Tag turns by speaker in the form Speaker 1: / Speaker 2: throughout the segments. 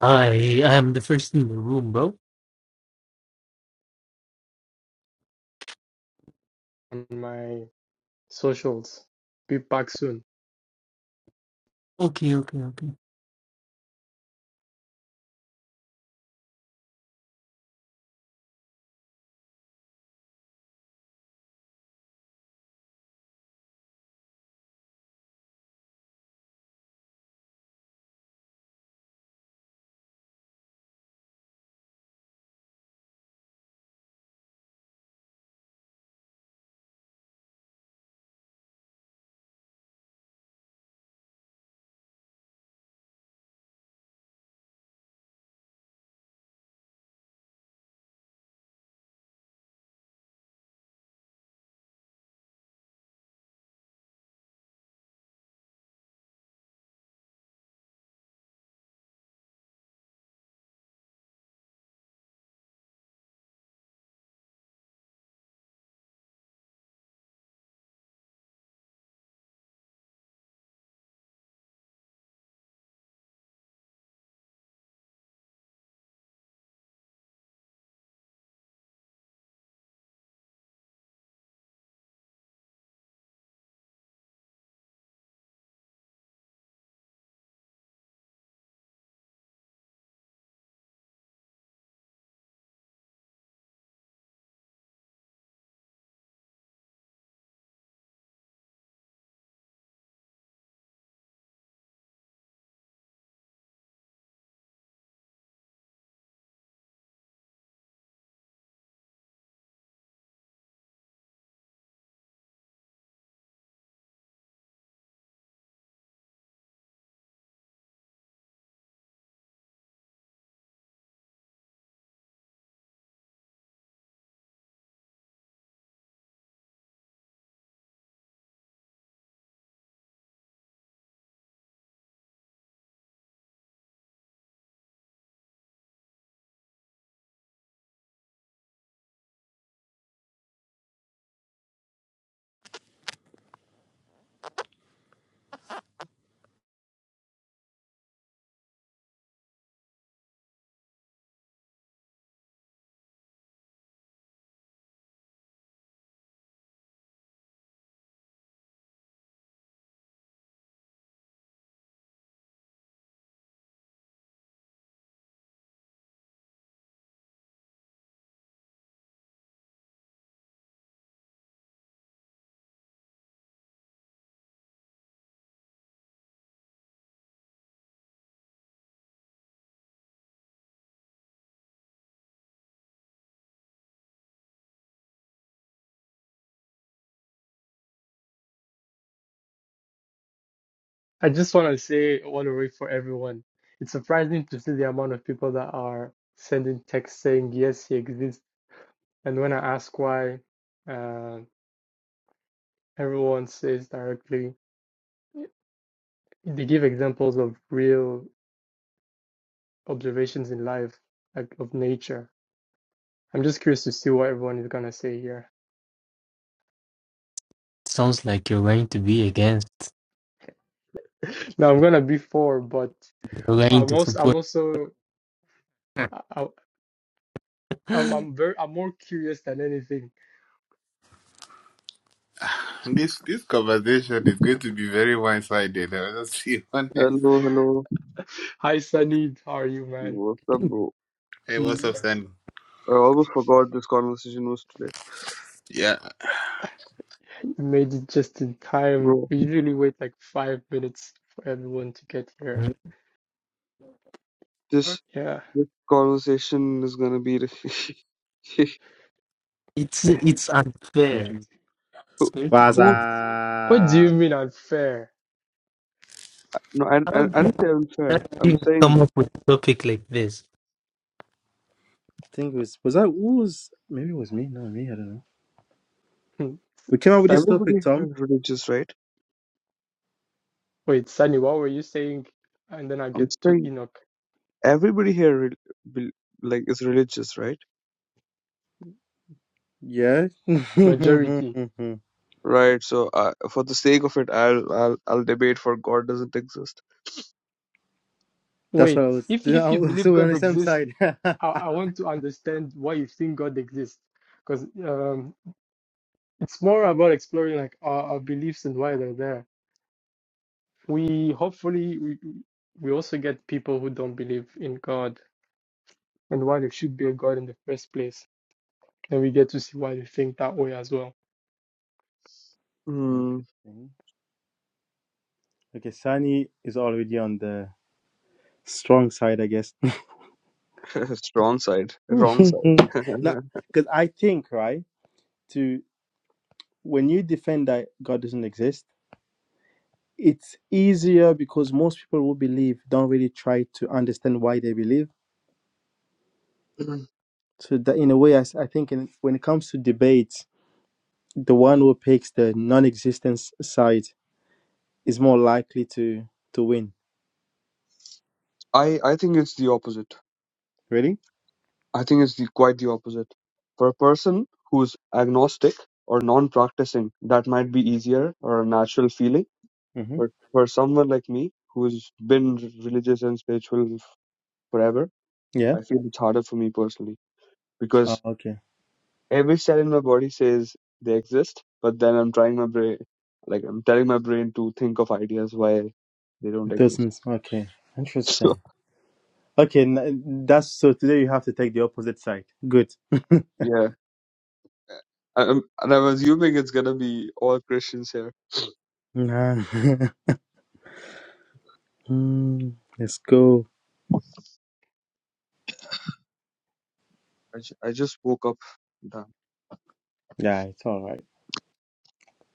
Speaker 1: I am the first in the room, bro.
Speaker 2: on my socials. Be back soon.
Speaker 1: Okay, okay, okay.
Speaker 2: I just want to say one way for everyone. It's surprising to see the amount of people that are sending texts saying yes, he exists. And when I ask why, uh, everyone says directly they give examples of real observations in life, like of nature. I'm just curious to see what everyone is gonna say here.
Speaker 1: Sounds like you're going to be against.
Speaker 2: Now I'm gonna be four, but
Speaker 1: You're going
Speaker 2: I'm
Speaker 1: to
Speaker 2: also I'm
Speaker 1: support.
Speaker 2: also I, I- I'm I'm very I'm more curious than anything
Speaker 3: And this this conversation is going to be very one-sided. I was just be honest.
Speaker 4: Hello, hello.
Speaker 2: Hi Sunny, how are you, man?
Speaker 4: What's up, bro?
Speaker 3: Hey, what's
Speaker 1: Mm.
Speaker 3: up, Sandy?
Speaker 4: I almost forgot this conversation was today.
Speaker 3: Yeah.
Speaker 2: I made it just in time.
Speaker 4: Bro,
Speaker 2: We usually wait like five minutes for everyone to get here.
Speaker 4: this
Speaker 2: Yeah.
Speaker 4: this conversation is gonna be
Speaker 1: it's it's
Speaker 5: Tum
Speaker 1: unfair.
Speaker 5: tum.
Speaker 1: It's
Speaker 4: who,
Speaker 1: going to
Speaker 5: What's
Speaker 1: be
Speaker 5: up?
Speaker 4: who
Speaker 1: unfair.
Speaker 2: What do
Speaker 5: I
Speaker 2: you mean unfair?
Speaker 4: no I,
Speaker 1: How
Speaker 4: I I don't
Speaker 1: the
Speaker 4: say
Speaker 1: hell
Speaker 4: unfair.
Speaker 1: do
Speaker 4: I'm
Speaker 1: you
Speaker 4: saying
Speaker 1: come up with a topic like this?
Speaker 5: think it was was that who was maybe it was me. No, me. I don't know.
Speaker 2: Hmm.
Speaker 5: We came up with this
Speaker 2: Sun,
Speaker 4: everybody
Speaker 5: topic,
Speaker 4: here
Speaker 5: Tom.
Speaker 4: is religious, right?
Speaker 2: wait, Sunny, what were you saying? And then I
Speaker 4: I'm
Speaker 2: get to
Speaker 4: saying
Speaker 2: Enoch.
Speaker 4: everybody here re- bel- like is religious, right?
Speaker 5: Yeah. That's
Speaker 2: Majority.
Speaker 4: Right. So uh, for the sake of it, I'll I'll I'll debate for God doesn't exist.
Speaker 2: Wait,
Speaker 5: what I was.
Speaker 2: if if
Speaker 5: I
Speaker 2: you
Speaker 5: was-
Speaker 2: believe
Speaker 5: So we're on
Speaker 2: God
Speaker 5: the same
Speaker 2: exists,
Speaker 5: side.
Speaker 2: I, I want to understand why you think God exists, because um, it's more about exploring like our, our beliefs and why they're there. We hopefully we we also get people who don't believe in God and why there should be a God in the first place. And we get to see why they think that way as well.
Speaker 4: Hmm.
Speaker 5: Interesting. Okay, Sunny is already on the strong side, I guess.
Speaker 4: It's Wrong side,
Speaker 5: no,
Speaker 4: wrong side.
Speaker 5: because I think right to when you defend that God doesn't exist, it's easier because most people who believe don't really try to understand why they believe So that in a way, I, s- I think in, when it comes to debates, the one who picks the non-existence side is more likely to to win.
Speaker 4: I I think it's the opposite.
Speaker 5: Really?
Speaker 4: I think it's the, quite the opposite. For a person who's agnostic or non-practicing, that might be easier or a natural feeling.
Speaker 5: Mm-hmm.
Speaker 4: But for someone like me who's been religious and spiritual f- forever,
Speaker 5: Yeah.
Speaker 4: I feel it's harder for me personally
Speaker 5: Oh,
Speaker 4: because
Speaker 5: okay.
Speaker 4: every cell in my body says they exist, but then I'm trying my brain, like I'm telling my brain to think of ideas why they don't
Speaker 5: It
Speaker 4: exist.
Speaker 5: doesn't. Okay.
Speaker 4: So
Speaker 5: Interesting. Okay, n- that's so. Today you have to take the opposite side. Good.
Speaker 4: yeah, I, am and I'm assuming it's gonna be all Christians here.
Speaker 5: Nah. Hmm, Let's go.
Speaker 4: I, ju- I just woke up.
Speaker 5: Yeah, it's all right.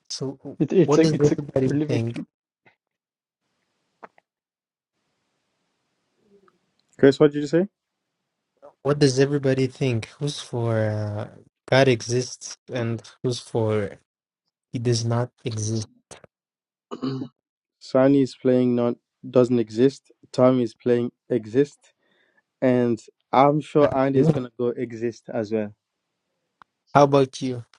Speaker 1: So,
Speaker 2: It, it's
Speaker 1: what
Speaker 2: like
Speaker 1: does
Speaker 2: it's like
Speaker 1: everybody
Speaker 2: we're living
Speaker 1: think?
Speaker 2: through.
Speaker 5: Chris, what did you say?
Speaker 1: What does everybody think? Who's for uh, God exists and who's for He does not exist?
Speaker 4: Damn.
Speaker 5: Sunny is playing non doesn't exist. Tommy is playing exist, and I'm
Speaker 1: And
Speaker 5: sure Andy is
Speaker 1: you?
Speaker 5: gonna go exist as well.
Speaker 1: How about you?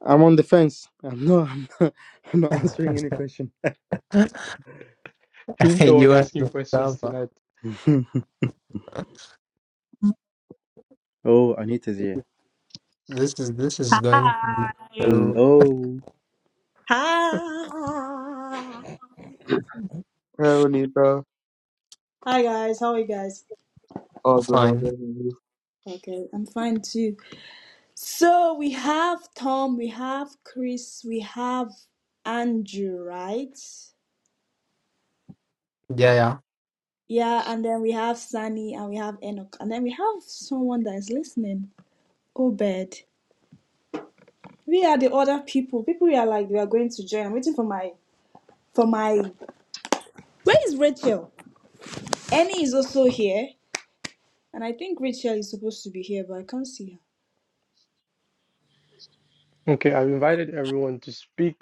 Speaker 5: I'm on the fence. I'm not. I'm not, I'm not answering any question.
Speaker 2: He's the
Speaker 1: you
Speaker 2: one
Speaker 1: are
Speaker 2: asking questions
Speaker 1: the
Speaker 2: tonight.
Speaker 5: oh, Anita's here.
Speaker 1: This is this is going to be
Speaker 6: Hi.
Speaker 1: so
Speaker 5: Hello.
Speaker 6: Hi.
Speaker 4: Abuelita.
Speaker 6: Hi guys, how are you guys?
Speaker 4: Oh good, oh
Speaker 1: fine.
Speaker 4: good.
Speaker 6: Okay, I'm fine too. So we have Tom, we have Chris, we have Andrew, right?
Speaker 1: Yeah, yeah.
Speaker 6: Yeah, and then we have Sunny and we have Enoch. And then we have someone that is listening. Obed. We are the other people. People we are like we are going to join. I'm waiting for my for my Where is Rachel? Annie is also here. And I think Rachel is supposed to be here, but I can't see her.
Speaker 2: Okay, I've invited everyone to speak,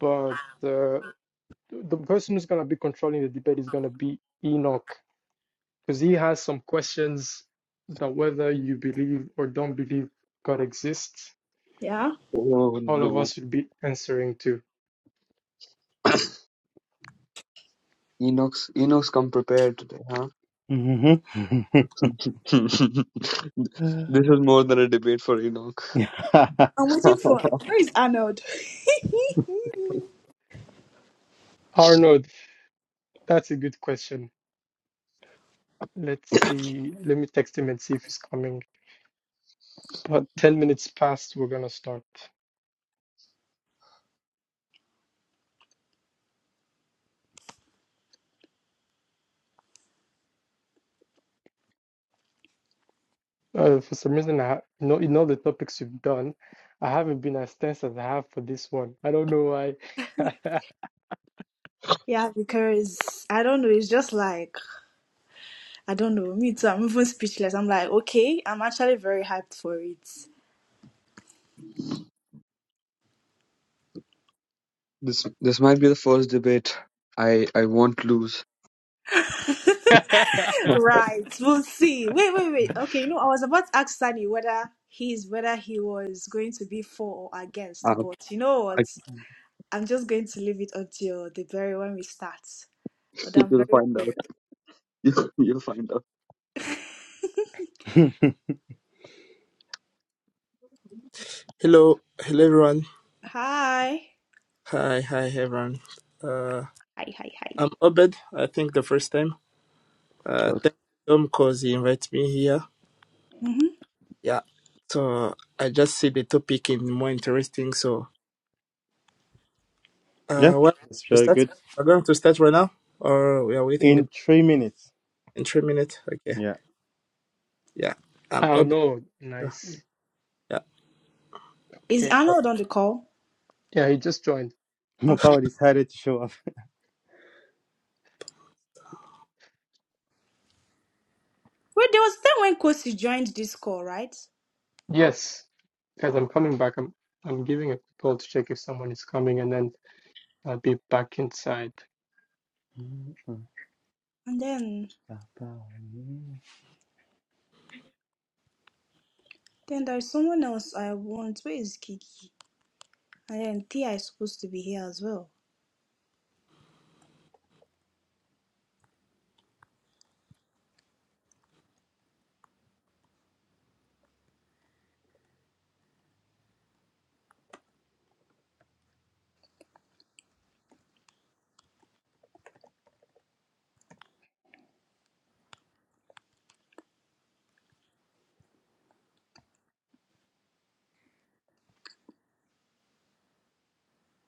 Speaker 2: but uh, the person who's gonna be controlling the debate is gonna be Enoch, because he has some questions that whether you believe or don't believe God exists,
Speaker 6: Yeah.
Speaker 4: Oh Oh
Speaker 2: all of
Speaker 4: no. god.
Speaker 2: us should be answering to.
Speaker 4: Enoch's Enoch's come prepared today, huh?
Speaker 5: Mhm.
Speaker 4: This is more than a debate for Enoch.
Speaker 5: yeah,
Speaker 6: I'm waiting for where is Arnold?
Speaker 2: Arnold, that's a good question. Let's see. Let me text him and see if he's coming. But 10 minutes past, we're gonna start. Uh, for some reason, I ha- no, in all the topics you've done, I haven't been as tense as I have for this one. I don't know why.
Speaker 6: yeah, because I don't know. It's just like I don't know. Me too. I'm even speechless. I'm like, okay, I'm actually very hyped for it.
Speaker 4: This this might be the first debate I I won't lose.
Speaker 6: right, we'll see. Wait, wait, wait. Okay, you know, I was about to ask Sunny whether he's whether he was going to be for or against,
Speaker 4: Um,
Speaker 6: but you know what?
Speaker 4: I,
Speaker 6: I'm just going to leave it until the very when we start. But I'm
Speaker 4: you'll
Speaker 6: very
Speaker 4: find out. You, you'll find out.
Speaker 5: So,
Speaker 7: Hello, hello everyone.
Speaker 6: hi,
Speaker 7: Hi, hi everyone. Uh,
Speaker 6: hi, hi, hi.
Speaker 7: I'm Obed. I think the first time. Uh, thank Tom cause he invited me here.
Speaker 6: Mhm.
Speaker 7: Yeah. So I just see the topic in more interesting. So uh,
Speaker 5: yeah,
Speaker 7: what
Speaker 5: that's
Speaker 7: to
Speaker 5: very
Speaker 7: start?
Speaker 5: good.
Speaker 7: We're going to start right now, or we are waiting
Speaker 5: In three minutes.
Speaker 7: in three minutes. Okay.
Speaker 5: Yeah,
Speaker 7: Yeah.
Speaker 2: I
Speaker 7: I'm
Speaker 2: don't
Speaker 7: Obed.
Speaker 2: know.
Speaker 7: Yeah.
Speaker 2: Nice.
Speaker 6: Is
Speaker 2: Okay.
Speaker 7: So,
Speaker 6: Arnold on the call?
Speaker 2: Yeah, he just joined.
Speaker 6: Okay.
Speaker 5: Mopao decided to show up.
Speaker 6: Wait, there was a time when Kosi joined this call, right?
Speaker 2: Yes, guys, I'm coming back. I'm I'm giving a call to check if someone is coming, and then I'll be back inside.
Speaker 6: And then then there's someone else I want. Where is Kiki? And then Tia is supposed to be here as well.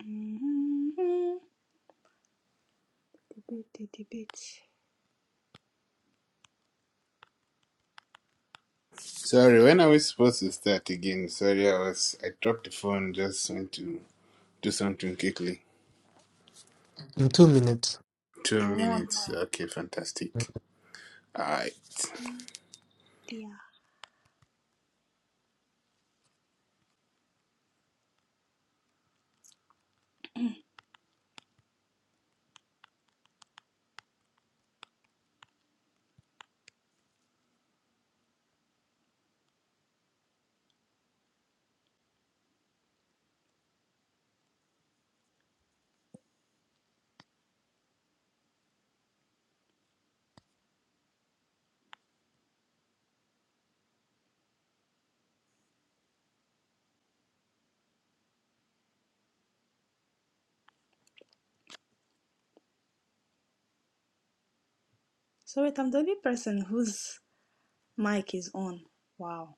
Speaker 6: Mhm.
Speaker 3: Sorry, when are we supposed to start again? Sorry, I was I dropped the phone. Just went to do something quickly.
Speaker 1: In two minutes.
Speaker 3: Two
Speaker 6: And one
Speaker 3: minutes.
Speaker 6: more,
Speaker 3: Okay, fantastic. Alright.
Speaker 6: Tia. So wait, I'm the only person whose mic is on. Wow.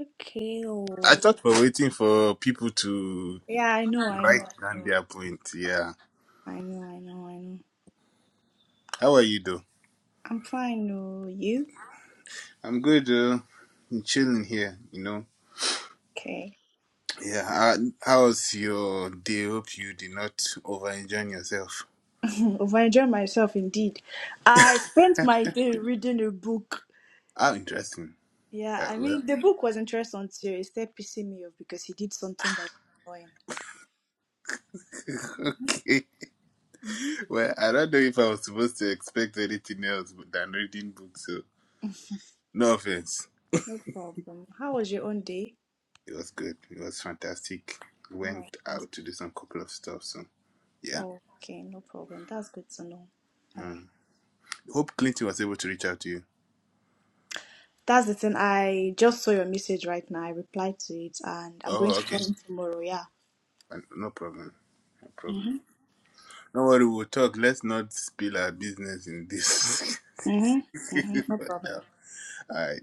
Speaker 6: Okay. Oh.
Speaker 3: I thought we're waiting for people to
Speaker 6: Yeah, I know, I know.
Speaker 3: write down their point. Yeah.
Speaker 6: I know, I know, I know.
Speaker 3: How are you, though?
Speaker 6: I'm fine, oh you?
Speaker 3: I'm good. Uh, I'm chilling here. You know.
Speaker 6: Okay.
Speaker 3: Yeah. How, how's your day? Hope you did not over enjoy yourself.
Speaker 6: Over enjoyed myself indeed. I spent my day reading a book.
Speaker 3: How interesting.
Speaker 6: Yeah,
Speaker 3: Uh,
Speaker 6: I
Speaker 3: well,
Speaker 6: mean the book was interesting until it started pissing me off because he did something that was annoying.
Speaker 3: okay.
Speaker 6: hmm
Speaker 3: Well, I don't know if I was supposed to expect anything else than reading books. So, no offense.
Speaker 6: No problem. How was your own day?
Speaker 3: It was good. It was fantastic.
Speaker 6: All right,
Speaker 3: Went
Speaker 6: that's
Speaker 3: out to do some couple of stuff. So, yeah.
Speaker 6: okay. No problem. That's good to know. All
Speaker 3: Mm.
Speaker 6: right.
Speaker 3: Hope Clinton was able to reach out to you.
Speaker 6: That's the thing. I just saw your message right now. I replied to it, and I'm going
Speaker 3: Oh,
Speaker 6: to
Speaker 3: okay.
Speaker 6: call him tomorrow. Yeah.
Speaker 3: Fine. No problem. No problem.
Speaker 6: Mhm.
Speaker 3: Don't worry. We'll talk. Let's not spill our business in this.
Speaker 6: Mhm. Mhm. No
Speaker 3: for now.
Speaker 6: problem.
Speaker 3: All right.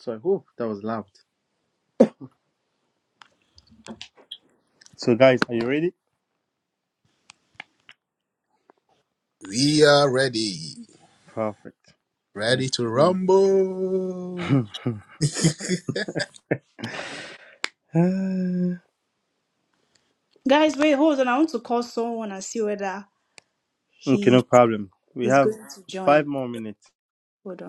Speaker 5: So, oh, that was loud. So, guys, are you ready?
Speaker 3: We are ready.
Speaker 5: Perfect. Let's
Speaker 3: Ready to
Speaker 5: see.
Speaker 3: rumble.
Speaker 5: Uh,
Speaker 6: Guys, wait, hold on. I want to call someone and see whether
Speaker 5: okay,
Speaker 6: he
Speaker 5: no problem. We
Speaker 6: is
Speaker 5: have
Speaker 6: going to
Speaker 5: five
Speaker 6: join.
Speaker 5: more minutes.
Speaker 6: Hold on.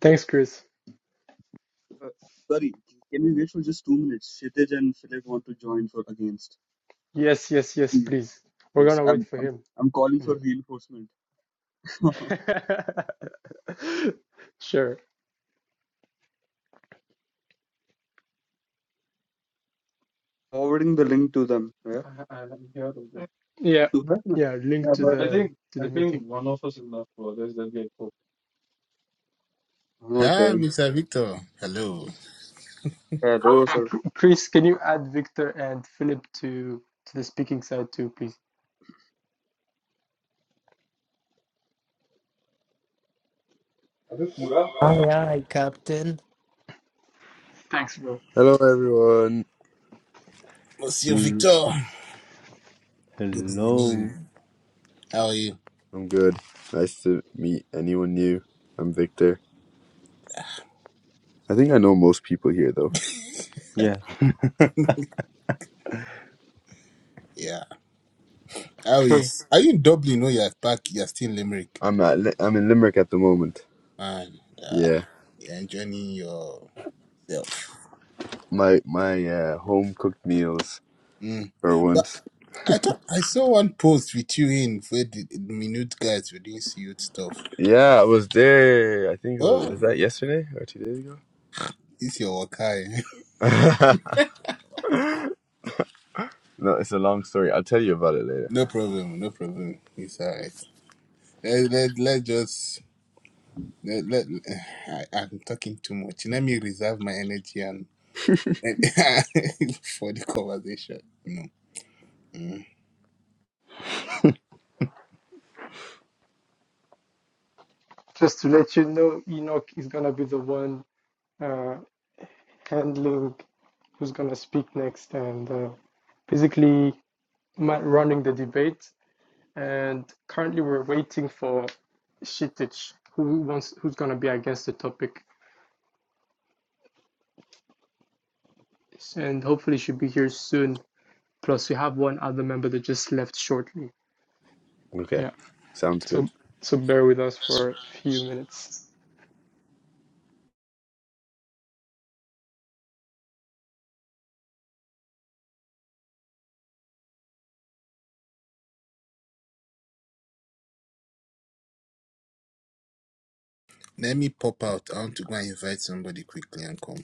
Speaker 2: Thanks, Chris.
Speaker 4: Uh, sorry, can we wait for just two minutes? Kshitij and Philip want to join for against.
Speaker 2: Yes, yes, yes,
Speaker 4: Please,
Speaker 2: please. We're
Speaker 4: Yes,
Speaker 2: gonna wait
Speaker 4: I'm,
Speaker 2: for
Speaker 4: I'm,
Speaker 2: him.
Speaker 4: I'm calling for
Speaker 2: Mm.
Speaker 4: reinforcement.
Speaker 2: Sure.
Speaker 4: Forwarding the link to them. Yeah.
Speaker 2: Yeah,
Speaker 4: You
Speaker 2: yeah, link
Speaker 4: Yeah,
Speaker 2: to
Speaker 4: but I
Speaker 2: the
Speaker 4: think
Speaker 2: to
Speaker 4: I
Speaker 2: the
Speaker 4: think
Speaker 2: meeting.
Speaker 4: enough to get hooked.
Speaker 3: Ah,
Speaker 4: okay.
Speaker 3: Mr. Victor. Hello.
Speaker 4: Yeah, those
Speaker 2: And
Speaker 4: are.
Speaker 2: Chr- Chris, can you add Victor and Philip to to the speaking side too, please?
Speaker 1: Aye, aye, Captain.
Speaker 2: Thanks, bro.
Speaker 8: Hello, everyone.
Speaker 3: Monsieur
Speaker 5: Mm,
Speaker 3: Victor. Good
Speaker 5: Hello.
Speaker 3: evening. How are you?
Speaker 8: I'm good. Nice to meet anyone new. I'm Victor. I think I know most people here, though.
Speaker 5: Yeah.
Speaker 3: Yeah. How
Speaker 2: Okay,
Speaker 3: is are you in Dublin? No, you're back. You're still in Limerick.
Speaker 8: I'm at Li- I'm in Limerick at the moment.
Speaker 3: Man, yeah.
Speaker 8: Yeah,
Speaker 3: You're enjoying yourself.
Speaker 8: my my uh, home cooked meals
Speaker 3: Mm.
Speaker 8: for
Speaker 3: But
Speaker 8: once.
Speaker 3: I thought I saw one post with you in where the the minute guys were doing youth stuff.
Speaker 8: Yeah, I was there. I think it was
Speaker 3: Oh,
Speaker 8: was that yesterday or two days ago.
Speaker 3: it's your worker.
Speaker 8: no, it's a long story. I'll tell you about it later.
Speaker 3: no problem, no problem. It's alright. Let, let, let's just Let, let, I, I'm talking too much. Let me reserve my energy and for the conversation. No. Mm.
Speaker 2: just to let you know, Enoch is gonna be the one uh handling who's gonna speak next and uh, basically ma- running the debate. And currently, we're waiting for Shittich, who wants who's gonna be against the topic, and hopefully she'll be here soon. Plus, we have one other member that just left shortly.
Speaker 8: Okay,
Speaker 2: Yeah.
Speaker 8: sounds good.
Speaker 2: So, so bear with us for a few minutes.
Speaker 3: Let me pop out. I want to go and invite somebody quickly and come.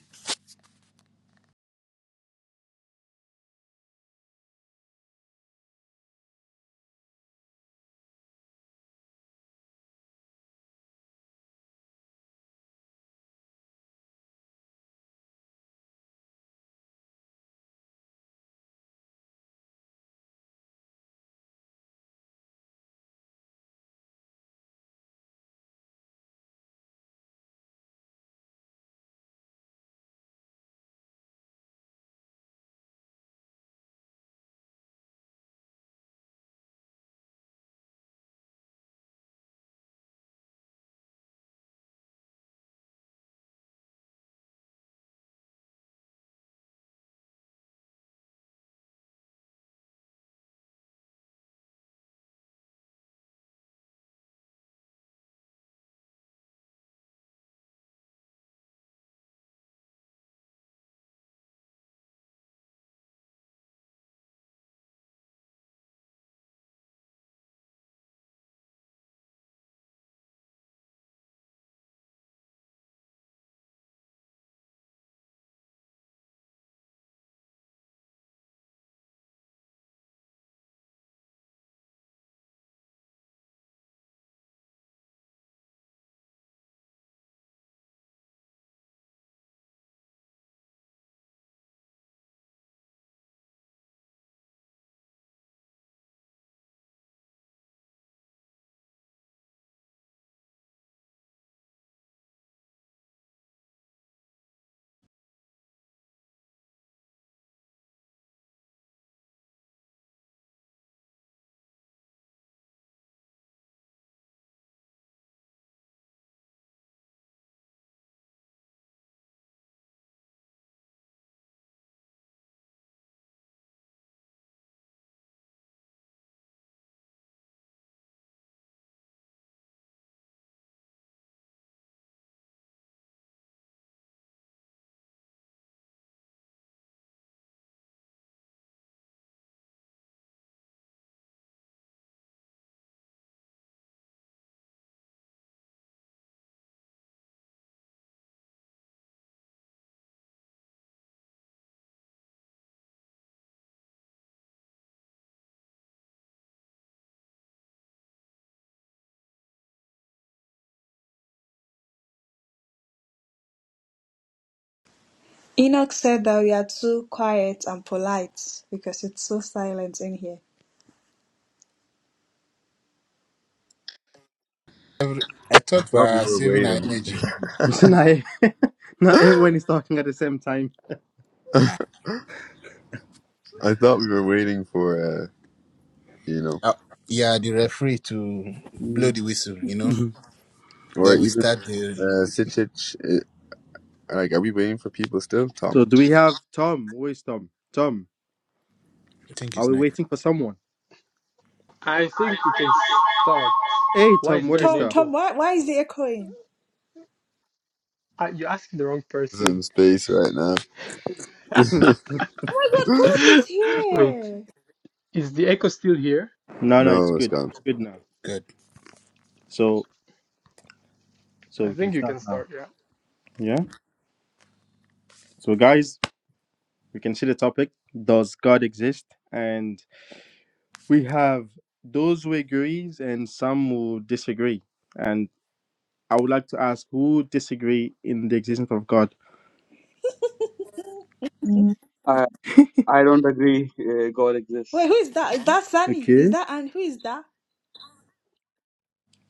Speaker 6: Enoch said that we are too quiet and polite because it's so silent in here.
Speaker 3: Every, I
Speaker 8: I
Speaker 3: thought we
Speaker 8: thought we
Speaker 3: are
Speaker 8: were
Speaker 3: saving our
Speaker 8: waiting.
Speaker 3: energy.
Speaker 5: Naim, Naim when he's talking at the same time.
Speaker 8: I thought we were waiting for uh, you know,
Speaker 3: Uh, yeah, the referee to blow
Speaker 5: Mm.
Speaker 3: the whistle, you know.
Speaker 5: Mhm.
Speaker 8: or
Speaker 3: Then we
Speaker 8: even
Speaker 3: start the.
Speaker 8: uh, Sitchich. Like, are we waiting for people still? Tom
Speaker 5: So do we have Tom? Where is Tom? Tom,
Speaker 3: I think
Speaker 5: are
Speaker 3: it's
Speaker 5: we
Speaker 3: not
Speaker 5: waiting for someone?
Speaker 2: I think we can start.
Speaker 5: Hey
Speaker 2: Why
Speaker 5: Tom,
Speaker 2: is
Speaker 5: what
Speaker 2: there
Speaker 5: is
Speaker 2: an
Speaker 6: Tom,
Speaker 5: that?
Speaker 6: Tom,
Speaker 2: echo?
Speaker 6: why, why is it echoing?
Speaker 2: Ah, you asked the wrong
Speaker 8: is in
Speaker 2: person.
Speaker 8: space right now.
Speaker 6: Oh my God, Philip is
Speaker 2: Wait,
Speaker 6: here.
Speaker 2: is the echo still here?
Speaker 5: No, no, it's
Speaker 8: No, it's
Speaker 5: good.
Speaker 8: gone.
Speaker 5: Good now.
Speaker 3: good.
Speaker 5: So so
Speaker 2: I
Speaker 5: we can
Speaker 2: think you
Speaker 5: start
Speaker 2: can
Speaker 5: now.
Speaker 2: start, yeah.
Speaker 5: Yeah. So guys, we can see the topic. Does God exist? And we have those who agrees and some who disagree. And I would like to ask who disagree in the existence of God.
Speaker 4: Mm. I I don't agree. Uh, God
Speaker 6: Wait,
Speaker 4: exists.
Speaker 6: who is that? Is that Sunny? Is
Speaker 5: Okay.
Speaker 6: that and who is that?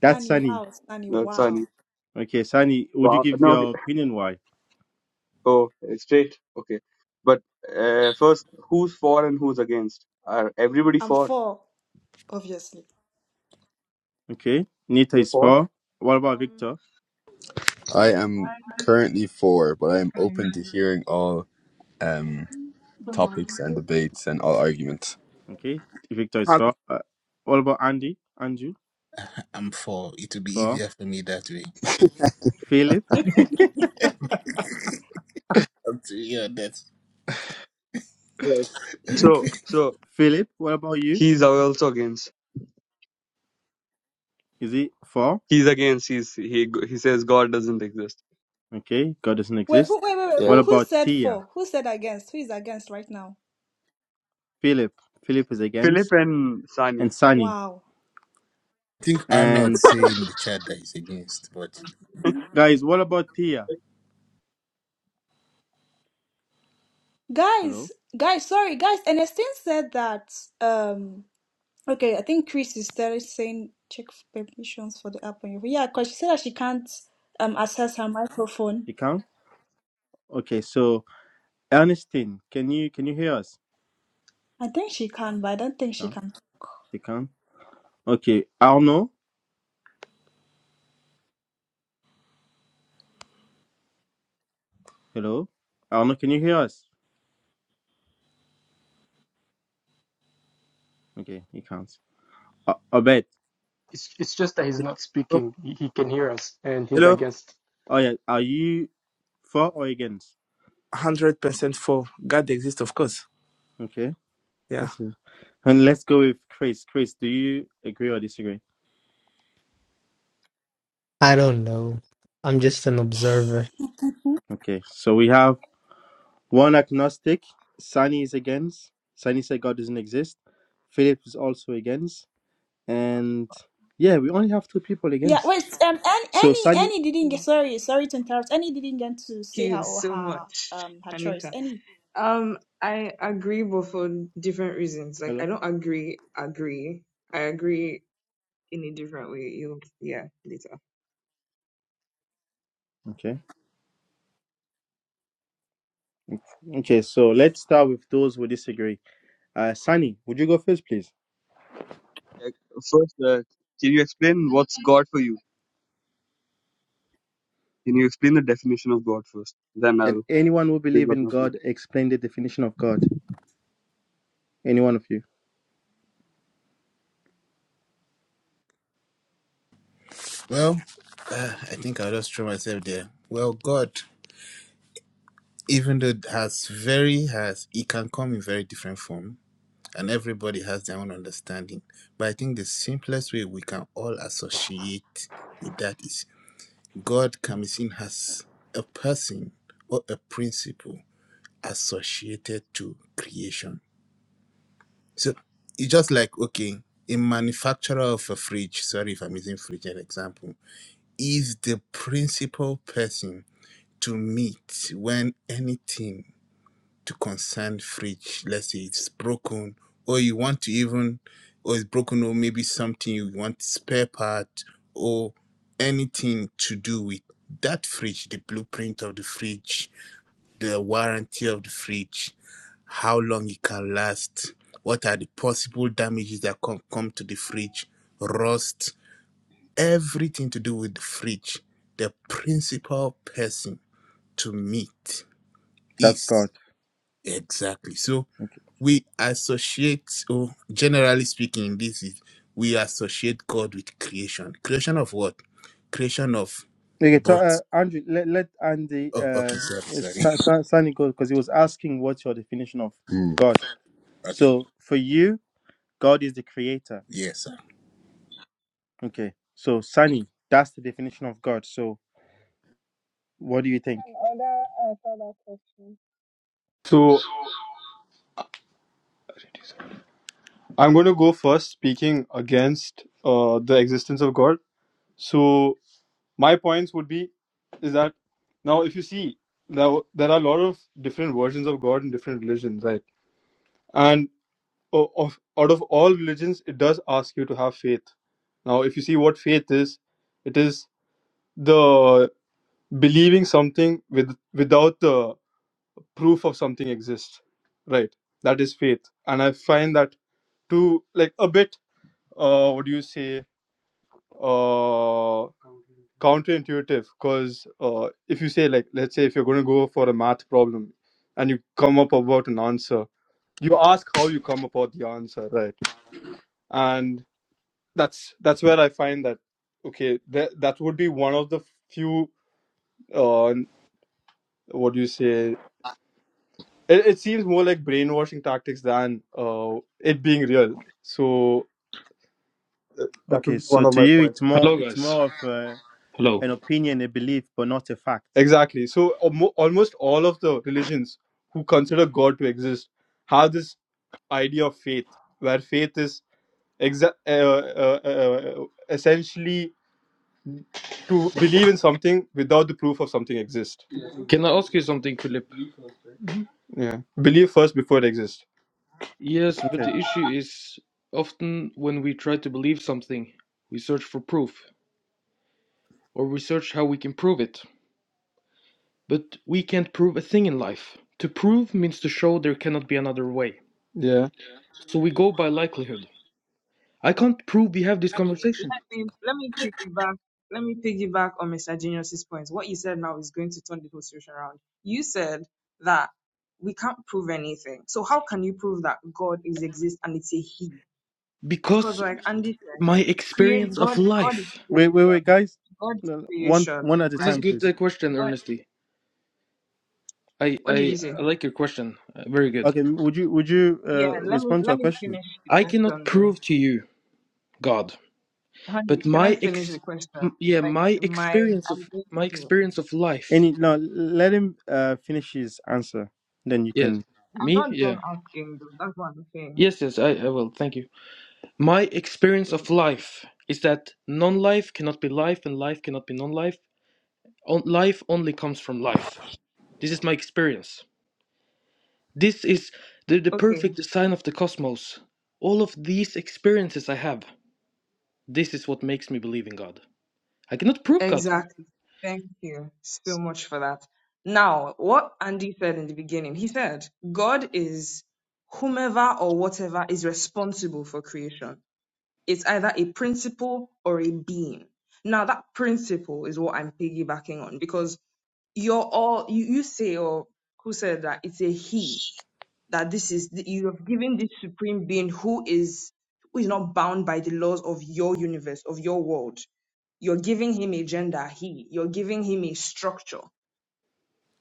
Speaker 5: That's
Speaker 6: Sunny,
Speaker 5: Sunny.
Speaker 6: wow, Sunny,
Speaker 4: No,
Speaker 6: wow.
Speaker 4: sorry.
Speaker 5: Okay, Sunny, would you
Speaker 4: Wow.
Speaker 5: give
Speaker 4: No. okay.
Speaker 5: your opinion why?
Speaker 4: Oh, straight. Okay. But uh, first, who's for and who's against? Are everybody
Speaker 6: I'm
Speaker 4: for?
Speaker 6: for, obviously.
Speaker 5: Okay. Nita
Speaker 4: You're
Speaker 5: is
Speaker 4: for?
Speaker 5: four. What about
Speaker 9: Um,
Speaker 5: Victor?
Speaker 8: I am
Speaker 9: I think
Speaker 8: currently four, but I am open
Speaker 9: I
Speaker 8: to hearing all um
Speaker 4: The
Speaker 8: topics
Speaker 4: Morgan
Speaker 8: and
Speaker 4: thing?
Speaker 8: debates and all arguments.
Speaker 5: Okay. Victor is
Speaker 7: um,
Speaker 5: four. Uh, what about Andy? Andrew?
Speaker 3: I'm for. It will be
Speaker 5: Four.
Speaker 3: easier for me that way.
Speaker 5: Philip?
Speaker 3: Up to you, that's
Speaker 4: Yes. So
Speaker 3: okay. I
Speaker 4: so
Speaker 5: Philip, what about you?
Speaker 4: he's also against.
Speaker 5: Is he four?
Speaker 4: He's against. He's he he says God doesn't exist.
Speaker 5: Okay. God doesn't
Speaker 6: Wait,
Speaker 5: exist.
Speaker 6: who, wait, wait, wait.
Speaker 5: What
Speaker 4: Yeah.
Speaker 6: Who, who
Speaker 5: about
Speaker 6: said
Speaker 5: Tia?
Speaker 6: for? Who said against? Who is against right now?
Speaker 5: Philip? Philip is
Speaker 4: Philip
Speaker 5: against.
Speaker 4: and Sani.
Speaker 5: And Sunny.
Speaker 6: Wow,
Speaker 3: think Arnold
Speaker 5: And
Speaker 3: say in the chat that he's against, but.
Speaker 5: guys, what about Tia?
Speaker 6: guys,
Speaker 5: Hello?
Speaker 6: guys, sorry, guys. Ernestine said that. Um. Okay, I think Chris is there saying check for permissions for the app on your phone. Yeah, because she said that she can't um access her microphone.
Speaker 5: You can? Okay. So, Ernestine, can you can you hear us?
Speaker 6: I think she can, but I don't
Speaker 5: She
Speaker 6: think she
Speaker 5: can.
Speaker 6: can talk.
Speaker 5: She can. Okay. Arno? Hello? Arno, can you hear us? Okay. He can't. Uh, Abed?
Speaker 2: It's it's just that he's not speaking. He, he can hear us and he's
Speaker 7: hello.
Speaker 2: against.
Speaker 5: Oh yeah, are you for or against?
Speaker 7: Hundred percent for God exists, of course.
Speaker 5: Okay,
Speaker 7: Yeah.
Speaker 5: that's it. And let's go with Chris. Chris, do you agree or disagree?
Speaker 1: I don't know. I'm just an observer.
Speaker 6: Mhm.
Speaker 5: Okay, so we have one agnostic. Sunny is against. Sunny said God doesn't exist. Philip is also against.
Speaker 9: have to
Speaker 5: And yeah, we only have two people
Speaker 6: Yeah,
Speaker 5: against.
Speaker 6: wait, um An-
Speaker 5: So
Speaker 6: Annie
Speaker 5: Sunny,
Speaker 6: Annie didn't
Speaker 9: Thank
Speaker 6: get sorry, sorry to interrupt. Annie didn't get to say her
Speaker 9: you
Speaker 6: or
Speaker 9: so
Speaker 6: her
Speaker 9: much,
Speaker 6: um her choice.
Speaker 9: Anita.
Speaker 6: Annie.
Speaker 9: Um, I agree, but for different reasons. Like, I
Speaker 5: hello.
Speaker 9: don't agree, agree. I agree in a different way. You, yeah, later.
Speaker 5: Okay. Okay, so let's start with those who disagree. Uh, Sunny, would you go first, please?
Speaker 4: uh, First, uh, can you explain what's God for you? Can you explain the definition of God first? Then
Speaker 5: Can
Speaker 4: I'll
Speaker 5: anyone who
Speaker 4: bring
Speaker 5: believe
Speaker 4: up
Speaker 5: in
Speaker 4: my point.
Speaker 5: God explain the definition of God? Any one of you?
Speaker 3: Well, uh, I think I'll just throw myself there. Well, God, even though has very has, it can come in very different form, and everybody has their own understanding. But I think the simplest way we can all associate with that is God can be seen as a person or a principle associated to creation. So it's just like okay, a manufacturer of a fridge. Sorry if I'm using fridge as an example. Is the principal person to meet when anything to concern fridge, let's say it's broken, or you want to even, or it's broken, or maybe something you want spare part, or anything to do with that fridge, the blueprint of the fridge, the warranty of the fridge, how long it can last, what are the possible damages that can come to the fridge, rust, everything to do with the fridge. The principal person to meet
Speaker 5: That's God.
Speaker 3: East. Exactly. So
Speaker 5: Okay.
Speaker 3: we associate, oh, generally speaking, this is we associate God with creation. Creation of what? Creation of
Speaker 5: Okay, so, uh,
Speaker 3: both.
Speaker 5: Andrew, let, let Andy
Speaker 3: Oh, okay.
Speaker 5: uh,
Speaker 3: Sorry, sorry.
Speaker 5: Sa- Sa- Sani go because he was asking what's your definition of
Speaker 8: Hmm.
Speaker 5: God.
Speaker 3: Okay.
Speaker 5: So for you, God is the creator.
Speaker 3: Yes, sir.
Speaker 5: Okay, so Sani, that's the definition of God. So what do you think?
Speaker 10: some other uh, further question.
Speaker 11: I'm going to go first, speaking against uh, the existence of God. So my points would be is that now if you see now there are a lot of different versions of God in different religions, right? And o- of out of all religions, it does ask you to have faith. Now, if you see what faith is, it is the believing something with without the proof of something exists, right? That is faith, and I find that to like a bit. Uh, what do you say? Uh, counterintuitive because uh, if you say like let's say if you're going to go for a math problem and you come up about an answer you ask how you come about the answer right and that's that's where i find that okay that that would be one of the few uh what do you say it, it seems more like brainwashing tactics than uh it being real so that would
Speaker 5: Okay,
Speaker 11: be
Speaker 5: so
Speaker 11: one of
Speaker 5: to
Speaker 11: my
Speaker 5: you,
Speaker 11: points
Speaker 5: it's more
Speaker 12: Hello,
Speaker 5: it's
Speaker 12: guys.
Speaker 5: more of uh,
Speaker 12: Hello.
Speaker 5: an opinion, a belief, but not a fact.
Speaker 11: exactly so almo- almost all of the religions who consider god to exist have this idea of faith, where faith is exa- uh, uh, uh, uh, essentially to believe in something without the proof of something exists.
Speaker 12: Can I ask you something, Philip?
Speaker 11: Yeah, believe first before it exists.
Speaker 12: Yes, but
Speaker 5: Okay.
Speaker 12: the issue is often when we try to believe something, we search for proof, or we search how we can prove it. But we can't prove a thing in life. To prove means to show there cannot be another way.
Speaker 11: Yeah.
Speaker 12: So we go by likelihood. I can't prove we have this
Speaker 13: Have to.
Speaker 9: Wait,
Speaker 12: conversation
Speaker 9: let me let me piggyback. Let me piggyback on Mr. Genius's points. What you said now is going to turn the whole situation around. You said that we can't prove anything. So how can you prove that God is exist and it's a He? because
Speaker 12: because
Speaker 9: like Andy said,
Speaker 12: my
Speaker 9: create
Speaker 12: experience of
Speaker 9: God God is
Speaker 12: life.
Speaker 5: Wait, wait, wait,
Speaker 9: creation.
Speaker 5: guys.
Speaker 9: God is
Speaker 5: No, no, One,
Speaker 9: creation,
Speaker 5: one at a
Speaker 12: This is
Speaker 5: time,
Speaker 9: right?
Speaker 12: good
Speaker 5: please.
Speaker 12: uh, question,
Speaker 9: God
Speaker 12: Ernesty. I,
Speaker 9: what did
Speaker 12: I,
Speaker 9: you say?
Speaker 12: I like your question. Uh, very good.
Speaker 5: Okay, would you would you
Speaker 9: Yeah,
Speaker 5: uh,
Speaker 9: let me
Speaker 5: respond to
Speaker 9: let
Speaker 5: a
Speaker 9: me
Speaker 5: question?
Speaker 9: finish the
Speaker 12: I cannot
Speaker 9: question though.
Speaker 12: prove to you, God.
Speaker 9: Honey,
Speaker 12: But
Speaker 9: can I
Speaker 12: my
Speaker 9: finish
Speaker 12: ex,
Speaker 9: the question?
Speaker 12: m- yeah,
Speaker 9: Like
Speaker 12: my
Speaker 9: my
Speaker 12: experience of
Speaker 9: I'm
Speaker 12: my
Speaker 9: asking-
Speaker 12: experience of life.
Speaker 5: Any? No, let him uh, finish his answer. Then you
Speaker 12: Yes,
Speaker 5: can,
Speaker 9: I'm
Speaker 12: me.
Speaker 9: not
Speaker 12: Yeah.
Speaker 9: done asking though. That's what I'm saying.
Speaker 12: Yes, yes. I, I will. Thank you. My experience
Speaker 9: Yeah,
Speaker 12: of life is that non-life cannot be life, and life cannot be non-life. On, life only comes from life. This is my experience. This is the, the
Speaker 9: Okay.
Speaker 12: perfect design of the cosmos. All of these experiences I have. This is what makes me believe in God. I cannot prove God to you.
Speaker 9: Exactly. Thank you so much for that. Now, what Andy said in the beginning, he said, God is whomever or whatever is responsible for creation. It's either a principle or a being. Now that principle is what I'm piggybacking on because you're all you, you say or who said that it's a he that this is that you have given this supreme being who is who is not bound by the laws of your universe of your world you're giving him a gender he you're giving him a structure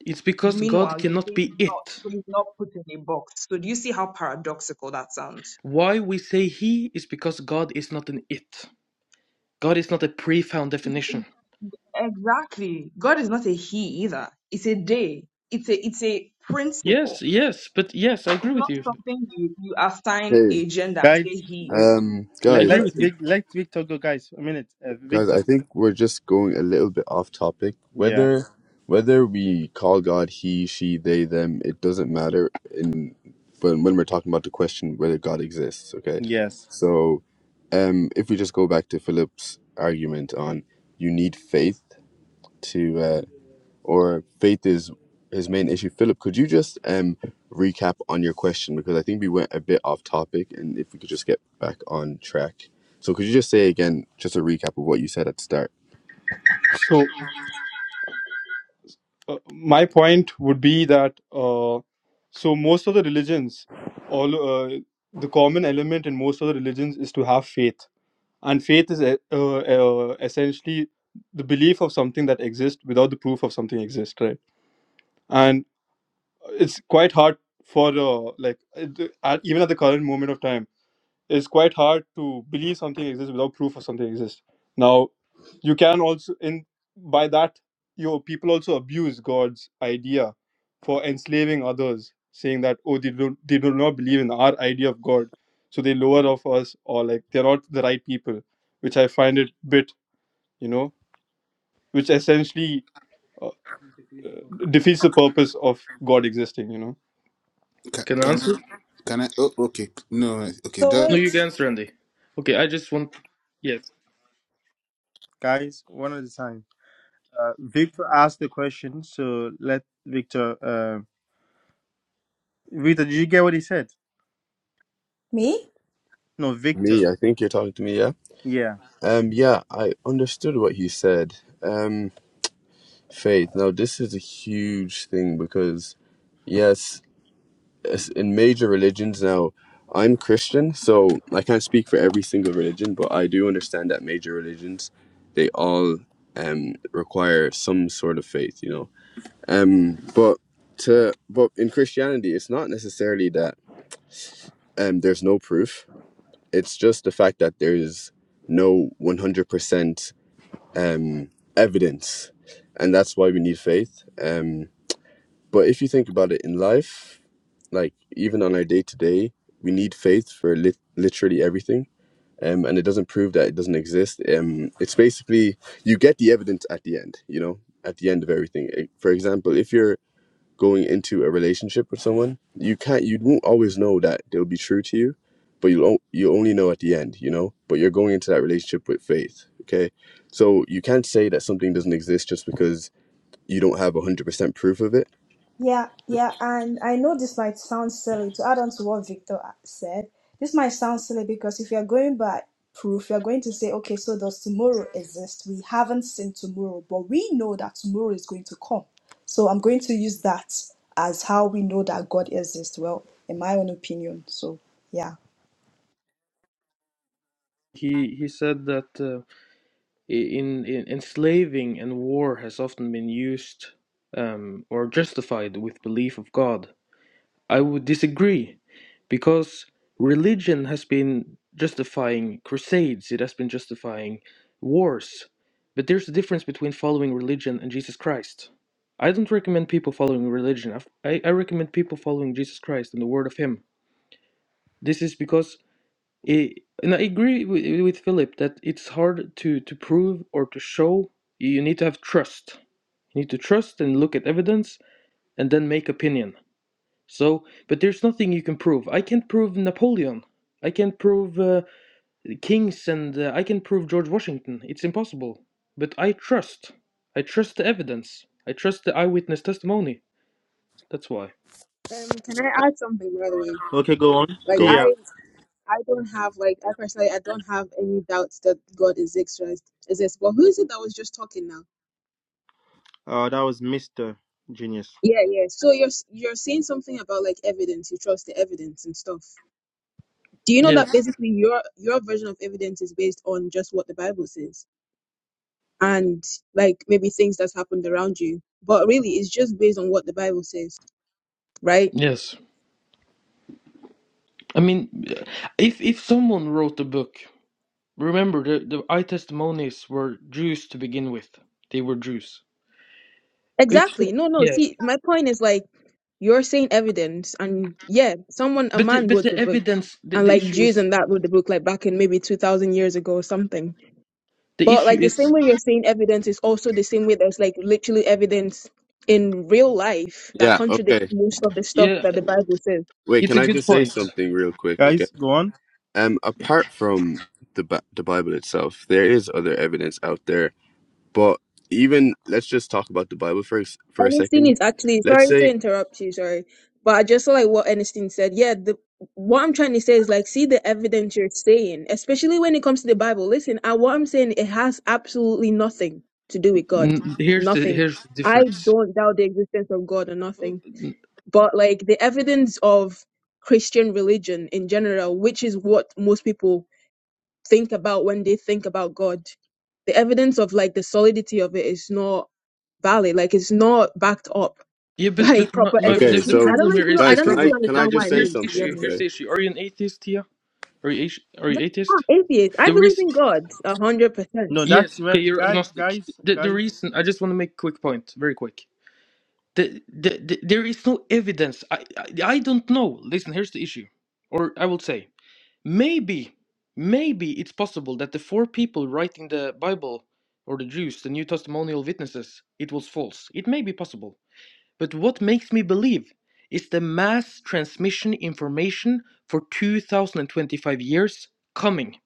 Speaker 12: It's because God
Speaker 9: meanwhile you
Speaker 12: cannot
Speaker 9: say
Speaker 12: be
Speaker 9: he's not
Speaker 12: it.
Speaker 9: so he's not put in a box so do you see how paradoxical that sounds
Speaker 12: Why we say he is because God is not an it. God is not a pre-found definition.
Speaker 9: Exactly. God is not a he either. It's a day. It's a it's a
Speaker 12: Yes,
Speaker 9: principle.
Speaker 12: yes, but yes, I agree
Speaker 9: It's
Speaker 12: with
Speaker 9: not
Speaker 12: you.
Speaker 9: something you, you assign
Speaker 8: Hey,
Speaker 9: a gender and
Speaker 5: guys.
Speaker 9: say he.
Speaker 5: Wait,
Speaker 8: um,
Speaker 12: I
Speaker 5: let
Speaker 8: guys,
Speaker 12: agree
Speaker 8: I
Speaker 5: let's
Speaker 8: think
Speaker 12: with you.
Speaker 5: Vic, let Victor go, guys. A minute, uh,
Speaker 8: Guys,
Speaker 5: Victor.
Speaker 8: I think we're just going a little bit off topic.
Speaker 5: Yeah.
Speaker 8: Whether whether we call God he, she, they, them, it doesn't matter in when when we're talking about the question whether God exists, okay?
Speaker 5: Yes,
Speaker 8: So um if we just go back to Philip's argument on you need faith to. uh or faith is his main issue. Philip, could you just um recap on your question because I think we went a bit off topic, and if we could just get back on track. So could you just say again, just a recap of what you said at the start?
Speaker 11: So uh, my point would be that uh, so most of the religions, all uh, the common element in most of the religions is to have faith, and faith is uh, uh, uh, essentially the belief of something that exists without the proof of something exists, right? And. it's quite hard for uh, like it, at, even at the current moment of time it's quite hard to believe something exists without proof of something exists now you can also in by that your people also abuse god's idea for enslaving others saying that oh they do, not they do not believe in our idea of god so they lower of us or like they're not the right people which i find it bit you know which essentially uh, uh, defeats the purpose of god existing you know
Speaker 3: Can,
Speaker 12: Can I
Speaker 3: can
Speaker 12: answer?
Speaker 3: I? Can I? Oh, okay. No, okay.
Speaker 6: So
Speaker 3: That,
Speaker 12: No,
Speaker 6: wait.
Speaker 12: you can answer, Andy. Okay, I just want. Yes,
Speaker 5: guys. One at a time. Uh, Victor asked the question, so let Victor. Uh, Victor, did you get what he said?
Speaker 6: Me?
Speaker 5: No, Victor.
Speaker 8: Me, I think you're talking to me, yeah.
Speaker 5: Yeah.
Speaker 8: Um, yeah, I understood what he said. Um, faith. Now this is a huge thing because yes, as- in major religions now i'm christian so i can't speak for every single religion but i do understand that major religions they all um require some sort of faith you know um but to but in christianity it's not necessarily that um there's no proof it's just the fact that there's no 100% um evidence and that's why we need faith Um. But if you think about it in life, like even on our day to day, we need faith for lit- literally everything. Um, and it doesn't prove that it doesn't exist. Um, it's basically you get the evidence at the end, you know, at the end of everything. Eh, For example, if you're going into a relationship with someone, you can't, you won't always know that they'll be true to you, but you'll o- you only know at the end, you know. But you're going into that relationship with faith, okay? So you can't say that something doesn't exist just because you don't have one hundred percent proof of it.
Speaker 6: Yeah, yeah, and I know this might sound silly to add on to what Victor said. This might sound silly because if you're going by proof, you're going to say, okay, so does tomorrow exist? We haven't seen tomorrow, but we know that tomorrow is going to come. So I'm going to use that as how we know that God exists. Well, in my own opinion. So, yeah.
Speaker 12: he he said that uh, in, in enslaving and war has often been used um, or justified with belief of God. I would disagree because religion has been justifying crusades, it has been justifying wars. But there's a difference between following religion and Jesus Christ. I don't recommend people following religion. I've- I, I recommend people following Jesus Christ and the word of Him. This is because, it, and I agree with, with Philip that it's hard to, to prove or to show. You need to have trust. You need to trust and look at evidence and then make opinion. So, but there's nothing you can prove. I can't prove Napoleon. I can't prove uh, kings and uh, I can prove George Washington. It's impossible. But I trust. I trust the evidence. I trust the eyewitness testimony. That's why.
Speaker 14: Um, can I add something by the way?
Speaker 5: Okay, go on.
Speaker 14: Like
Speaker 5: Tia.
Speaker 14: I I don't have like I personally I don't have any doubts that God is exist exists. But who is it that was just talking now?
Speaker 5: Uh, that was Mister Genius.
Speaker 14: Yeah, yeah. So you're s- you're saying something about like evidence, you trust the evidence and stuff. Do you know
Speaker 12: Yes.
Speaker 14: that basically your your version of evidence is based on just what the Bible says and like maybe things that's happened around you, but really it's just based on what the Bible says, right?
Speaker 12: Yes. I mean, uh, if if someone wrote a book, remember the the eye testimonies were Jews to begin with. They were Jews. If
Speaker 14: Exactly.
Speaker 12: so,
Speaker 14: No, no.
Speaker 12: yeah,
Speaker 14: See, my point is like you're saying evidence, and yeah, someone, a
Speaker 12: but the,
Speaker 14: man
Speaker 12: but
Speaker 14: wrote
Speaker 12: the
Speaker 14: the book,
Speaker 12: evidence the,
Speaker 14: and
Speaker 12: the
Speaker 14: like
Speaker 12: issue
Speaker 14: Jews
Speaker 12: is
Speaker 14: and that wrote the book like back in maybe 2,000 years ago or something.
Speaker 12: the
Speaker 14: But
Speaker 12: issue
Speaker 14: like the same
Speaker 12: is
Speaker 14: way you're saying evidence is also the same way there's like literally evidence in real life that
Speaker 8: Yeah. Okay.
Speaker 14: contradicts most of the stuff
Speaker 12: yeah.
Speaker 14: that the Bible says.
Speaker 8: Wait,
Speaker 12: It's
Speaker 8: can
Speaker 12: a
Speaker 8: I
Speaker 12: good
Speaker 8: just say
Speaker 12: point.
Speaker 8: something real quick? Okay.
Speaker 5: Guys, go on.
Speaker 8: Um, apart from the Bi- the Bible itself, there is other evidence out there. But even let's just talk about the Bible first for a
Speaker 14: Ernestine
Speaker 8: second.
Speaker 14: is actually
Speaker 8: Let's
Speaker 14: sorry to
Speaker 8: say,
Speaker 14: interrupt you, sorry, but I just saw like what Ernestine said. Yeah, the what I'm trying to say is like see the evidence you're saying, especially when it comes to the Bible. Listen, I, what I'm saying it has absolutely nothing to do with God,
Speaker 12: N- Here's the
Speaker 14: nothing.
Speaker 12: here's the
Speaker 14: I
Speaker 12: difference.
Speaker 14: don't doubt the existence of God or nothing,
Speaker 12: N-
Speaker 14: but like the evidence of Christian religion in general, which is what most people think about when they think about God, the evidence of like the solidity of it is not valid, like it's not backed up
Speaker 12: Yeah, but
Speaker 14: by
Speaker 12: but my,
Speaker 14: proper
Speaker 12: my, the
Speaker 8: okay,
Speaker 14: evidence.
Speaker 12: the
Speaker 14: You, I
Speaker 8: so
Speaker 14: don't
Speaker 12: problem
Speaker 14: know if
Speaker 12: here
Speaker 14: you know.
Speaker 12: is
Speaker 14: I
Speaker 12: the
Speaker 8: guys,
Speaker 14: don't know
Speaker 8: can
Speaker 14: if
Speaker 8: I
Speaker 14: you
Speaker 12: problem.
Speaker 8: can
Speaker 12: The,
Speaker 8: I
Speaker 14: understand
Speaker 12: the-
Speaker 14: what
Speaker 8: just
Speaker 14: I
Speaker 12: but
Speaker 8: say
Speaker 12: here's
Speaker 14: mean.
Speaker 12: the
Speaker 14: To be
Speaker 8: something?
Speaker 12: issue.
Speaker 14: honest,
Speaker 12: Here's
Speaker 8: Okay.
Speaker 12: the issue. Are you an atheist, Tia? Are you ati- are
Speaker 14: no,
Speaker 12: you
Speaker 14: I'm
Speaker 12: atheist?
Speaker 14: not atheist. I
Speaker 12: The
Speaker 14: believe
Speaker 12: reason,
Speaker 14: in God a hundred percent.
Speaker 5: No, that's
Speaker 12: yes, okay,
Speaker 5: well,
Speaker 12: you're
Speaker 5: guys,
Speaker 12: agnostic.
Speaker 5: guys,
Speaker 12: The the
Speaker 5: guys.
Speaker 12: reason I just want to make a quick point, very quick. The, the, the there is no evidence. I, I I don't know. Listen, here's the issue, or I will say maybe maybe it's possible that the four people writing the Bible or the Jews, the New Testimonial witnesses, it was false. It may be possible But what makes me believe is the mass transmission information for 2025 years coming.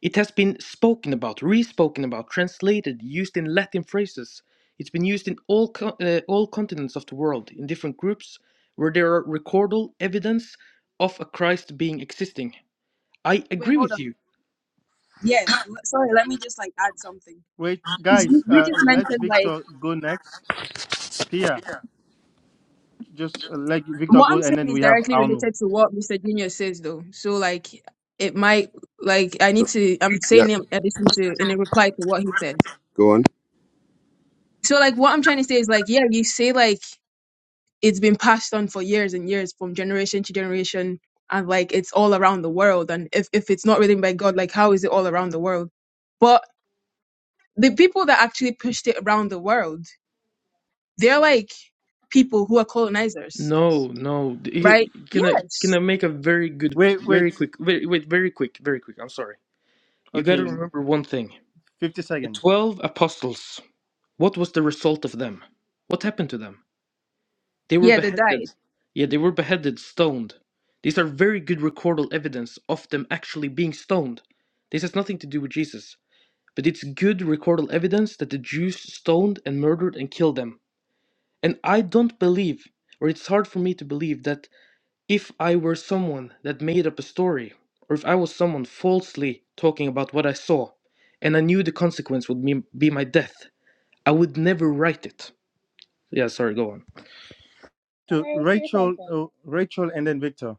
Speaker 12: It has been spoken about, re-spoken about, translated, used in Latin phrases. It's been used in all co- uh, all continents of the world in different groups where there are recordal evidence of a Christ being existing. I
Speaker 14: Wait,
Speaker 12: agree
Speaker 14: hold
Speaker 12: with
Speaker 14: on.
Speaker 12: you.
Speaker 14: Yeah, l- sorry, let me just like add something.
Speaker 5: Wait,
Speaker 14: Because you,
Speaker 5: guys.
Speaker 14: you
Speaker 5: Uh,
Speaker 14: just
Speaker 5: let
Speaker 14: mentioned like
Speaker 5: Victor go next. Pia, just uh, let Victor
Speaker 14: what
Speaker 5: go,
Speaker 14: I'm
Speaker 5: and
Speaker 14: saying
Speaker 5: then
Speaker 14: is
Speaker 5: we have
Speaker 14: directly
Speaker 5: Arno.
Speaker 14: related to what Mr. Junior says though. So like it might like I need to I'm
Speaker 8: Yeah.
Speaker 14: saying in addition to in a reply to what he said.
Speaker 8: Go on.
Speaker 14: So like what I'm trying to say is like yeah, you say like it's been passed on for years and years from generation to generation and like it's all around the world and if, if it's not written by god like how is it all around the world but the people that actually pushed it around the world they're like people who are colonizers
Speaker 12: No, no. d-
Speaker 14: right
Speaker 12: y- Can I can I
Speaker 14: yes
Speaker 12: make a very good,
Speaker 5: Wait, wait.
Speaker 12: very quick, very wait, very quick, very quick. I'm sorry. You got to
Speaker 5: Okay,
Speaker 12: remember one thing.
Speaker 5: fifty seconds
Speaker 12: The twelve apostles, what was the result of them? What happened to them? They were
Speaker 14: yeah they
Speaker 12: beheaded.
Speaker 14: died
Speaker 12: Yeah, they were beheaded, stoned. These are very good recordal evidence of them actually being stoned. This has nothing to do with Jesus, but it's good recordal evidence that the Jews stoned and murdered and killed them. And I don't believe, or it's hard for me to believe, that if I were someone that made up a story, or if I was someone falsely talking about what I saw, and I knew the consequence would be be my death. I would never write it. Yeah, sorry, go on.
Speaker 10: Can
Speaker 5: To
Speaker 10: I say
Speaker 5: Rachel,
Speaker 10: something?
Speaker 5: uh, Rachel, and then Victor.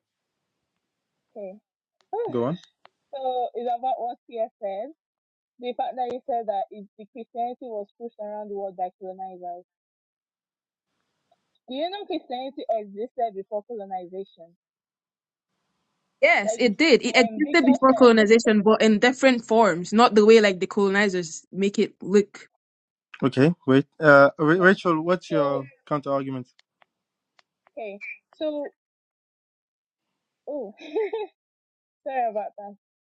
Speaker 10: Okay.
Speaker 5: Go on.
Speaker 10: so it's about what you said. The fact that you said that it, the Christianity was pushed around the world by colonizers. Do you know Christianity existed before colonization?
Speaker 14: yes
Speaker 10: Like
Speaker 14: it did it
Speaker 10: um
Speaker 14: existed
Speaker 10: Victor
Speaker 14: before
Speaker 10: said,
Speaker 14: colonization but in different forms not the way like the colonizers make it look
Speaker 5: Okay, wait. Uh, Ra-
Speaker 10: no.
Speaker 5: Rachel, what's
Speaker 10: So
Speaker 5: your counter argument?
Speaker 10: okay. So oh Sorry about that.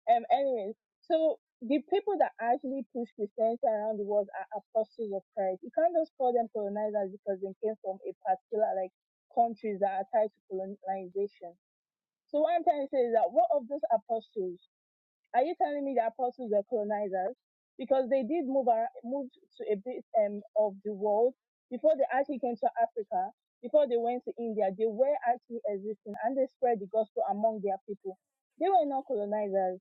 Speaker 10: Um, anyways, so the people that actually push Christianity around the world are apostles of Christ. You can't just call them colonizers because they came from a particular like countries that are tied to colonization. So what I'm trying to say is that what of those apostles? Are you telling me the apostles were colonizers? Because they did move around, moved to a bit um, of the world before they actually came to Africa. Before they went to India, they were actually existing and they spread the gospel among their people. They were not colonizers.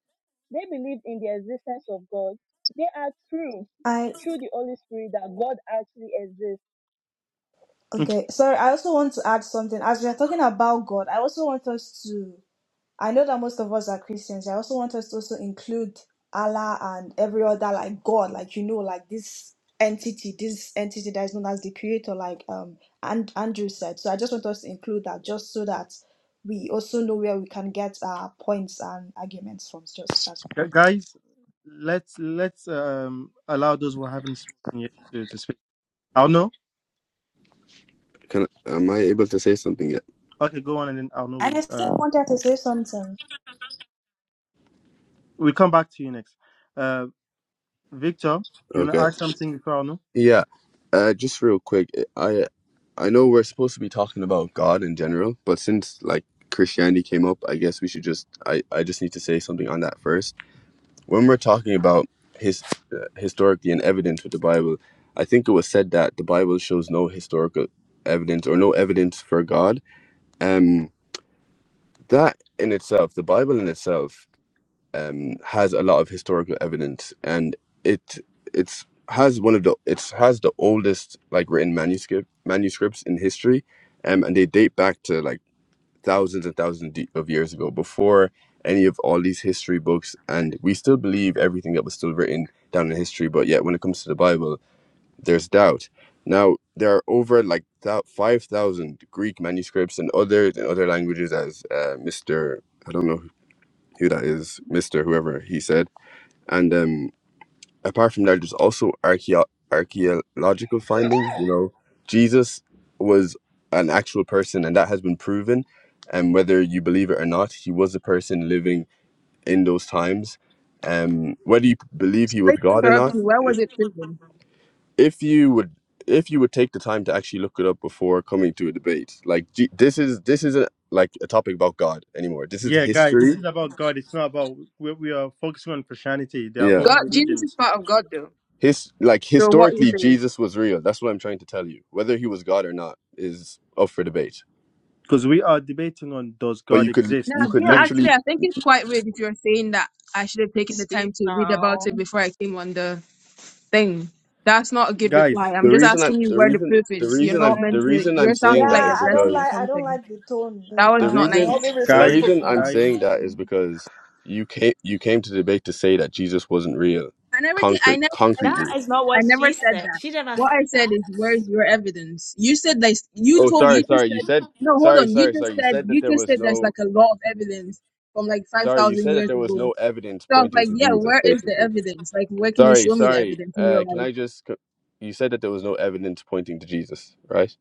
Speaker 10: They believed in the existence of God. They had proof
Speaker 6: I
Speaker 10: through the Holy Spirit that God actually exists.
Speaker 5: Okay,
Speaker 6: okay, sorry, I also want to add something. As we are talking about God, I also want us to I know that most of us are Christians. I also want us to also include Allah and every other like God, like you know, like this entity, this entity that is known as the creator, like um and Andrew said. So I just want us to include that just so that we also know where we can get our points and arguments from. Just that's
Speaker 5: gu-
Speaker 6: what I want.
Speaker 5: guys, let's let's um allow those who haven't spoken yet to, to speak. Arno.
Speaker 8: Can am I able to say something yet?
Speaker 5: Okay, go on, and then Arno
Speaker 6: And
Speaker 5: will
Speaker 6: I still
Speaker 5: uh
Speaker 6: wanted to say something.
Speaker 5: we'll come back to you next. Uh, Victor, do you want to
Speaker 8: Okay.
Speaker 5: add something before I know?
Speaker 8: Yeah. Uh, just real quick. I I know we're supposed to be talking about God in general, but since like Christianity came up, I guess we should just I I just need to say something on that first when we're talking about his uh, historically and evidence with the Bible, I think it was said that the Bible shows no historical evidence or no evidence for God. Um, that in itself, the Bible in itself, um, has a lot of historical evidence, and it it's has one of the it's has the oldest like written manuscript manuscripts in history, um, and they date back to like thousands and thousands de- of years ago, before any of all these history books, and we still believe everything that was still written down in history. But yet, when it comes to the Bible, there's doubt. Now there are over like that five thousand Greek manuscripts and other in other languages, as uh, Mister I don't know who that is, Mister whoever he said, and um, apart from that, there's also archeo- archaeological findings. You know, Jesus was an actual person, and that has been proven. And whether you believe it or not, he was a person living in those times. Um, whether you believe he was
Speaker 14: sorry to
Speaker 8: God or
Speaker 14: interrupt
Speaker 8: not,
Speaker 14: you where was
Speaker 8: if,
Speaker 14: it written
Speaker 8: if you would, if you would take the time to actually look it up before coming to a debate, like G- this is this isn't like a topic about God anymore. This is
Speaker 5: Yeah, guy, this
Speaker 8: history.
Speaker 5: is about God. It's not about we, we are focusing on Christianity. There are
Speaker 8: Yeah.
Speaker 5: other
Speaker 14: god jesus is
Speaker 5: religions
Speaker 14: part of god though
Speaker 8: his like
Speaker 14: so what do you
Speaker 8: historically
Speaker 14: think
Speaker 8: jesus was real that's what i'm trying to tell you whether he was god or not is up for debate
Speaker 5: because we are debating on does
Speaker 8: but
Speaker 5: God
Speaker 8: you could
Speaker 14: No,
Speaker 8: you
Speaker 5: exist,
Speaker 8: could
Speaker 14: you know,
Speaker 5: guys,
Speaker 14: actually,
Speaker 8: literally
Speaker 14: I think it's quite rude if you're saying that I should have taken the
Speaker 9: Speak
Speaker 14: time to read about
Speaker 9: now.
Speaker 14: it before I came on the thing. That's not a good
Speaker 5: guys,
Speaker 14: reply.
Speaker 8: the
Speaker 14: I'm just
Speaker 8: reason i
Speaker 14: asking you
Speaker 8: the
Speaker 14: where the
Speaker 8: reason
Speaker 14: proof
Speaker 8: the
Speaker 14: is. You're
Speaker 8: reason
Speaker 14: not
Speaker 8: i'm the
Speaker 14: meant
Speaker 9: Silence
Speaker 14: to.
Speaker 8: reason i'm
Speaker 14: You're
Speaker 8: saying
Speaker 14: sounding
Speaker 9: Now.
Speaker 8: that
Speaker 14: like
Speaker 6: Yeah,
Speaker 8: is
Speaker 6: I
Speaker 14: aggressive
Speaker 6: don't
Speaker 8: because
Speaker 14: or
Speaker 6: like I don't
Speaker 14: something.
Speaker 6: like the tone. I
Speaker 14: That
Speaker 9: Should
Speaker 6: don't
Speaker 14: was
Speaker 8: the
Speaker 6: like
Speaker 14: not
Speaker 8: reason
Speaker 6: I'll
Speaker 9: I
Speaker 14: nice.
Speaker 6: be
Speaker 8: the
Speaker 6: respectful.
Speaker 9: speak
Speaker 5: guys,
Speaker 8: reason i'm
Speaker 9: now?
Speaker 5: guys,
Speaker 8: saying that is because you came you came to debate to say that jesus wasn't real
Speaker 14: I never. ca- I
Speaker 8: concrete
Speaker 14: never said
Speaker 6: That
Speaker 8: concretely
Speaker 14: that.
Speaker 6: is not
Speaker 14: I
Speaker 6: what
Speaker 14: never
Speaker 6: she
Speaker 14: said
Speaker 6: said.
Speaker 14: that.
Speaker 6: She never
Speaker 14: What
Speaker 6: said.
Speaker 14: I said is, where's your evidence? You said like you
Speaker 8: oh
Speaker 14: told me.
Speaker 8: sorry
Speaker 14: You
Speaker 8: sorry
Speaker 14: just
Speaker 8: you
Speaker 14: said
Speaker 8: said
Speaker 14: no. Hold
Speaker 8: sorry
Speaker 14: on. You
Speaker 8: sorry
Speaker 14: just
Speaker 8: sorry you
Speaker 14: said
Speaker 8: said that
Speaker 14: you
Speaker 8: there
Speaker 14: just
Speaker 8: was
Speaker 14: said there's
Speaker 8: no
Speaker 14: like a lot of evidence from like five
Speaker 8: sorry you
Speaker 14: thousand
Speaker 8: said that
Speaker 14: years
Speaker 8: there was
Speaker 14: ago.
Speaker 8: no evidence
Speaker 14: So I was
Speaker 8: pointing
Speaker 14: like,
Speaker 8: to
Speaker 14: yeah,
Speaker 8: jesus
Speaker 14: where is the
Speaker 8: basically
Speaker 14: evidence? Like, where can you
Speaker 8: Sorry,
Speaker 14: show me the
Speaker 8: sorry.
Speaker 14: evidence? And
Speaker 8: Uh,
Speaker 14: you're
Speaker 8: can
Speaker 14: like,
Speaker 8: I just? co- You said that there was no evidence pointing to Jesus, right?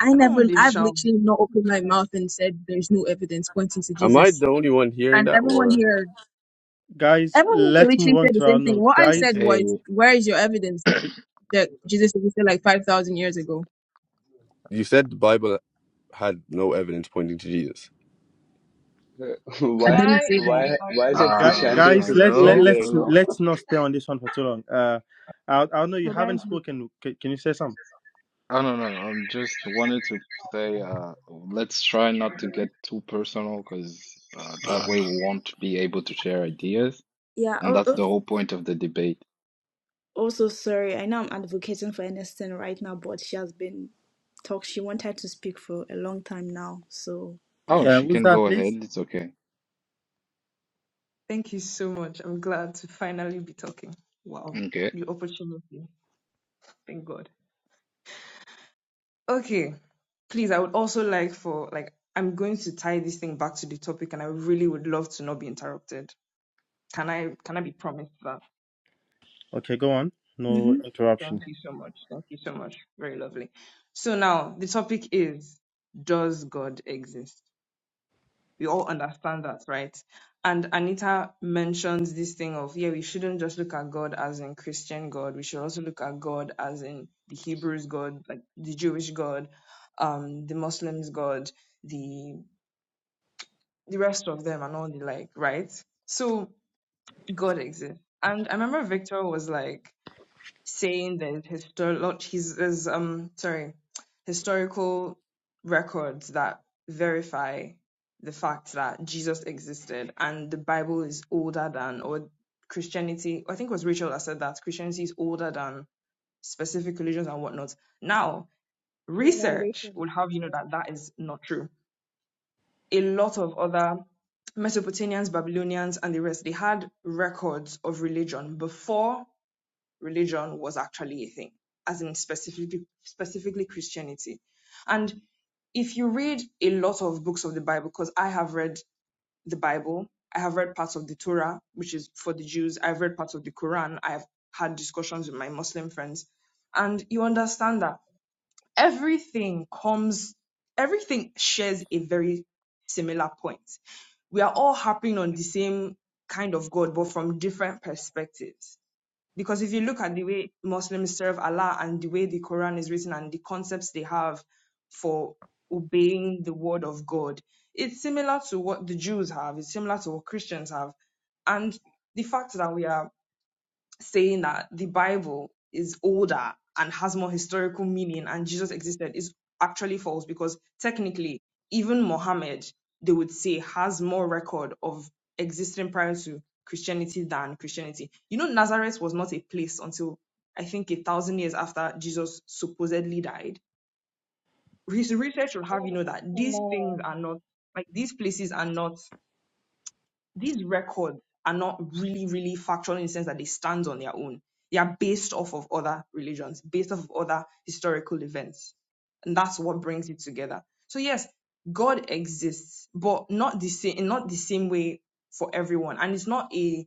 Speaker 14: I
Speaker 9: I don't
Speaker 14: never,
Speaker 9: want this
Speaker 14: I've
Speaker 9: shout. I
Speaker 14: literally not
Speaker 9: want
Speaker 14: opened
Speaker 9: to
Speaker 14: my
Speaker 9: shout.
Speaker 14: mouth and said there's no evidence pointing to
Speaker 8: Am I
Speaker 14: Jesus.
Speaker 8: the only one hearing
Speaker 14: And
Speaker 8: that, or
Speaker 14: everyone here,
Speaker 5: guys.
Speaker 14: everyone can
Speaker 5: Let's move
Speaker 14: literally
Speaker 5: on
Speaker 14: say the
Speaker 5: to our
Speaker 14: same thing.
Speaker 5: note,
Speaker 14: What I
Speaker 5: guys,
Speaker 14: said
Speaker 15: Hey,
Speaker 14: was, where is your evidence that, that Jesus existed like 5,000 years ago?
Speaker 8: you said the Bible had no evidence pointing to Jesus?
Speaker 14: I
Speaker 9: Could
Speaker 4: why,
Speaker 14: didn't
Speaker 9: I
Speaker 14: say that.
Speaker 4: why,
Speaker 9: be
Speaker 4: why is
Speaker 9: outraged
Speaker 4: it
Speaker 5: guys,
Speaker 15: uh,
Speaker 9: again?
Speaker 4: Christianity
Speaker 5: guys.
Speaker 4: versus
Speaker 5: Let let
Speaker 15: hello,
Speaker 4: Christianity
Speaker 5: let's
Speaker 4: right
Speaker 15: hello.
Speaker 4: now?
Speaker 5: let's not stay on this one for too long. Uh, I I know you
Speaker 9: Could I
Speaker 5: haven't
Speaker 9: be
Speaker 5: spoken. C- can you say something?
Speaker 15: I don't know. I'm just wanted to say, uh, let's try not to get too personal because uh, that
Speaker 5: Yeah.
Speaker 15: way we won't be able to share ideas,
Speaker 6: Yeah.
Speaker 15: and
Speaker 6: oh,
Speaker 15: that's
Speaker 6: oh.
Speaker 15: the whole point of the debate.
Speaker 6: also sorry. I know I'm advocating for Ernestine right now, but she has been talk. She wanted to speak for a long time now, so
Speaker 15: Oh,
Speaker 6: yeah.
Speaker 5: Uh,
Speaker 15: she
Speaker 5: who's
Speaker 15: can
Speaker 5: that,
Speaker 15: go ahead.
Speaker 5: please?
Speaker 15: It's okay.
Speaker 9: Thank you so much. I'm glad to finally be talking. Wow.
Speaker 15: Okay.
Speaker 9: The opportunity. Thank God. Okay, please, I would also like for like I'm going to tie this thing back to the topic, and I really would love to not be interrupted. Can I can I be promised that?
Speaker 5: Okay, go on. No
Speaker 6: hmm
Speaker 5: interruption.
Speaker 9: Thank you so much. Thank you so much. Very lovely. So now the topic is does God exist? We all understand that, right? And Anita mentions this thing of yeah, we shouldn't just look at God as in Christian God. We should also look at God as in the Hebrews God, like the Jewish God, um, the Muslims God, the the rest of them and all the like, right? So God exists. And I remember Victor was like saying that historical his his um sorry, historical records that verify the fact that Jesus existed and the Bible is older than or Christianity I think it was Rachel that said that Christianity is older than specific religions and whatnot. Now research
Speaker 10: Colonization.
Speaker 9: would have you know
Speaker 10: Yeah.
Speaker 9: that that is not true a lot of other Mesopotamians, Babylonians, and the rest, they had records of religion before religion was actually a thing, as in specifically, specifically Christianity. And if you read a lot of books of the Bible, because I have read the Bible, I have read parts of the Torah, which is for the Jews, I've read parts of the Quran, I've had discussions with my Muslim friends, and you understand that everything comes, everything shares a very similar point we are all harping on the same kind of God, but from different perspectives. Because if you look at the way Muslims serve Allah and the way the Quran is written and the concepts they have for obeying the word of God, it's similar to what the Jews have, it's similar to what Christians have. And the fact that we are saying that the Bible is older and has more historical meaning and Jesus existed is actually false because technically, even Mohammed, they would say, has more record of existing prior to Christianity than Christianity. You know, Nazareth was not a place until I think a thousand years after Jesus supposedly died. His research would have you
Speaker 10: Oh,
Speaker 9: know that
Speaker 10: come
Speaker 9: these things
Speaker 10: on.
Speaker 9: are not like these places are not these records are not really, really factual in the sense that they stand on their own. They are based off of other religions, based off of other historical events. And that's what brings it together. So yes, God exists, but not the same not the same way for everyone. And it's not a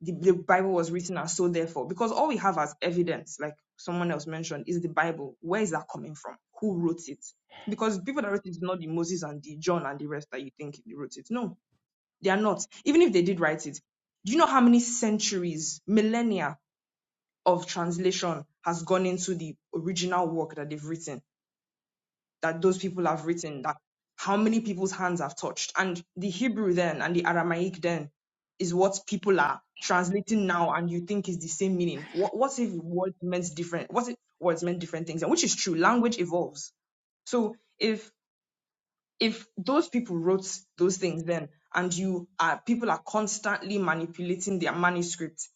Speaker 9: the, the Bible was written as so therefore, because all we have as evidence, like someone else mentioned, is the Bible. Where is that coming from? Who wrote it? Because people that wrote it is not the Moses and the John and the rest that you think they wrote it. No, they are not. Even if they did write it, do you know how many centuries, millennia of translation has gone into the original work that they've written, that those people have written, that how many people's hands have touched? And the Hebrew then and the Aramaic then is what people are translating now and you think is the same meaning. What, what if words meant different? What if words meant different things? And which is true, language evolves. So if if those people wrote those things then and you are people are constantly manipulating their manuscripts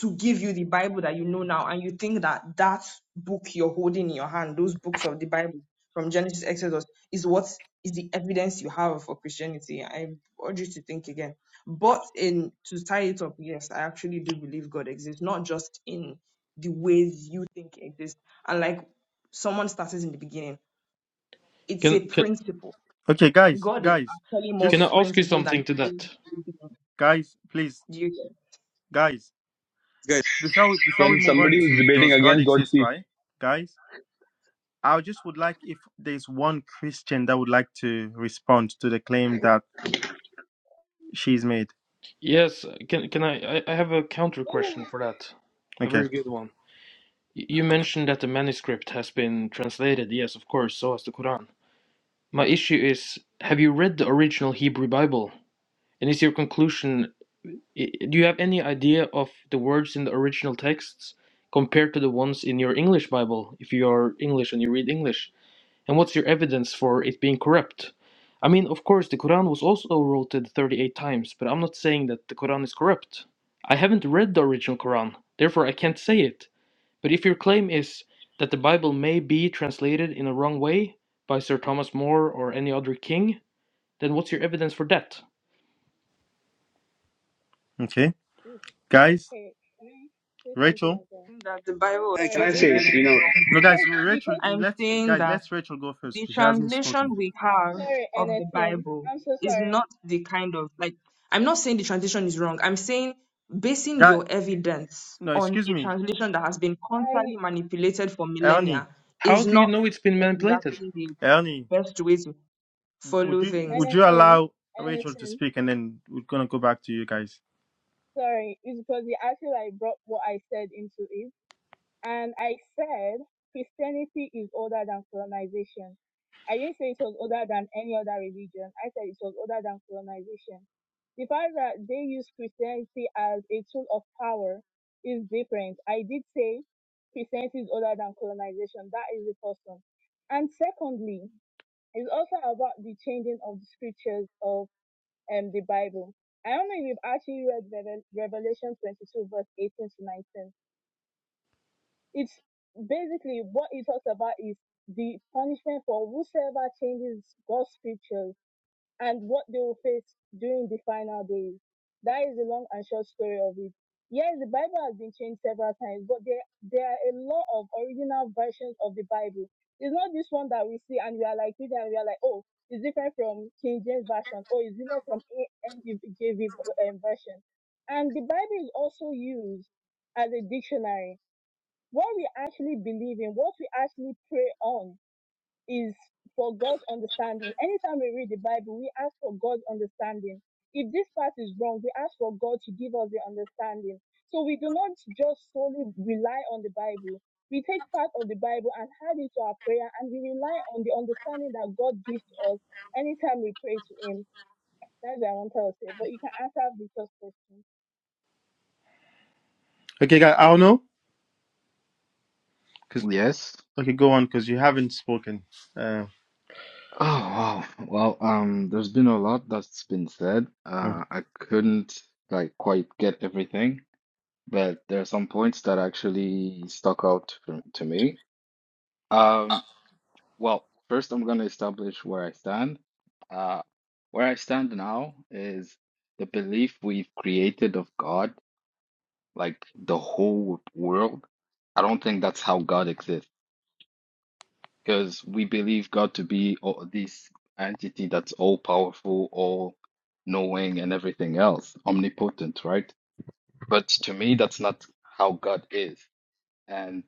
Speaker 9: to give you the bible that you know now and you think that that book you're holding in your hand those books of the bible from genesis exodus is what is the evidence you have for christianity i urge you to think again but in to tie it up yes i actually do believe god exists not just in the ways you think he exists and like someone started in the beginning it's a
Speaker 12: Can can
Speaker 9: principle
Speaker 5: Okay, guys,
Speaker 9: God is
Speaker 5: guys,
Speaker 9: actually more of
Speaker 12: can I
Speaker 5: just
Speaker 9: a
Speaker 12: ask you
Speaker 9: principle than
Speaker 12: something to
Speaker 9: he is.
Speaker 12: that?
Speaker 9: wisdom.
Speaker 5: guys, please.
Speaker 9: Do you get?
Speaker 5: guys
Speaker 4: Guys,
Speaker 5: before we, before we
Speaker 4: When
Speaker 5: move on
Speaker 4: somebody who's
Speaker 5: to
Speaker 4: debating
Speaker 5: does god
Speaker 4: against God
Speaker 5: exist
Speaker 4: speaks,
Speaker 5: right guys i just would like if there's one christian that would like to respond to the claim that she's made
Speaker 12: Yes, can can I I I have a counter question for that. A
Speaker 5: okay
Speaker 12: very good one. Y- You mentioned that the manuscript has been translated. Yes, of course, so has the Quran. My issue is, have you read the original Hebrew Bible? And is your conclusion, i- do you have any idea of the words in the original texts compared to the ones in your English Bible, if you are English and you read English? And what's your evidence for it being corrupt? I mean, of course, the Quran was also rotated 38 times, but I'm not saying that the Quran is corrupt. I haven't read the original Quran, therefore I can't say it. But if your claim is that the Bible may be translated in a wrong way by Sir Thomas More or any other king, then what's your evidence for that?
Speaker 5: okay guys
Speaker 10: Okay. Can I say something
Speaker 5: rachel
Speaker 9: I
Speaker 10: again?
Speaker 9: think that the Bible was
Speaker 4: can
Speaker 10: Sorry,
Speaker 4: I
Speaker 10: is
Speaker 4: say,
Speaker 10: this
Speaker 9: translated in
Speaker 4: you
Speaker 9: the
Speaker 4: know?
Speaker 9: wrong
Speaker 5: no
Speaker 9: way.
Speaker 5: guys
Speaker 10: because
Speaker 5: rachel
Speaker 10: because
Speaker 9: I'm
Speaker 5: let's
Speaker 9: saying
Speaker 5: guys
Speaker 9: that
Speaker 5: let's rachel go first
Speaker 9: the
Speaker 5: 'cause she hasn't spoken
Speaker 9: translation we have
Speaker 10: sorry,
Speaker 9: of the
Speaker 10: Anderson.
Speaker 9: Bible
Speaker 10: I'm so
Speaker 9: is
Speaker 10: sorry.
Speaker 9: not the kind of like I'm not saying the translation is wrong. I'm saying basing
Speaker 5: guy
Speaker 9: your evidence
Speaker 5: no
Speaker 9: on
Speaker 5: excuse
Speaker 9: a
Speaker 5: me
Speaker 9: translation that has been constantly
Speaker 10: I
Speaker 9: manipulated for millennia
Speaker 5: ernie
Speaker 12: How
Speaker 9: is
Speaker 12: do you
Speaker 9: not
Speaker 12: know it's been manipulated?
Speaker 9: exactly the
Speaker 5: ernie
Speaker 9: best way to
Speaker 5: would
Speaker 9: follow
Speaker 5: you
Speaker 9: things.
Speaker 5: would you
Speaker 10: Anderson,
Speaker 5: allow rachel to
Speaker 10: Anderson.
Speaker 5: speak and then we're gonna go back to you guys
Speaker 10: Sorry, it's because it actually like brought what I said into it. And I said Christianity is older than colonization. I didn't say it was older than any other religion. I said it was older than colonization. The fact that they use Christianity as a tool of power is different. I did say Christianity is older than colonization. That is the first one. And secondly, it's also about the changing of the scriptures of um, the Bible. I don't know if you've actually read Revel- Revelation 22 verse 18 to 19 it's basically what it talks about is the punishment for whosoever changes God's scriptures and what they will face during the final days. That is the long and short story of it. Yes, the Bible has been changed several times, but there there are a lot of original versions of the Bible. It's not this one that we see and we are like reading and we are like, oh, it's different from King James version, or it's different from NGV version. And the Bible is also used as a dictionary what we actually believe in, what we actually pray on is for God's understanding. Anytime we read the Bible, we ask for God's understanding. If this part is wrong, we ask for God to give us the understanding. So we do not just solely rely on the Bible. We take part of the Bible and add it to our prayer and we rely on the understanding that God gives to us anytime we pray to Him. That's what I want to say. But you can answer Victor's question.
Speaker 5: okay guys i don't know because
Speaker 15: Yes.
Speaker 5: okay go on because you haven't spoken uh
Speaker 15: Oh, wow. Well, um, there's been a lot that's been said. Uh, I couldn't like quite get everything, but there are some points that actually stuck out for, to me. Um. Well, first I'm going to establish where I stand. Uh, where I stand now is the belief we've created of God, like the whole world. I don't think that's how God exists because we believe God to be all, this entity that's all powerful, all knowing, and everything else, omnipotent, right? But to me, that's not how God is. And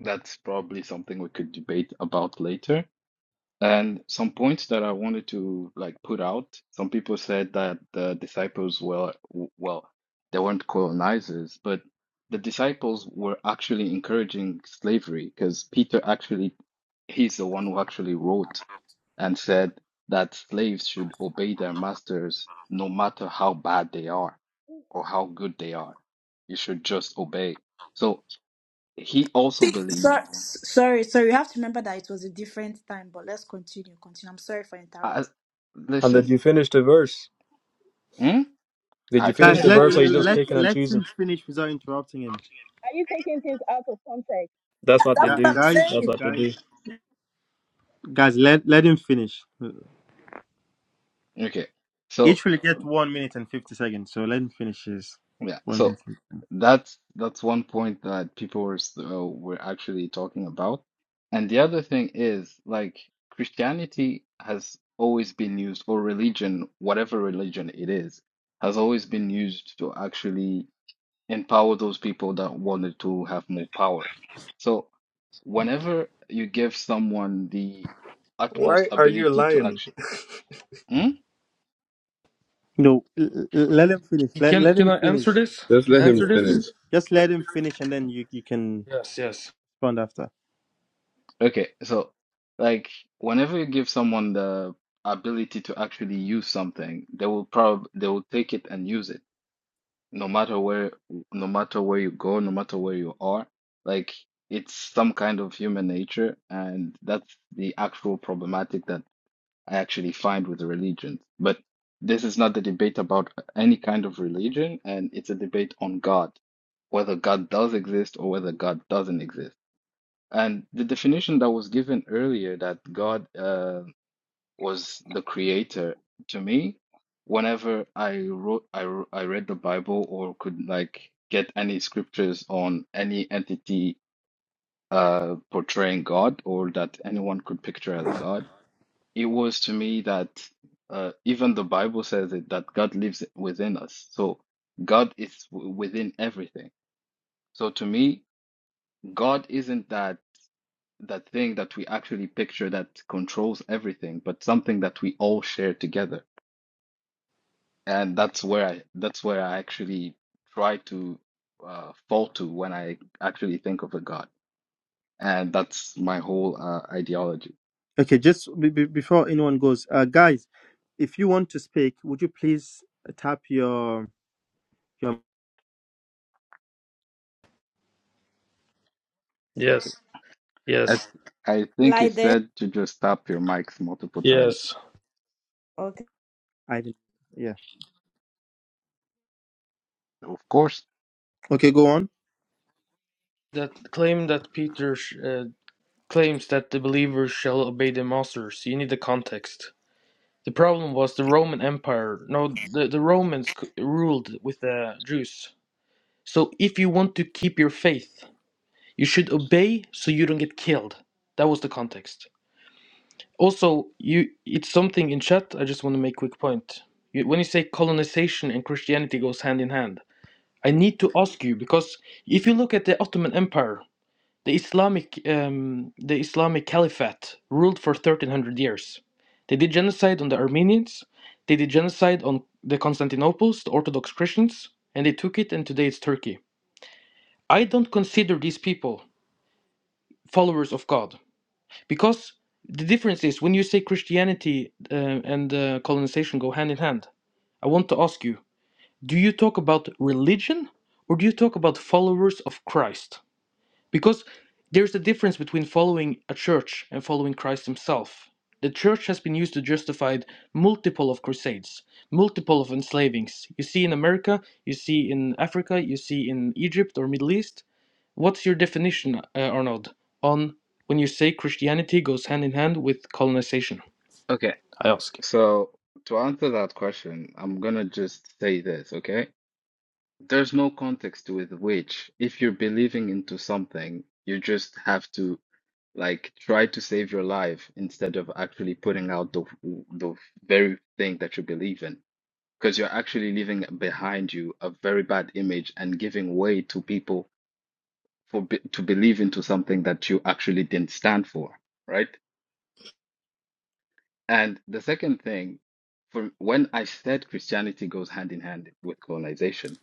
Speaker 15: that's probably something we could debate about later. And some points that I wanted to like put out. Some people said that the disciples were, well, they weren't colonizers, but the disciples were actually encouraging slavery because Peter actually, he's the one who actually wrote and said that slaves should obey their masters no matter how bad they are or how good they are. You should just obey. So he also
Speaker 6: See, so,
Speaker 15: believed,
Speaker 6: sorry, sorry. You have to remember that it was a different time, but let's continue. Continue. I'm sorry for interrupting.
Speaker 15: I,
Speaker 16: And did
Speaker 15: listen,
Speaker 16: you finish the verse?
Speaker 15: hmm?
Speaker 16: Did
Speaker 15: I
Speaker 16: you finish
Speaker 5: Guys,
Speaker 10: Yeah,
Speaker 16: the
Speaker 15: finished the
Speaker 5: let
Speaker 10: have
Speaker 16: verse?
Speaker 10: you
Speaker 16: Or you
Speaker 15: verse. I've
Speaker 16: just
Speaker 5: let
Speaker 10: finished
Speaker 16: picking
Speaker 10: it?
Speaker 16: and
Speaker 5: let
Speaker 16: choosing?
Speaker 5: him finish without interrupting him.
Speaker 10: Are you taking things out of context?
Speaker 16: That's
Speaker 6: That-
Speaker 16: what they
Speaker 6: That's what
Speaker 5: Gu-
Speaker 16: do.
Speaker 6: I'm
Speaker 5: Guys,
Speaker 16: That's
Speaker 6: saying.
Speaker 16: what they do.
Speaker 5: guys, guys, let let him finish.
Speaker 15: Okay. So
Speaker 5: Each will get one minute and fifty seconds. So let him finish his
Speaker 15: yeah,
Speaker 5: one
Speaker 15: so
Speaker 5: minute.
Speaker 15: that's that's one point that people were s- uh, were actually talking about. And the other thing is like Christianity has always been used, or religion, whatever religion it is, has always been used to actually empower those people that wanted to have more power. So whenever you give someone the
Speaker 16: Why
Speaker 15: utmost
Speaker 16: are you
Speaker 15: ability to
Speaker 16: lying?
Speaker 15: act.
Speaker 5: No, l- l- let him finish. Let
Speaker 12: Can
Speaker 5: let
Speaker 12: can
Speaker 5: him
Speaker 12: I
Speaker 5: finish.
Speaker 12: answer this?
Speaker 8: Just
Speaker 12: Can I
Speaker 8: let him
Speaker 12: answer this?
Speaker 8: finish.
Speaker 5: Just let him finish, and then you you can
Speaker 12: Yes, yes,
Speaker 5: respond after.
Speaker 15: Okay, so like whenever you give someone the ability to actually use something, they will probably they will take it and use it, no matter where no matter where you go, no matter where you are. Like it's some kind of human nature, and that's the actual problematic that I actually find with religion. But this is not the debate about any kind of religion, and it's a debate on God, whether God does exist or whether God doesn't exist. And the definition that was given earlier that God uh, was the creator, to me, whenever I wrote, I, wr- I read the Bible or could like get any scriptures on any entity uh, portraying God or that anyone could picture as God, it was to me that uh, even the Bible says it that God lives within us. So God is w- within everything. So to me, God isn't that. that thing that we actually picture that controls everything, but something that we all share together. And that's where I that's where I actually try to uh, fall to when I actually think of a God. And that's my whole uh, ideology.
Speaker 5: Okay, just be, be- before anyone goes, uh, guys, if you want to speak, would you please tap your your
Speaker 15: So
Speaker 12: yes,
Speaker 15: I
Speaker 12: yes,
Speaker 15: I think he
Speaker 6: Like this.
Speaker 15: said to just tap your mics multiple times.
Speaker 12: yes.
Speaker 6: Okay.
Speaker 5: Ivan? Yeah.
Speaker 15: Of course.
Speaker 5: Okay, go on.
Speaker 12: That claim that Peter uh, claims that the believers shall obey the masters. So You need the context. The problem was the Roman Empire. No, the, the Romans c- ruled with the Jews. So if you want to keep your faith, you should obey so you don't get killed. That was the context. Also, you it's something in chat. I just want to make quick point. You, when you say colonization and Christianity goes hand in hand, I need to ask you because if you look at the Ottoman Empire, The Islamic, um, the Islamic Caliphate ruled for 1300 years. They did genocide on the Armenians, they did genocide on the Constantinople's, the Orthodox Christians, and they took it, and today it's Turkey. I don't consider these people followers of God because the difference is when you say Christianity uh, and uh, colonization go hand in hand, I want to ask you do you talk about religion or do you talk about followers of Christ? Because there's a difference between following a church and following Christ himself. The church has been used to justify multiple of crusades, multiple of enslavings. You see in America, you see in Africa, you see in Egypt or Middle East. What's your definition, uh, Arnold, on when you say Christianity goes hand in hand with colonization?
Speaker 15: Okay.
Speaker 12: I ask.
Speaker 15: So to answer that question, I'm gonna just say this, okay? There's no context with which, if you're believing into something, you just have to like try to save your life instead of actually putting out the the very thing that you believe in. Because you're actually leaving behind you a very bad image and giving way to people for be to believe into something that you actually didn't stand for, right? And the second thing, for when I said Christianity goes hand in hand with colonization,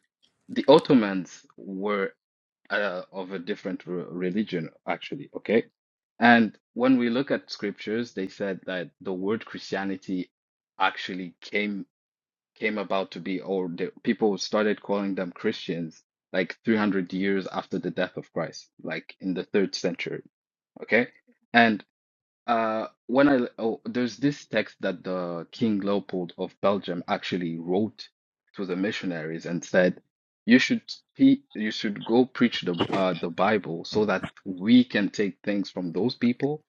Speaker 15: the Ottomans were uh, of a different re- religion, actually. Okay. And when we look at scriptures, they said that the word Christianity actually came came about to be, or the, people started calling them Christians like 300 years after the death of Christ, like in the third century. Okay. And. Uh, when I oh, there's this text that the King Leopold of Belgium actually wrote to the missionaries and said, "You should pe you should go preach the uh, the Bible so that we can take things from those people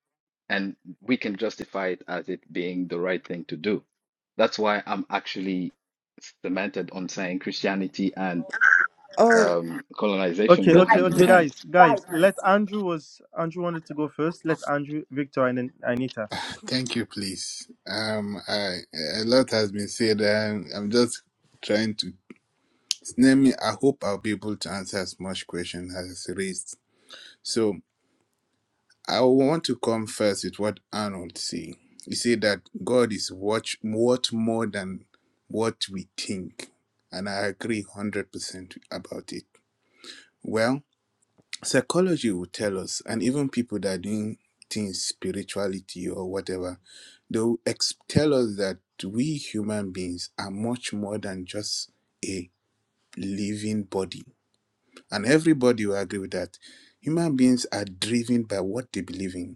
Speaker 15: and we can justify it as it being the right thing to do." That's why I'm actually cemented on saying Christianity and
Speaker 6: Oh,
Speaker 15: um, colonization
Speaker 5: Okay,
Speaker 15: go
Speaker 12: But
Speaker 5: okay,
Speaker 15: hand in
Speaker 5: okay,
Speaker 12: but
Speaker 15: hand.
Speaker 5: guys, guys. Let Andrew was Andrew wanted to go first. Let Andrew, Victor, and then Anita.
Speaker 3: thank you, please. Um, I a lot has been said, and I'm just trying to. Name me. I hope I'll be able to answer as much question as is raised. So, I want to come first with what Arnold said. He said that God is what, what more than what we think. And I agree 100% about it. Well, psychology will tell us, and even people that are doing things, spirituality or whatever, they'll ex- tell us that we human beings are much more than just a living body. And everybody will agree with that. Human beings are driven by what they believe in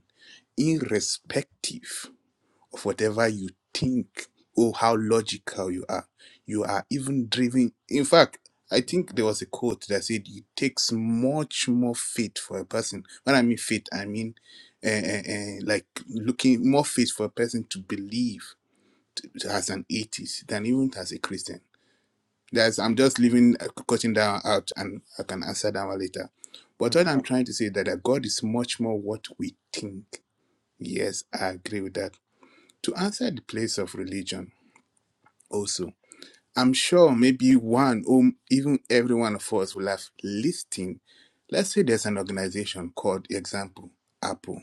Speaker 3: irrespective of whatever you think or how logical you are. You are even driven. In fact, I think there was a quote that said it takes much more faith for a person. When I mean faith, I mean uh, uh, uh, like looking more faith for a person to believe as an atheist than even as a Christian. That's I'm just leaving uh, cutting down out, and I can answer that one later. But what
Speaker 5: Okay.
Speaker 3: I'm trying to say is that, that God is much more what we think. Yes, I agree with that to answer the place of religion also i'm sure maybe one or even every one of us will have listened let's say there's an organization called example apple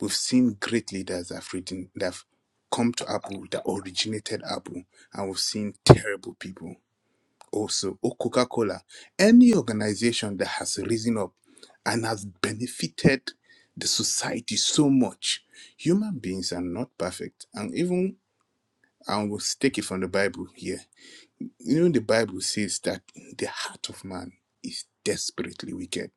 Speaker 3: we've seen great leaders that have written that have come to apple that originated apple and we've seen terrible people also or coca-cola any organization that has risen up and has benefited the society so much human beings are not perfect and even and we'll take it from the Bible here. You know, the Bible says that the heart of man is desperately wicked.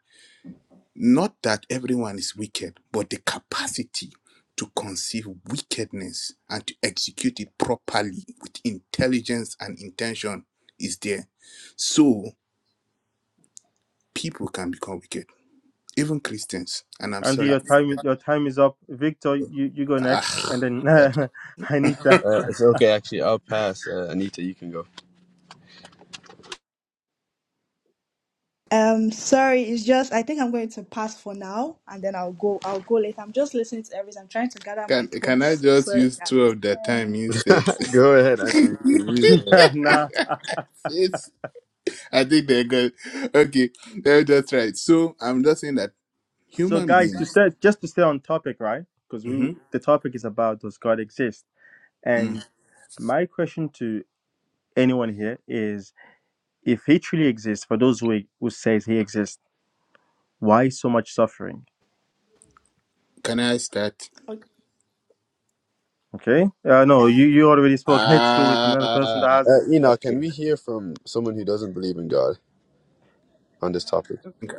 Speaker 3: Not that everyone is wicked, but the capacity to conceive wickedness and to execute it properly with intelligence and intention is there. So people can become wicked, even Christians. And I'm
Speaker 5: Andy,
Speaker 3: sorry
Speaker 5: your
Speaker 3: to
Speaker 5: time
Speaker 3: that.
Speaker 5: your time is up. Victor, you you go next,
Speaker 3: Ah,
Speaker 5: and then Anita.
Speaker 8: Uh, it's okay, actually. I'll pass. Uh, Anita, you can go.
Speaker 6: um, sorry. It's just I think I'm going to pass for now, and then I'll go. I'll go later. I'm just listening to everything. I'm trying to gather my
Speaker 3: can, can I
Speaker 6: thoughts.
Speaker 3: just
Speaker 6: Sorry,
Speaker 3: use
Speaker 6: guys.
Speaker 3: two of the
Speaker 10: Um,
Speaker 3: time instead?
Speaker 8: go
Speaker 10: financial
Speaker 8: ahead,
Speaker 10: concern.
Speaker 8: Andrew. You can use mine.
Speaker 5: nah.
Speaker 3: It's I think they're good. Okay, eh, that's right. So I'm just saying that
Speaker 5: So,
Speaker 3: human
Speaker 5: guys, to
Speaker 3: beings.
Speaker 5: stay just to stay on topic, right? Because we
Speaker 3: hmm
Speaker 5: the topic is about does God exist? And my question to anyone here is, if He truly exists, for those who who says He exists, why so much suffering?
Speaker 3: Can I start?
Speaker 6: Okay.
Speaker 5: Okay. Uh, no,
Speaker 6: Um,
Speaker 5: you you already spoke. Let's go with another person that
Speaker 3: Ah,
Speaker 5: hasn't.
Speaker 8: Uh, Enoch, can
Speaker 3: okay.
Speaker 8: we hear from someone who doesn't believe in God on
Speaker 9: Can
Speaker 8: this topic?
Speaker 9: I- Okay.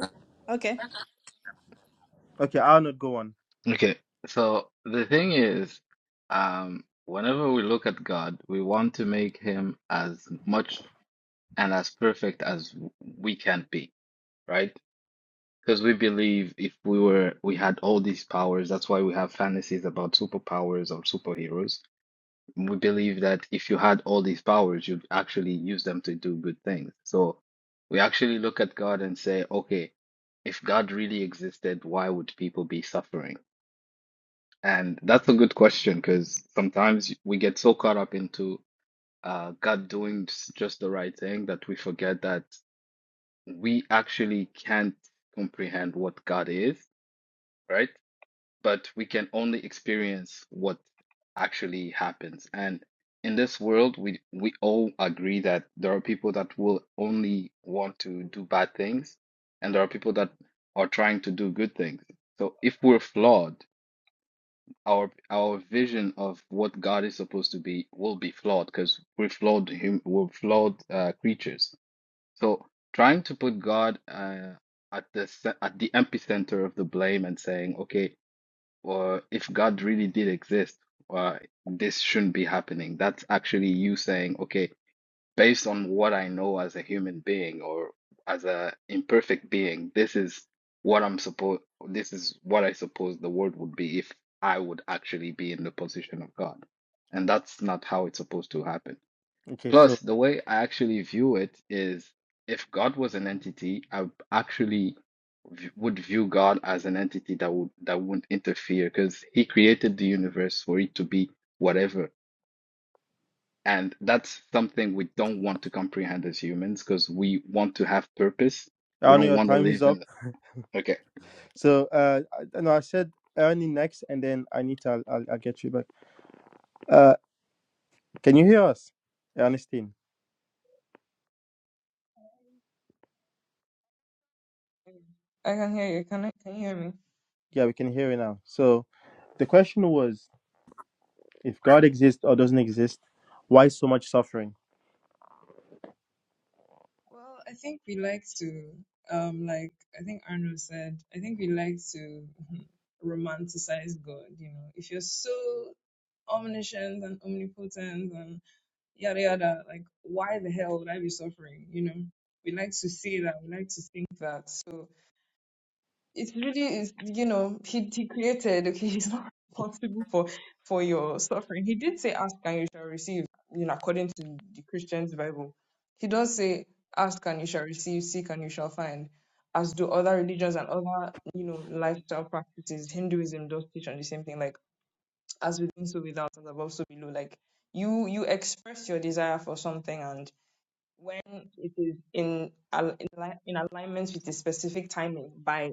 Speaker 6: okay.
Speaker 5: Okay, I'll not go on.
Speaker 15: Okay, so the thing is, um, whenever we look at God, we want to make him as much and as perfect as we can be, right? Because we believe if we were we had all these powers, that's why we have fantasies about superpowers or superheroes. We believe that if you had all these powers, you'd actually use them to do good things. So we actually look at God and say, okay, if God really existed, why would people be suffering? And that's a good question because sometimes we get so caught up into uh, God doing s- just the right thing that we forget that we actually can't comprehend what God is, right? but we can only experience what actually happens. And in this world, we we all agree that there are people that will only want to do bad things, and there are people that are trying to do good things. So if we're flawed, our our vision of what God is supposed to be will be flawed because we're flawed hum, we're flawed uh, creatures. So trying to put God uh, at the ce- at the epicenter of the blame and saying, okay, or if God really did exist, uh, this shouldn't be happening. That's actually you saying, okay, based on what I know as a human being or as a imperfect being, this is what I'm supposed, this is what I suppose the world would be if I would actually be in the position of God. And that's not how it's supposed to happen.
Speaker 5: Okay, so
Speaker 15: Plus, the way I actually view it is if God was an entity, I actually v- would view God as an entity that would that wouldn't interfere because he created the universe for it to be whatever. And that's something we don't want to comprehend as humans because we want to have purpose. We
Speaker 5: I know
Speaker 15: don't
Speaker 5: your
Speaker 15: want to
Speaker 5: time is
Speaker 15: live
Speaker 5: up.
Speaker 15: in okay.
Speaker 5: So uh, I- no, I said Ernie next, and then Anita, I'll, I'll, I'll get you back. Uh, can you hear us, Ernestine?
Speaker 9: I can hear you. Can I, can you hear me?
Speaker 5: Yeah, we can hear you now. So the question was, if God exists or doesn't exist, why so much suffering?
Speaker 9: Well, I think we like to, um, like I think Arno said, I think we like to romanticize God. You know, if you're so omniscient and omnipotent and yada yada, like why the hell would I be suffering? You know, we like to say that, we like to think that. So. It's really is you know he he created okay he's not responsible for for your suffering. He did say ask and you shall receive you know according to the Christian's Bible. He does say ask and you shall receive, seek and you shall find, as do other religions and other you know lifestyle practices. Hinduism does teach on the same thing like as within so without as above so below. Like you you express your desire for something and when it is in al- in, li- in alignment with a specific timing by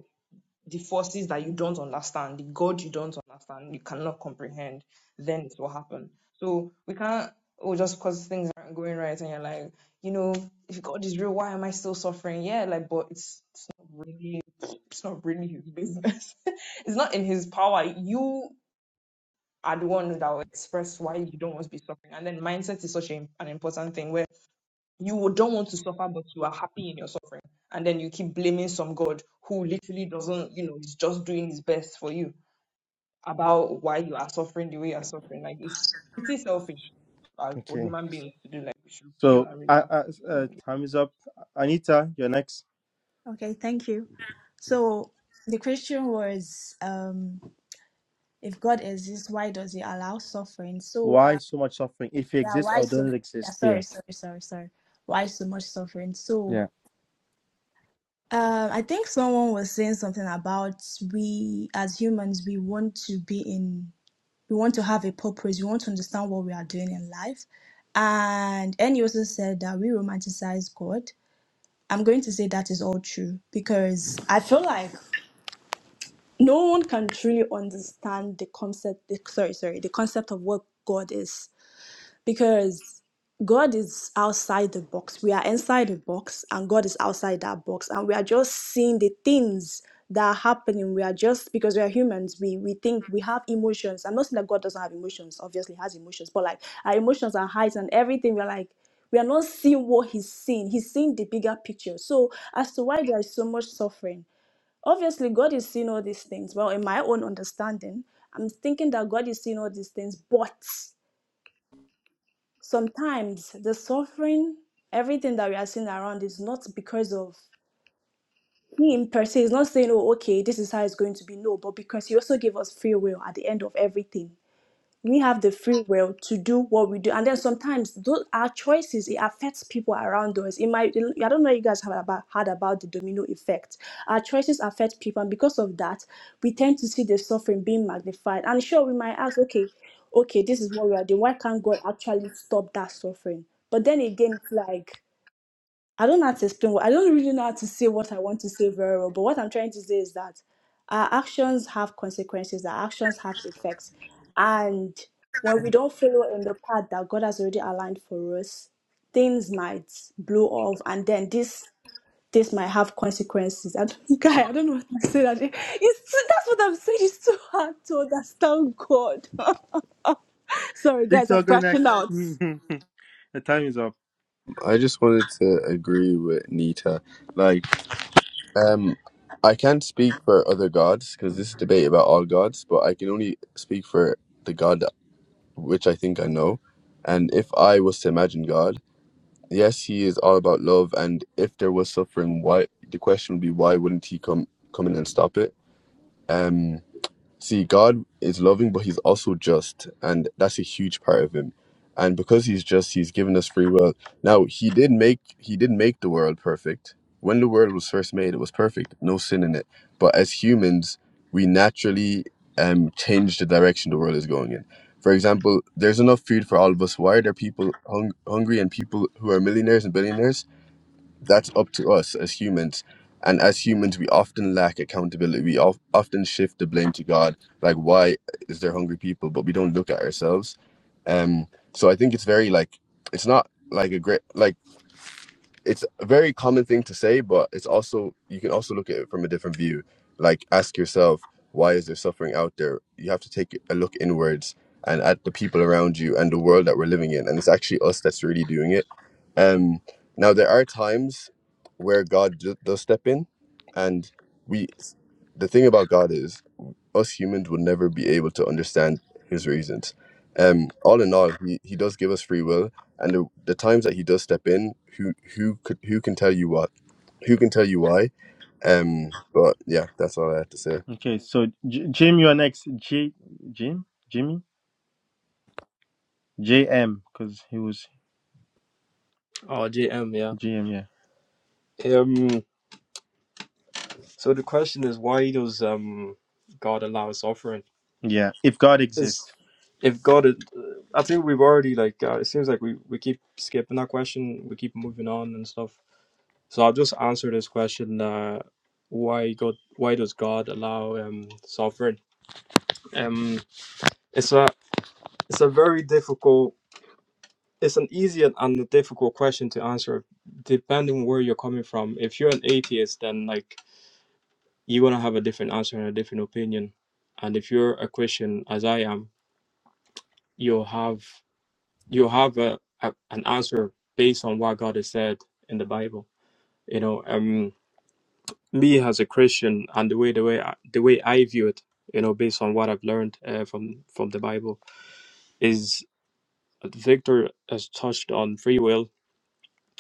Speaker 9: the forces that you don't understand, the God you don't understand, you cannot comprehend, then it will happen. So we can't, oh, just because things aren't going right and you're like, you know, if God is real, why am I still suffering? Yeah, like, but it's, it's not really, it's not really his business. it's not in his power. You are the one that will express why you don't want to be suffering. And then mindset is such a, an important thing where you would- don't want to suffer, but you are happy in your suffering. And then you keep blaming some God who literally doesn't, you know, is just doing his best for you about why you are suffering the way you are suffering. Like it's pretty selfish uh, for
Speaker 5: Okay.
Speaker 9: human beings to do. Like we should chill
Speaker 5: So,
Speaker 9: and
Speaker 5: I,
Speaker 9: relax.
Speaker 5: I, uh,
Speaker 9: So,
Speaker 5: time is up. Anita, you're next.
Speaker 6: Okay, thank you. So the question was, um, if God exists, why does He allow suffering? So,
Speaker 5: Why
Speaker 6: uh,
Speaker 5: so much suffering if it
Speaker 6: yeah,
Speaker 5: exists
Speaker 6: why
Speaker 5: or
Speaker 6: so?
Speaker 5: doesn't
Speaker 6: Yeah,
Speaker 5: exist? Yeah,
Speaker 6: sorry, sorry, sorry, sorry. Why so much suffering? So,
Speaker 5: yeah.
Speaker 6: um, I think someone was saying something about we as humans we want to be in, we want to have a purpose, we want to understand what we are doing in life, and and he also said that we romanticize God. I'm going to say that is all true because I feel like no one can truly understand the concept the, sorry sorry the concept of what god is because god is outside the box we are inside the box and god is outside that box and we are just seeing the things that are happening we are just because we are humans we we think we have emotions i'm not saying that god doesn't have emotions obviously he has emotions but like our emotions are highs and everything we're like we are not seeing what he's seeing he's seeing the bigger picture so as to why there is so much suffering Obviously, God is seeing all these things. Well, in my own understanding, I'm thinking that God is seeing all these things, but sometimes the suffering, everything that we are seeing around is not because of Him per se. He's not saying, oh, okay, this is how it's going to be. No, but because He also gave us free will at the end of everything we have the free will to do what we do and then sometimes those our choices it affects people around us it might i don't know if you guys have about, heard about the domino effect our choices affect people and because of that we tend to see the suffering being magnified and sure we might ask okay okay this is what we are doing why can't god actually stop that suffering but then again it's like I don't know how to explain what I don't really know how to say what I want to say very well, but what I'm trying to say is that our actions have consequences, our actions have effects. And when we don't follow in the path that God has already aligned for us, things might blow off and then this this might have consequences. I don't, guy, I don't know what to say. That it's that's what I'm saying. It's too hard to understand God. Sorry guys,
Speaker 5: Victor,
Speaker 6: I'm
Speaker 5: go
Speaker 6: crashing
Speaker 5: next.
Speaker 6: out.
Speaker 5: the time is up.
Speaker 8: I just wanted to agree with Anita. Like, Um, I can't speak for other gods because this is a debate about all gods, but I can only speak for the God that- which I think I know. And if I was to imagine God, yes, He is all about love. And if there was suffering, why? The question would be, why wouldn't He come come in and stop it? Um, See, God is loving, but He's also just, and that's a huge part of Him. And because He's just, He's given us free will. Now, He did make He did make the world perfect. When the world was first made, it was perfect, no sin in it. But as humans, we naturally um change the direction the world is going in. For example, there's enough food for all of us. Why are there people hung- hungry and people who are millionaires and billionaires? that's up to us as humans. And as humans, we often lack accountability. We of, often shift the blame to God, like why is there hungry people? But we don't look at ourselves. Um, so I think it's very like it's not like a great like it's a very common thing to say, but it's also you can also look at it from a different view. Like ask yourself, why is there suffering out there? You have to take a look inwards and at the people around you and the world that we're living in. And it's actually us that's really doing it. Um now there are times where God d- does step in and we the thing about God is us humans would never be able to understand his reasons. Um, all in all, he, he does give us free will, and the, the times that he does step in, who who could who can tell you what, who can tell you why, um. But yeah, that's all I have to say.
Speaker 5: Okay, so J- Jim, you're next. J- Jim, Jimmy, JM, because he was
Speaker 16: Oh, JM, yeah.
Speaker 5: GM. Yeah,
Speaker 16: Um. So the question is, why does um God allow suffering?
Speaker 5: yeah. If God
Speaker 16: Because
Speaker 5: exists,
Speaker 16: if God, is- I think we've already like uh, it seems like we we keep skipping that question. We keep moving on and stuff. So I'll just answer this question. Uh, why God? Why does God allow um suffering? Um, it's a it's a very difficult it's an easy and and a difficult question to answer depending where you're coming from if you're an atheist then like you're going to have a different answer and a different opinion and if you're a christian as i am you'll have you'll have a, a, an answer based on what god has said in the bible you know um me as a christian and the way the way I, the way i view it you know based on what i've learned uh, from from the bible is victor has touched on free will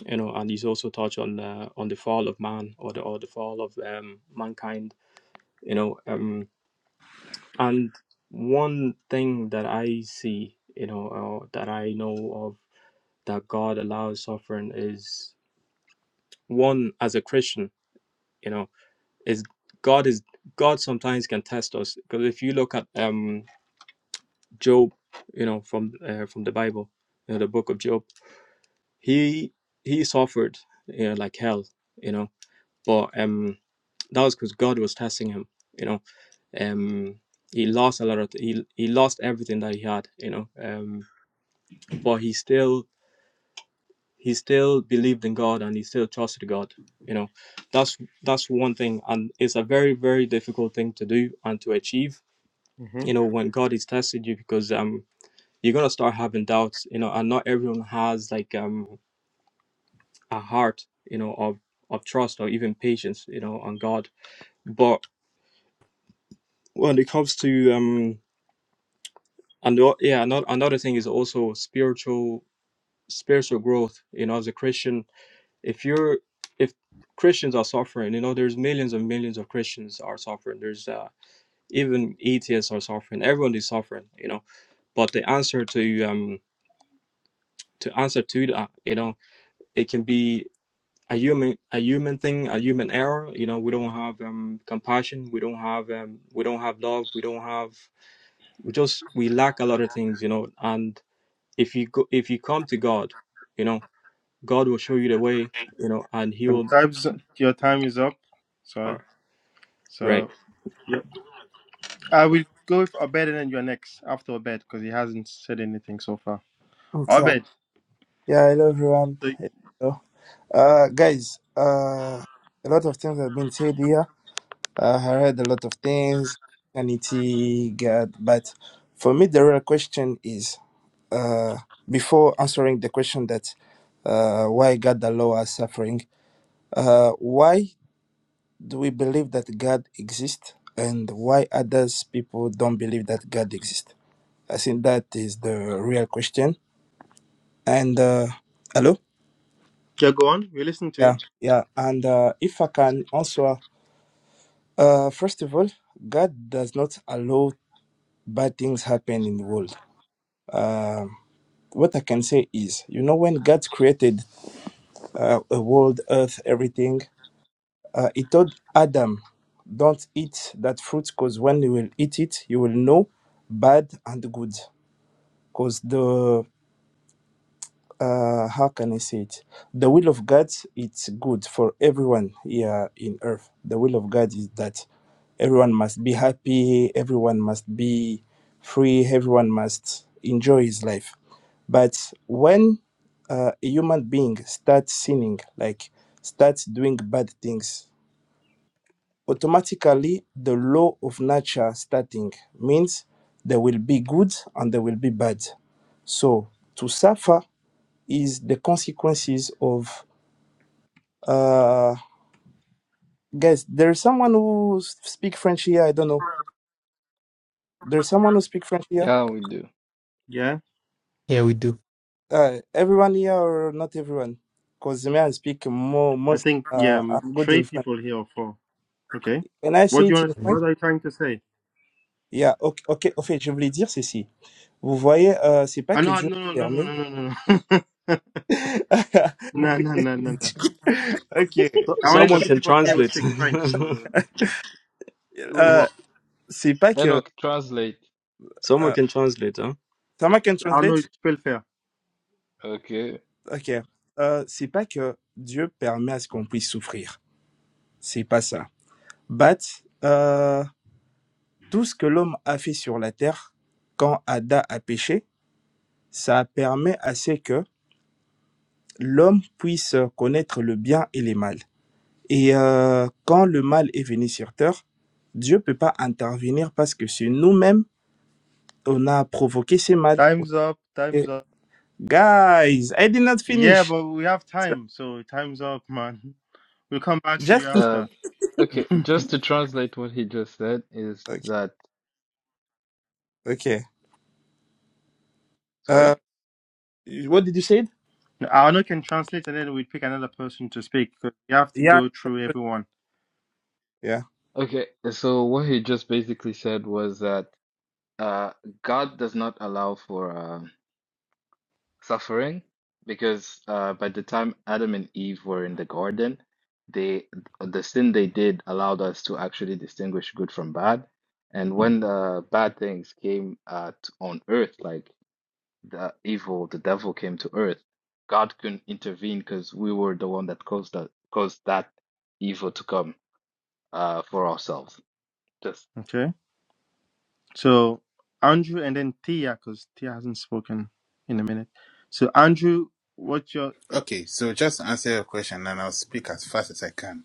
Speaker 16: you know and he's also touched on uh, on the fall of man or the or the fall of um, mankind you know um and one thing that i see you know or that i know of that god allows suffering is one as a christian you know is god is god sometimes can test us because if you look at um job you know from uh, from the bible you know the book of job he he suffered you know like hell you know but um That was because God was testing him. You know, um, he lost a lot of he he lost everything that he had. You know, um, but he still he still believed in God and he still trusted God. You know, that's that's one thing, and it's a very very difficult thing to do and to achieve.
Speaker 5: mm-hmm.
Speaker 16: You know, when God is testing you, because um, you're gonna start having doubts. You know, and not everyone has like um a heart. You know, of of trust or even patience. You know, on God, but when it comes to um and the o- yeah another, another thing is also spiritual spiritual growth you know as a christian if you're if christians are suffering you know there's millions and millions of christians are suffering there's uh, even atheists are suffering everyone is suffering you know but the answer to um to answer to that you know it can be a human a human thing a human error you know we don't have um compassion we don't have um we don't have love we don't have we just we lack a lot of things you know and if you go if you come to god you know god will show you the way you know and he
Speaker 5: and
Speaker 16: will
Speaker 5: times your time is up. Sorry.
Speaker 16: or- right
Speaker 5: So I will go with Abed and then you're next after Abed because he hasn't said anything so far.
Speaker 7: Okay.
Speaker 5: Abed,
Speaker 7: Yeah. Hello everyone.
Speaker 5: so
Speaker 7: Hello. Uh, guys, uh, a lot of things have been said here. Uh, I heard a lot of things, Christianity, God, but for me, the real question is uh, before answering the question that uh, why God the law suffering, uh, why do we believe that God exists and why others people don't believe that God exists? I think that is the real question. And uh, hello?
Speaker 5: yeah, go on. We listen to
Speaker 7: Yeah,
Speaker 5: you.
Speaker 7: yeah. And uh, if I can answer Uh, first of all, God does not allow bad things happen in the world. Um what I can say is, you know, when God created uh, a world, earth, everything, uh, He told Adam, "Don't eat that fruit, because when you will eat it, you will know bad and good." Because the uh, how can I say it? The will of God, it's good for everyone here in earth. The will of God is that everyone must be happy, everyone must be free, everyone must enjoy his life. But when uh, a human being starts sinning, like starts doing bad things, automatically the law of nature starting means there will be good and there will be bad. So to suffer is the consequences of uh guys there is someone who speak french here i don't know there's someone who speak french here
Speaker 15: Yeah, we do.
Speaker 5: yeah.
Speaker 1: Here we do.
Speaker 7: uh everyone here or not everyone because me, i speak more
Speaker 5: I
Speaker 7: most
Speaker 5: think yeah,
Speaker 7: uh
Speaker 5: um,
Speaker 7: i'm good
Speaker 5: three
Speaker 7: in french
Speaker 5: people here or four. Okay,
Speaker 7: can i say
Speaker 5: what do you
Speaker 7: it in
Speaker 5: want? To,
Speaker 7: french
Speaker 5: What are you trying to say?
Speaker 7: yeah ok ok en fait je voulais dire ceci vous voyez euh, c'est pas
Speaker 5: I
Speaker 7: que
Speaker 5: know,
Speaker 7: dieu
Speaker 5: no,
Speaker 7: nous
Speaker 5: no, no, no, no,
Speaker 7: permet
Speaker 5: no, no, no, no, no, no, no.
Speaker 7: ok
Speaker 16: so,
Speaker 5: Only
Speaker 7: because,
Speaker 16: someone
Speaker 5: three
Speaker 16: can
Speaker 5: people here who
Speaker 16: translate
Speaker 5: speak French, so it wouldn't
Speaker 7: euh,
Speaker 5: work.
Speaker 7: c'est pas que
Speaker 15: Enoch, translate.
Speaker 16: someone
Speaker 7: euh,
Speaker 16: can translate huh
Speaker 7: someone can
Speaker 5: I know
Speaker 7: translate
Speaker 5: it's still fair.
Speaker 15: Okay.
Speaker 7: ok euh, c'est pas que Dieu permet à ce qu'on puisse souffrir C'est pas ça. But, euh, tout ce que l'homme a fait sur la terre quand Ada a péché, ça permet à ce que l'homme puisse connaître le bien et le mal. Et euh, quand le mal est venu sur terre, Dieu ne peut pas intervenir parce que c'est nous-mêmes, on a provoqué ce mal.
Speaker 5: Time's up. Time's
Speaker 7: Ok.
Speaker 5: up.
Speaker 7: Guys, I did not
Speaker 5: Yeah,
Speaker 7: finish.
Speaker 5: but we have
Speaker 7: So,
Speaker 5: time, so time's up, man. We'll come back to you
Speaker 7: Just to...
Speaker 15: Uh,
Speaker 5: after.
Speaker 15: okay. Just to translate what he just said is
Speaker 7: Okay.
Speaker 15: that.
Speaker 7: okay.
Speaker 15: Sorry?
Speaker 7: Uh, what did you say?
Speaker 5: Arno can translate and then we pick another person to speak because you have to
Speaker 7: Yeah.
Speaker 5: go through everyone.
Speaker 7: Yeah.
Speaker 15: Okay, so what he just basically said was that uh, God does not allow for uh, suffering because uh, by the time Adam and Eve were in the garden, they the sin they did allowed us to actually distinguish good from bad. And when the bad things came at on earth, like the evil, the devil came to earth, God couldn't intervene because we were the one that caused that caused that evil to come uh, for ourselves. Just
Speaker 5: Okay. So Andrew and then Tia because Tia hasn't spoken in a minute. So Andrew, what's your, your
Speaker 3: Okay, so just answer your question and I'll speak as fast as I can.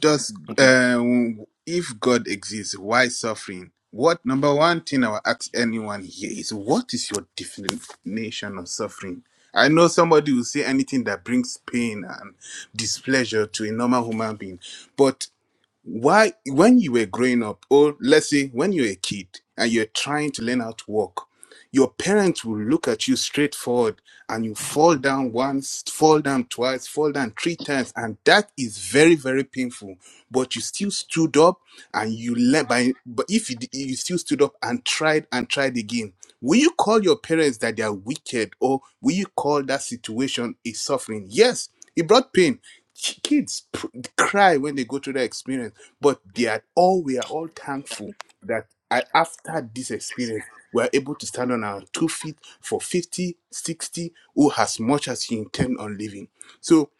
Speaker 3: Does
Speaker 5: okay?
Speaker 3: um, if God exists, why suffering? What number one thing I will ask anyone here is what is your definition of suffering? I know somebody will say anything that brings pain and displeasure to a normal human being, but why when you were growing up or let's say when you were a kid and you're trying to learn how to walk your parents will look at you straightforward and you fall down once, fall down twice, fall down three times. And that is very, very painful. But you still stood up and you let. by, but if you, you still stood up and tried and tried again, will you call your parents that they are wicked or will you call that situation a suffering? Yes, it brought pain. Kids pr- cry when they go through that experience, but they are all, we are all thankful that. I, after this experience, we're able to stand on our two feet for 50, 60, or as much as you intend on living. So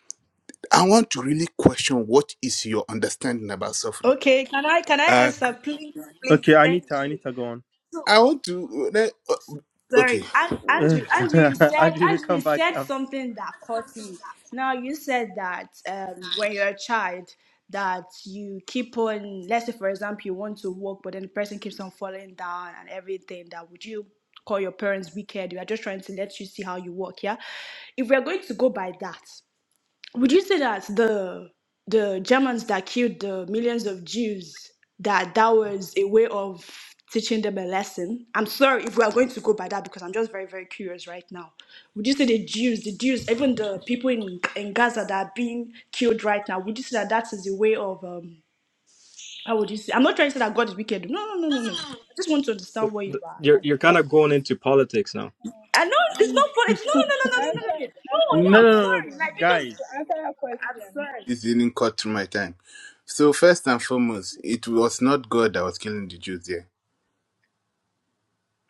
Speaker 3: I want to really question what is your understanding about suffering.
Speaker 6: Okay, can I can I
Speaker 3: Uh,
Speaker 6: answer, please, please?
Speaker 5: Okay,
Speaker 6: Thank
Speaker 5: Anita, Anita,
Speaker 6: you.
Speaker 5: go on.
Speaker 3: I want to, let- okay,
Speaker 6: Sorry, An- Andrew. Andrew you said
Speaker 5: Andrew, we
Speaker 6: Andrew
Speaker 5: come
Speaker 6: you
Speaker 5: back.
Speaker 6: said
Speaker 5: af-
Speaker 6: something that caught me. Now you said that um, when you're a child, that you keep on. Let's say, for example, you want to walk, but then the person keeps on falling down and everything. That would you call your parents wicked? We are just trying to let you see how you walk. Yeah. If we are going to go by that, would you say that the the Germans that killed the millions of Jews that that was a way of teaching them a lesson? I'm sorry if we are going to go by that because I'm just very very curious right now. Would you say the Jews, the Jews, even the people in in Gaza that are being killed right now? Would you say that that is a way of um? How would you say? I'm not trying to say that God is wicked. No no no no no. I just want to
Speaker 16: but
Speaker 6: understand where you
Speaker 16: th-
Speaker 6: are.
Speaker 16: you're
Speaker 6: Like
Speaker 16: you're
Speaker 6: where you
Speaker 16: kind of
Speaker 6: are.
Speaker 16: going into politics now
Speaker 6: I know it's
Speaker 10: And
Speaker 6: not for it's
Speaker 10: to,
Speaker 6: no
Speaker 10: to answer
Speaker 6: no no
Speaker 10: to
Speaker 6: no no no no no no no.
Speaker 10: answer
Speaker 6: No,
Speaker 5: No,
Speaker 10: that
Speaker 6: I'm
Speaker 5: no, no, no,
Speaker 10: question,
Speaker 6: sorry. Like because
Speaker 10: to
Speaker 5: guys.
Speaker 10: answer that
Speaker 6: I'm
Speaker 10: question,
Speaker 6: sorry.
Speaker 3: this didn't cut through my time. So first and foremost, it was not God that was killing the Jews there.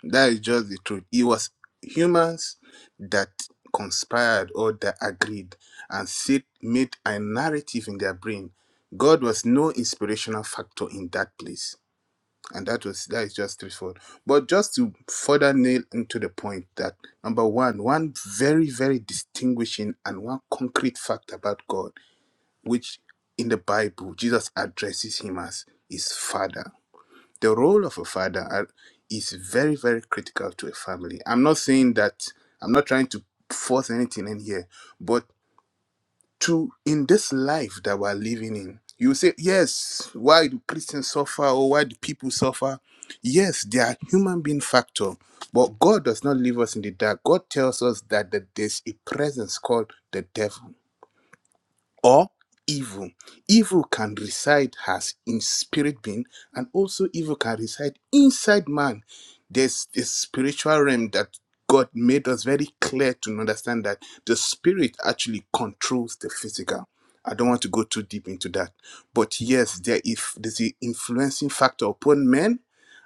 Speaker 3: That is just the truth. It was humans that conspired or that agreed and sit, made a narrative in their brain. God was no inspirational factor in that place. And that was that is just straightforward. But just to further nail into the point that number one, one very, very distinguishing and one concrete fact about God, which in the Bible Jesus addresses him as his father. The role of a father are- is very, very critical to a family. I'm not saying that, I'm not trying to force anything in here, but to in this life that we're living in, you say, yes, why do Christians suffer or why do people suffer? Yes, there are human being factor, but God does not leave us in the dark. God tells us that, that there's a presence called the devil or evil. Evil can reside as in spirit being, and also evil can reside inside man. There's this spiritual realm that God made us very clear to understand that the spirit actually controls the physical. I don't want to go too deep into that, but yes, there is there's an influencing factor upon men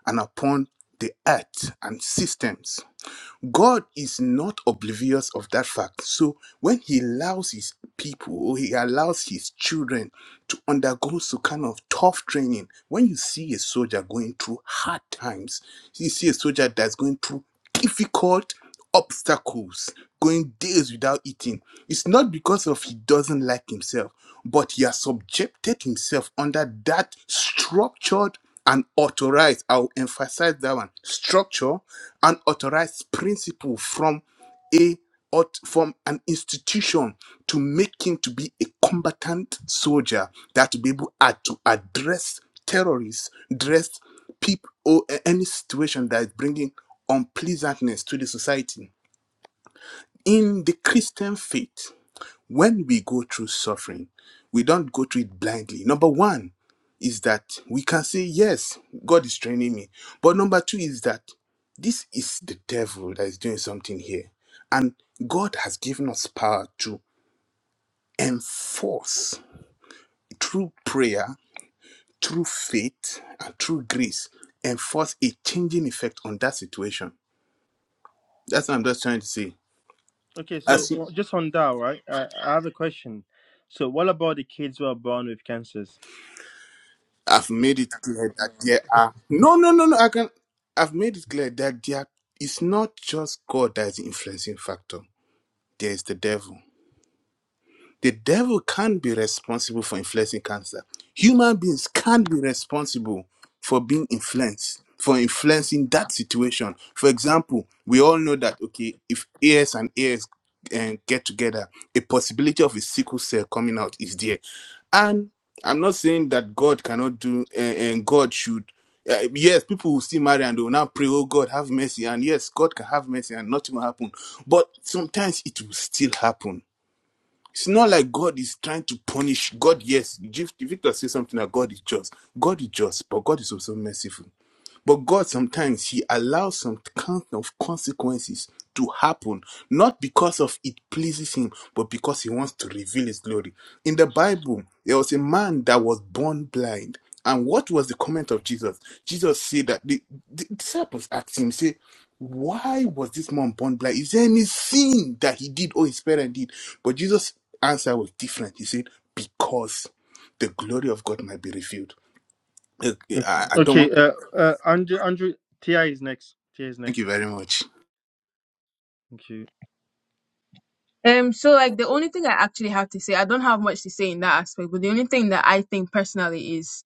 Speaker 3: and upon the earth and systems. God is not oblivious of that fact. So when he allows his people or he allows his children to undergo some kind of tough training, when you see a soldier going through hard times, you see a soldier that's going through difficult obstacles, going days without eating, it's not because of he doesn't like himself, but he has subjected himself under that structured and authorized. I'll emphasize that one. Structure and authorized principle from a aut- from an institution to make him to be a combatant soldier that to be able ad- to address terrorists, address people or a- any situation that is bringing unpleasantness to the society. In the Christian faith, when we go through suffering, we don't go through it blindly. Number one is that we can say, Yes, God is training me. But number two is that this is the devil that is doing something here. And God has given us power to enforce through prayer, through faith, and through grace, enforce a changing effect on that situation. That's what I'm just trying to say.
Speaker 5: Okay, so
Speaker 3: As
Speaker 5: uh, just on that, right? Uh, I have a question. So what about the kids who are born with cancers?
Speaker 3: I've made it clear that there are no, no, no, no. I can. I've made it clear that there is not just God that is the influencing factor. There is the devil. The devil can't be responsible for influencing cancer. Human beings can't be responsible for being influenced, for influencing that situation. For example, we all know that, okay, if AS and AS and get together, a possibility of a sickle cell coming out is there. And I'm not saying that God cannot do, and, and God should. Uh, yes, people will see Mary and they will now pray, oh God, have mercy. And yes, God can have mercy and nothing will happen. But sometimes it will still happen it's not like God is trying to punish. God, yes, Jif- Victor says something that God is just. God is just, but God is also merciful. But God sometimes He allows some kind of consequences to happen, not because of it pleases Him, but because He wants to reveal His glory. In the Bible, there was a man that was born blind. And what was the comment of Jesus? Jesus said that the, the disciples asked him, say, why was this man born blind? Is there any sin that he did or his parent did? But Jesus' answer was different. He said, because the glory of God might be revealed. Uh,
Speaker 5: Okay,
Speaker 3: I, I don't
Speaker 5: okay.
Speaker 3: want.
Speaker 5: Uh, uh, Andrew, Andrew, Tia is next. Tia is
Speaker 3: Thank
Speaker 5: next.
Speaker 3: you very much.
Speaker 5: Thank you.
Speaker 14: Um, so like the only thing I actually have to say, I don't have much to say in that aspect, but the only thing that I think personally is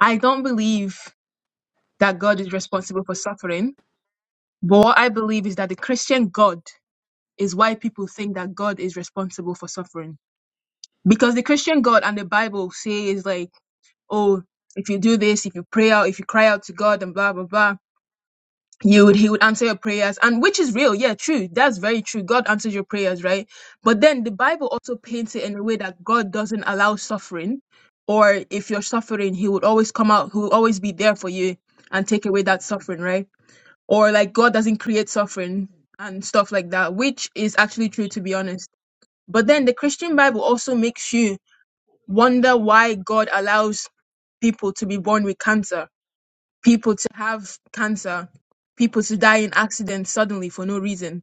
Speaker 14: I don't believe that God is responsible for suffering, but what I believe is that the Christian God is why people think that God is responsible for suffering. Because the Christian God and the Bible says like, oh, if you do this, if you pray out, if you cry out to God and blah blah blah, you would he would answer your prayers. And which is real, yeah, true. That's very true. God answers your prayers, right? But then the Bible also paints it in a way that God doesn't allow suffering. Or if you're suffering, he would always come out, he will always be there for you and take away that suffering, right? Or like God doesn't create suffering and stuff like that, which is actually true to be honest but then the Christian Bible also makes you wonder why God allows people to be born with cancer, people to have cancer, people to die in accidents suddenly for no reason.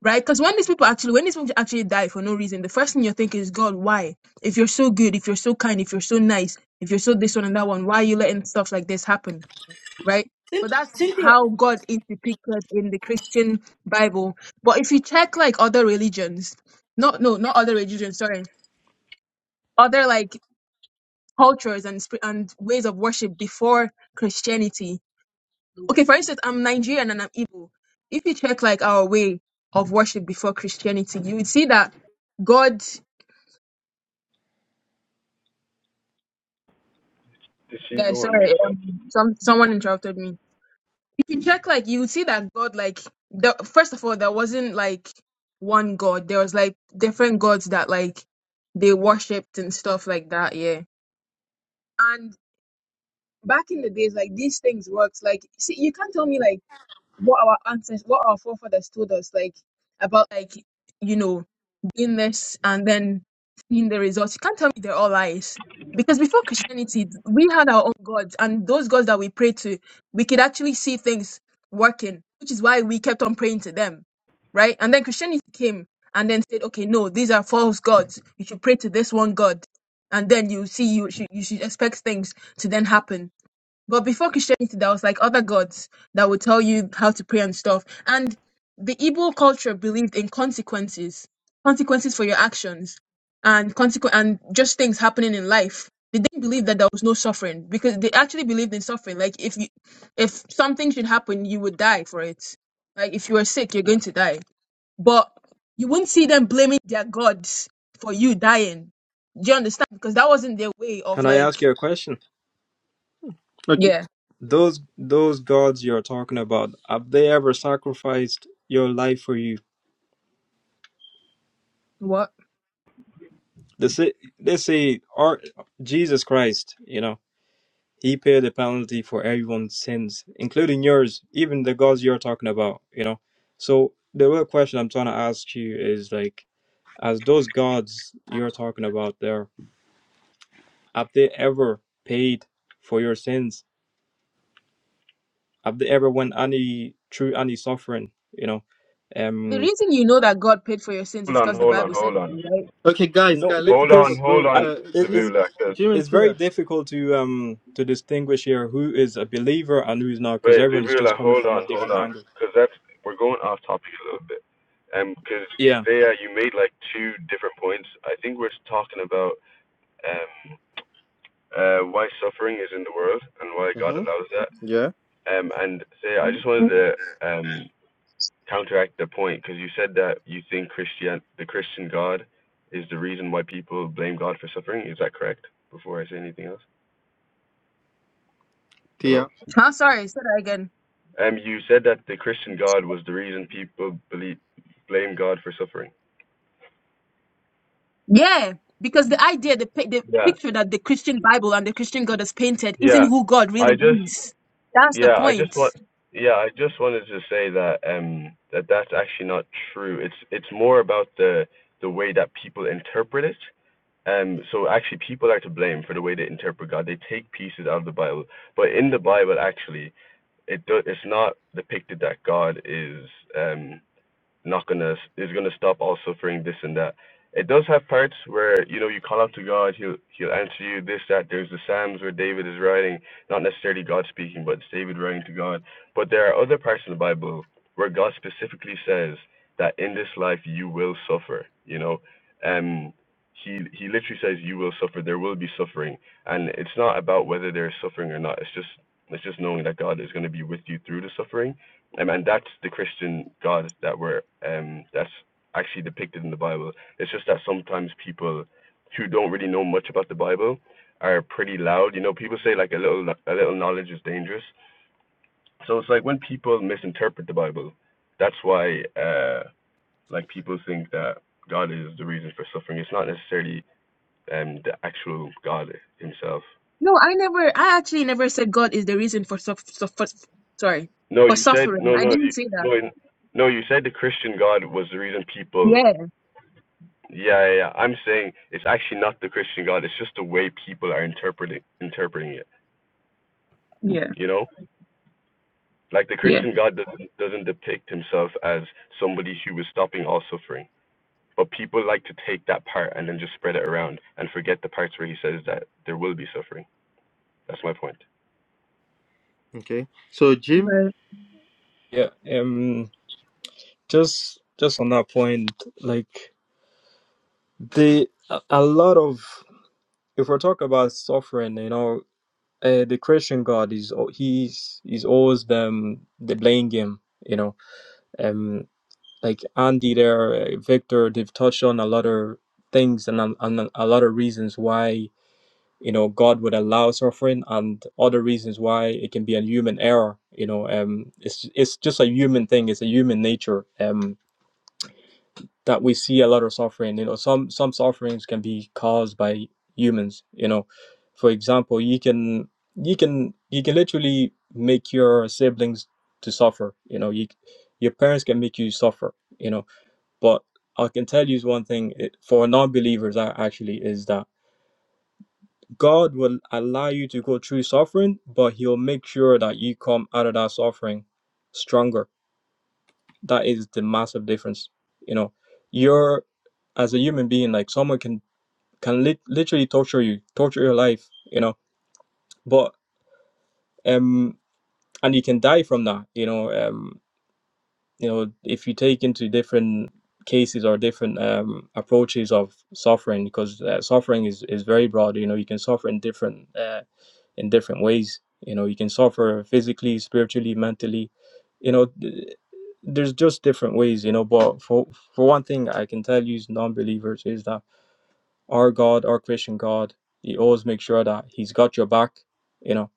Speaker 14: Right? Because when these people actually when these people actually die for no reason, the first thing you're thinking is, God, why? If you're so good, if you're so kind, if you're so nice, if you're so this one and that one, why are you letting stuff like this happen? Right?
Speaker 6: Cyn-
Speaker 14: But that's
Speaker 6: Cynthia.
Speaker 14: how God is depicted in the Christian Bible. But if you check like other religions, not no, not other religions. Sorry, other like cultures and sp- and ways of worship before Christianity. Okay, for instance, I'm Nigerian and I'm Igbo. If you check like our way of worship before Christianity, you would see that God.
Speaker 8: Did she
Speaker 14: Guys,
Speaker 8: go on mute?
Speaker 14: sorry, um, some someone interrupted me. If you check like you would see that God like the first of all there wasn't like one God. There was like different gods that like they worshipped and stuff like that. Yeah, and back in the days like these things worked. Like see, you can't tell me like what our ancestors, what our forefathers told us, like about like you know doing this and then seeing the results. You can't tell me they're all lies because before Christianity, we had our own gods, and those gods that we pray to, we could actually see things working, which is why we kept on praying to them, right? And then Christianity came and then said, okay, no, these are false gods. You should pray to this one god, and then you see you should you should expect things to then happen but before Christianity, there was like other gods that would tell you how to pray and stuff. And the Igbo culture believed in consequences, consequences for your actions, and consequ- and just things happening in life. They didn't believe that there was no suffering because they actually believed in suffering. Like if you, if something should happen, you would die for it. Like if you were sick, you're going to die. But you wouldn't see them blaming their gods for you dying. Do you understand? Because that wasn't their way of
Speaker 16: can i
Speaker 14: like,
Speaker 16: ask you a question
Speaker 5: Okay.
Speaker 14: yeah,
Speaker 16: those those gods you're talking about have they ever sacrificed your life for you
Speaker 14: what?
Speaker 16: let's say, let's say our jesus christ you know He paid a penalty for everyone's sins, including yours, even the gods you're talking about, you know. So the real question I'm trying to ask you is like, as those gods you're talking about there, have they ever paid for your sins? Have they ever went any through any suffering, you know?
Speaker 14: The
Speaker 16: Um
Speaker 14: reason you know that God paid for your sins is
Speaker 8: man?
Speaker 14: because the
Speaker 8: Hold on, hold on,
Speaker 14: Bible said
Speaker 8: hold
Speaker 14: it,
Speaker 8: on.
Speaker 14: right?
Speaker 5: Okay, guys,
Speaker 16: no
Speaker 5: guys, let
Speaker 8: Hold
Speaker 5: Victor
Speaker 8: on,
Speaker 16: because
Speaker 8: hold
Speaker 5: go.
Speaker 16: I,
Speaker 8: on,
Speaker 5: Uh,
Speaker 16: it, it's
Speaker 5: Jim,
Speaker 8: Labula. Cause,
Speaker 5: Jim, and
Speaker 16: it's very
Speaker 5: Tia.
Speaker 16: difficult to um to distinguish here who is a believer and who is not because
Speaker 8: wait,
Speaker 16: everyone is just
Speaker 8: Labula,
Speaker 16: coming
Speaker 8: hold
Speaker 16: from
Speaker 8: on,
Speaker 16: a
Speaker 8: hold
Speaker 16: different
Speaker 8: on.
Speaker 16: angle.
Speaker 8: Because that's, we're going off topic a little bit. Um, Because,
Speaker 16: Yeah.
Speaker 8: Thea, you made like two different points. I think we're talking about. um. uh, why suffering is in the world and why God
Speaker 5: Mm-hmm.
Speaker 8: allows that.
Speaker 5: Yeah,
Speaker 8: Um, and say, I just wanted to um, counteract the point because you said that you think Christian, the Christian God, is the reason why people blame God for suffering. Is that correct? Before I say anything else,
Speaker 5: Tia.
Speaker 8: hello.
Speaker 14: Huh? Sorry, say that again.
Speaker 8: Um, you said that the Christian God was the reason people believe blame God for suffering.
Speaker 14: Yeah, because the idea, the pi- the
Speaker 8: Yeah,
Speaker 14: picture that the Christian Bible and the Christian God has painted isn't
Speaker 8: yeah.
Speaker 14: who God
Speaker 8: I
Speaker 14: really
Speaker 8: just
Speaker 14: is. That's the
Speaker 8: Yeah, I just
Speaker 14: point.
Speaker 8: want yeah, I just wanted to say that um that that's actually not true. It's it's more about the the way that people interpret it. Um so actually people are to blame for the way they interpret God. They take pieces out of the Bible, but in the Bible actually it do, it's not depicted that God is um not gonna is gonna stop all suffering this and that. It does have parts where you know you call out to God, he'll he'll answer you this that. There's the Psalms where David is writing, not necessarily God speaking, but it's David writing to God. But there are other parts in the Bible where God specifically says that in this life you will suffer. You know, um, he he literally says you will suffer. There will be suffering, and it's not about whether there is suffering or not. It's just it's just knowing that God is going to be with you through the suffering um, and that's the Christian God that we're um, that's actually depicted in the Bible. It's just that sometimes people who don't really know much about the Bible are pretty loud. You know, people say like a little a little knowledge is dangerous. So it's like when people misinterpret the Bible, that's why uh, like people think that God is the reason for suffering. It's not necessarily um, the actual God Himself.
Speaker 14: No, I never. I actually never said God is the reason for suff suff- for- sorry
Speaker 8: No,
Speaker 14: for
Speaker 8: you said
Speaker 14: suffering.
Speaker 8: no,
Speaker 14: I
Speaker 8: no,
Speaker 14: didn't
Speaker 8: you,
Speaker 14: say that.
Speaker 8: no, no. You said the Christian God was the reason people
Speaker 14: Yeah,
Speaker 8: Yeah, yeah, yeah. I'm saying it's actually not the Christian God. It's just the way people are interpreting interpreting it.
Speaker 14: yeah,
Speaker 8: You know, like the
Speaker 14: yeah.
Speaker 8: Christian God doesn't doesn't depict himself as somebody who was stopping all suffering. But people like to take that part and then just spread it around and forget the parts where he says that there will be suffering. That's my point.
Speaker 5: Okay. So, Jim,
Speaker 14: But
Speaker 16: Yeah. Um just just on that point like the a a lot of if we're talking about suffering you know uh, the christian god is al- he's he's always them the blame game you know um like andy there uh, victor they've touched on a lot of things and, a- and a a lot of reasons why you know god would allow suffering and other reasons why it can be a human error you know um it's it's just a human thing it's a human nature um that we see a lot of suffering. You know, some some sufferings can be caused by humans. You know, for example, you can you can you can literally make your siblings to suffer. You know, you your parents can make you suffer. You know, but I can tell you one thing it, for non-believers a- actually is that God will allow you to go through suffering, but He'll make sure that you come out of that suffering stronger that is the massive difference you know you're as a human being like someone can can lit literally torture you torture your life you know but um and you can die from that you know um you know if you take into different cases or different um approaches of suffering because uh, suffering is is very broad you know you can suffer in different uh, in different ways. You know, you can suffer physically, spiritually, mentally. You know, th- there's just different ways. You know, but for for one thing, I can tell you, non-believers, is that our God, our Christian God, He always makes sure that He's got your back. You know,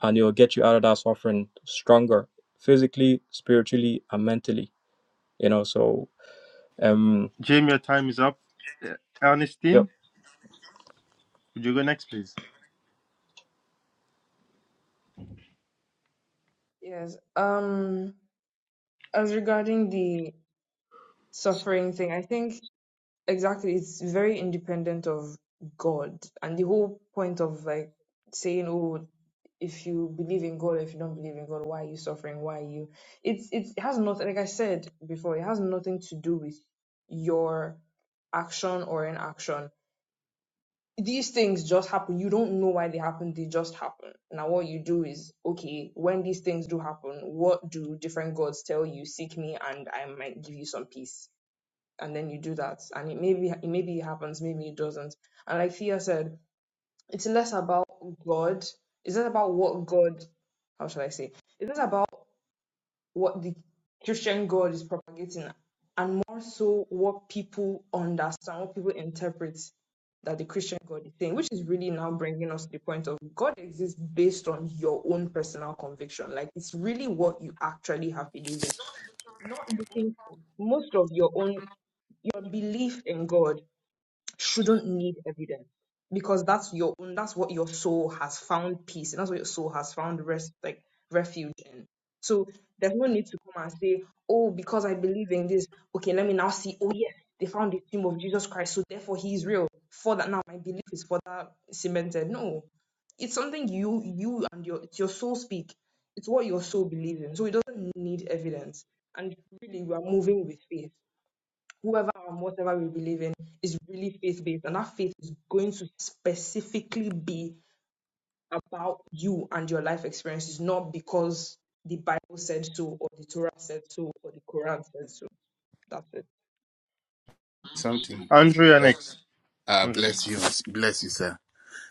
Speaker 16: and He'll get you out of that suffering stronger, physically, spiritually, and mentally. You know, so um,
Speaker 5: Jim, your time is up. Uh,
Speaker 16: yep,
Speaker 5: Ernestine, would you go next, please?
Speaker 9: yes. Um, as regarding the suffering thing, I think exactly it's very independent of god and the whole point of like saying oh if you believe in god if you don't believe in god why are you suffering why are you it's it's- it has nothing like i said before it has nothing to do with your action or inaction these things just happen you don't know why they happen they just happen now what you do is okay when these things do happen what do different gods tell you seek me and i might give you some peace and then you do that and it maybe maybe it happens maybe it doesn't and like Thea said it's less about God it's not about what God how shall I say it's not about what the Christian God is propagating and more so what people understand what people interpret that the Christian God is saying which is really now bringing us to the point of God exists based on your own personal conviction like it's really what you actually have believed in not looking for most of your own your belief in God shouldn't need evidence because that's your own that's what your soul has found peace and that's what your soul has found rest like refuge in so there's no need to come and say oh because i believe in this okay let me now see oh yes they found the tomb of jesus christ so therefore he is real for that now my belief is for that cemented no it's something you you and your it's your soul speak it's what your soul believes in so it doesn't need evidence and really we are moving with faith whoever and whatever we believe in is really faith based, and that faith is going to specifically be about you and your life experiences, not because the Bible said so, or the Torah said so, or the Quran said so. That's it.
Speaker 3: something.
Speaker 5: Andrew, and next.
Speaker 3: Uh,
Speaker 5: Andrew.
Speaker 3: bless you, bless you, sir.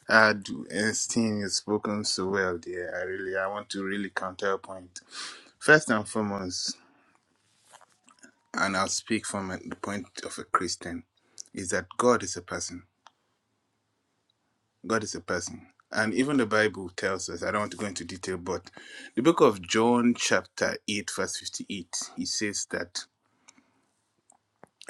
Speaker 3: Uh, do- Ernestine, you've spoken so well, dear. I really, I want to really counterpoint. First and foremost, and I'll speak from a- the point of a Christian, is that God is a person. God is a person. And even the Bible tells us, I don't want to go into detail, but the book of John, chapter 8, verse 58, it says that.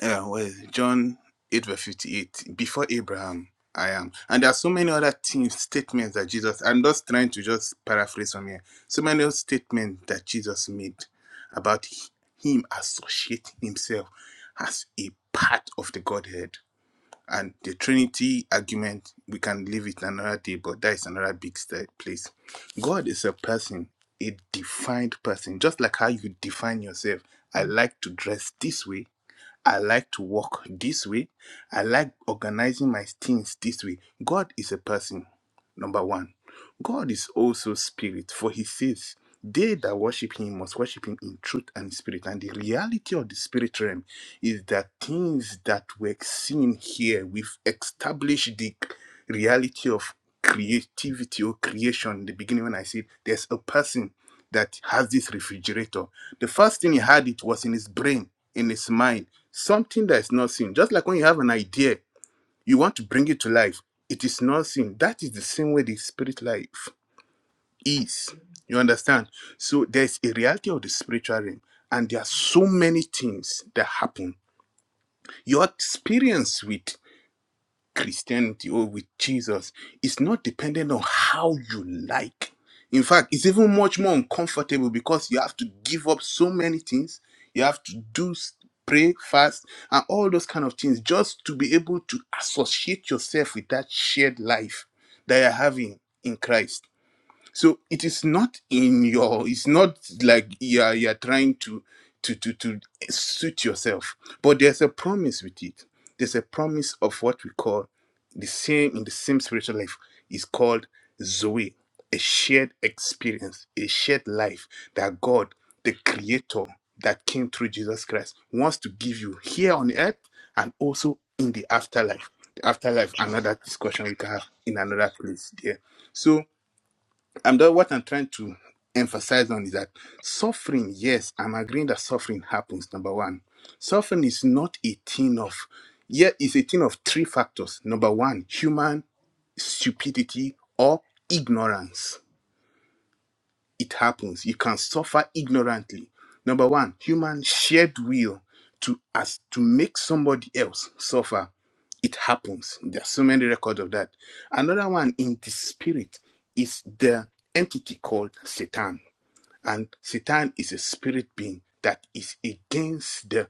Speaker 3: Yeah, well, John 8 verse 58, before Abraham, I am. And there are so many other things, statements that Jesus, I'm just trying to just paraphrase from here. So many other statements that Jesus made about h- him associating himself as a part of the Godhead. And the Trinity argument, we can leave it another day, but that is another big st- place. God is a person, a defined person, just like how you define yourself. I like to dress this way. I like to walk this way. I like organizing my things this way. God is a person, number one. God is also spirit, for he says, They that worship him must worship him in truth and spirit. And the reality of the spirit realm is that things that were seen here, we've established the reality of creativity or creation. In the beginning, when I said there's a person that has this refrigerator, the first thing he had it was in his brain, in his mind, something that is not seen. Just like when you have an idea, you want to bring it to life, it is not seen. That is the same way the spirit life is. You understand? So there's a reality of the spiritual realm, and there are so many things that happen. Your experience with Christianity or with Jesus is not dependent on how you like. In fact, it's even much more uncomfortable because you have to give up so many things. You have to do s- pray, fast, and all those kind of things just to be able to associate yourself with that shared life that you're having in Christ so it is not in your it's not like you're you're trying to to to to suit yourself but there's a promise with it there's a promise of what we call the same in the same spiritual life is called zoe a shared experience a shared life that god the creator that came through jesus christ wants to give you here on earth and also in the afterlife the afterlife another discussion we can have in another place there so I'm the, what I'm trying to emphasize on is that suffering, yes, I'm agreeing that suffering happens. Number one, suffering is not a thing of, yeah, it's a thing of three factors. Number one, human stupidity or ignorance it happens. You can suffer ignorantly. Number one, human shared will to as to make somebody else suffer. It happens. There are so many records of that. Another one in the spirit is the entity called Satan. And Satan is a spirit being that is against the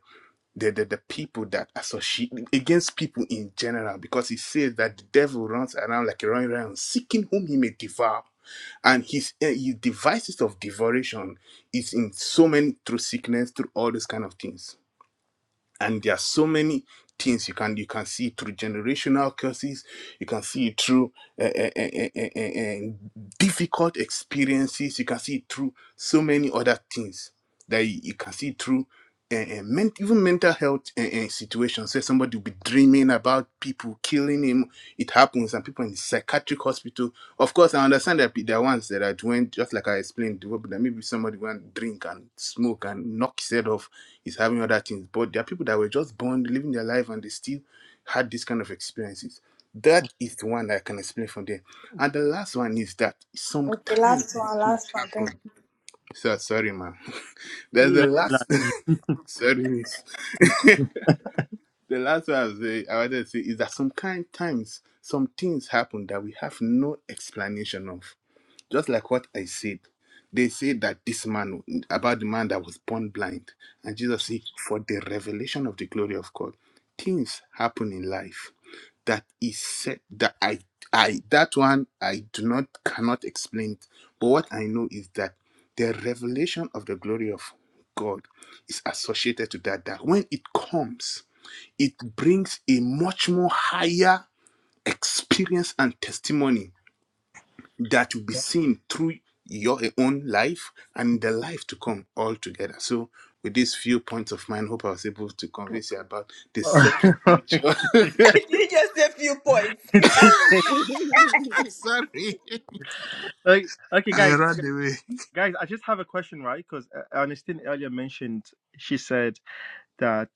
Speaker 3: the, the, the people that associate against people in general because he says that the devil runs around like a roaring lion seeking whom he may devour and his, eh, his devices of devoration is in so many through sickness through all those kind of things and there are so many things you can you can see through generational curses you can see it through eh, eh, eh, eh, eh, eh, eh, difficult experiences you can see it through so many other things that you, you can see through and, men, even mental health and, situations. Say somebody will be dreaming about people killing him. It happens, and people in psychiatric hospitals of course, I understand that there are ones that are doing, just like I explained, that maybe somebody went drink and smoke and knock his head off, Is having other things. But there are people that were just born, living their life, and they still had this kind of experiences. That is the one that I can explain from there. And the last one is that
Speaker 6: Okay,
Speaker 3: sometimes
Speaker 6: last one,
Speaker 3: things
Speaker 6: last one. Thank
Speaker 3: happen. So, sorry, man. There's the
Speaker 5: Let
Speaker 3: last, sorry, miss. the last one I, was, say- I wanted to say is that sometimes some things happen that we have no explanation of just like what I said, they say that this man, about the man that was born blind, and Jesus said, for the revelation of the glory of God, things happen in life that is said that I, I, that one I do not cannot explain. it. But what I know is that the revelation of the glory of God is associated to that. That when it comes, it brings a much more higher experience and testimony that will be seen through your own life and the life to come all together. So, with these few points of mine, hope I was able to convince you about the separate
Speaker 5: it land.
Speaker 3: nature.
Speaker 6: Did you just say a few points. you.
Speaker 10: are
Speaker 3: Sorry,
Speaker 5: okay, okay,
Speaker 3: I
Speaker 5: guys,
Speaker 3: ran away.
Speaker 5: guys, I just have a question, right? Because Ernestine earlier mentioned she said that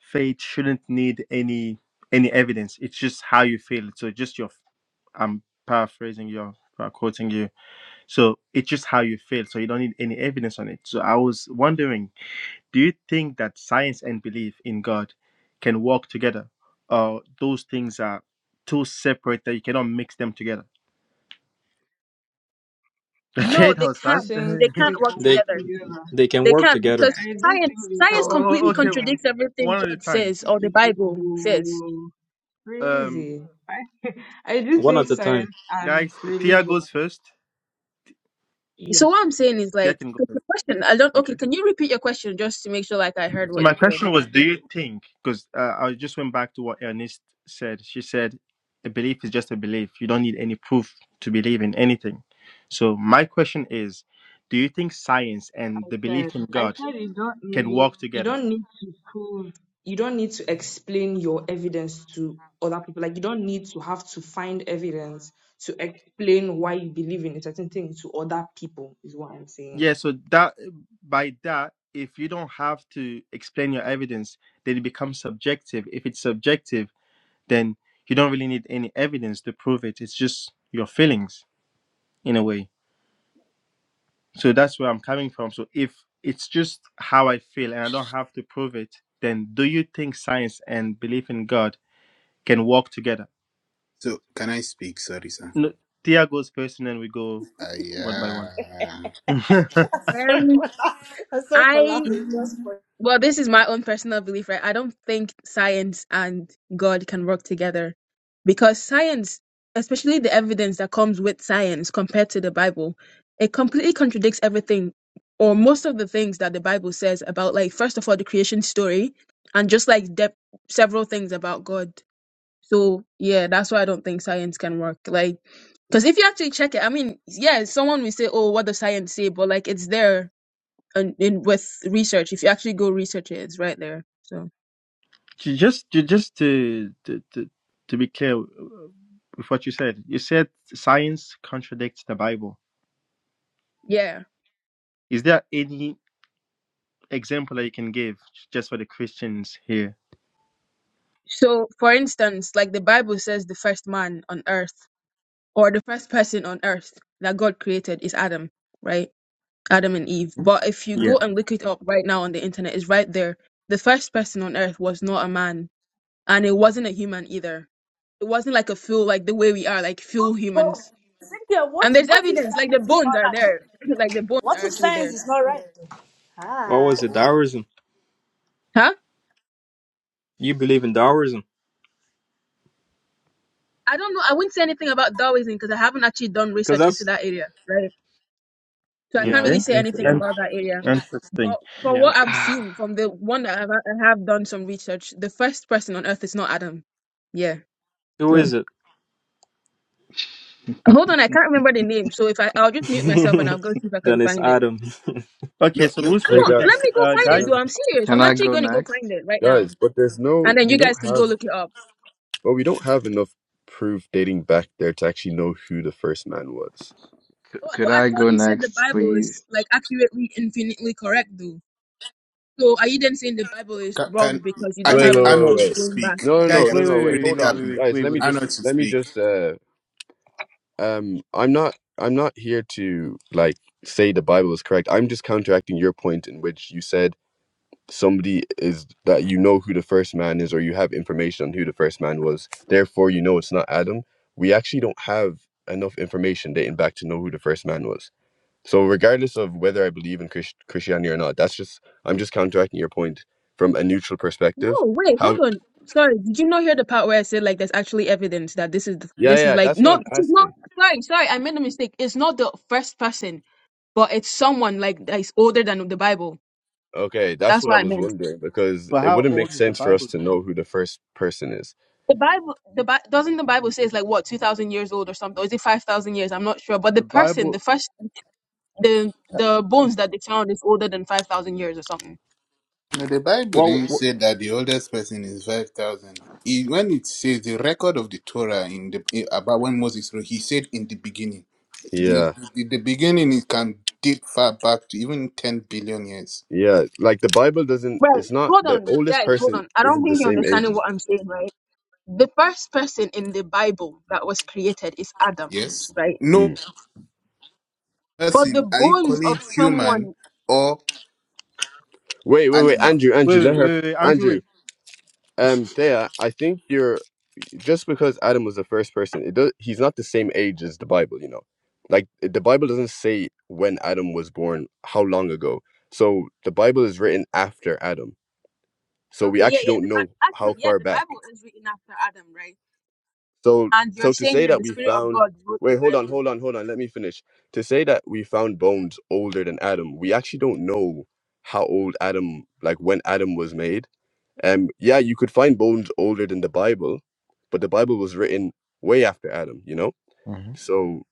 Speaker 5: faith shouldn't need any any evidence. It's just how you feel. So, just your. I'm paraphrasing you. I'm Quoting you So it's just how you feel. So you don't need any evidence on it. So I was wondering, do you think that science and belief in God can work together? Or those things are too separate that you cannot mix them together? Okay,
Speaker 14: no,
Speaker 5: that
Speaker 14: they
Speaker 5: was
Speaker 9: I do
Speaker 5: fast.
Speaker 14: can't.
Speaker 9: think
Speaker 14: They
Speaker 5: oh,
Speaker 14: can't
Speaker 9: they
Speaker 14: work
Speaker 9: can
Speaker 16: they
Speaker 9: work
Speaker 14: together.
Speaker 9: together.
Speaker 16: they can
Speaker 14: They
Speaker 16: work
Speaker 14: can't
Speaker 16: together,
Speaker 9: Yeah,
Speaker 14: because
Speaker 9: I do think
Speaker 14: science
Speaker 9: they
Speaker 5: oh,
Speaker 14: science
Speaker 9: can work
Speaker 5: oh,
Speaker 14: completely
Speaker 5: okay,
Speaker 9: together.
Speaker 14: contradicts
Speaker 5: one
Speaker 14: everything
Speaker 5: at a
Speaker 14: God
Speaker 5: time.
Speaker 14: says or the
Speaker 9: If
Speaker 14: Bible says.
Speaker 9: you
Speaker 5: Um,
Speaker 9: crazy, I I do
Speaker 16: one
Speaker 9: think
Speaker 16: at a time.
Speaker 9: science and
Speaker 5: guys, Tia
Speaker 9: religion.
Speaker 5: goes first.
Speaker 9: yeah.
Speaker 14: So what I'm saying is
Speaker 5: Tia
Speaker 14: like
Speaker 5: can go
Speaker 14: 'cause the
Speaker 5: first.
Speaker 14: question. I don't.
Speaker 5: Okay.
Speaker 14: Okay, can you repeat your question just to make sure like I heard
Speaker 5: So
Speaker 14: what
Speaker 5: my
Speaker 14: you said?
Speaker 5: question was, do you think? Because uh, I just went back to what Ernest said. She said, "A belief is just a belief. You don't need any proof to believe in anything." So my question is, do you think science and the
Speaker 9: said.
Speaker 5: belief in
Speaker 9: I
Speaker 5: God
Speaker 9: said you don't
Speaker 5: can
Speaker 9: need
Speaker 5: work
Speaker 9: you
Speaker 5: together?
Speaker 9: don't need to prove you don't need to explain your evidence to other people. Like you don't need to have to find evidence to explain why you believe in a certain thing to other people is what I'm saying.
Speaker 5: Yeah. So that by that, if you don't have to explain your evidence, then it becomes subjective. If it's subjective, then you don't really need any evidence to prove it. It's just your feelings in a way. So that's where I'm coming from. So if it's just how I feel and I don't have to prove it, then do you think science and belief in God can walk together?
Speaker 3: So, can I speak? Sorry, sir.
Speaker 5: No, Tia goes first, and then we go one by one.
Speaker 3: Yeah.
Speaker 6: sorry for
Speaker 14: Um,
Speaker 6: laughing. I'm sorry for
Speaker 14: I
Speaker 6: laughing.
Speaker 5: Mm.
Speaker 6: Just for
Speaker 14: well, this is my own personal belief, right? I don't think science and God can work together because science, especially the evidence that comes with science compared to the Bible, it completely contradicts everything or most of the things that the Bible says about like first of all the creation story and just like dep several things about God. So yeah, that's why I don't think science can work. Like, because if you actually check it, I mean, yeah, someone will say, "Oh, what does science say?" But like, it's there and in with research. If you actually go research it, it's right there. So
Speaker 5: Ju- just, ju- just to, to to to be clear uh, with what you said, you said science contradicts the Bible.
Speaker 14: yeah.
Speaker 5: Is there any example that you can give just for the Christians here?
Speaker 14: So for instance, like the Bible says, the first man on earth or the first person on earth that God created is Adam, right? Adam and Eve. But if you go
Speaker 5: Yeah.
Speaker 14: and look it up right now on the internet, it's right there. The first person on earth was not a man, and it wasn't a human either It wasn't like a full, like the way we are, like full humans. And there's evidence, like the bones are there. like the bones are actually there.
Speaker 6: all right.
Speaker 16: Or
Speaker 6: Hi.
Speaker 16: was it Taoism?
Speaker 14: Huh?
Speaker 16: You believe in Taoism?
Speaker 14: I don't know. I wouldn't say anything about Darwinism because I haven't actually done
Speaker 16: because
Speaker 14: research into
Speaker 16: that's
Speaker 14: that area, right? So I can't
Speaker 16: Yeah,
Speaker 14: really
Speaker 5: Okay.
Speaker 14: say anything
Speaker 16: yeah,
Speaker 14: about that area.
Speaker 5: Interesting.
Speaker 14: But from
Speaker 16: yeah.
Speaker 14: what I've seen, from the one that I've, I have done some research, the first person on Earth is not Adam. Yeah.
Speaker 16: Who
Speaker 14: So
Speaker 16: is it?
Speaker 14: hold on, I can't remember the name. So if I, I'll just mute myself and I'll go see if I can
Speaker 16: then it's
Speaker 14: find it.
Speaker 16: Adam.
Speaker 5: Okay,
Speaker 3: No,
Speaker 5: so
Speaker 3: no.
Speaker 5: who's
Speaker 14: I don't.
Speaker 8: Hey
Speaker 14: know.
Speaker 5: speaking
Speaker 8: guys,
Speaker 14: Let
Speaker 5: next?
Speaker 14: me go
Speaker 5: Uh,
Speaker 14: find
Speaker 5: Guy?
Speaker 14: it, though.
Speaker 8: um,
Speaker 14: I'm serious.
Speaker 15: Can
Speaker 14: I'm
Speaker 15: I
Speaker 14: actually
Speaker 15: go
Speaker 14: going to go find
Speaker 15: next?
Speaker 14: it right now,
Speaker 8: guys, but there's no,
Speaker 14: and then
Speaker 8: we
Speaker 14: you
Speaker 8: don't
Speaker 14: guys can go
Speaker 8: have,
Speaker 14: look it up.
Speaker 8: but we don't have enough proof dating back there to actually know who the first man was.
Speaker 15: C-
Speaker 14: Oh,
Speaker 15: could
Speaker 14: but I
Speaker 15: I
Speaker 14: thought
Speaker 15: go
Speaker 14: you said the
Speaker 15: next,
Speaker 14: Bible is
Speaker 15: please?
Speaker 14: like accurately, infinitely correct, though. So are you then saying the Bible is
Speaker 3: Can,
Speaker 14: wrong
Speaker 3: can
Speaker 14: because you
Speaker 3: I
Speaker 14: don't
Speaker 8: Wait,
Speaker 14: have
Speaker 3: think
Speaker 8: wait,
Speaker 3: I
Speaker 14: enough
Speaker 3: know
Speaker 8: wait,
Speaker 14: proof
Speaker 3: to
Speaker 8: wait.
Speaker 14: going back?
Speaker 3: speak?
Speaker 8: No,
Speaker 3: It
Speaker 8: no,
Speaker 5: Guys,
Speaker 8: no,
Speaker 5: wait,
Speaker 3: has
Speaker 8: no.
Speaker 3: been
Speaker 8: Wait,
Speaker 5: wait,
Speaker 3: really
Speaker 8: hold
Speaker 5: wait, wait,
Speaker 8: on,
Speaker 3: tapping
Speaker 5: wait,
Speaker 8: guys.
Speaker 5: wait,
Speaker 8: Let
Speaker 5: wait,
Speaker 8: me
Speaker 5: wait.
Speaker 3: I know to
Speaker 8: just, let me
Speaker 3: speak.
Speaker 8: just. Uh, um, I'm not, I'm not here to like say the Bible is correct. I'm just counteracting your point in which you said somebody is that you know who the first man is, or you have information on who the first man was. Therefore, you know it's not Adam. We actually don't have enough information dating back to know who the first man was. So, regardless of whether I believe in Christ- Christianity or not, that's just I'm just counteracting your point from a neutral
Speaker 14: No,
Speaker 8: perspective.
Speaker 14: wait, hold
Speaker 8: How
Speaker 14: on. Sorry, did you not hear the part where I said like there's actually evidence that this is the,
Speaker 8: Yeah,
Speaker 14: this is
Speaker 8: yeah,
Speaker 14: like
Speaker 8: that's what
Speaker 14: not
Speaker 8: I'm
Speaker 14: this is not
Speaker 8: asking.
Speaker 14: sorry sorry I made a mistake. It's not the first person, but it's someone like that is older than the Bible.
Speaker 8: Okay, that's
Speaker 14: That's
Speaker 8: what
Speaker 14: what
Speaker 8: I
Speaker 14: I
Speaker 8: was
Speaker 14: meant.
Speaker 8: wondering because
Speaker 5: But
Speaker 8: it
Speaker 5: how
Speaker 8: wouldn't make
Speaker 5: old is the
Speaker 8: sense for us
Speaker 5: Bible
Speaker 8: to
Speaker 5: though?
Speaker 8: know who the first person is.
Speaker 14: The Bible, the Bi- doesn't the Bible say it's like what two thousand years old or something? Or is it five thousand years? I'm not sure. But the
Speaker 5: The
Speaker 14: person,
Speaker 5: Bible.
Speaker 14: the first the
Speaker 5: uh,
Speaker 14: the bones that they found is older than five thousand years or something.
Speaker 3: Now, the Bible
Speaker 16: Well,
Speaker 3: didn't say
Speaker 16: wh-
Speaker 3: that the oldest person is 5,000. He- When it says the record of the Torah in the eh, about when Moses wrote, he said in the beginning. The,
Speaker 8: Yeah,
Speaker 3: the, the beginning it can date far back to even 10 billion years.
Speaker 8: yeah, like the Bible doesn't,
Speaker 14: Right.
Speaker 8: it's not
Speaker 14: Hold
Speaker 8: the
Speaker 14: on,
Speaker 8: oldest
Speaker 14: guys. Hold
Speaker 8: person
Speaker 14: on. I don't
Speaker 8: isn't the
Speaker 14: think you're
Speaker 8: same age
Speaker 14: understanding
Speaker 8: as.
Speaker 14: what I'm saying. Right. The first person in the Bible that was created is Adam.
Speaker 3: Yes?
Speaker 14: Right.
Speaker 3: No
Speaker 8: Mm.
Speaker 14: But the
Speaker 3: person, are you
Speaker 14: bones of
Speaker 3: calling human
Speaker 14: someone.
Speaker 3: or
Speaker 8: Wait, wait, wait,
Speaker 3: animal?
Speaker 8: Andrew,
Speaker 5: Wait,
Speaker 8: Andrew, let
Speaker 5: wait,
Speaker 8: her,
Speaker 5: wait, wait, Andrew,
Speaker 8: Andrew,
Speaker 5: wait.
Speaker 8: um, Thea, I think you're just because Adam was the first person, it does, he's not the same age as the Bible, you know. Like the Bible doesn't say when Adam was born, how long ago. So the Bible is written after Adam. So
Speaker 14: Okay.
Speaker 8: we
Speaker 14: Yeah.
Speaker 8: actually
Speaker 14: Yeah.
Speaker 8: don't
Speaker 14: The Bi-
Speaker 8: know how
Speaker 14: actually, yeah,
Speaker 8: far
Speaker 14: the
Speaker 8: back.
Speaker 14: Bible is written after Adam. Right.
Speaker 8: So
Speaker 14: And you're
Speaker 8: so to
Speaker 14: saying
Speaker 8: say
Speaker 14: that
Speaker 8: that
Speaker 14: the
Speaker 8: we
Speaker 14: Spirit of
Speaker 8: found
Speaker 14: God wrote the
Speaker 8: wait, hold on,
Speaker 14: Bible.
Speaker 8: hold on, hold on, let me finish. To say that we found bones older than Adam, we actually don't know how old Adam like when Adam was made. Um yeah, you could find bones older than the Bible, but the Bible was written way after Adam, you know?
Speaker 5: hmm
Speaker 8: So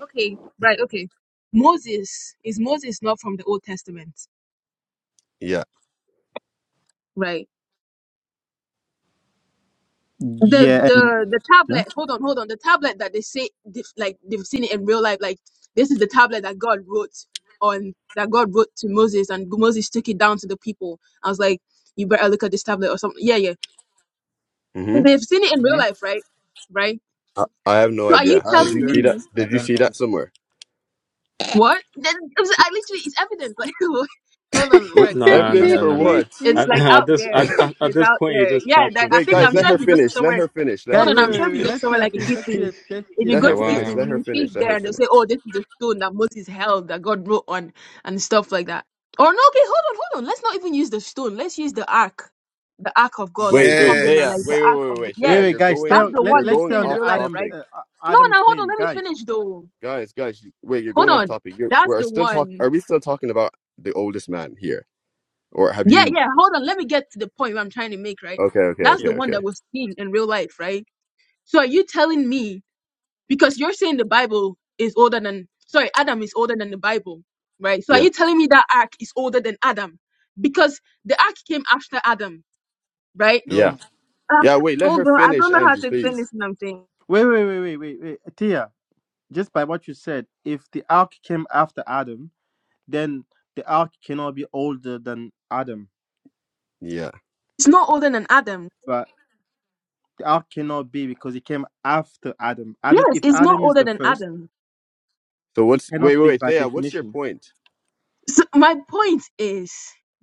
Speaker 14: Okay. Right. Okay. Moses is Moses not from the Old Testament?
Speaker 8: yeah.
Speaker 14: Right the
Speaker 5: Yeah, and
Speaker 14: the the
Speaker 5: yeah.
Speaker 14: tablet hold on hold on the tablet that they say they've, like they've seen it in real life like this is the tablet that god wrote on that god wrote to moses and moses took it down to the people i was like you better look at this tablet or something yeah yeah
Speaker 8: hmm
Speaker 14: they've seen it in real
Speaker 3: Hmm?
Speaker 14: life right right
Speaker 8: I, I have no
Speaker 14: so are you
Speaker 8: idea.
Speaker 3: I
Speaker 8: Did
Speaker 14: telling
Speaker 8: you see
Speaker 3: don't,
Speaker 8: that?
Speaker 14: me
Speaker 3: I
Speaker 8: Did you
Speaker 3: don't
Speaker 8: see that
Speaker 3: know.
Speaker 8: somewhere?
Speaker 14: What? Then it was- I literally it's evident. Like, what? hold on,
Speaker 8: What
Speaker 14: Rick, hold
Speaker 16: no,
Speaker 14: on,
Speaker 16: no,
Speaker 8: evidence
Speaker 16: no,
Speaker 8: for
Speaker 14: chill.
Speaker 16: no, no.
Speaker 8: what?
Speaker 14: It's
Speaker 16: At,
Speaker 14: like
Speaker 16: at
Speaker 14: out
Speaker 16: this
Speaker 14: there.
Speaker 16: at, at at
Speaker 14: It's
Speaker 16: this
Speaker 14: out
Speaker 16: point, you're
Speaker 14: there.
Speaker 16: just
Speaker 14: Yeah, that
Speaker 16: chatting.
Speaker 14: I
Speaker 8: Wait,
Speaker 14: think
Speaker 8: guys,
Speaker 14: I'm
Speaker 8: let
Speaker 14: sure
Speaker 8: her
Speaker 14: if you go to
Speaker 8: finish. Let
Speaker 14: somewhere,
Speaker 8: her finish. Let her
Speaker 14: hold
Speaker 5: guy,
Speaker 14: on, I'm
Speaker 5: wait,
Speaker 8: finish.
Speaker 5: wait,
Speaker 14: sure if you
Speaker 5: wait.
Speaker 14: go to
Speaker 5: Let's
Speaker 14: somewhere
Speaker 5: hear
Speaker 14: like in
Speaker 5: finish. Let's
Speaker 14: Italy,
Speaker 5: hear. Let's
Speaker 14: if you
Speaker 5: hear
Speaker 8: Let
Speaker 14: go
Speaker 16: Like,
Speaker 8: her
Speaker 5: finish.
Speaker 14: to
Speaker 8: finish.
Speaker 14: Italy,
Speaker 16: wow,
Speaker 8: Let
Speaker 14: you
Speaker 8: her
Speaker 14: will see
Speaker 8: finish.
Speaker 14: it
Speaker 8: Let
Speaker 14: there
Speaker 8: her
Speaker 14: and they'll
Speaker 8: finish.
Speaker 14: say, "Oh, this is the stone that Moses held that God wrote on," and stuff like that. Or no, okay, hold on, hold on. Let's not even use the stone. Let's use the ark, the ark of God, like
Speaker 8: Wait,
Speaker 14: the
Speaker 8: wait,
Speaker 14: covenant,
Speaker 8: Thea,
Speaker 14: like the
Speaker 8: wait,
Speaker 3: Yes.
Speaker 8: wait,
Speaker 14: ark
Speaker 8: wait,
Speaker 14: of the
Speaker 8: wait,
Speaker 5: Wait,
Speaker 8: Thea,
Speaker 14: yeah.
Speaker 5: wait,
Speaker 8: you're
Speaker 5: guys. Stay.
Speaker 8: going,
Speaker 14: That's the
Speaker 5: Let
Speaker 8: you're
Speaker 14: one they've
Speaker 5: Let's stay
Speaker 8: going
Speaker 14: seen
Speaker 5: on
Speaker 14: in
Speaker 5: the
Speaker 8: off
Speaker 14: real life,
Speaker 5: Adam
Speaker 14: right?
Speaker 8: topic,
Speaker 5: uh,
Speaker 14: No,
Speaker 5: Adam
Speaker 14: now hold on.
Speaker 5: claim,
Speaker 14: Let me
Speaker 5: guys.
Speaker 14: finish though.
Speaker 8: guys, guys. you- Wait, you're
Speaker 14: Hold
Speaker 8: going off
Speaker 14: on.
Speaker 8: topic. You're,
Speaker 14: That's
Speaker 8: we're
Speaker 14: the
Speaker 8: still talk.
Speaker 14: one.
Speaker 8: Are we still talking about the oldest man here, or have
Speaker 14: Yeah,
Speaker 8: you?
Speaker 14: yeah. Hold on. Let me get to the point I'm trying to make, right?
Speaker 8: Okay, okay,
Speaker 14: That's
Speaker 5: Okay.
Speaker 8: okay,
Speaker 14: the one that
Speaker 8: okay.
Speaker 14: was seen in real life, right? So are you telling me because you're saying the Bible is older than sorry, Adam is older than the Bible, right? So are
Speaker 8: Yeah,
Speaker 14: you telling me that ark is older than Adam? Because the ark came after Adam, right?
Speaker 8: yeah,
Speaker 3: No,
Speaker 14: Uh,
Speaker 8: yeah. Wait, let
Speaker 14: hold
Speaker 8: her
Speaker 14: on. I don't
Speaker 8: finish,
Speaker 14: know how
Speaker 8: Andrew,
Speaker 14: to explain
Speaker 8: please.
Speaker 14: this thing I'm saying.
Speaker 5: Wait, wait, wait, wait, wait, wait. Tia, just by what you said, if the ark came after Adam, then the ark cannot be older than Adam.
Speaker 8: Yeah.
Speaker 14: It's not older than Adam.
Speaker 5: How cannot be because he came after Adam. Adam,
Speaker 14: Yes,
Speaker 5: if
Speaker 14: it's not
Speaker 5: Adam is
Speaker 14: older
Speaker 5: the
Speaker 14: than
Speaker 5: first,
Speaker 14: Adam.
Speaker 8: So
Speaker 5: it
Speaker 8: what's? Wait,
Speaker 5: cannot
Speaker 8: wait,
Speaker 5: be
Speaker 8: wait,
Speaker 5: by
Speaker 8: Thea, what's your
Speaker 5: definition.
Speaker 8: point?
Speaker 14: So my point is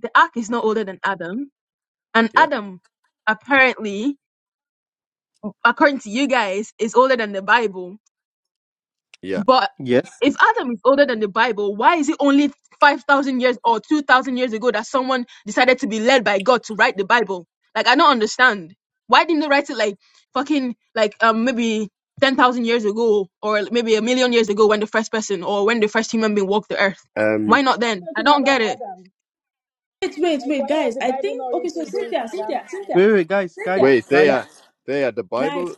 Speaker 14: the ark is not older than Adam And
Speaker 8: Yeah,
Speaker 14: Adam, apparently, according to you guys, is older than the Bible.
Speaker 8: yeah.
Speaker 14: But
Speaker 5: Yes.
Speaker 14: if Adam is older than the Bible, why is it only 5,000 years or 2,000 years ago that someone decided to be led by God to write the Bible? Like, I don't understand. Why didn't they write it like fucking, like, um, maybe 10,000 years ago or maybe a million years ago when the first person or when the first human being walked the earth?
Speaker 8: Um,
Speaker 14: Why not
Speaker 10: you
Speaker 14: then? I
Speaker 10: talking
Speaker 14: don't
Speaker 10: about
Speaker 14: get it.
Speaker 10: Adam?
Speaker 6: Wait, wait,
Speaker 10: Like,
Speaker 6: wait,
Speaker 10: why was
Speaker 6: guys.
Speaker 10: the
Speaker 6: I
Speaker 10: Bible
Speaker 6: think
Speaker 10: not
Speaker 6: okay. So
Speaker 10: written during
Speaker 6: Cynthia,
Speaker 10: Adam's
Speaker 6: Cynthia,
Speaker 10: time?
Speaker 6: Cynthia,
Speaker 5: Wait, wait, guys,
Speaker 6: Cynthia,
Speaker 5: guys,
Speaker 8: wait,
Speaker 5: guys.
Speaker 8: Thea,
Speaker 6: Cynthia,
Speaker 8: Thea, the Bible
Speaker 6: guys.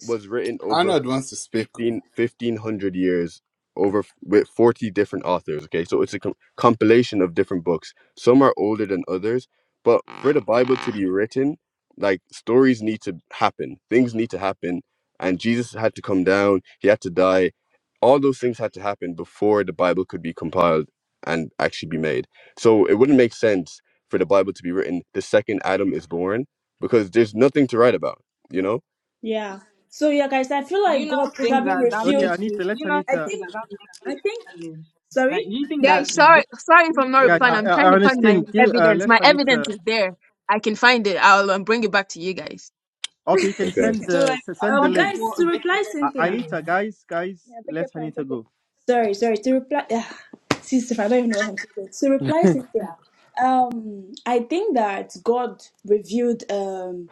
Speaker 8: was written over
Speaker 3: Arnold wants to speak.
Speaker 8: 15, 1500 years over f- with 40 different authors okay so it's a com- compilation of different books some are older than others but for the bible to be written like stories need to happen things need to happen and jesus had to come down he had to die all those things had to happen before the bible could be compiled and actually be made so it wouldn't make sense for the bible to be written the second adam is born because there's nothing to write about you know
Speaker 6: Yeah. So yeah, guys. I feel
Speaker 9: Do you
Speaker 6: like
Speaker 9: not
Speaker 6: God
Speaker 9: think
Speaker 6: probably
Speaker 9: that that
Speaker 5: Okay,
Speaker 9: makes
Speaker 6: refused.
Speaker 5: Anita,
Speaker 9: it do
Speaker 5: let
Speaker 9: you not
Speaker 6: I
Speaker 5: Anita,
Speaker 9: think
Speaker 6: think.
Speaker 9: that that makes
Speaker 6: I
Speaker 9: it
Speaker 6: think.
Speaker 9: invalid?
Speaker 6: Sorry.
Speaker 9: That you think that
Speaker 14: Guys, sorry,
Speaker 9: this
Speaker 14: sorry
Speaker 9: this
Speaker 14: for not
Speaker 5: guys.
Speaker 14: replying.
Speaker 5: I,
Speaker 9: stranger
Speaker 14: I'm
Speaker 5: I
Speaker 14: trying
Speaker 5: I
Speaker 14: to find my
Speaker 5: understand. Give,
Speaker 9: renders
Speaker 5: uh,
Speaker 14: evidence.
Speaker 5: let
Speaker 14: My evidence
Speaker 5: Anita.
Speaker 14: is there. I can find it. I'll um, bring it back to you guys.
Speaker 5: Okay, you can
Speaker 8: okay
Speaker 5: send
Speaker 9: so
Speaker 5: the
Speaker 9: like
Speaker 5: s- send the
Speaker 6: Um,
Speaker 9: according to
Speaker 5: link.
Speaker 6: guys,
Speaker 9: what
Speaker 6: to reply
Speaker 9: Victor is
Speaker 5: Uh,
Speaker 6: Cynthia.
Speaker 9: saying
Speaker 5: Anita, guys, guys,
Speaker 10: Yeah, take
Speaker 5: let
Speaker 10: your time,
Speaker 5: Anita
Speaker 10: take your
Speaker 5: go.
Speaker 10: time.
Speaker 6: Sorry, sorry. To reply, sister, I don't even know what I'm saying. To reply, sister, um, I think that God revealed um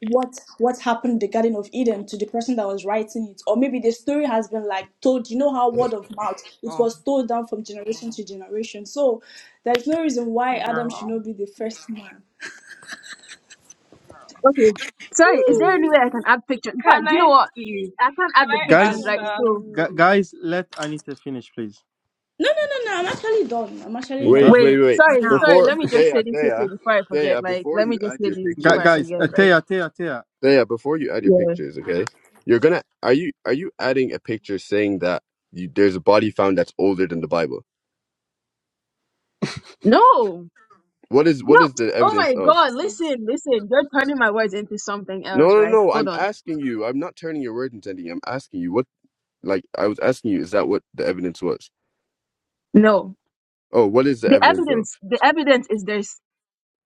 Speaker 6: what what happened in the Garden of Eden to the person that was writing it, or maybe the story has been like told. You know how word of mouth it
Speaker 9: Oh
Speaker 6: was told down from generation to generation. So there is no reason why Adam should
Speaker 9: girl
Speaker 6: not be the first man.
Speaker 9: girl.
Speaker 14: Okay. Sorry, is there any way I can add pictures? In fact,
Speaker 9: Can
Speaker 14: do you know
Speaker 9: I
Speaker 14: what?
Speaker 9: speak?
Speaker 14: I can't
Speaker 9: Can
Speaker 14: add the
Speaker 10: Now
Speaker 9: I
Speaker 10: you
Speaker 14: pictures,
Speaker 10: don't
Speaker 5: guys,
Speaker 14: right?
Speaker 9: answer?
Speaker 10: enjoy
Speaker 14: So,
Speaker 5: gu-
Speaker 10: music.
Speaker 5: guys, let Anita finish, please.
Speaker 6: No, no, no, no. I'm actually done. I'm
Speaker 5: Are
Speaker 6: actually
Speaker 5: you
Speaker 6: done.
Speaker 5: done?
Speaker 8: Wait,
Speaker 14: wait,
Speaker 8: wait, wait.
Speaker 14: sorry, sorry.
Speaker 8: Before
Speaker 14: Let me just
Speaker 8: Thea,
Speaker 14: say this
Speaker 8: Thea,
Speaker 14: quickly before I forget.
Speaker 8: Thea,
Speaker 14: Like,
Speaker 8: before
Speaker 14: let
Speaker 8: you
Speaker 14: me
Speaker 8: add
Speaker 14: just say
Speaker 8: your
Speaker 14: this
Speaker 5: Gu-
Speaker 14: before I
Speaker 8: pictures,
Speaker 5: guys, uh,
Speaker 14: forget, right?
Speaker 5: Thea, Thea, Thea.
Speaker 8: Thea, before you add your
Speaker 14: Yeah.
Speaker 8: pictures, okay? You're gonna are you are you adding a picture saying that you, there's a body found that's older than the Bible?
Speaker 14: No,
Speaker 8: What is
Speaker 14: no.
Speaker 8: what is the
Speaker 14: Oh
Speaker 8: evidence
Speaker 14: my
Speaker 8: of?
Speaker 14: God.
Speaker 9: Yeah.
Speaker 14: Listen, listen. You're turning my words into something
Speaker 8: No,
Speaker 14: else,
Speaker 8: no,
Speaker 14: right?
Speaker 8: no.
Speaker 14: Hold
Speaker 8: I'm
Speaker 14: on.
Speaker 8: asking you. I'm not turning your words into anything. I'm asking you what like I was asking you. Is that what the evidence was?
Speaker 14: No.
Speaker 8: Oh, what is the
Speaker 14: The
Speaker 8: evidence of?
Speaker 14: evidence, the evidence is there.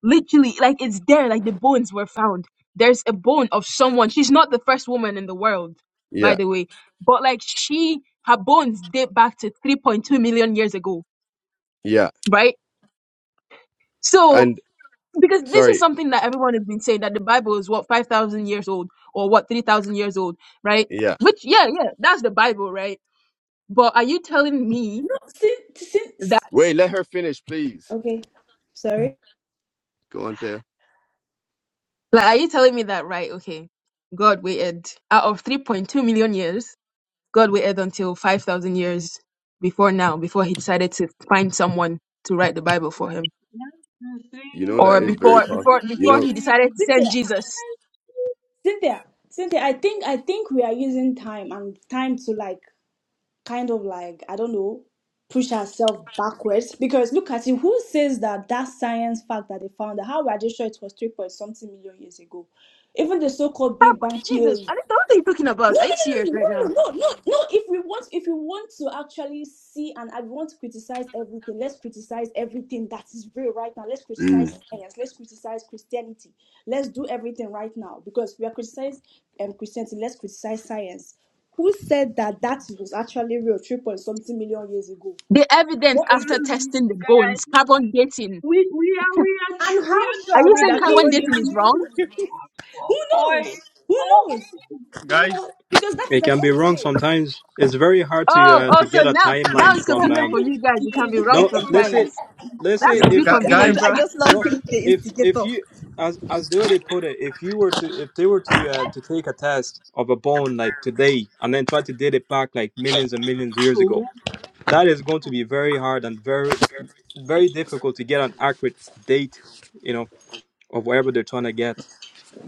Speaker 14: literally like it's there like the bones were found there's a bone of someone she's not the first woman in the world by
Speaker 8: Yeah,
Speaker 14: the way but like she her bones date back to 3.2 million years ago
Speaker 8: yeah.
Speaker 14: right so
Speaker 8: And
Speaker 14: because this is
Speaker 8: sorry,
Speaker 14: something that everyone has been saying that the bible is what 5000 years old or what 3000 years old right
Speaker 8: yeah.
Speaker 14: which yeah yeah that's the bible right but are you telling me
Speaker 6: No, since since
Speaker 14: that
Speaker 8: Wait, let her finish, please.
Speaker 6: okay, sorry.
Speaker 8: Go on, Thea.
Speaker 14: like are you telling me that right okay god waited out of 3.2 million years God waited until 5,000 years before now, before he decided to find someone to write the Bible for him.
Speaker 9: That's, that's the
Speaker 8: You know
Speaker 9: thing,
Speaker 8: that
Speaker 14: Or
Speaker 8: is
Speaker 9: bro.
Speaker 6: See,
Speaker 8: very
Speaker 14: before,
Speaker 8: possible.
Speaker 14: before,
Speaker 9: That's the
Speaker 8: You
Speaker 14: before
Speaker 6: see,
Speaker 8: know.
Speaker 14: he decided
Speaker 9: thing.
Speaker 14: to send
Speaker 6: sister,
Speaker 14: Jesus.
Speaker 6: Cynthia, Cynthia, I think I think we are using time and time to like kind of like I don't know push ourselves backwards because look at it. Who says that that science fact that they found that how we are just sure it was three point something million years ago? Even the so-called
Speaker 14: Ah,
Speaker 6: Big Bang
Speaker 14: but Jesus,
Speaker 6: theory.
Speaker 14: I don't know what are you talking about.
Speaker 6: No,
Speaker 14: Are you
Speaker 6: no,
Speaker 14: serious
Speaker 6: no, no,
Speaker 14: right now?
Speaker 6: no, no, no, no. no. If we want, if we want to actually see and I want to criticize everything, let's criticize everything that is real right now. Let's
Speaker 8: mm.
Speaker 6: criticize science. Let's criticize Christianity. Let's do everything right now because we are criticizing um, Christianity. Let's criticize science. Who said that that was actually real three point something million years ago?
Speaker 14: The evidence
Speaker 6: What is
Speaker 14: after
Speaker 6: the
Speaker 9: Mm,
Speaker 14: testing the
Speaker 9: guys,
Speaker 14: bones, carbon dating.
Speaker 9: we we are we are
Speaker 6: and
Speaker 9: tr- we
Speaker 6: how
Speaker 9: are
Speaker 6: shall
Speaker 14: Are you
Speaker 6: we
Speaker 14: saying
Speaker 6: that
Speaker 9: driving
Speaker 14: carbon
Speaker 6: carbon
Speaker 14: dating
Speaker 6: dioxide
Speaker 14: is
Speaker 9: away
Speaker 14: wrong?
Speaker 6: is
Speaker 9: from
Speaker 6: real?
Speaker 9: the actual
Speaker 6: Who knows?
Speaker 9: point.
Speaker 6: Who
Speaker 9: Oh
Speaker 6: knows?
Speaker 9: my
Speaker 5: Guys,
Speaker 9: God!
Speaker 6: Because that is
Speaker 16: it
Speaker 6: an
Speaker 16: can be wrong
Speaker 6: estimate.
Speaker 16: sometimes. It's very hard to
Speaker 14: Oh,
Speaker 16: uh,
Speaker 14: oh,
Speaker 16: to
Speaker 14: so
Speaker 16: get a
Speaker 14: now, now
Speaker 16: timeline
Speaker 14: it's
Speaker 9: Can
Speaker 16: from.
Speaker 14: convenient
Speaker 9: I
Speaker 14: for
Speaker 16: Um,
Speaker 14: you guys. It can be
Speaker 9: speak?
Speaker 14: wrong
Speaker 16: no,
Speaker 9: Can
Speaker 16: let's
Speaker 9: I
Speaker 16: say
Speaker 14: sometimes.
Speaker 9: speak?
Speaker 16: let's say
Speaker 14: That's
Speaker 5: gu-
Speaker 14: too
Speaker 9: Oh,
Speaker 16: if
Speaker 5: gu-
Speaker 9: God.
Speaker 14: convenient,
Speaker 5: guys,
Speaker 14: bro.
Speaker 16: no if if you as as the way they put it, if you were to if they were to uh, to take a test of a bone like today and then try to date it back like millions and millions years
Speaker 9: So,
Speaker 16: ago that is going to be very hard and very very difficult to get an accurate date you know of whatever they're trying to get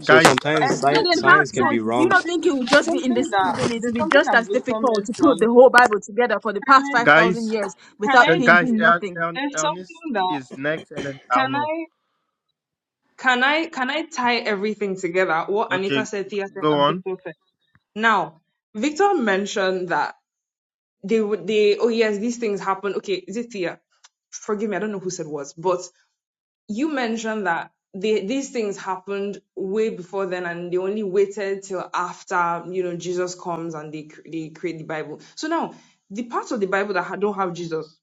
Speaker 16: so
Speaker 5: uh,
Speaker 16: sometimes
Speaker 14: So then
Speaker 16: science
Speaker 9: Exactly.
Speaker 14: how
Speaker 16: science can
Speaker 14: so
Speaker 16: be
Speaker 9: There's
Speaker 14: do you
Speaker 16: wrong
Speaker 14: not
Speaker 9: something.
Speaker 14: think it would
Speaker 9: There's
Speaker 14: just be in the
Speaker 9: something
Speaker 14: same
Speaker 9: that.
Speaker 14: vein it would
Speaker 9: There's
Speaker 14: be
Speaker 9: something
Speaker 14: just
Speaker 9: that
Speaker 14: as
Speaker 9: Victor
Speaker 14: difficult to put the
Speaker 9: mentioned.
Speaker 14: whole Bible together for the
Speaker 9: Can
Speaker 14: past
Speaker 9: I?
Speaker 14: five
Speaker 5: guys.
Speaker 14: thousand years
Speaker 9: Can
Speaker 14: without
Speaker 9: I
Speaker 5: Gu- Guys,
Speaker 14: changing
Speaker 9: speak?
Speaker 5: Er-
Speaker 14: nothing?
Speaker 5: Er-
Speaker 9: There's
Speaker 5: Ernest
Speaker 9: something that.
Speaker 5: is next, and then I'll
Speaker 9: Can
Speaker 5: know.
Speaker 9: I? can I can I tie everything together? What
Speaker 5: Okay,
Speaker 9: Anita
Speaker 5: g-
Speaker 9: said, Thea said,
Speaker 5: go
Speaker 9: and
Speaker 5: on.
Speaker 9: Victor said. Now, Victor mentioned that they would they oh yes, these things happen. Okay, is it Thea? Forgive me, I don't know who said was, but you mentioned that they, these things happened way before then, and they only waited till after you know Jesus comes and they cr- they create the Bible. So now the parts of the Bible that ha- don't have Jesus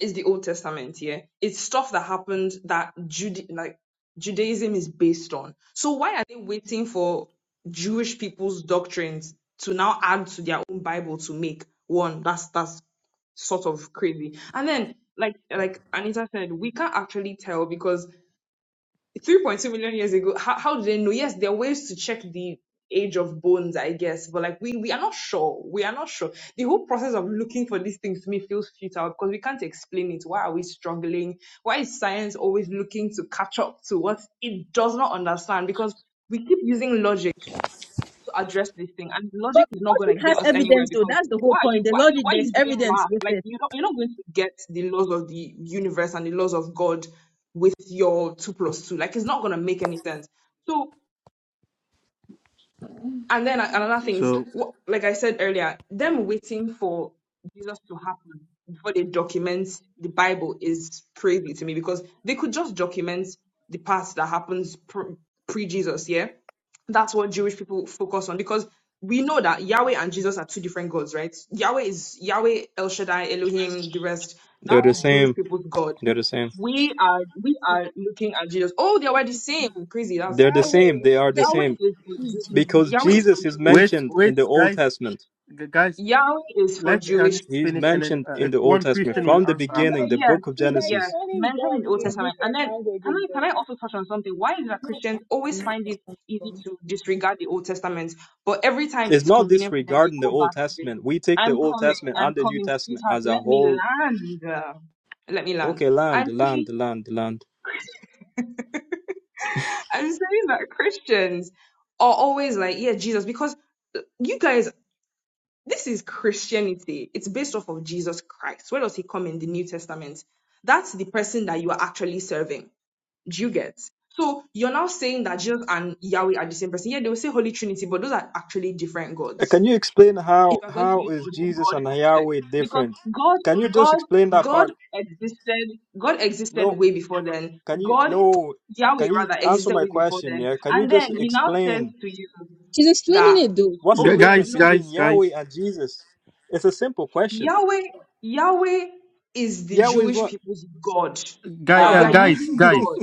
Speaker 9: is the Old Testament, yeah. It's stuff that happened that Jude like Judaism is based on. So why are they waiting for Jewish people's doctrines to now add to their own Bible to make one? That's that's sort of crazy. And then like like Anita said, we can't actually tell because 3.2 million years ago how, how do they know yes there are ways to check the age of bones i guess but like we we are not sure we are not sure the whole process of looking for these things to me feels futile because we can't explain it why are we struggling why is science always looking to catch up to what it does not understand because we keep using logic to address this thing. And
Speaker 14: But
Speaker 9: logic
Speaker 14: the
Speaker 9: is not gonna
Speaker 14: logic has
Speaker 9: get us anywhere
Speaker 14: evidence though,
Speaker 9: because
Speaker 14: that's the whole
Speaker 9: why are
Speaker 14: point.
Speaker 9: you
Speaker 14: The
Speaker 9: why are you
Speaker 14: logic
Speaker 9: why are you
Speaker 14: there's
Speaker 9: doing
Speaker 14: evidence
Speaker 9: math?
Speaker 14: with
Speaker 9: Like
Speaker 14: it.
Speaker 9: you're not you're not going to get the laws of the universe and the laws of God with your two plus two. Like it's not gonna make any sense. So and then another thing is,
Speaker 5: So
Speaker 9: what, like I said earlier, them waiting for Jesus to happen before they document the Bible is crazy to me because they could just document the past that happens pre Jesus, yeah? That's what Jewish people focus on because we know that Yahweh and Jesus are two different gods, right? Yahweh is Yahweh, El Shaddai, Elohim, the rest.
Speaker 16: they're
Speaker 9: That's
Speaker 16: the
Speaker 10: Oh,
Speaker 9: Jewish
Speaker 16: same
Speaker 9: people's God.
Speaker 16: they're the same
Speaker 9: We are we are looking at Jesus. Oh, they were the same. Crazy. That's
Speaker 16: they're the
Speaker 9: interesting.
Speaker 16: same
Speaker 10: Yahweh.
Speaker 16: they are the
Speaker 14: Hey,
Speaker 9: Yahweh
Speaker 16: same
Speaker 9: is for Jew-
Speaker 16: because
Speaker 9: Yahweh is for
Speaker 16: jesus is
Speaker 9: Jewish
Speaker 5: wait,
Speaker 16: mentioned
Speaker 9: people.
Speaker 16: in
Speaker 5: wait,
Speaker 16: the old
Speaker 5: guys,
Speaker 16: testament
Speaker 5: Gu- guys,
Speaker 9: Yahweh is for
Speaker 5: let
Speaker 9: Jewish
Speaker 5: Ernest
Speaker 16: he's
Speaker 9: people.
Speaker 5: finish, and then
Speaker 16: mentioned
Speaker 5: uh, uh,
Speaker 16: in the old
Speaker 5: one
Speaker 16: testament
Speaker 5: question
Speaker 10: Oh,
Speaker 5: will
Speaker 16: from the
Speaker 5: answer
Speaker 10: it's
Speaker 16: beginning
Speaker 5: after.
Speaker 10: like
Speaker 16: the
Speaker 9: Yes,
Speaker 16: book of
Speaker 10: it's like
Speaker 9: yes.
Speaker 16: genesis
Speaker 10: calling
Speaker 9: Mentioned in
Speaker 10: God
Speaker 9: the Old
Speaker 10: in
Speaker 9: Testament. And
Speaker 10: different
Speaker 9: then can
Speaker 10: languages,
Speaker 9: I can
Speaker 10: though.
Speaker 9: I also touch on something? Why is it that Christians always find it easy to disregard the Old Testament, but every time
Speaker 16: it's
Speaker 9: it's
Speaker 16: not
Speaker 9: convenient for them, they
Speaker 16: disregarding the
Speaker 9: go
Speaker 16: old
Speaker 9: back to it.
Speaker 16: testament we take the
Speaker 9: I'm
Speaker 16: old
Speaker 9: coming.
Speaker 16: testament
Speaker 9: I'm
Speaker 16: and the new
Speaker 9: coming,
Speaker 16: testament
Speaker 9: sweetheart.
Speaker 16: as a
Speaker 9: Let me
Speaker 16: whole
Speaker 9: land. uh, Let me land.
Speaker 16: okay land
Speaker 9: I'm
Speaker 16: land
Speaker 9: see.
Speaker 16: land land
Speaker 9: I'm saying that Christians are always like, yeah, Jesus, because uh, you guys, this is Christianity. It's based off of Jesus Christ. Where does he come in the New Testament? That's the person that you are actually serving. Do you get? So you're now saying that Jesus and Yahweh are the same person. Yeah, they will say Holy Trinity, but those are actually different
Speaker 16: Uh,
Speaker 9: gods
Speaker 16: Can you explain
Speaker 9: if
Speaker 16: how
Speaker 9: we're going to
Speaker 16: how
Speaker 9: use
Speaker 16: is
Speaker 9: the whole
Speaker 16: Jesus
Speaker 9: God
Speaker 16: and
Speaker 9: construct,
Speaker 16: Yahweh
Speaker 9: because
Speaker 16: different?
Speaker 9: God,
Speaker 16: Can you just
Speaker 9: God,
Speaker 16: explain that
Speaker 9: God
Speaker 16: part?
Speaker 9: existed, God existed
Speaker 16: No,
Speaker 9: way before then.
Speaker 16: can you
Speaker 9: God,
Speaker 16: no
Speaker 9: Yahweh
Speaker 16: can you
Speaker 9: rather,
Speaker 16: answer
Speaker 9: existed
Speaker 16: my
Speaker 9: way before
Speaker 16: question,
Speaker 9: then.
Speaker 16: yeah? Can you
Speaker 9: And then
Speaker 16: just
Speaker 9: he now says
Speaker 16: explain
Speaker 9: to you
Speaker 14: She's explaining
Speaker 9: that,
Speaker 14: it though.
Speaker 16: what's the
Speaker 5: Gu-
Speaker 9: oh, there's
Speaker 16: difference
Speaker 5: Guys,
Speaker 9: no
Speaker 16: between
Speaker 5: guys,
Speaker 16: Yahweh
Speaker 5: guys,
Speaker 16: and Jesus? It's a simple question.
Speaker 9: Yahweh, Yahweh is the
Speaker 16: Yahweh is
Speaker 9: Jewish
Speaker 16: what
Speaker 9: people's God.
Speaker 5: guy,
Speaker 9: Well, we
Speaker 5: uh,
Speaker 9: are
Speaker 16: ah
Speaker 5: guys,
Speaker 9: using God
Speaker 5: guys,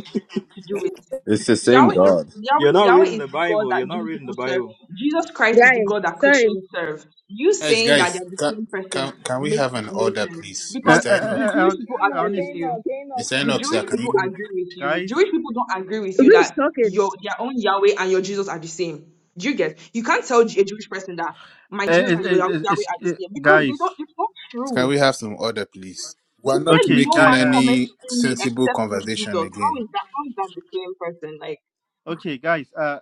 Speaker 9: to do it.
Speaker 8: It's the same
Speaker 9: Yahweh is
Speaker 8: god.
Speaker 16: You're
Speaker 9: Yahweh,
Speaker 16: not
Speaker 9: Yahweh
Speaker 16: reading
Speaker 9: is
Speaker 16: the
Speaker 9: the God
Speaker 16: Bible.
Speaker 9: that
Speaker 16: You're not
Speaker 9: Jewish
Speaker 16: reading
Speaker 9: people
Speaker 16: the
Speaker 9: serve.
Speaker 16: Bible.
Speaker 9: Jesus Christ is the
Speaker 14: Right.
Speaker 9: God that
Speaker 14: Sorry.
Speaker 9: Christians serve. You
Speaker 3: Guys,
Speaker 9: saying that they
Speaker 3: guys,
Speaker 9: are the
Speaker 3: can,
Speaker 9: same person
Speaker 3: can, can we
Speaker 9: makes
Speaker 3: have an
Speaker 9: no
Speaker 3: order,
Speaker 9: sense
Speaker 3: please?
Speaker 5: uh,
Speaker 9: because
Speaker 5: uh,
Speaker 3: Mr.
Speaker 9: the
Speaker 3: Enoch.
Speaker 5: uh,
Speaker 9: Jewish
Speaker 5: Ern-
Speaker 9: people
Speaker 10: Enoch,
Speaker 9: agree
Speaker 5: Ernest,
Speaker 9: with
Speaker 10: Enoch,
Speaker 9: you
Speaker 10: Enoch, we
Speaker 3: Mr.
Speaker 9: the
Speaker 3: Enoch,
Speaker 10: need
Speaker 3: sir,
Speaker 9: Jewish
Speaker 10: you.
Speaker 3: can
Speaker 9: people
Speaker 3: you
Speaker 9: agree with you.
Speaker 5: guys,
Speaker 9: Jewish people don't agree with you
Speaker 14: Who's
Speaker 9: that
Speaker 14: talking?
Speaker 9: your their own Yahweh and your Jesus are the same. Do you get? You can't tell a Jewish person that my
Speaker 5: uh,
Speaker 9: Jesus
Speaker 5: uh,
Speaker 9: and your
Speaker 5: uh, uh, es-
Speaker 9: Yahweh are the
Speaker 5: uh,
Speaker 9: same because they
Speaker 5: guys.
Speaker 9: don't. It's not
Speaker 3: can
Speaker 9: true.
Speaker 3: we have some order, please?
Speaker 9: They
Speaker 3: We're
Speaker 9: said
Speaker 3: not
Speaker 5: Okay,
Speaker 9: no
Speaker 5: guy.
Speaker 3: making
Speaker 9: man
Speaker 5: Uh,
Speaker 9: comments
Speaker 3: any
Speaker 9: in me
Speaker 3: sensible
Speaker 9: except through Jesus.
Speaker 3: conversation
Speaker 9: How
Speaker 3: again.
Speaker 9: is that? How is that the same person? Like,
Speaker 5: okay, guys. Uh,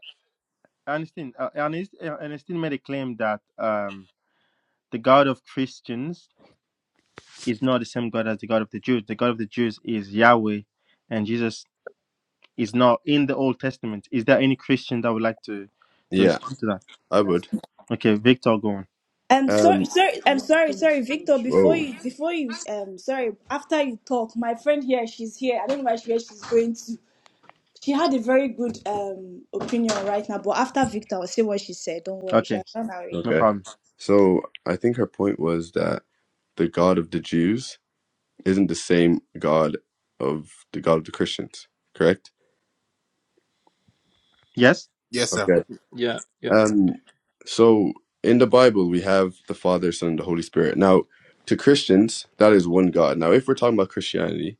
Speaker 5: Ernestine, uh, Ernest, uh, Ernestine made a claim that um, the God of Christians is not the same God as the God of the Jews. The God of the Jews is Yahweh, and Jesus is not in the Old Testament. Is there any Christian that would like to to
Speaker 8: Yeah,
Speaker 5: respond to that?
Speaker 8: I would.
Speaker 5: Okay, Victor, go on.
Speaker 6: Um, sorry,
Speaker 8: Um.
Speaker 6: sorry, I'm sorry, sorry, Victor. Before
Speaker 8: Whoa.
Speaker 6: you, before you, um, sorry. After you talk, my friend here, she's here. I don't know where she, where she's going to. She had a very good um opinion right now, but after Victor, I'll say what she said. Don't worry, she
Speaker 5: Okay,
Speaker 6: has gone out.
Speaker 5: no
Speaker 8: Okay.
Speaker 5: problem.
Speaker 8: So I think her point was that the God of the Jews isn't the same God of the God of the Christians. Correct.
Speaker 5: Yes.
Speaker 3: Yes, sir.
Speaker 8: Okay.
Speaker 16: Yeah, yeah.
Speaker 8: Um. So in the Bible we have the Father, Son, and the Holy Spirit. Now, to Christians, that is one God. Now, if we're talking about Christianity,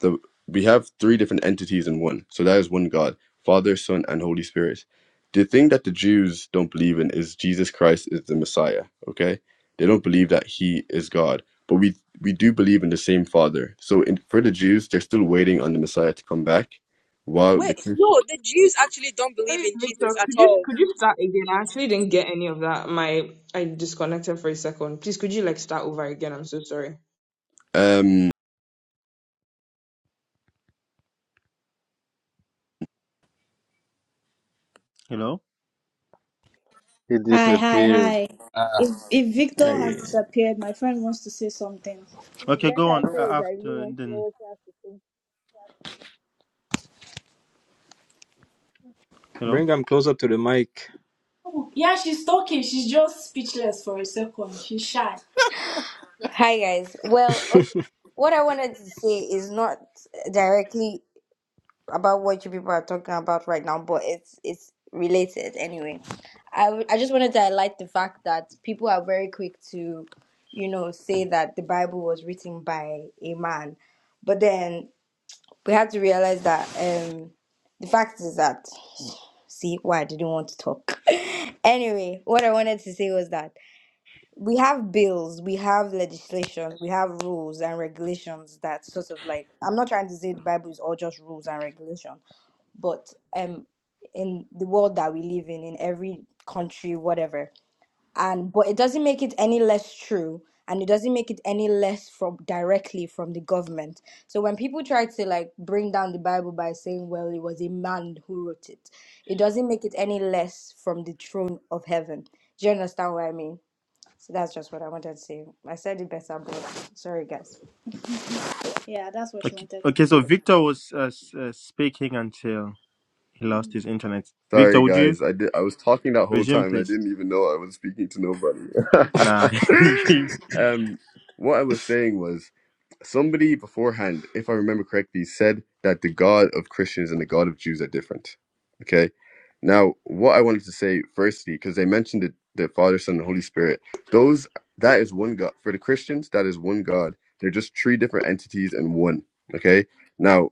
Speaker 8: the we have three different entities in one. So that is one God, Father, Son, and Holy Spirit. The thing that the Jews don't believe in is Jesus Christ is the Messiah. Okay, they don't believe that He is God, but we we do believe in the same Father. So in, for the Jews, they're still waiting on the Messiah to come back. While the
Speaker 14: Wait,
Speaker 8: Christ-
Speaker 14: no, the Jews actually don't believe
Speaker 9: sorry,
Speaker 14: in
Speaker 9: Victor,
Speaker 14: Jesus at
Speaker 9: could you
Speaker 14: all.
Speaker 9: could you start again? I actually didn't get any of that. My I disconnected for a second. Please, could you like start over again? I'm so sorry.
Speaker 8: um,
Speaker 5: Hello.
Speaker 15: It
Speaker 6: Hi, hi,
Speaker 15: disappeared.
Speaker 6: hi.
Speaker 3: Ah,
Speaker 6: If if Victor
Speaker 16: Yeah, yeah,
Speaker 6: has
Speaker 16: yeah.
Speaker 6: disappeared, my friend wants to say something.
Speaker 10: Please
Speaker 5: Okay,
Speaker 10: let
Speaker 5: go
Speaker 10: her
Speaker 5: on uh,
Speaker 10: say it. I really
Speaker 5: after
Speaker 10: want
Speaker 5: and
Speaker 10: to hear
Speaker 5: then.
Speaker 10: what she has to say.
Speaker 5: Hello.
Speaker 16: Bring them closer to the mic.
Speaker 6: Yeah, she's talking. She's just speechless for a second. She's shy. Hi guys. Well, okay. What I wanted to say is not directly. about what you people are talking about right now, but it's it's related anyway. I, w- I just wanted to highlight the fact that people are very quick to, you know, say that the Bible was written by a man, but then we had to realize that um the fact is that see why I didn't want to talk. anyway, what I wanted to say was that we have bills, we have legislation, we have rules and regulations that sort of like I'm not trying to say the Bible is all just rules and regulation but um in the world that we live in in every country whatever and but it doesn't make it any less true and it doesn't make it any less from directly from the government so when people try to like bring down the bible by saying well it was a man who wrote it it doesn't make it any less from the throne of heaven do you understand what i mean so that's just what i wanted to say i said it better but sorry guys Yeah, that's what she
Speaker 5: Okay.
Speaker 6: wanted to
Speaker 5: Okay. So
Speaker 6: say.
Speaker 5: Victor was uh, s- uh, speaking until he lost his internet. Victor,
Speaker 8: sorry
Speaker 5: would you
Speaker 8: guys, I did I was talking that whole
Speaker 5: resume,
Speaker 8: time and I
Speaker 5: please?
Speaker 8: didn't even know I was speaking to nobody.
Speaker 5: Nah.
Speaker 8: um, what I was saying was. somebody beforehand, if I remember correctly, said that the God of Christians and the God of Jews are different. Okay. Now, what I wanted to say firstly, because they mentioned the, the Father, Son, and Holy Spirit, those that is one God. For the Christians, that is one God. They're just three different entities and one. Okay. Now,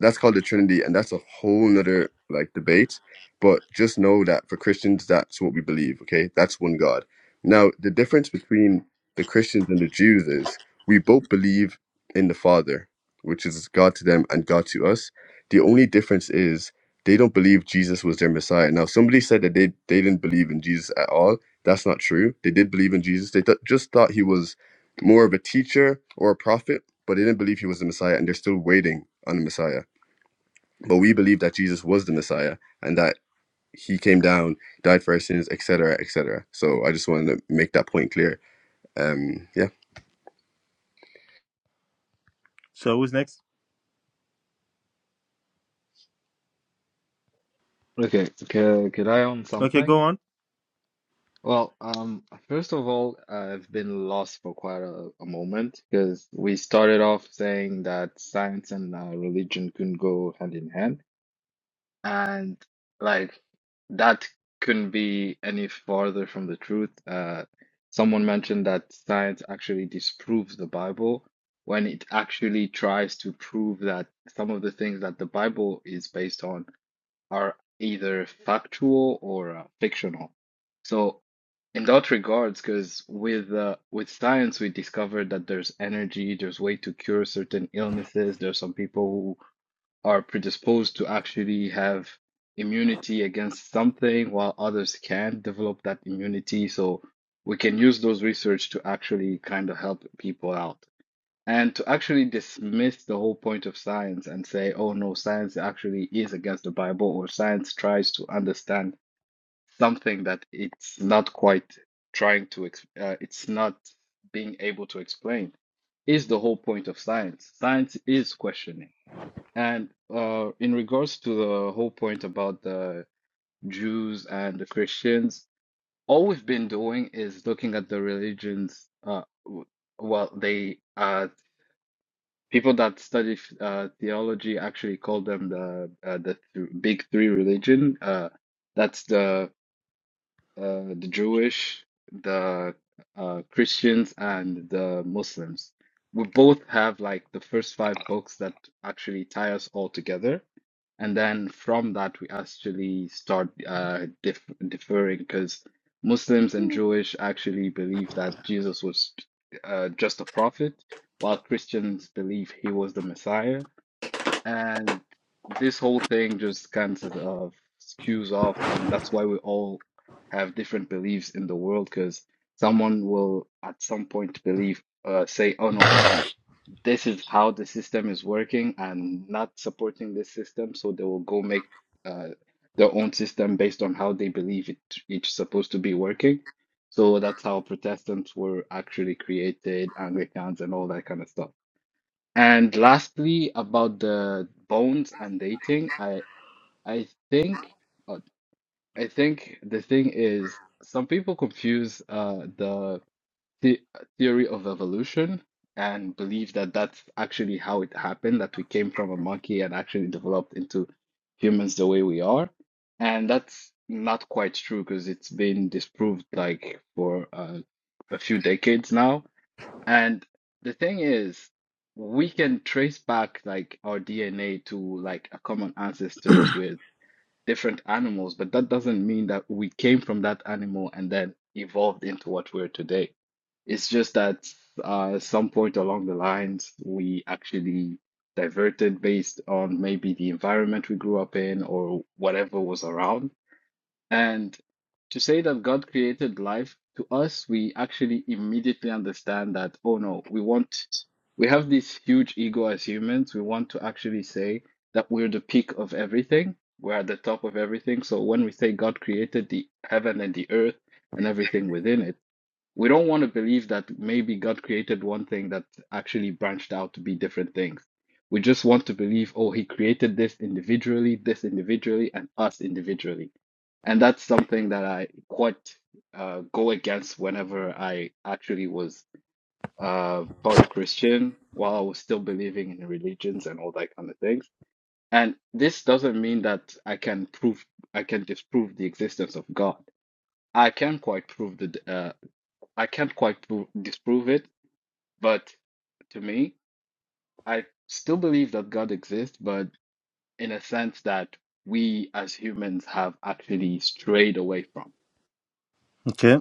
Speaker 8: that's called the Trinity, and that's a whole nother like debate. But just know that for Christians, that's what we believe. Okay, that's one God. Now, the difference between the Christians and the Jews is we both believe in the Father, which is God to them and God to us. The only difference is they don't believe Jesus was their Messiah. Now, somebody said that they they didn't believe in Jesus at all. That's not true. They did believe in Jesus. They th- just thought he was more of a teacher or a prophet, but they didn't believe he was the Messiah, and they're still waiting on the Messiah. But we believe that Jesus was the Messiah and that he came down, died for our sins, etc., etc. So I just wanted to make that point clear. Um, yeah,
Speaker 5: so who's next?
Speaker 15: Okay, c- could I own
Speaker 5: Okay,
Speaker 15: something?
Speaker 5: go on.
Speaker 15: Well, um, first of all, I've been lost for quite a, a moment because we started off saying that science and uh, religion couldn't go hand in hand. And like that couldn't be any farther from the truth. Uh, someone mentioned that science actually disproves the Bible when it actually tries to prove that some of the things that the Bible is based on are either factual or uh, fictional. So in that regards, because with uh, with science we discovered that there's energy, there's way to cure certain illnesses. There's some people are predisposed to actually have immunity against something while others can develop that immunity. So we can use those research to actually kind of help people out. And to actually dismiss the whole point of science and say, oh no, science actually is against the Bible, or science tries to understand something that it's not quite trying to, ex- uh, it's not being able to explain, is the whole point of science. Science is questioning. And uh, in regards to the whole point about the Jews and the Christians, all we've been doing is looking at the religions. Uh, w- well, they uh, people that study uh, theology actually call them the uh, the th big three religion. Uh, that's the uh, the Jewish, the uh, Christians, and the Muslims. We both have like the first five books that actually tie us all together. And then from that, we actually start uh, dif differing because Muslims and Jewish actually believe that Jesus was uh, just a prophet, while Christians believe he was the Messiah and this whole thing just kind of skews off, and that's why we all have different beliefs in the world, because someone will at some point believe, uh, say, oh no, this is how the system is working. and not supporting this system, so they will go make uh, their own system based on how they believe it it's supposed to be working. So that's how Protestants were actually created, Anglicans, and all that kind of stuff. And lastly, about the bones and dating, I I think uh, I think the thing is some people confuse uh, the, the theory of evolution and believe that that's actually how it happened, that we came from a monkey and actually developed into humans the way we are. And that's not quite true because it's been disproved like for uh, a few decades now and the thing is, we can trace back like our DNA to like a common ancestors with different animals, but that doesn't mean that we came from that animal and then evolved into what we're today. It's just that uh, at some point along the lines, we actually diverted based on maybe the environment we grew up in or whatever was around. And to say that God created life, to us, we actually immediately understand that, oh no, we want, we have this huge ego as humans. We want to actually say that we're the peak of everything, we're at the top of everything. So when we say God created the heaven and the earth and everything within it, we don't want to believe that maybe God created one thing that actually branched out to be different things. We just want to believe, oh, he created this individually, this individually, and us individually. And that's something that I quite uh, go against whenever I actually was uh, taught Christian while I was still believing in religions and all that kind of things. And this doesn't mean that I can prove, I can disprove the existence of God. I can quite prove the uh, I can't quite prove, disprove it, but to me, I still believe that God exists, but in a sense that we as humans have actually strayed away from.
Speaker 5: Okay,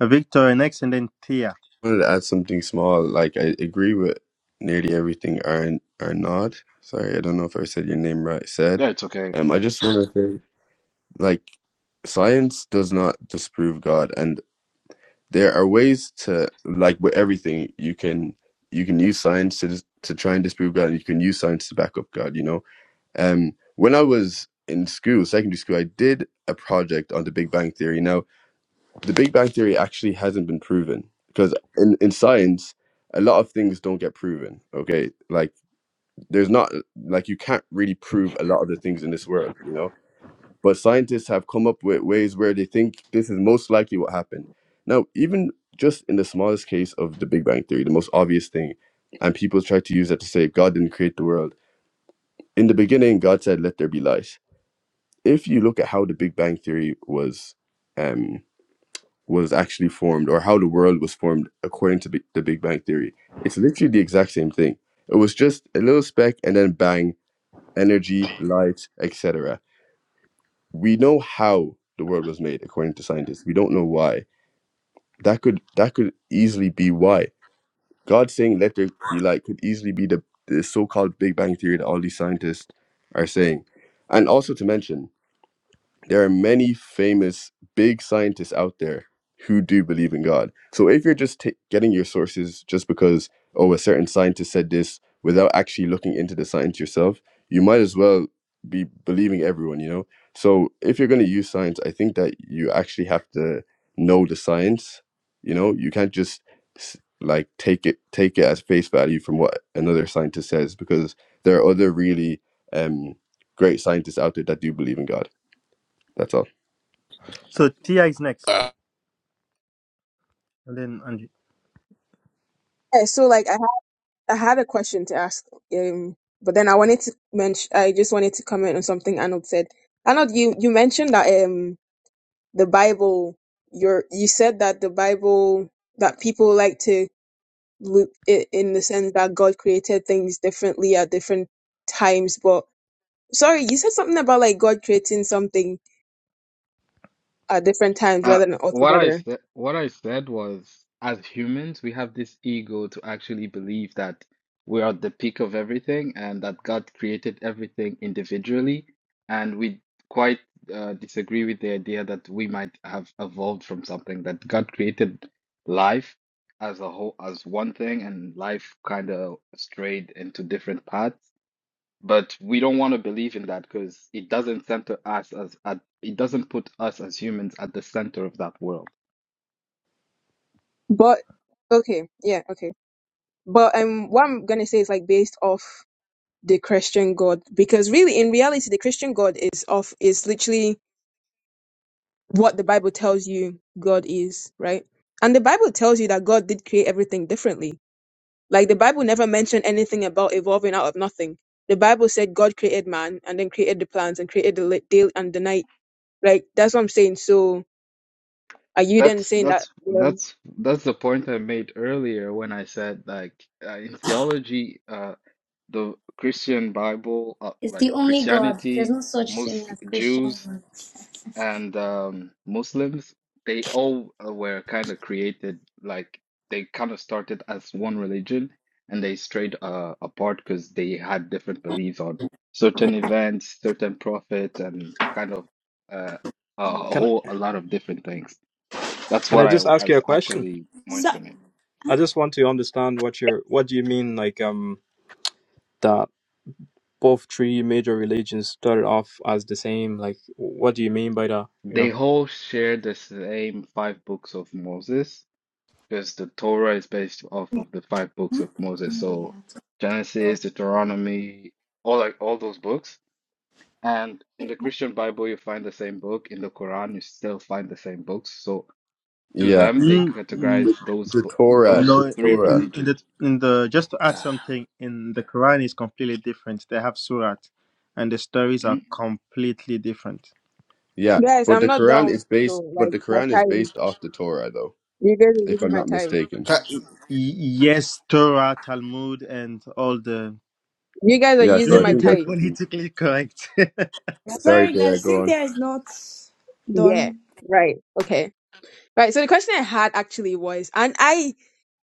Speaker 5: uh, Victor next, and then Tia.
Speaker 8: I wanted to add something small. Like I agree with nearly everything Aaron Arnaud. Sorry, I don't know if I said your name right. Said.
Speaker 15: Yeah, it's okay.
Speaker 8: Um, I just want to say, like, science does not disprove God, and there are ways to, like, with everything you can you can use science to dis- to try and disprove God, and you can use science to back up God. You know, Um, when I was in school, secondary school, I did a project on the Big Bang Theory. Now, the Big Bang Theory actually hasn't been proven because in, in science, a lot of things don't get proven. Okay. Like, there's not, like, you can't really prove a lot of the things in this world, you know? But scientists have come up with ways where they think this is most likely what happened. Now, even just in the smallest case of the Big Bang Theory, the most obvious thing, and people try to use that to say God didn't create the world. In the beginning, God said, let there be light if you look at how the Big Bang Theory was um, was actually formed, or how the world was formed according to B- the Big Bang Theory, it's literally the exact same thing. It was just a little speck, and then bang, energy, light, etc. We know how the world was made according to scientists. We don't know why. That could that could easily be why God saying "Let there be light" could easily be the the so-called Big Bang Theory that all these scientists are saying, and also to mention. there are many famous big scientists out there who do believe in God. So if you're just ta getting your sources just because oh a certain scientist said this without actually looking into the science yourself, you might as well be believing everyone, you know. So if you're going to use science, I think that you actually have to know the science, you know. You can't just s- like take it take it as face value from what another scientist says because there are other really um great scientists out there that do believe in God. That's all.
Speaker 5: So Tia is next,
Speaker 3: ah,
Speaker 5: and then Andrew.
Speaker 14: Yeah, so like I ha- I had a question to ask, um, but then I wanted to mention I just wanted to comment on something Arnold said. Arnold, you you mentioned that um. the Bible, your you said that the Bible that people like to look it in the sense that God created things differently at different times. But sorry, you said something about like God creating something at different times
Speaker 15: Uh,
Speaker 14: rather than
Speaker 15: what I
Speaker 14: altogether.
Speaker 15: said, what I said was, as humans, we have this ego to actually believe that we are the peak of everything and that God created everything individually, and we quite uh, disagree with the idea that we might have evolved from something that God created life as a whole, as one thing, and life kind of strayed into different paths. But we don't want to believe in that because it doesn't center us as at, it doesn't put us as humans at the center of that world.
Speaker 14: But okay, yeah, okay. But um, what I'm gonna say is like based off the Christian God because really in reality the Christian God is of is literally what the Bible tells you God is, right? And the Bible tells you that God did create everything differently Like the Bible never mentioned anything about evolving out of nothing. The Bible said God created man and then created the plants and created the li- day and the night. Like that's what I'm saying. So are you then
Speaker 15: That's
Speaker 14: saying that?
Speaker 15: that's
Speaker 14: Well,
Speaker 15: that's that's the point I made earlier when I said like uh, in theology, uh, the Christian Bible, uh,
Speaker 6: It's
Speaker 15: like
Speaker 6: the only God. There's
Speaker 15: Christianity,
Speaker 6: no such thing
Speaker 15: Muslim,
Speaker 6: as Christian
Speaker 15: Jews.
Speaker 6: God.
Speaker 15: and um, Muslims, they all uh, were kind of created like they kind of started as one religion and they strayed uh, apart because they had different beliefs on certain events, certain prophets, and kind of uh, a a
Speaker 16: Can I,
Speaker 15: whole a lot of different things. That's
Speaker 16: can
Speaker 15: what
Speaker 16: I
Speaker 15: I
Speaker 16: just ask you
Speaker 15: was
Speaker 16: a question?
Speaker 15: actually
Speaker 6: So,
Speaker 15: mentioning.
Speaker 16: I just want to understand what you're what do you mean like um that both three major religions started off as the same. Like, what do you mean by that? You
Speaker 15: They
Speaker 16: know.
Speaker 15: all share the same five books of Moses because the Torah is based off of the five books of Moses. So Genesis, Deuteronomy, all like all those books. And in the Christian Bible, you find the same book. In the Quran, you still find the same books. So to
Speaker 8: Yeah,
Speaker 15: them, they
Speaker 5: Mm, mm,
Speaker 8: the,
Speaker 15: categorize those
Speaker 8: the
Speaker 15: bo-
Speaker 8: Torah,
Speaker 5: No,
Speaker 8: the
Speaker 15: those three
Speaker 8: Torah.
Speaker 5: in, in
Speaker 15: religions.
Speaker 5: the in the just to add
Speaker 3: ah.
Speaker 5: something in the Quran is completely different. They have surat, and the stories are
Speaker 15: Mm.
Speaker 5: completely different.
Speaker 8: Yeah,
Speaker 14: guys,
Speaker 8: but
Speaker 14: I'm
Speaker 8: the
Speaker 14: not
Speaker 8: Quran
Speaker 14: down
Speaker 8: is
Speaker 14: though.
Speaker 8: based, but
Speaker 14: Like
Speaker 8: the
Speaker 14: my
Speaker 8: Quran is
Speaker 14: time,
Speaker 8: based off the Torah, though,
Speaker 14: you guys are
Speaker 8: if
Speaker 14: using
Speaker 8: I'm
Speaker 14: my
Speaker 8: not
Speaker 14: time.
Speaker 8: mistaken.
Speaker 3: Ca-
Speaker 5: Y- yes, Torah, Talmud, and all the.
Speaker 14: You guys are
Speaker 8: Yeah, so
Speaker 5: Let
Speaker 14: using
Speaker 8: I
Speaker 14: my
Speaker 5: me
Speaker 8: think
Speaker 5: be
Speaker 8: that's what
Speaker 14: time.
Speaker 8: you.
Speaker 5: politically correct.
Speaker 8: Sorry,
Speaker 6: sorry
Speaker 8: Thea,
Speaker 6: guys,
Speaker 8: go on.
Speaker 6: Cynthia is not
Speaker 14: Yeah.
Speaker 6: done.
Speaker 14: Right. Okay. Right. So the question I had actually was, and I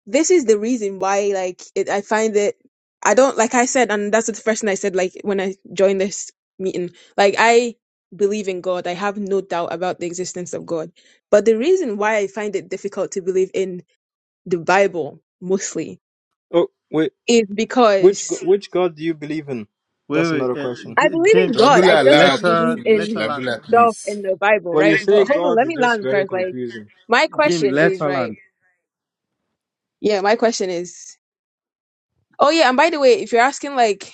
Speaker 14: this is the reason why like it, i find it. i don't like i said and that's the first thing i said like when i joined this meeting like i believe in god i have no doubt about the existence of god but the reason why i find it difficult to believe in the bible mostly
Speaker 16: Oh, wait,
Speaker 14: is
Speaker 16: which go-
Speaker 14: because
Speaker 16: which God do you believe in?
Speaker 5: wait,
Speaker 16: That's
Speaker 5: wait,
Speaker 16: another
Speaker 5: uh,
Speaker 16: question.
Speaker 14: i
Speaker 5: J-
Speaker 14: believe in
Speaker 5: Jim,
Speaker 14: god i
Speaker 3: Labula
Speaker 14: just
Speaker 5: let
Speaker 3: Allah
Speaker 14: don't
Speaker 3: to
Speaker 5: her
Speaker 14: believe
Speaker 3: finish.
Speaker 5: let her
Speaker 14: in
Speaker 5: land.
Speaker 3: Labula,
Speaker 14: stuff
Speaker 3: please.
Speaker 14: in the bible
Speaker 16: When you
Speaker 14: right
Speaker 16: say
Speaker 14: but hold on
Speaker 16: God,
Speaker 14: let me
Speaker 16: it's just
Speaker 14: land
Speaker 16: very
Speaker 14: first like
Speaker 16: confusing.
Speaker 14: my
Speaker 5: Jim,
Speaker 14: question
Speaker 5: let
Speaker 14: is
Speaker 5: her
Speaker 14: right
Speaker 5: land.
Speaker 14: yeah my question is oh yeah and by the way if you're asking like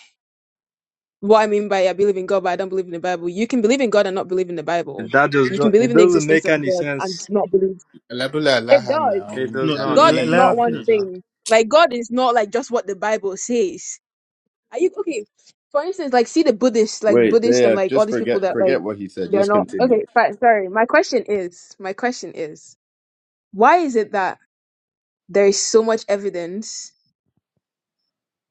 Speaker 14: what I mean by I believe in God, but I don't believe in the Bible. You can believe in God and not believe in the Bible.
Speaker 16: That just
Speaker 14: You can
Speaker 16: do-
Speaker 14: believe
Speaker 16: it
Speaker 14: in the
Speaker 16: doesn't
Speaker 14: existence
Speaker 16: make
Speaker 14: of
Speaker 16: any
Speaker 14: God and
Speaker 16: sense.
Speaker 14: not believe.
Speaker 3: Labula
Speaker 14: It
Speaker 3: Allah
Speaker 14: does.
Speaker 16: It
Speaker 3: now.
Speaker 16: does
Speaker 5: No,
Speaker 16: not.
Speaker 14: God
Speaker 5: let,
Speaker 14: is
Speaker 5: let
Speaker 14: not
Speaker 3: Charlie.
Speaker 5: her
Speaker 16: It
Speaker 14: one
Speaker 16: does
Speaker 5: finish.
Speaker 16: not.
Speaker 14: thing. Like God is not like just what the Bible says. Are you okay? For instance, like see the Buddhists, like
Speaker 8: Wait,
Speaker 14: Buddhists and
Speaker 8: Thea,
Speaker 14: like all
Speaker 8: just
Speaker 14: these people
Speaker 8: forget
Speaker 14: that like
Speaker 8: forget what he said.
Speaker 14: they're
Speaker 8: Just
Speaker 14: not
Speaker 8: continue.
Speaker 14: okay. Fine, sorry. My question is, my question is, why is it that there is so much evidence?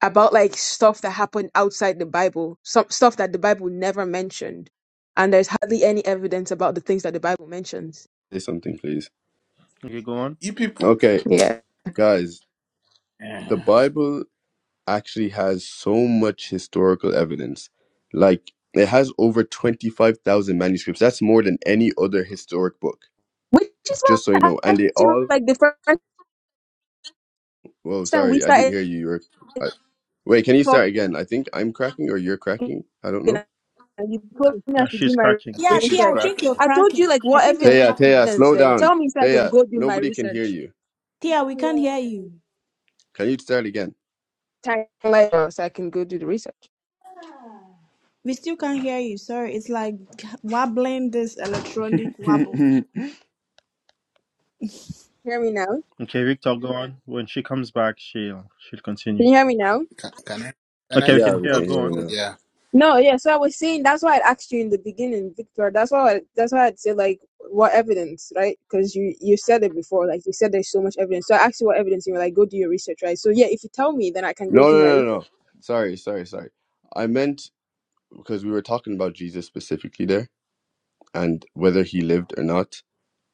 Speaker 14: about like stuff that happened outside the Bible, some stuff that the Bible never mentioned, and there's hardly any evidence about the things that the Bible mentions.
Speaker 8: Say something, please.
Speaker 5: Okay, go on.
Speaker 3: You people.
Speaker 8: Okay,
Speaker 14: Yeah,
Speaker 8: guys, the
Speaker 3: Eh,
Speaker 8: Bible actually has so much historical evidence. Like it has over twenty five thousand manuscripts. That's more than any other historic book.
Speaker 14: which is
Speaker 8: Just so you
Speaker 14: why
Speaker 8: know,
Speaker 14: I
Speaker 8: and they
Speaker 14: asked you
Speaker 8: all.
Speaker 14: like the first
Speaker 8: Well,
Speaker 14: time we
Speaker 8: sorry, I didn't
Speaker 14: started
Speaker 8: hear you. You were. uh, Wait, can you
Speaker 14: talking,
Speaker 8: start again? I think I'm cracking or you're cracking. I don't know.
Speaker 14: and you
Speaker 10: I think
Speaker 14: told
Speaker 10: it's
Speaker 14: me I
Speaker 5: No,
Speaker 10: time.
Speaker 14: should do
Speaker 5: she's
Speaker 14: my
Speaker 3: I
Speaker 5: cracking.
Speaker 6: Yeah,
Speaker 3: think
Speaker 6: Tia,
Speaker 3: she's
Speaker 6: I
Speaker 14: research.
Speaker 6: think
Speaker 3: cracking.
Speaker 6: you're
Speaker 14: I told you
Speaker 6: cracking.
Speaker 14: like
Speaker 6: I
Speaker 14: what
Speaker 6: think you're
Speaker 14: evidence?
Speaker 8: Taya,
Speaker 6: cracking.
Speaker 8: Taya, slow
Speaker 14: Then
Speaker 8: down.
Speaker 14: tell me so I can
Speaker 8: Taya,
Speaker 14: go do my
Speaker 8: nobody can hear
Speaker 14: research.
Speaker 8: you.
Speaker 10: You
Speaker 6: Tia,
Speaker 10: can
Speaker 6: we can't
Speaker 10: hear
Speaker 6: hear
Speaker 10: uh,
Speaker 6: you.
Speaker 8: Can you start again?
Speaker 14: Time like so I can go do the research.
Speaker 6: We still
Speaker 10: you
Speaker 6: can't hear
Speaker 10: can-
Speaker 6: you. Sorry, it's like wobbling this electronic wobble.
Speaker 14: Hear me now? Can
Speaker 5: Okay, Victor, go on. When she comes back, she'll she'll continue.
Speaker 14: you hear me now?
Speaker 3: Can, can I? Can
Speaker 5: Okay,
Speaker 3: I?
Speaker 5: we
Speaker 8: Yeah,
Speaker 5: can
Speaker 8: we
Speaker 5: hear her.
Speaker 8: can
Speaker 3: Okay,
Speaker 5: Go
Speaker 8: hear you
Speaker 5: on.
Speaker 3: cool.
Speaker 8: now.
Speaker 3: Yeah.
Speaker 14: No, yeah. So I was saying that's why I asked you in the beginning, Victor. That's why I, that's why I'd say like what evidence, right? Because you you said it before, like you said there's so much evidence. So I asked you what evidence, and you were like, go do your research, right? So yeah, if you tell me, then I can go
Speaker 8: No,
Speaker 14: do my
Speaker 8: no, no,
Speaker 14: research.
Speaker 8: no. Sorry, sorry, sorry. I meant because we were talking about Jesus specifically there and whether he lived or not.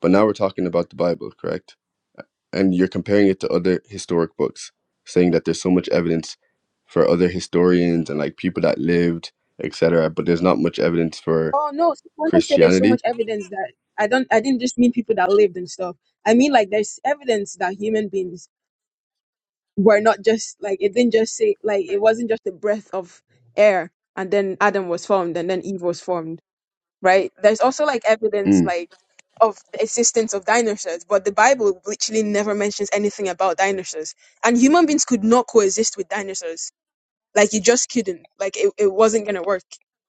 Speaker 8: But now we're talking about the Bible, correct? And you're comparing it to other historic books, saying that there's so much evidence for other historians and like people that lived, etc. But there's not much evidence for
Speaker 14: Oh no, so when I said there's so
Speaker 8: Christianity.
Speaker 14: much evidence that I don't, I didn't just mean people that lived and stuff. I mean like there's evidence that human beings were not just like it didn't just say like it wasn't just a breath of air, and then Adam was formed, and then Eve was formed right? There's also like evidence
Speaker 8: Mm.
Speaker 14: like of the existence of dinosaurs, but the Bible literally never mentions anything about dinosaurs. And human beings could not coexist with dinosaurs. Like you just couldn't. Like it, it wasn't gonna work.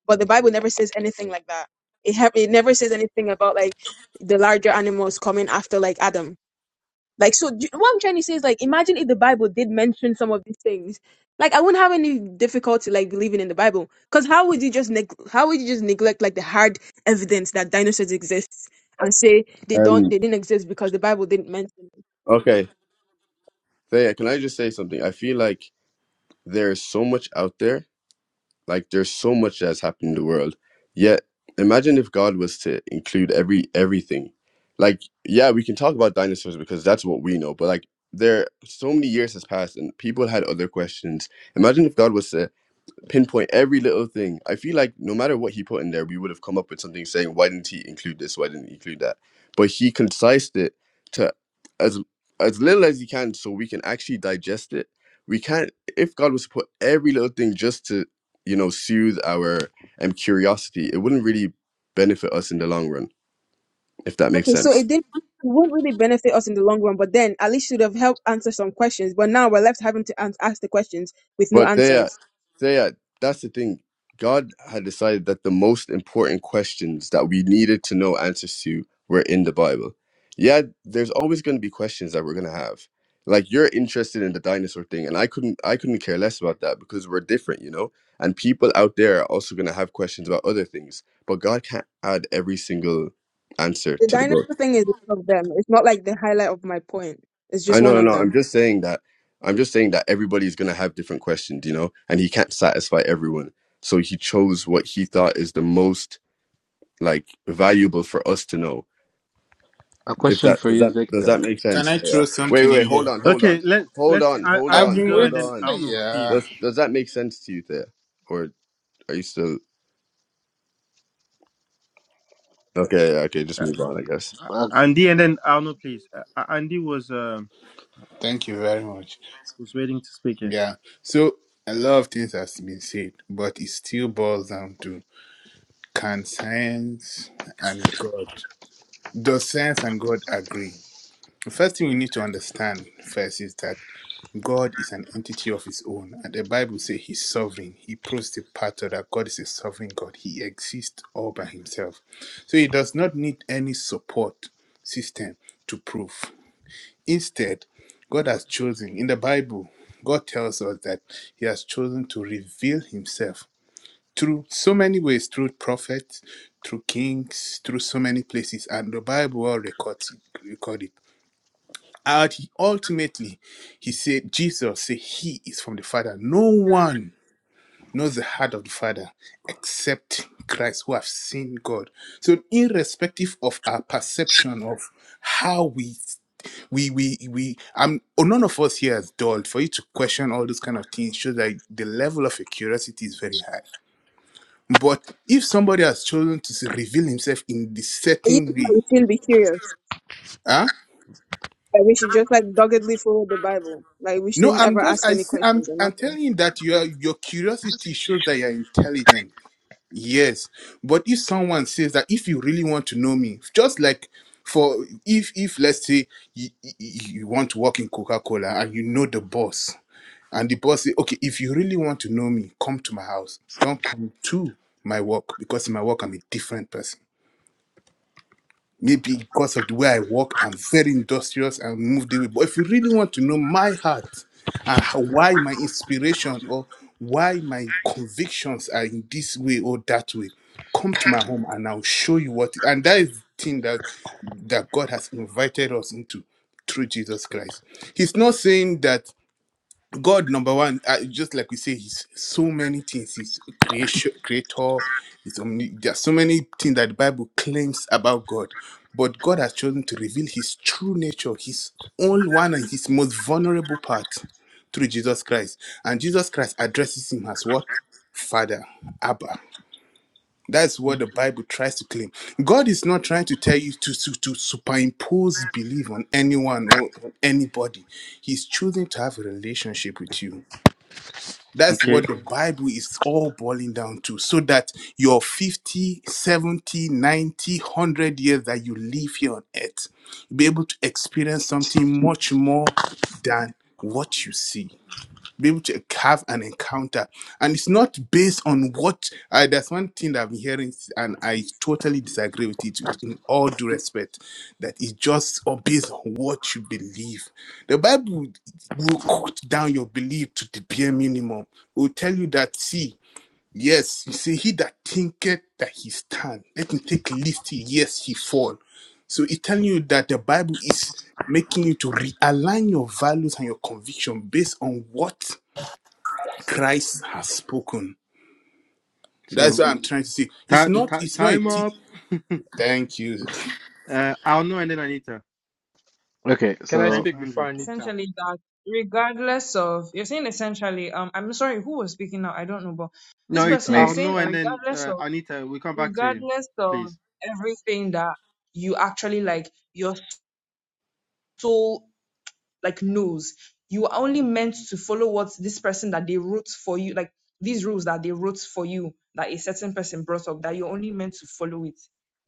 Speaker 14: But the Bible never says anything like that. It ha- it never says anything about like the larger animals coming after like Adam like, so do, what I'm trying to say is, like, imagine if the Bible did mention some of these things. Like, I wouldn't have any difficulty like believing in the Bible, because how would you just neg- how would you just neglect like the hard evidence that dinosaurs exist and say they don't
Speaker 8: Um.
Speaker 14: they didn't exist because the Bible didn't mention it?
Speaker 8: Okay. Thea, can I just say something? I feel like there's so much out there. Like there's so much that's happened in the world. Yet, imagine if God was to include every everything. Like, yeah, we can talk about dinosaurs because that's what we know. But like, there so many years has passed and people had other questions. Imagine if God was to pinpoint every little thing. I feel like no matter what he put in there, we would have come up with something saying, why didn't he include this? Why didn't he include that? But he concised it to as as little as he can so we can actually digest it. We can't if God was to put every little thing just to, you know, soothe our um, curiosity, it wouldn't really benefit us in the long run, if that makes
Speaker 14: Okay, so
Speaker 8: sense.
Speaker 14: it didn't it won't really benefit us in the long run, but then at least should have helped answer some questions. But now we're left having to ans ask the questions with no
Speaker 8: But they are,
Speaker 14: answers.
Speaker 8: they are, that's the thing. God had decided that the most important questions that we needed to know answers to were in the Bible. Yeah, there's always going to be questions that we're going to have. Like you're interested in the dinosaur thing, and I couldn't, I couldn't care less about that because we're different, you know. And people out there are also going to have questions about other things, but God can't add every single answer
Speaker 14: The
Speaker 8: to the book.
Speaker 14: dinosaur thing is one of them. It's not like the highlight of my point. It's
Speaker 8: I
Speaker 14: just
Speaker 8: know,
Speaker 14: one
Speaker 8: no,
Speaker 14: of
Speaker 8: no. I'm
Speaker 14: them.
Speaker 8: just saying that. I'm just saying that everybody's gonna have different questions, you know, and he can't satisfy everyone. So he chose what he thought is the most like valuable for us to know.
Speaker 15: A
Speaker 8: If
Speaker 15: question
Speaker 8: that
Speaker 15: for
Speaker 8: does
Speaker 15: you,
Speaker 8: that does
Speaker 3: C-
Speaker 8: that
Speaker 15: Victor.
Speaker 8: make
Speaker 3: Can
Speaker 8: sense?
Speaker 3: I throw
Speaker 8: Yeah. Wait,
Speaker 3: something
Speaker 8: wait,
Speaker 3: in
Speaker 8: hold
Speaker 3: there?
Speaker 8: on, hold
Speaker 5: Okay,
Speaker 8: on,
Speaker 5: let
Speaker 8: hold
Speaker 5: let's
Speaker 8: on,
Speaker 5: uh,
Speaker 8: hold
Speaker 3: I've
Speaker 5: Andy
Speaker 8: on,
Speaker 3: been
Speaker 5: go
Speaker 8: hold
Speaker 5: and
Speaker 3: waiting.
Speaker 5: then
Speaker 8: on.
Speaker 5: Arno, please.
Speaker 3: Yeah.
Speaker 8: Does does that make sense to you, there, or are you still okay? yeah, Okay, just
Speaker 5: Uh,
Speaker 8: move on, I guess.
Speaker 5: uh,
Speaker 15: Uh,
Speaker 5: Andy
Speaker 10: you
Speaker 5: and
Speaker 10: say
Speaker 5: then Arno,
Speaker 10: something.
Speaker 5: please. Uh, uh, Andy was uh,
Speaker 3: Thank you very much.
Speaker 5: was waiting to speak it.
Speaker 3: Yeah. So a lot of things has been said, but it still boils down to can science and God does science and God agree? The first thing we need to understand first is that God is an entity of his own. And the Bible says he's sovereign. He proves the pattern that God is a sovereign God. He exists all by himself. So he does not need any support system to prove. Instead, God has chosen, in the Bible, God tells us that He has chosen to reveal Himself through so many ways through prophets, through kings, through so many places, and the Bible all records it. Record it. And ultimately, He said, Jesus said, He is from the Father. No one knows the heart of the Father except Christ who have seen God. So irrespective of our perception of how we we we we um none of us here is dulled for you to question all those kind of things shows that the level of your curiosity is very high. But if somebody has chosen to reveal himself in this
Speaker 14: Are you
Speaker 3: certain way,
Speaker 14: shouldn't be curious.
Speaker 3: huh?
Speaker 14: Like we should just like doggedly follow the Bible. Like we
Speaker 3: No,
Speaker 14: shouldn't
Speaker 3: I'm
Speaker 14: ever
Speaker 3: just
Speaker 14: ask
Speaker 3: I
Speaker 14: any
Speaker 3: see I'm
Speaker 14: questions or
Speaker 3: I'm
Speaker 14: nothing.
Speaker 3: telling you that your your curiosity shows that you're intelligent Yes, but if someone says that if you really want to know me, just like for if if let's say you, you, you want to work in Coca Cola and you know the boss, and the boss say, okay, if you really want to know me, come to my house. Don't come to my work because in my work I'm a different person. Maybe because of the way I work, I'm very industrious and moved away. But if you really want to know my heart and how, why my inspiration or why my convictions are in this way or that way, come to my home and I'll show you what. And that is the thing that that God has invited us into through Jesus Christ. He's not saying that God, number one, uh, just like we say, He's so many things. He's creation, creator. He's omni- there are so many things that the Bible claims about God, but God has chosen to reveal His true nature, His own one, and His most vulnerable part through Jesus Christ. And Jesus Christ addresses Him as what? Father, Abba. That's what the Bible tries to claim. God is not trying to tell you to, to, to superimpose belief on anyone or on anybody. He's choosing to have a relationship with you that's
Speaker 5: Okay,
Speaker 3: what the Bible is all boiling down to. So that your 50, seventy, ninety, one hundred years that you live here on earth, you'll be able to experience something much more than what you see be able to have an encounter. And it's not based on what I that's one thing that I've been hearing, and I totally disagree with it with in all due respect, that it's just all based on what you believe. The Bible will cut down your belief to the bare minimum. It will tell you that see, yes, you see, he that thinketh that he stand, let him take list, yes, he fall. So it's telling you that the Bible is making you to realign your values and your conviction based on what Christ has spoken. That's
Speaker 5: so
Speaker 3: what I'm trying to say.
Speaker 5: ti-
Speaker 3: It's not.
Speaker 5: ti-
Speaker 3: It's not a.
Speaker 5: time
Speaker 3: T-
Speaker 5: up.
Speaker 3: Thank you.
Speaker 5: Uh, Arno and then Anita.
Speaker 15: okay,
Speaker 2: Can I
Speaker 5: Thanks,
Speaker 15: so
Speaker 2: speak before
Speaker 5: Andrew.
Speaker 2: Anita?
Speaker 9: essentially that regardless of you're saying essentially um i'm sorry who was speaking now i don't know but this
Speaker 5: No, it's
Speaker 15: it's
Speaker 9: person you're
Speaker 15: me.
Speaker 9: saying
Speaker 5: Arno
Speaker 9: that
Speaker 5: and then
Speaker 9: regardless
Speaker 5: uh,
Speaker 9: of
Speaker 5: Anita. We come back to you,
Speaker 9: regardless of
Speaker 5: please.
Speaker 9: everything that you actually like your soul like knows you are only meant to follow what this person that they wrote for you like these rules that they wrote for you that a certain person brought up that you're only meant to follow it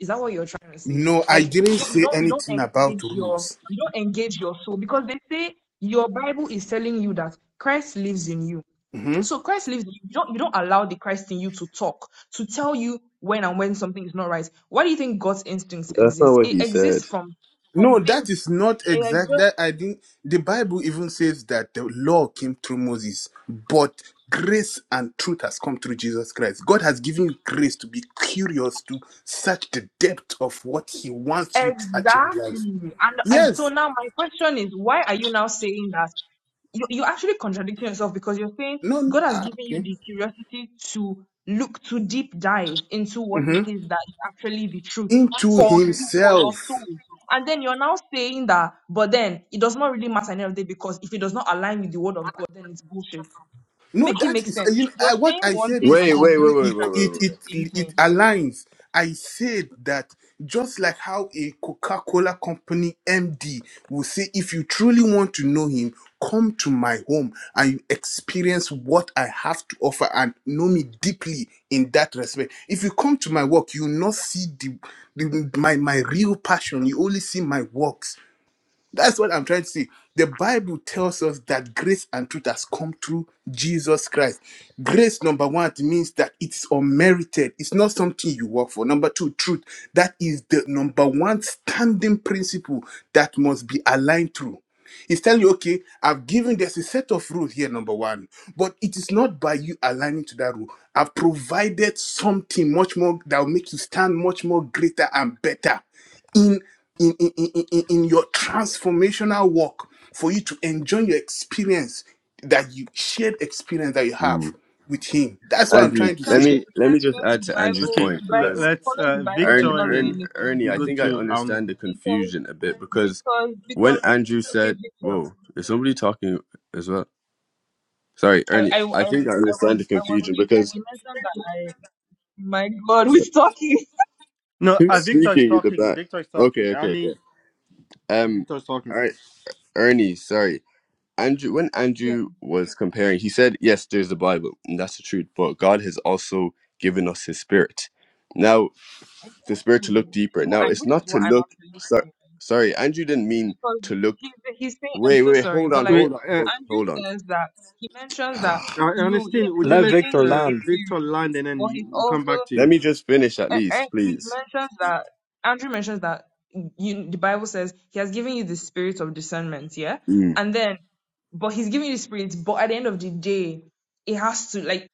Speaker 9: is that what you're trying to say
Speaker 3: No, I
Speaker 9: like you
Speaker 3: didn't
Speaker 9: don't you
Speaker 3: say
Speaker 9: don't you don't
Speaker 3: anything about
Speaker 9: engage your
Speaker 3: rules.
Speaker 9: you don't engage your soul because they say your bible is telling you that christ lives in you
Speaker 3: hmm
Speaker 9: so christ lives in you You don't you don't allow the christ in you to talk to tell you when and when something is not right why do you think god's instincts
Speaker 8: That's not
Speaker 9: exist
Speaker 8: what
Speaker 9: it
Speaker 8: he
Speaker 9: exists
Speaker 8: said.
Speaker 9: from from
Speaker 3: No,
Speaker 9: things
Speaker 3: that is not
Speaker 9: it
Speaker 3: exact.
Speaker 9: exists
Speaker 3: That I didn't. The Bible even says that the law came through Moses, but grace and truth has come through Jesus Christ. God has given you grace to be curious to search the depth of what He wants you to achieve in life.
Speaker 9: Exactly. And and so
Speaker 3: Yes.
Speaker 9: now my question is, why are you now saying that? You you're actually contradicting yourself because you're saying
Speaker 3: No.
Speaker 9: God has
Speaker 3: ah,
Speaker 9: given you
Speaker 3: okay.
Speaker 9: the curiosity to look to deep dive into what it
Speaker 3: hmm
Speaker 9: is that is actually the truth
Speaker 3: Into
Speaker 9: for you, for your
Speaker 3: Himself.
Speaker 9: soul. And then you're now saying that, but then it does not really matter any of the day because if it does not align with the word of God, then it's bullshit.
Speaker 3: No,
Speaker 9: Make it
Speaker 3: that
Speaker 9: make
Speaker 3: is uh,
Speaker 9: sense.
Speaker 3: you know,
Speaker 9: You're
Speaker 3: uh, what
Speaker 9: saying
Speaker 3: I
Speaker 9: one
Speaker 3: said
Speaker 9: thing
Speaker 3: is
Speaker 9: and
Speaker 8: Wait,
Speaker 9: then
Speaker 8: wait, wait,
Speaker 3: complete.
Speaker 8: wait,
Speaker 3: It,
Speaker 8: wait, wait,
Speaker 3: it
Speaker 8: wait.
Speaker 9: contradicting the same
Speaker 3: it
Speaker 9: thing.
Speaker 3: it aligns. I said that just like how a Coca-Cola company MD will say, if you truly want to know him, come to my home and you experience what I have to offer and know me deeply in that respect. If you come to my work, you will not see the, the my my real passion. You only see my works that's what I'm trying to say. The Bible tells us that grace and truth has come through Jesus Christ. Grace, number one, it means that it's unmerited. It's not something you work for. Number two, truth. That is the number one standing principle that must be aligned through. He's telling you, okay, I've given there's a set of rules here, number one, but it is not by you aligning to that rule. I've provided something much more that will make you stand much more greater and better in in in, in, in in your transformational work for you to enjoy your experience that you shared experience that you have
Speaker 8: Mm.
Speaker 3: with him. That's what I'm
Speaker 9: So
Speaker 8: Andrew,
Speaker 3: trying to
Speaker 8: let
Speaker 3: say.
Speaker 8: me
Speaker 9: essentially
Speaker 8: let me
Speaker 9: you're
Speaker 8: just add
Speaker 9: the
Speaker 8: to Andrew's
Speaker 9: Bible,
Speaker 5: Okay,
Speaker 8: point
Speaker 9: the
Speaker 5: le-
Speaker 8: because
Speaker 9: Bible,
Speaker 5: let's
Speaker 9: following the
Speaker 5: uh,
Speaker 9: Bible does
Speaker 8: Ernie,
Speaker 5: Victor
Speaker 9: not
Speaker 5: and
Speaker 9: really
Speaker 8: Ernie,
Speaker 5: then
Speaker 9: make any
Speaker 8: Ernie,
Speaker 5: we
Speaker 8: I
Speaker 5: go
Speaker 9: sense
Speaker 8: think I
Speaker 5: to
Speaker 9: then,
Speaker 5: Arno.
Speaker 8: understand the
Speaker 9: because
Speaker 8: confusion a bit because
Speaker 9: because
Speaker 8: when
Speaker 9: because
Speaker 8: Andrew
Speaker 9: okay,
Speaker 8: said,
Speaker 9: Victor,
Speaker 8: "Whoa, is somebody talking as well?" Sorry, Ernie.
Speaker 9: I I
Speaker 8: I
Speaker 9: I,
Speaker 8: think I
Speaker 9: I was
Speaker 8: understand the
Speaker 9: I was
Speaker 8: confusion
Speaker 9: you said
Speaker 8: because
Speaker 9: you mentioned that I my God, we're talking
Speaker 5: No,
Speaker 9: It's
Speaker 8: who's
Speaker 9: so
Speaker 5: uh,
Speaker 9: crazy.
Speaker 5: Victor is
Speaker 8: speaking in the
Speaker 5: talking.
Speaker 8: back?
Speaker 5: Victor is talking.
Speaker 8: Okay, okay,
Speaker 5: Arnie,
Speaker 8: okay. Um,
Speaker 5: Victor is talking.
Speaker 8: all right, Ernie. Sorry, Andrew. When
Speaker 9: Yeah,
Speaker 8: Andrew was comparing, he said, "Yes, there's the Bible, and that's the truth, but God has also given us His Spirit." Now, the Spirit to
Speaker 9: exactly.
Speaker 8: look
Speaker 9: This
Speaker 8: deeper.
Speaker 9: is what
Speaker 8: Now,
Speaker 9: I'm,
Speaker 8: it's
Speaker 9: which
Speaker 8: not
Speaker 9: is
Speaker 8: to
Speaker 9: what I'm
Speaker 8: look.
Speaker 9: actually
Speaker 8: So,
Speaker 9: saying
Speaker 8: sorry, Andrew didn't mean
Speaker 9: because
Speaker 8: to
Speaker 9: he,
Speaker 8: look
Speaker 9: he, he's saying I'm
Speaker 8: Wait,
Speaker 9: so
Speaker 8: wait,
Speaker 9: sorry,
Speaker 8: hold
Speaker 9: but
Speaker 8: on,
Speaker 9: like
Speaker 5: Wait,
Speaker 8: hold on, hold on,
Speaker 9: Andrew
Speaker 8: hold on.
Speaker 9: says that he mentions that
Speaker 5: Uh,
Speaker 9: you
Speaker 5: Ernestine,
Speaker 9: yes
Speaker 5: would you
Speaker 9: he's
Speaker 16: Let
Speaker 5: let
Speaker 9: giving
Speaker 16: Victor
Speaker 9: you
Speaker 5: uh,
Speaker 9: the
Speaker 16: land.
Speaker 5: Victor
Speaker 9: spirit,
Speaker 5: land and then
Speaker 9: but
Speaker 5: you,
Speaker 9: he's
Speaker 5: we'll come
Speaker 9: also
Speaker 5: back to
Speaker 8: Let
Speaker 5: you?
Speaker 8: me just finish at
Speaker 9: and, and
Speaker 8: least,
Speaker 9: he
Speaker 8: please.
Speaker 9: mentions that Andrew mentions that you the Bible says he has given you the spirit of discernment, yeah,
Speaker 8: Mm,
Speaker 9: and then but he's giving you the spirit, but at the end of the day, it has to like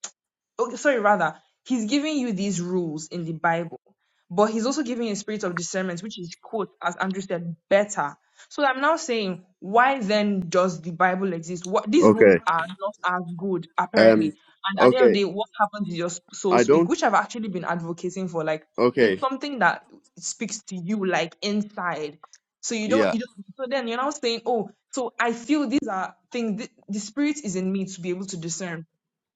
Speaker 9: okay, sorry, rather, he's giving you these rules in the Bible, but he's also giving you a spirit of discernment, which is, quote, as Andrew said, better. So I'm now saying, why then does the Bible exist? What these rules
Speaker 8: okay.
Speaker 9: are not as good,
Speaker 8: Um.
Speaker 9: apparently. And at the end of
Speaker 8: Okay.
Speaker 9: the day, what happens is your s- soul
Speaker 8: I
Speaker 9: speak,
Speaker 8: don't.
Speaker 9: which I've actually been advocating for. Like it's
Speaker 8: Okay.
Speaker 9: something that speaks to you, like inside. So you don't,
Speaker 8: Yeah.
Speaker 9: you don't. So then you're now saying, oh, so I feel these are things. The, the spirit is in me to be able to discern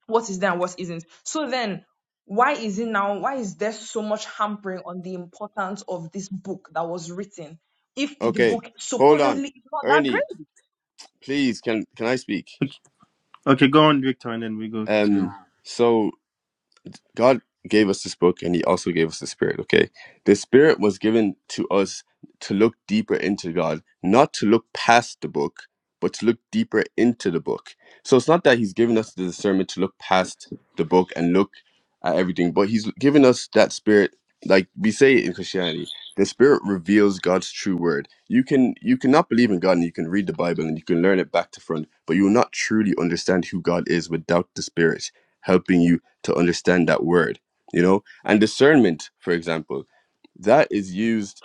Speaker 9: what is there and what isn't. So then, why is it now? Why is there so much hampering on the importance of this book that was written? If the
Speaker 8: Okay.
Speaker 9: book
Speaker 8: Hold on,
Speaker 9: supposedly is not that
Speaker 8: Ernie.
Speaker 9: great,
Speaker 8: Please, can can I speak?
Speaker 5: Okay, go on, Victor, and then we go to.
Speaker 8: Um. So God gave us this book and he also gave us the spirit, okay? The spirit was given to us to look deeper into God, not to look past the book, but to look deeper into the book. So it's not that he's given us the discernment to look past the book and look at everything, but he's given us that spirit like we say in Christianity. The spirit reveals God's true word. You can you cannot believe in God and you can read the Bible and you can learn it back to front, but you will not truly understand who God is without the spirit helping you to understand that word, you know? And discernment, for example, that is used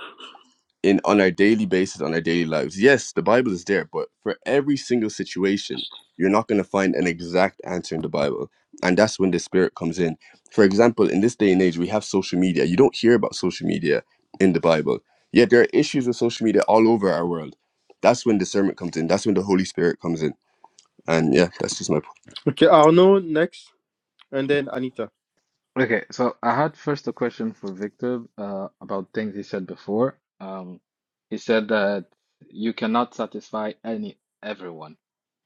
Speaker 8: in on our daily basis, on our daily lives. Yes, the Bible is there, but for every single situation, you're not going to find an exact answer in the Bible. And that's when the spirit comes in. For example, in this day and age, we have social media. You don't hear about social media in the Bible. Yet there are issues with social media all over our world. That's when discernment comes in. That's when the Holy Spirit comes in. And yeah, that's just my
Speaker 5: Okay, Arnaud next, and then Anita.
Speaker 15: Okay, so I had first a question for Victor uh, about things he said before. Um, he said that you cannot satisfy any everyone.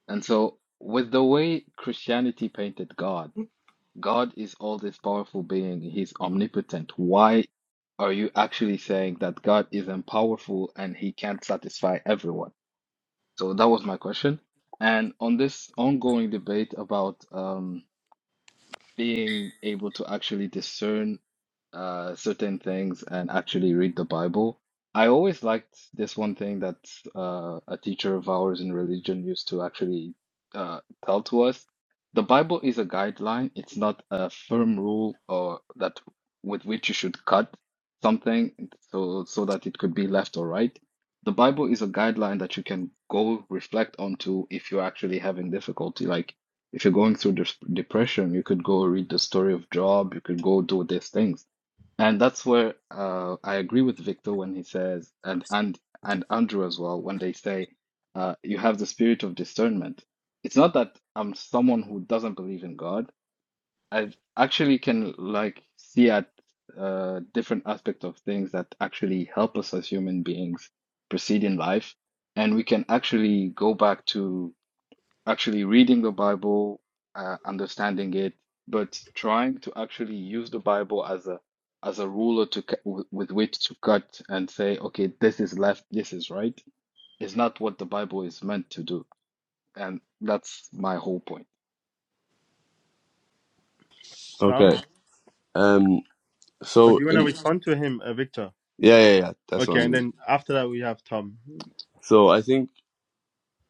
Speaker 15: And so with the way Christianity painted God, God is all this powerful being, he's omnipotent. Why are you actually saying that God isn't powerful and he can't satisfy everyone? So that was my question. And on this ongoing debate about um, being able to actually discern uh, certain things and actually read the Bible. I always liked this one thing that uh, a teacher of ours in religion used to actually uh, tell to us. The Bible is a guideline. It's not a firm rule or that with which you should cut something so so that it could be left or right. The Bible is a guideline that you can go reflect onto if you're actually having difficulty. Like if you're going through des depression, you could go read the story of Job, you could go do these things. And that's where uh, I agree with Victor when he says, and and and Andrew as well, when they say uh, you have the spirit of discernment. It's not that I'm someone who doesn't believe in God. I actually can like see at uh, different aspects of things that actually help us as human beings proceed in life, and we can actually go back to actually reading the Bible, uh, understanding it, but trying to actually use the Bible as a as a ruler to cu- w- with which to cut and say, okay, this is left, this is right, is not what the Bible is meant to do, and that's my whole point.
Speaker 8: point. Okay.
Speaker 5: Tom.
Speaker 8: Um
Speaker 5: Or do
Speaker 8: so
Speaker 5: you want to
Speaker 8: in
Speaker 5: respond to him, uh, Victor?
Speaker 8: Yeah, yeah, yeah. That's what
Speaker 5: Okay,
Speaker 8: I
Speaker 5: and
Speaker 8: mean.
Speaker 5: then after that we have Tom.
Speaker 8: So I think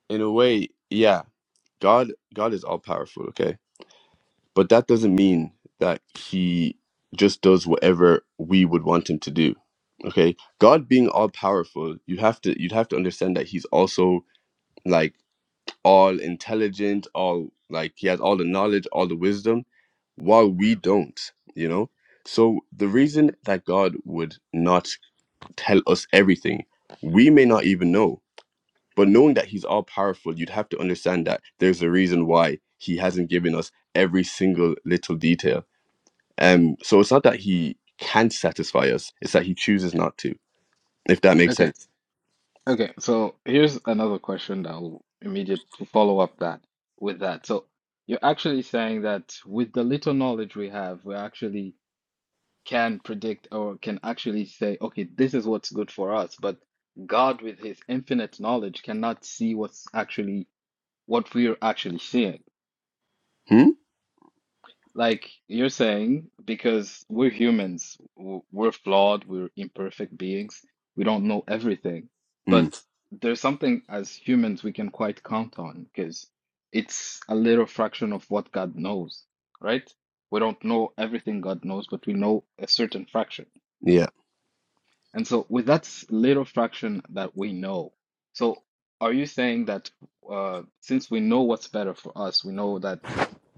Speaker 8: in a way, yeah, God God is all powerful, okay? But that doesn't mean that he just does whatever we would want him to do. Okay? God being all powerful, you have to you'd have to understand that he's also like all intelligent, all like he has all the knowledge, all the wisdom, while we don't, you know? So the reason that God would not tell us everything, we may not even know But knowing that he's all powerful, you'd have to understand that there's a reason why he hasn't given us every single little detail. Um, so it's not that he can satisfy us, it's that he chooses not to, if that makes
Speaker 15: Okay,
Speaker 8: sense.
Speaker 15: okay. So here's another question that will immediate to follow up that with that. So you're actually saying that with the little knowledge we have, we're actually can predict or can actually say, okay, this is what's good for us. But God, with his infinite knowledge, cannot see what's actually what we're actually seeing.
Speaker 8: Hmm?
Speaker 15: Like you're saying, because we're humans, w- we're flawed, we're imperfect beings, we don't know everything.
Speaker 8: Mm,
Speaker 15: But there's something as humans we can quite count on because it's a little fraction of what God knows, right? We don't know everything God knows, but we know a certain fraction.
Speaker 8: yeah.
Speaker 15: And so, with that s- little fraction that we know, so are you saying that uh, since we know what's better for us, we know that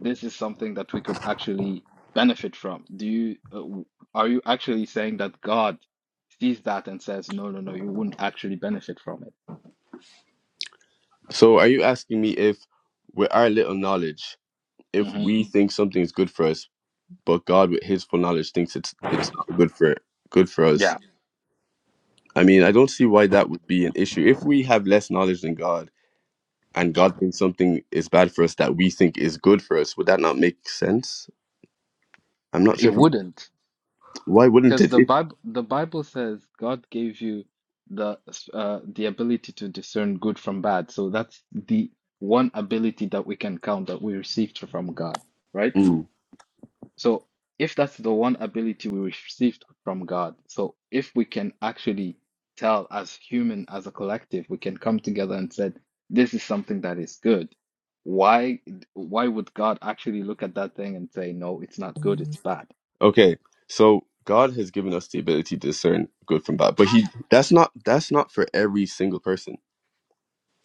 Speaker 15: this is something that we could actually benefit from? Do you uh, w- are you actually saying that God sees that and says, no, no, no, you wouldn't actually benefit from it?
Speaker 8: So are you asking me if, with our little knowledge, if
Speaker 15: hmm
Speaker 8: we think something is good for us, but God, with his full knowledge, thinks it's it's not good for good for us?
Speaker 15: Yeah,
Speaker 8: I mean, I don't see why that would be an issue. If we have less knowledge than God, and God thinks something is bad for us that we think is good for us, would that not make sense? I'm not
Speaker 15: it
Speaker 8: sure if I'm-
Speaker 15: wouldn't.
Speaker 8: why wouldn't
Speaker 15: Because
Speaker 8: it?
Speaker 15: the
Speaker 8: it
Speaker 15: Bible, the Bible says God gave you the uh, the ability to discern good from bad. So that's the one ability that we can count that we received from God, right?
Speaker 8: Mm.
Speaker 15: So if that's the one ability we received from God, so if we can actually tell as human, as a collective, we can come together and said, this is something that is good. Why why would God actually look at that thing and say, no, it's not good, it's bad?
Speaker 8: Okay, so God has given us the ability to discern good from bad, but he that's not that's not for every single person,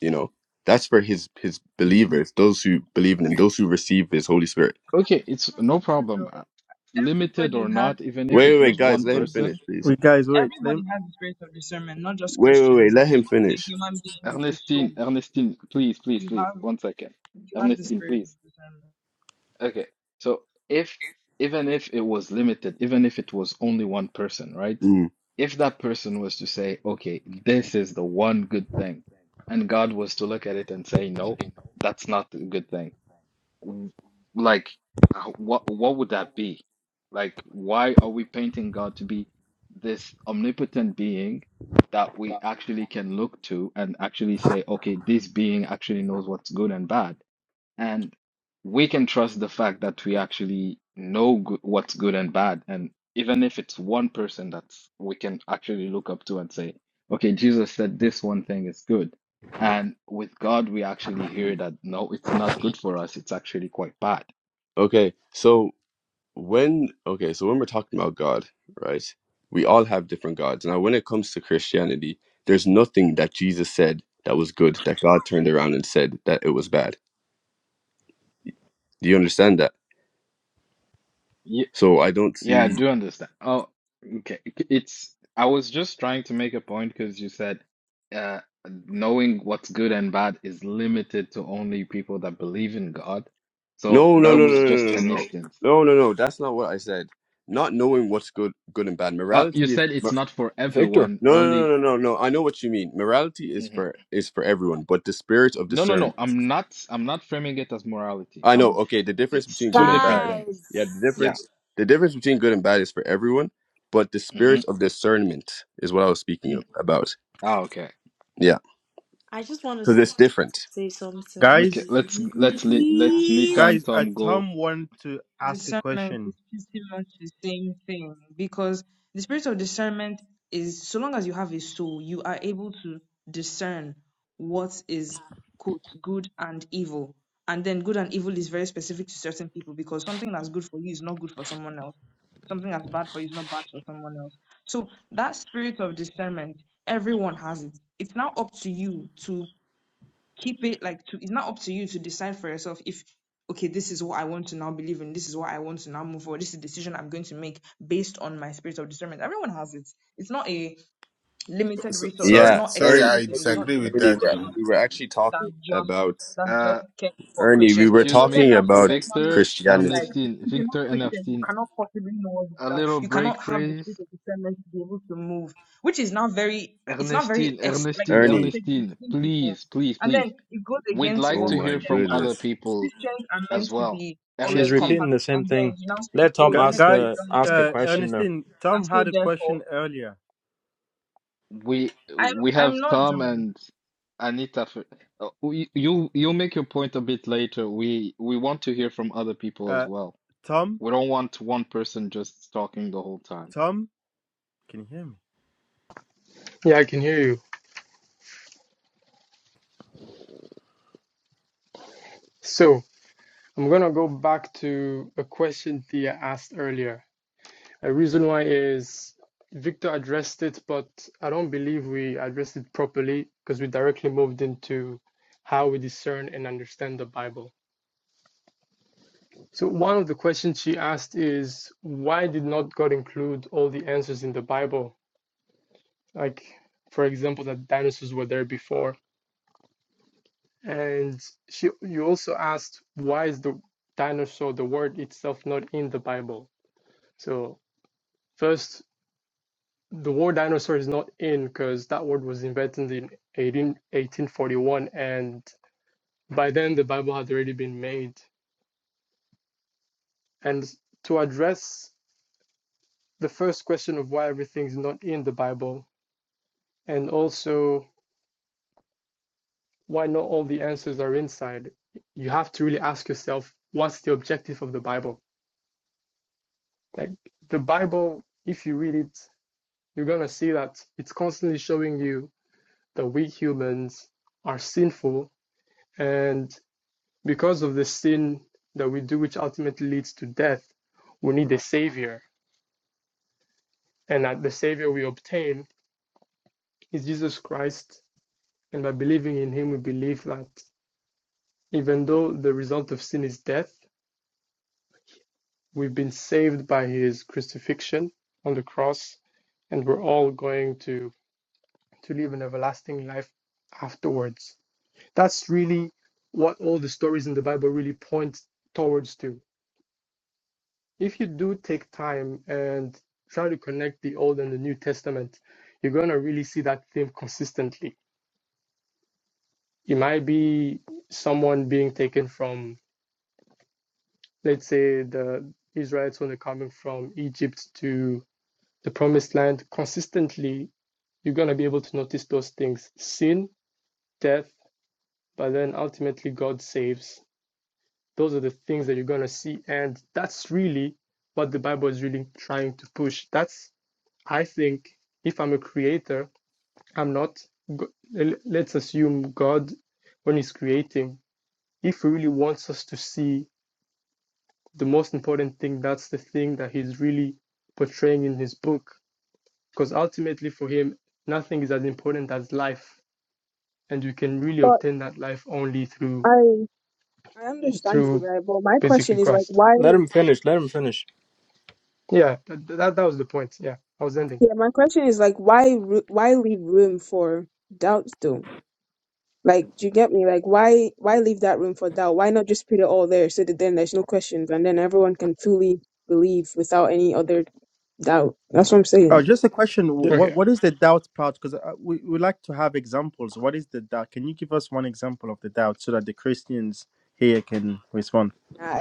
Speaker 8: you know. That's for his his believers, those who believe in him, those who receive his Holy Spirit.
Speaker 15: Okay, it's
Speaker 9: not
Speaker 15: no
Speaker 9: true
Speaker 15: problem.
Speaker 9: though.
Speaker 15: Uh, Limited
Speaker 9: Everybody
Speaker 15: or
Speaker 9: has
Speaker 15: not,
Speaker 9: the
Speaker 15: even if
Speaker 8: Wait,
Speaker 9: spirit
Speaker 15: it
Speaker 8: wait, wait,
Speaker 15: was
Speaker 9: of
Speaker 8: guys,
Speaker 15: one
Speaker 8: let him
Speaker 9: discernment.
Speaker 15: person.
Speaker 8: finish, please.
Speaker 5: Wait, guys, wait.
Speaker 9: Everybody
Speaker 5: Then
Speaker 9: has the spirit of discernment, not just
Speaker 8: Wait, wait, wait,
Speaker 9: Christians. Like
Speaker 8: let
Speaker 9: as
Speaker 8: him
Speaker 9: long as you're a
Speaker 8: finish.
Speaker 9: human being with a soul,
Speaker 15: Ernestine, Ernestine, please, please,
Speaker 9: you
Speaker 15: please,
Speaker 9: have
Speaker 15: one second.
Speaker 9: you have the
Speaker 15: Ernestine,
Speaker 9: spirit of
Speaker 15: please.
Speaker 9: discernment.
Speaker 15: Okay, so if, even if it was limited, even if it was only one person, right?
Speaker 8: Mm.
Speaker 15: If that person was to say, okay, this is the one good thing, and God was to look at it and say, no, that's not a good thing w- like uh, what what would that be? Like why are we painting God to be this omnipotent being that we actually can look to and actually say, okay, this being actually knows what's good and bad? And we can trust the fact that we actually know go what's good and bad. And even if it's one person that's we can actually look up to and say, okay, Jesus said this one thing is good. And with God, we actually hear that no, it's not good for us. It's actually quite bad.
Speaker 8: Okay, so when okay so when we're talking about god right we all have different gods now when it comes to christianity there's nothing that jesus said that was good that god turned around and said that it was bad do you understand that so i don't
Speaker 15: Yeah, I
Speaker 8: see
Speaker 15: do understand. Oh, okay. It's I was just trying to make a point because you said uh knowing what's good and bad is limited to only people that believe in God. So
Speaker 8: no no
Speaker 15: that
Speaker 8: no no
Speaker 15: was
Speaker 8: no
Speaker 15: just
Speaker 8: no no
Speaker 15: an
Speaker 8: no
Speaker 15: instance.
Speaker 8: no no no, that's not what i said not knowing what's good good and bad
Speaker 15: Uh you
Speaker 8: morality is
Speaker 15: said it's
Speaker 8: mor-
Speaker 15: not for
Speaker 16: Victor.
Speaker 15: everyone,
Speaker 8: no no
Speaker 15: only
Speaker 8: no no no no i know what you mean morality is
Speaker 15: Mhm.
Speaker 8: for is for everyone but the spirit of
Speaker 15: No, no,
Speaker 8: discernment
Speaker 15: no. I'm not I'm not framing it as morality.
Speaker 8: I know.
Speaker 15: I'm
Speaker 8: Okay, the difference
Speaker 15: it's
Speaker 8: between
Speaker 15: two
Speaker 8: good and
Speaker 15: different
Speaker 8: bad.
Speaker 15: things.
Speaker 8: Yeah, the
Speaker 6: Guys,
Speaker 15: Yeah.
Speaker 8: difference. The difference between good and bad is for everyone, but the spirit
Speaker 15: Mm-hmm.
Speaker 8: of discernment is what I was speaking of,
Speaker 15: Mm.
Speaker 8: about.
Speaker 15: Ah, okay.
Speaker 8: Yeah,
Speaker 6: I just want to.
Speaker 8: because
Speaker 6: I
Speaker 8: it's
Speaker 6: just want to
Speaker 8: different.
Speaker 6: say something,
Speaker 15: Okay,
Speaker 5: guys,
Speaker 15: let's let's le- let let's Nita
Speaker 6: please.
Speaker 15: and
Speaker 5: guys, uh,
Speaker 15: Tom go.
Speaker 5: Tom wanted to ask a
Speaker 9: discernment
Speaker 5: question.
Speaker 9: is pretty much the same thing because the spirit of discernment is so long as you have a soul, you are able to discern what is quote, good and evil. And then good and evil is very specific to certain people because something that's good for you is not good for someone else. Something that's bad for you is not bad for someone else. So that spirit of discernment, everyone has it. It's now up to you to keep it like to it's not up to you to decide for yourself if okay this is what i want to now believe in this is what i want to now move forward this is the decision i'm going to make based on my spirit of discernment everyone has it it's not a limited
Speaker 3: So,
Speaker 9: resource it's
Speaker 3: sorry,
Speaker 8: Yeah,
Speaker 9: not
Speaker 3: sorry,
Speaker 8: Ern,
Speaker 3: I
Speaker 9: exclusive it's not
Speaker 8: Ernie,
Speaker 3: disagree with
Speaker 9: limited
Speaker 8: Ernie, we
Speaker 3: that.
Speaker 8: were,
Speaker 9: edition
Speaker 3: no.
Speaker 8: we were actually
Speaker 9: than
Speaker 8: talking
Speaker 9: just
Speaker 8: about
Speaker 9: than
Speaker 15: Uh.
Speaker 9: just kept for
Speaker 8: Ernie. We
Speaker 9: Christians.
Speaker 8: were
Speaker 15: Excuse
Speaker 9: Because
Speaker 15: me,
Speaker 9: then
Speaker 8: talking
Speaker 9: now
Speaker 8: about
Speaker 9: Christians now make
Speaker 15: Victor,
Speaker 9: it seem
Speaker 8: Christianity.
Speaker 9: like
Speaker 15: Ernestine,
Speaker 9: if you're not
Speaker 15: Victor,
Speaker 9: Christian, you
Speaker 15: Ernestine.
Speaker 9: cannot possibly know what's
Speaker 15: A
Speaker 9: good. and
Speaker 15: little
Speaker 9: You cannot
Speaker 15: break,
Speaker 9: have the
Speaker 15: please.
Speaker 9: spirit of discernment to be able to move, which is now very it's not very
Speaker 15: Ernestine,
Speaker 9: ex- like
Speaker 15: Ernestine,
Speaker 9: if you're
Speaker 8: Ernie,
Speaker 15: Ernestine,
Speaker 9: seducing people.
Speaker 15: please, please,
Speaker 9: And then
Speaker 15: please.
Speaker 9: it goes
Speaker 15: We'd
Speaker 9: against
Speaker 15: like
Speaker 8: oh
Speaker 9: what
Speaker 15: to
Speaker 8: my
Speaker 15: hear
Speaker 9: Christians
Speaker 15: from
Speaker 9: are.
Speaker 15: other
Speaker 8: goodness,
Speaker 15: people
Speaker 9: Christians are meant
Speaker 15: as
Speaker 9: to
Speaker 15: well.
Speaker 9: be all
Speaker 16: She's
Speaker 15: Ernestine,
Speaker 16: repeating the
Speaker 9: encompassing.
Speaker 16: same
Speaker 9: And then
Speaker 16: thing.
Speaker 9: you now say,
Speaker 16: Let
Speaker 9: oh,
Speaker 16: Tom
Speaker 9: if you're
Speaker 5: Gu-
Speaker 9: not
Speaker 16: ask
Speaker 9: Christian, you
Speaker 16: the
Speaker 5: guys,
Speaker 9: don't have the
Speaker 16: ask
Speaker 9: spirit
Speaker 16: a
Speaker 5: uh,
Speaker 9: of
Speaker 16: question
Speaker 9: discernment.
Speaker 16: there.
Speaker 5: Ernestine,
Speaker 9: And
Speaker 5: Tom
Speaker 9: so
Speaker 5: had a
Speaker 9: therefore,
Speaker 5: question earlier.
Speaker 15: we
Speaker 9: I'm
Speaker 15: we have
Speaker 9: I'm not
Speaker 15: Tom
Speaker 9: done.
Speaker 15: and Anita. For, uh, we- you you make your point a bit later. We we want to hear from other people as
Speaker 5: Uh,
Speaker 15: well.
Speaker 5: Tom,
Speaker 15: We don't want one person just talking the whole time.
Speaker 5: Tom, can you hear me?
Speaker 2: Yeah, I can hear you. So, I'm gonna go back to a question Thea asked earlier. A reason why is Victor addressed it, but I don't believe we addressed it properly because we directly moved into how we discern and understand the Bible. So, one of the questions she asked is why did not God include all the answers in the Bible? Like, for example, that dinosaurs were there before. And she, you also asked why is the dinosaur, the word itself, not in the Bible? So, first, the word dinosaur is not in because that word was invented in 18, 1841 and by then the bible had already been made and to address the first question of why everything's not in the bible and also why not all the answers are inside you have to really ask yourself what's the objective of the bible like the bible if you read it you're going to see that it's constantly showing you that we humans are sinful and. Because of the sin that we do, which ultimately leads to death, we need a Savior. And that the Savior we obtain is Jesus Christ. And by believing in Him, we believe that even though the result of sin is death, we've been saved by His crucifixion on the cross, and we're all going to, to live an everlasting life afterwards. That's really what all the stories in the Bible really point towards to. if you do take time and try to connect the Old and the New Testament, you're going to really see that theme consistently. It might be someone being taken from, let's say, the Israelites when they're coming from Egypt to the Promised Land. Consistently, you're going to be able to notice those things sin, death, but then ultimately God saves. Those are the things that you're going to see. And that's really what the Bible is really trying to push. That's I think if I'm a creator, I'm not, let's assume God, when He's creating, if He really wants us to see the most important thing, that's the thing that He's really portraying in His book. Because ultimately, for Him, nothing is as important as life. And you can really
Speaker 14: But
Speaker 2: obtain that life only through
Speaker 14: I I understand
Speaker 2: through
Speaker 14: you, right? But my
Speaker 2: basically
Speaker 14: question is like
Speaker 2: Christ.
Speaker 14: why
Speaker 16: Let him finish. Let him finish.
Speaker 2: Yeah, that, that, that was the point. Yeah, I was ending.
Speaker 14: yeah, my question is like why ru- why leave room for doubt though? Like do you get me? Like why why leave that room for doubt? Why not just put it all there so that then there's no questions and then everyone can fully believe without any other doubt. That's what I'm saying.
Speaker 5: Uh, just a question.
Speaker 16: Th-
Speaker 5: What
Speaker 2: Okay.
Speaker 5: what is the doubt part? Because we we like to have examples. What is the doubt? Can you give us one example of the doubt so that the Christians here can respond?
Speaker 14: Uh,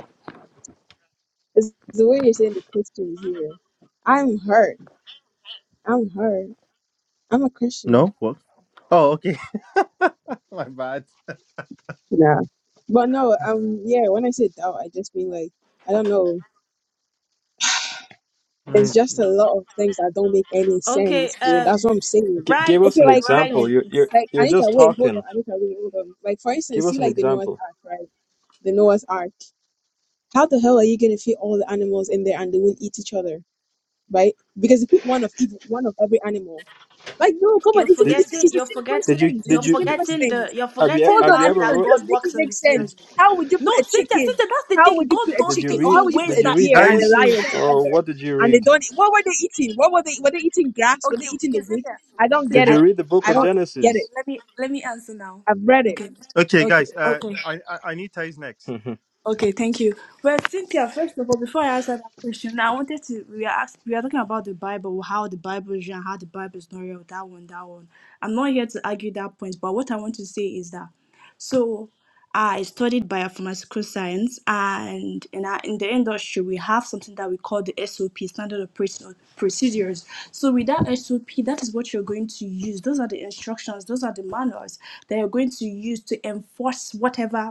Speaker 14: It's the way you're saying the Christians here. I'm hurt. I'm hurt. I'm a Christian.
Speaker 5: No. What? Oh, okay. My bad.
Speaker 14: Nah. But no, um, yeah, when I say doubt, I just mean like, I don't know. It's
Speaker 5: Mm.
Speaker 14: just a lot of things that don't make any
Speaker 6: Okay.
Speaker 14: sense, bro.
Speaker 6: Um.
Speaker 14: That's what I'm saying.
Speaker 16: gi- give
Speaker 6: Right.
Speaker 16: us
Speaker 14: Okay,
Speaker 16: an
Speaker 14: like, hold
Speaker 6: right.
Speaker 16: example.
Speaker 14: on.
Speaker 16: You you
Speaker 14: Like,
Speaker 16: you're
Speaker 14: Anita,
Speaker 16: just
Speaker 14: wait, hold
Speaker 16: talking.
Speaker 14: on, Anita, wait, hold on. Like, for
Speaker 16: Give
Speaker 14: instance, see,
Speaker 16: us an
Speaker 14: like, the Noah's
Speaker 16: example.
Speaker 14: Ark, right? The Noah's Ark. How the hell are you gonna fit all the animals in there and they won't eat each other, right? Because you put one of each, one of every animal. Like, no, come on,
Speaker 6: You're
Speaker 14: it's, even-
Speaker 16: Did
Speaker 14: it's,
Speaker 6: forgetting.
Speaker 14: it's the
Speaker 6: You're
Speaker 14: simplest
Speaker 16: did
Speaker 6: forgetting.
Speaker 16: you
Speaker 14: things. It's
Speaker 6: You're
Speaker 16: did
Speaker 14: the
Speaker 16: you d-
Speaker 14: simplest
Speaker 6: forgetting
Speaker 14: things
Speaker 6: the. You're
Speaker 16: have you
Speaker 6: forgetting
Speaker 14: Hold
Speaker 16: have
Speaker 14: on,
Speaker 16: you
Speaker 6: how
Speaker 16: ever
Speaker 14: Anita,
Speaker 6: that
Speaker 16: wrote
Speaker 14: just
Speaker 6: God
Speaker 14: make
Speaker 6: works
Speaker 14: it
Speaker 6: in
Speaker 14: make sense.
Speaker 6: mysterious
Speaker 16: did
Speaker 6: ways.
Speaker 14: How would you put
Speaker 6: No,
Speaker 14: a
Speaker 6: Cynthia,
Speaker 14: chicken?
Speaker 6: Cynthia, that's the
Speaker 14: How
Speaker 6: thing.
Speaker 14: would you put
Speaker 6: God
Speaker 14: a
Speaker 6: does
Speaker 16: did you
Speaker 14: chicken? Or
Speaker 6: things
Speaker 16: read
Speaker 14: how
Speaker 6: in
Speaker 14: would you put
Speaker 6: ways
Speaker 16: did
Speaker 14: a
Speaker 16: you
Speaker 6: that it
Speaker 16: read
Speaker 14: deer and a
Speaker 6: doesn't
Speaker 5: Guys.
Speaker 6: make
Speaker 14: lion
Speaker 16: Genesis
Speaker 6: sense.
Speaker 16: or
Speaker 14: together?
Speaker 16: what did you
Speaker 14: And they
Speaker 16: read?
Speaker 14: don't, what were they eating? What were they, were they eating grass? Were they
Speaker 6: Okay,
Speaker 14: eating the
Speaker 6: okay,
Speaker 14: wood?
Speaker 6: Cynthia.
Speaker 14: I don't
Speaker 6: Cy-
Speaker 14: get
Speaker 16: Did
Speaker 6: I,
Speaker 16: you
Speaker 14: it.
Speaker 16: read the book
Speaker 14: I
Speaker 16: of
Speaker 14: don't
Speaker 6: okay,
Speaker 14: get it.
Speaker 16: Genesis?
Speaker 6: okay. Let me let me answer now.
Speaker 14: I've read it.
Speaker 6: Okay,
Speaker 5: Okay,
Speaker 6: okay,
Speaker 5: guys. Uh,
Speaker 6: okay.
Speaker 5: I I, I need ties next.
Speaker 6: Okay, thank you. Well, Cynthia, first of all, before I answer that question, I wanted to we are ask, we are talking about the Bible, how the Bible is real, and how the Bible is not real. That one, that one. I'm not here to argue that point, but what I want to say is that so I studied biopharmaceutical science, and in, our, in the industry, we have something that we call the SOP, standard operating procedures. So, with that SOP, that is what you're going to use. Those are the instructions, those are the manuals that you're going to use to enforce whatever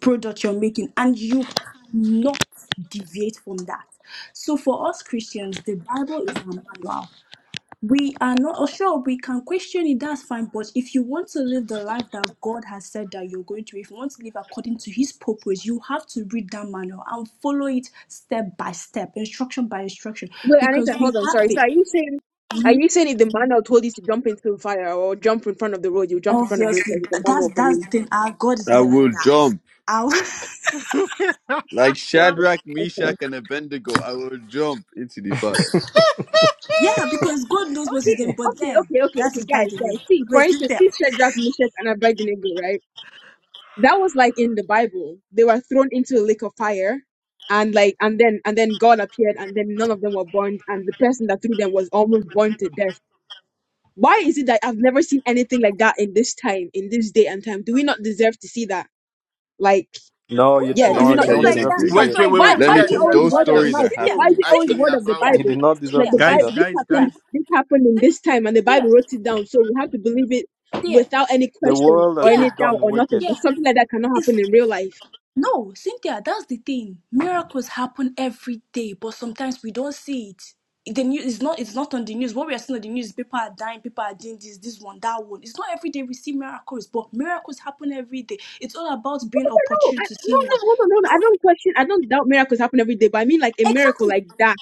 Speaker 6: product you're making and you cannot deviate from that so for us christians the bible is our manual we are not oh, sure we can question it that's fine but if you want to live the life that god has said that you're going to if you want to live according to his purpose you have to read that manual and follow it step by step instruction by instruction
Speaker 14: Wait, Anita,
Speaker 6: because we
Speaker 14: hold on,
Speaker 6: have
Speaker 14: sorry. So
Speaker 6: it
Speaker 14: are you saying, are you saying if the manual told you to jump into the fire or jump in front of the road, you jump in front of the road
Speaker 6: obviously
Speaker 14: because it's a
Speaker 6: that's
Speaker 14: manual for
Speaker 6: that's
Speaker 14: you?
Speaker 6: the thing our god is
Speaker 8: I
Speaker 6: not like
Speaker 8: will
Speaker 6: that
Speaker 8: jump
Speaker 6: our
Speaker 8: like
Speaker 14: Right.
Speaker 8: Shadrach, Meshach,
Speaker 14: Okay.
Speaker 8: and Abednego. I will jump into the fire.
Speaker 6: yeah because god knows what's his
Speaker 14: Okay,
Speaker 6: name but
Speaker 14: okay,
Speaker 6: then
Speaker 14: okay, okay,
Speaker 6: that
Speaker 14: okay,
Speaker 6: is by
Speaker 14: guys,
Speaker 6: the way
Speaker 14: guys. See, for instance,
Speaker 6: wait
Speaker 14: see Shadrach, Meshach, and Abednego, right? that was like in the Bible. They were thrown into a lake of fire and like and then and then God appeared and then none of them were burned and the person that threw them was almost burned to death. Why is it that I've never seen anything like that in this time, in this day and time? Do we not deserve to see that? Like,
Speaker 16: no,
Speaker 6: Who
Speaker 16: you
Speaker 14: yeah,
Speaker 8: Let
Speaker 14: do
Speaker 6: knows?
Speaker 16: no,
Speaker 14: we
Speaker 8: me
Speaker 16: you
Speaker 14: not
Speaker 6: Things
Speaker 8: tell
Speaker 3: But
Speaker 8: you
Speaker 16: don't
Speaker 14: deserve
Speaker 3: t-
Speaker 6: like
Speaker 14: to
Speaker 16: deserve
Speaker 6: that,
Speaker 16: to
Speaker 14: see
Speaker 8: something.
Speaker 16: see
Speaker 6: things
Speaker 3: wait,
Speaker 14: something?
Speaker 16: it.
Speaker 3: wait,
Speaker 6: like
Speaker 3: wait,
Speaker 14: Why
Speaker 6: that
Speaker 3: wait.
Speaker 8: Let
Speaker 14: why
Speaker 8: me
Speaker 3: Tia,
Speaker 14: is
Speaker 6: happen.
Speaker 14: it
Speaker 8: tell.
Speaker 3: you had
Speaker 14: always
Speaker 8: Those
Speaker 14: word
Speaker 3: one
Speaker 14: of
Speaker 6: Who
Speaker 3: that
Speaker 6: knows?
Speaker 8: stories are
Speaker 14: mouth?
Speaker 6: Cynthia,
Speaker 14: Why
Speaker 3: spoke
Speaker 14: is
Speaker 8: happening.
Speaker 14: it always
Speaker 6: Cynthia,
Speaker 3: actually
Speaker 14: word of the
Speaker 3: about.
Speaker 6: Cynthia,
Speaker 16: You
Speaker 14: Bible?
Speaker 16: did not
Speaker 14: That
Speaker 16: deserve
Speaker 14: the
Speaker 6: Cynthia, Cynthia,
Speaker 16: to see
Speaker 14: Bible
Speaker 5: guys,
Speaker 16: that.
Speaker 14: this
Speaker 5: guys,
Speaker 6: Cynthia,
Speaker 14: happened
Speaker 5: guys.
Speaker 14: this happened in this time and the
Speaker 6: there,
Speaker 14: Bible wrote it down. So we have to believe it
Speaker 6: there,
Speaker 14: without any
Speaker 16: The
Speaker 14: question
Speaker 16: world
Speaker 14: or
Speaker 16: has
Speaker 14: any
Speaker 16: just
Speaker 6: there,
Speaker 14: doubt
Speaker 16: gotten
Speaker 14: or nothing.
Speaker 16: wicked.
Speaker 14: But
Speaker 6: there.
Speaker 14: something like that cannot happen
Speaker 6: It's
Speaker 14: in real life.
Speaker 6: no, Cynthia. That's the thing. Miracles happen every day, but sometimes we don't see it. The news is not. It's not on the news. What we are seeing on the news, is people are dying, people are doing this, this one, that one. It's not every day we see miracles, but miracles happen every day. It's all about being
Speaker 14: no,
Speaker 6: opportune
Speaker 14: I,
Speaker 6: to
Speaker 14: no,
Speaker 6: see
Speaker 14: no,
Speaker 6: one.
Speaker 14: hold on, hold
Speaker 6: No,
Speaker 14: on. I don't question. I don't doubt miracles happen every day, but I mean like a miracle
Speaker 6: exactly.
Speaker 14: like that,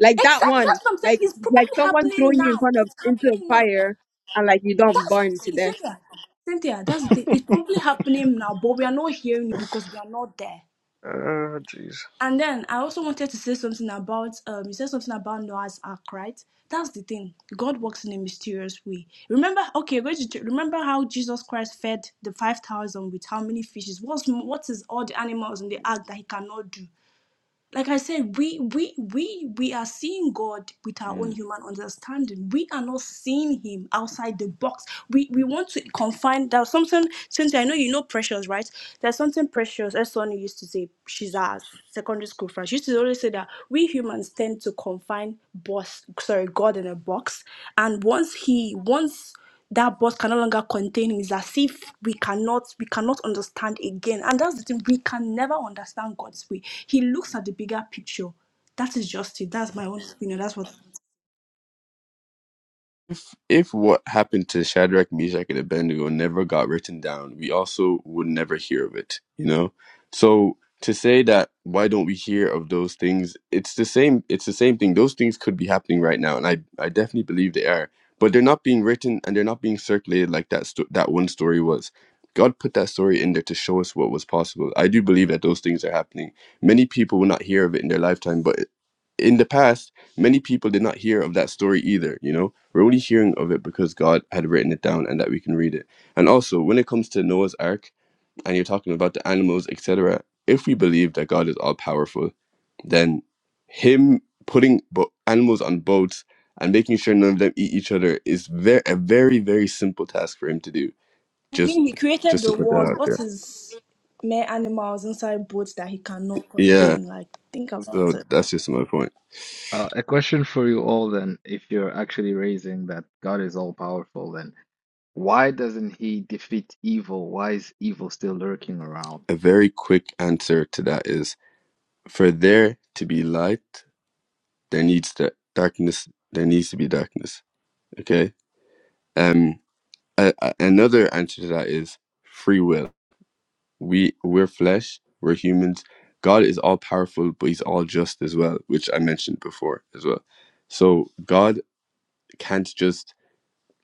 Speaker 14: like that
Speaker 6: Exactly.
Speaker 14: one,
Speaker 6: That's what I'm saying.
Speaker 14: like
Speaker 6: It's
Speaker 14: like
Speaker 6: probably
Speaker 14: someone
Speaker 6: happening
Speaker 14: throwing you in
Speaker 6: now.
Speaker 14: front of
Speaker 6: It's
Speaker 14: into a
Speaker 6: happening now.
Speaker 14: fire and like you don't
Speaker 6: That's
Speaker 14: burn to
Speaker 6: see,
Speaker 14: death.
Speaker 6: Cynthia. Cynthia, that's the thing. It's probably happening now, but we are not hearing it because we are not there.
Speaker 16: Oh, jeez.
Speaker 6: And then I also wanted to say something about um you said something about Noah's Ark, right? That's the thing. God works in a mysterious way. Remember, okay, we're just- remember how Jesus Christ fed the five thousand with how many fishes? What's what is all the animals in the ark that he cannot do? like I said, we we we we are seeing God with our
Speaker 8: Hmm.
Speaker 6: own human understanding. We are not seeing Him outside the box. We we want to confine. There's something. Since I know you know Precious, right? There's something Precious. As Sonny used to say, she's our secondary school friend. She used to always say that we humans tend to confine boss, sorry, God in a box. And once He once that boss can no longer contain him. It's as if we cannot we cannot understand again. And that's the thing, we can never understand God's way. He looks at the bigger picture. That is just it. That's my own opinion. That's what
Speaker 8: If what happened to Shadrach, Meshach, and Abednego never got written down, we also would never hear of it, you know? So to say that why don't we hear of those things, it's the same it's the same thing. Those things could be happening right now, and I, I definitely believe they are. But they're not being written and they're not being circulated like that sto- that one story was. God put that story in there to show us what was possible. I do believe that those things are happening. Many people will not hear of it in their lifetime, but in the past, many people did not hear of that story either, you know? We're only hearing of it because God had written it down and that we can read it. And also, when it comes to Noah's Ark and you're talking about the animals, etc., if we believe that God is all powerful, then Him putting bo- animals on boats and making sure none of them eat each other is very a very very simple task for Him to do.
Speaker 6: I mean he
Speaker 8: Just
Speaker 6: created
Speaker 8: just to
Speaker 6: the
Speaker 8: put that
Speaker 6: world.
Speaker 8: out there.
Speaker 6: What is mere animals inside boats that he cannot
Speaker 8: Yeah.
Speaker 6: contain? Like think about
Speaker 8: So
Speaker 6: it.
Speaker 8: that's just my point.
Speaker 15: Uh, a question for you all then, if you're actually raising that God is all powerful, then why doesn't he defeat evil? Why is evil still lurking around?
Speaker 8: A very quick answer to that is for there to be light, there needs to darkness. There needs to be darkness. Okay Um, a, a- another answer to that is free will. We we're flesh, we're humans. God is all powerful, but He's all just as well, which I mentioned before as well. So God can't just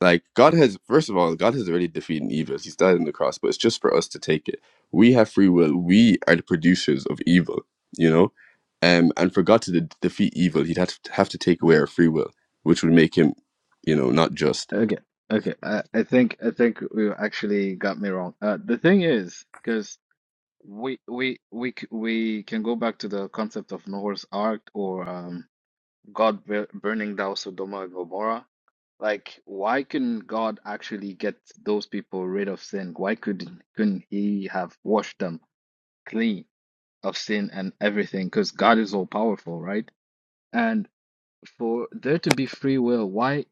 Speaker 8: like God has. First of all, God has already defeated evil. He's died on the cross, but it's just for us to take it. We have free will. We are the producers of evil. You know. Um, and for God to de- defeat evil, he'd have to, have to take away our free will, which would make him, you know, not just.
Speaker 15: Okay, okay. I, I think I think you actually got me wrong. Uh, the thing is, because we we we c- we can go back to the concept of Noah's Ark or um, God bur- burning down Sodom and Gomorrah. Like, why couldn't God actually get those people rid of sin? Why couldn't couldn't he have washed them? clean of sin and everything because God is all powerful, right? And for there to be free will, why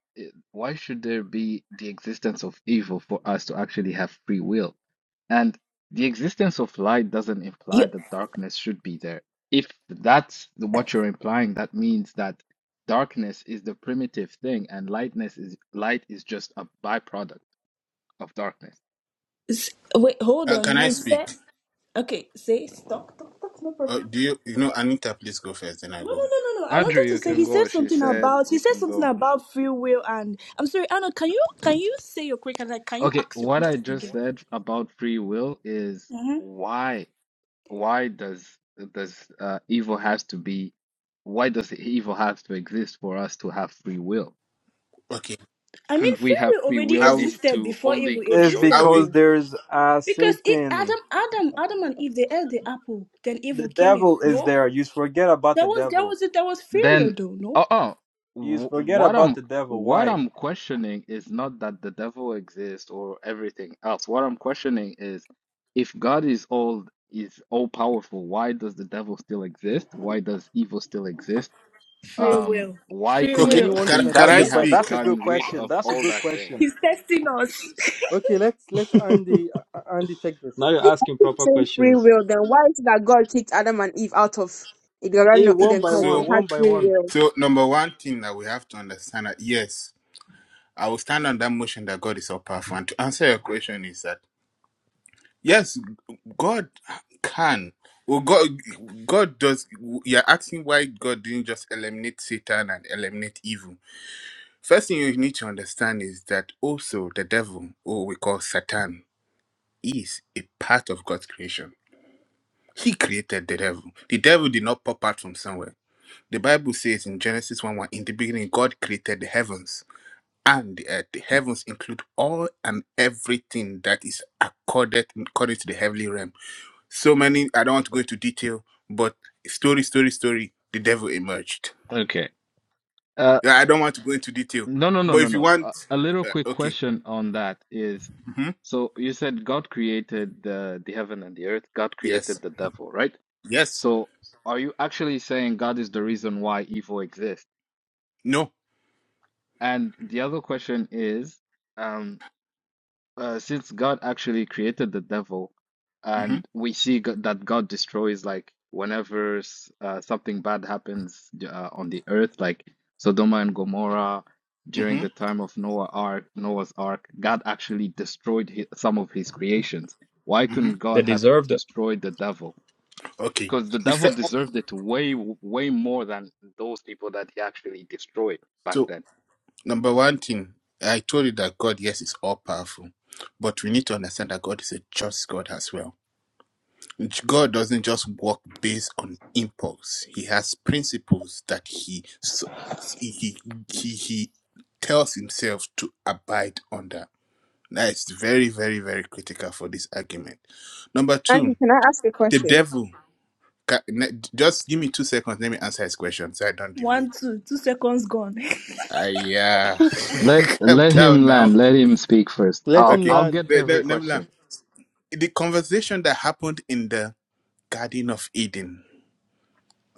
Speaker 15: why should there be the existence of evil for us to actually have free will? And the existence of light doesn't
Speaker 6: You
Speaker 15: imply that darkness should be there. If that's the- what you're implying, that means that darkness is the primitive thing and lightness is light is just a byproduct of darkness.
Speaker 6: s- wait, hold
Speaker 3: Uh,
Speaker 6: on.
Speaker 3: can I
Speaker 6: You
Speaker 3: speak?
Speaker 6: said okay, say stop, stop, stop, no
Speaker 3: Uh,
Speaker 6: problem.
Speaker 3: do you, you know, Anita, please go first, then I
Speaker 6: No, no,
Speaker 3: go.
Speaker 6: no, no, no. I
Speaker 15: Andrew,
Speaker 6: wanted to
Speaker 15: you
Speaker 6: say
Speaker 15: can
Speaker 6: he said
Speaker 15: go. She
Speaker 6: something
Speaker 15: said
Speaker 6: about he
Speaker 15: you
Speaker 6: said
Speaker 15: can
Speaker 6: something
Speaker 15: go.
Speaker 6: about free will and I'm sorry, Arnold. Can you can you say your question? Like, can you
Speaker 15: Okay,
Speaker 6: ask your
Speaker 15: what I
Speaker 6: question
Speaker 15: just
Speaker 6: again?
Speaker 15: said about free will is
Speaker 6: hmm
Speaker 15: why why does does uh, evil has to be why does evil have to exist for us to have free will?
Speaker 3: Okay.
Speaker 6: I mean,
Speaker 15: Couldn't we
Speaker 6: free
Speaker 15: have
Speaker 6: will
Speaker 15: free
Speaker 6: already
Speaker 15: will
Speaker 3: I, will-
Speaker 6: existed
Speaker 15: into
Speaker 6: before
Speaker 15: only
Speaker 6: evil
Speaker 15: good
Speaker 16: It's
Speaker 3: I
Speaker 6: existed,
Speaker 15: choices?
Speaker 3: will.
Speaker 16: because
Speaker 6: though.
Speaker 16: there's a
Speaker 6: Because it,
Speaker 16: Satan.
Speaker 6: Adam, Adam, Adam and Eve, they ate the apple. Then evil
Speaker 16: The
Speaker 6: came in.
Speaker 16: devil is
Speaker 6: No,
Speaker 16: there. You forget about
Speaker 6: there
Speaker 16: the
Speaker 6: was there
Speaker 16: devil.
Speaker 6: was there was free will
Speaker 15: Then,
Speaker 6: though. No,
Speaker 15: oh, oh,
Speaker 16: You
Speaker 15: wh-
Speaker 16: forget
Speaker 15: what
Speaker 16: about
Speaker 15: I'm
Speaker 16: the devil.
Speaker 15: what
Speaker 16: Why?
Speaker 15: I'm questioning is not that the devil exists or everything else. What I'm questioning is if God is all is all powerful, why does the devil still exist? Why does evil still exist?
Speaker 6: free
Speaker 15: Um,
Speaker 6: will,
Speaker 15: why
Speaker 6: free
Speaker 3: Okay.
Speaker 15: couldn't
Speaker 6: will.
Speaker 5: Anyone
Speaker 3: Can,
Speaker 5: can
Speaker 15: couldn't
Speaker 3: can
Speaker 16: That's
Speaker 5: address
Speaker 3: I
Speaker 16: the
Speaker 15: he
Speaker 5: it.
Speaker 16: que-
Speaker 15: have
Speaker 3: speak?
Speaker 16: that's a good
Speaker 15: gotten rid
Speaker 16: question.
Speaker 15: of
Speaker 16: That's a
Speaker 15: all
Speaker 16: good
Speaker 15: that thing?
Speaker 16: question.
Speaker 6: He's testing us.
Speaker 5: Okay, let's let Andy uh, uh, Andy take this.
Speaker 16: Now you're
Speaker 14: If I
Speaker 16: asking
Speaker 14: keep
Speaker 16: proper
Speaker 14: saying free
Speaker 16: questions.
Speaker 14: will, then why is it that God kicked Adam and Eve out of the Garden
Speaker 16: Hey,
Speaker 14: of
Speaker 16: one
Speaker 14: Eden
Speaker 16: by
Speaker 14: because they
Speaker 16: one,
Speaker 3: So,
Speaker 14: had
Speaker 16: one by
Speaker 14: free
Speaker 16: one.
Speaker 14: will?
Speaker 3: so number one thing that we have to understand that yes, I will stand on that motion that God is all powerful. And to answer your question is that yes, God can. Well, God, God does. You're asking why God didn't just eliminate Satan and eliminate evil First thing you need to understand is that also the devil, or we call Satan, is a part of God's creation. He created the devil. The devil did not pop out from somewhere. The Bible says in Genesis 1 1, in the beginning, God created the heavens and the earth. The heavens include all and everything that is accorded according to the heavenly realm. So many, I don't want to go into detail, but story, story, story, the devil emerged.
Speaker 15: Okay. Uh,
Speaker 3: Yeah, I don't want to go into detail,
Speaker 15: no, no, no,
Speaker 3: but
Speaker 15: no,
Speaker 3: if you
Speaker 15: no.
Speaker 3: want,
Speaker 15: A, a little
Speaker 3: uh,
Speaker 15: quick
Speaker 3: okay.
Speaker 15: question on that is,
Speaker 3: Mhm.
Speaker 15: so you said God created the the heaven and the earth. God
Speaker 3: Yes.
Speaker 15: created the devil, right?
Speaker 3: Yes.
Speaker 15: So are you actually saying God is the reason why evil exists?
Speaker 3: No.
Speaker 15: And the other question is, um, uh, since God actually created the devil,
Speaker 3: Mm-hmm.
Speaker 15: and we see go- that God destroys like whenever s- uh, something bad happens uh, on the earth, like Sodoma and Gomorrah during
Speaker 3: Mm-hmm.
Speaker 15: the time of Noah Ark, Noah's Ark, God actually destroyed hi some of his creations. Why
Speaker 3: Mm-hmm.
Speaker 15: couldn't
Speaker 16: They
Speaker 15: God have
Speaker 16: deserved it.
Speaker 15: destroyed the devil?
Speaker 3: Okay.
Speaker 15: Because the
Speaker 3: The
Speaker 15: devil
Speaker 3: fir-
Speaker 15: deserved it way, w- way more than those people that he actually destroyed back
Speaker 3: so
Speaker 15: then.
Speaker 3: number one thing I told you that God, yes, is all powerful, but we need to understand that God is a just God as well. God doesn't just work based on impulse. He has principles that he s- he he, he tells himself to abide under. That is very very very critical for this argument. Number two,
Speaker 14: Andy, can I ask a
Speaker 3: the
Speaker 14: question?
Speaker 3: devil. Ca- ne- Just give me two seconds. Let me answer his question so I don't deviate.
Speaker 6: One, two, two seconds gone.
Speaker 3: I yeah,
Speaker 15: Let
Speaker 3: calm
Speaker 15: let
Speaker 3: down
Speaker 15: him
Speaker 3: now.
Speaker 15: land. Let him speak first.
Speaker 5: Let
Speaker 15: I'll
Speaker 5: him
Speaker 3: Okay,
Speaker 15: I'll
Speaker 5: land.
Speaker 15: get
Speaker 3: Ne-
Speaker 15: every
Speaker 3: ne- never
Speaker 15: question.
Speaker 3: mind. The conversation that happened in the Garden of Eden,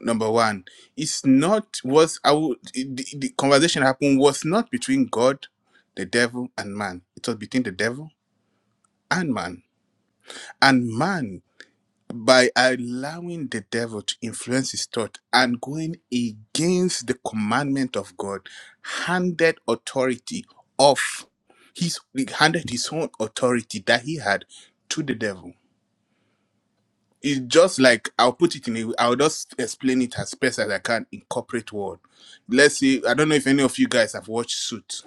Speaker 3: number one, it's not was I would the, the conversation happened was not between God, the devil, and man. It was between the devil and man, and man. by allowing the devil to influence his thought and going against the commandment of God, handed authority off. He's he handed his own authority that he had to the devil. It's just like I'll put it in. a- I'll just explain it as best as I can in corporate world. Let's see. I don't know if any of you guys have watched Suits.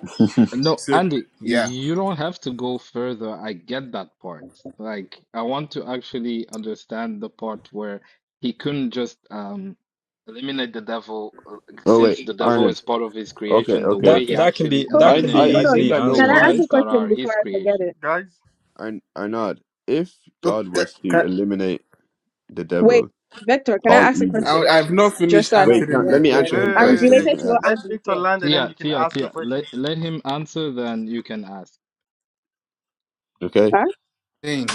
Speaker 15: No,
Speaker 3: So
Speaker 15: Andy,
Speaker 3: yeah.
Speaker 15: you don't have to go further. I get that part. Like, I want to actually understand the part where he couldn't just um eliminate the devil uh, since the devil is part of his creation, the
Speaker 8: Okay,
Speaker 16: That
Speaker 15: way he
Speaker 8: okay.
Speaker 16: that can
Speaker 15: actually
Speaker 16: be
Speaker 14: Oh,
Speaker 16: that
Speaker 8: I,
Speaker 16: can be
Speaker 14: see,
Speaker 8: I, I
Speaker 14: hold
Speaker 15: eliminated
Speaker 8: think
Speaker 16: easily
Speaker 14: on.
Speaker 8: I
Speaker 15: the
Speaker 8: know
Speaker 14: Can
Speaker 16: answered.
Speaker 14: I ask
Speaker 8: why.
Speaker 15: humans
Speaker 14: a
Speaker 15: that are
Speaker 14: question before
Speaker 15: his
Speaker 14: I forget
Speaker 15: creation.
Speaker 14: it?
Speaker 5: Guys,
Speaker 8: I, I not. If God
Speaker 3: Okay.
Speaker 8: was to
Speaker 3: ca-
Speaker 8: eliminate the
Speaker 14: Wait,
Speaker 8: devil,
Speaker 14: Victor, can I
Speaker 8: all
Speaker 14: ask a
Speaker 8: evil.
Speaker 3: I-
Speaker 14: question?
Speaker 3: I've not
Speaker 14: Just
Speaker 3: finished
Speaker 14: so I don't
Speaker 8: Wait, can,
Speaker 3: answering
Speaker 14: forget
Speaker 8: let
Speaker 3: my
Speaker 14: it,
Speaker 8: me
Speaker 14: right?
Speaker 8: answer
Speaker 5: wait,
Speaker 8: him
Speaker 3: question,
Speaker 5: wait,
Speaker 14: And
Speaker 5: wait,
Speaker 14: it's
Speaker 8: first,
Speaker 5: wait,
Speaker 8: then you
Speaker 3: guys.
Speaker 5: guys.
Speaker 14: related
Speaker 8: can
Speaker 14: to what
Speaker 8: ask.
Speaker 5: Let
Speaker 14: Andy's
Speaker 5: Victor
Speaker 14: saying.
Speaker 5: land, and then you
Speaker 15: Thea,
Speaker 5: can
Speaker 15: Thea,
Speaker 5: ask your
Speaker 15: Thea,
Speaker 5: question.
Speaker 15: let,
Speaker 5: Please.
Speaker 15: let him answer, then you can ask.
Speaker 8: Okay.
Speaker 14: huh?
Speaker 3: Thing.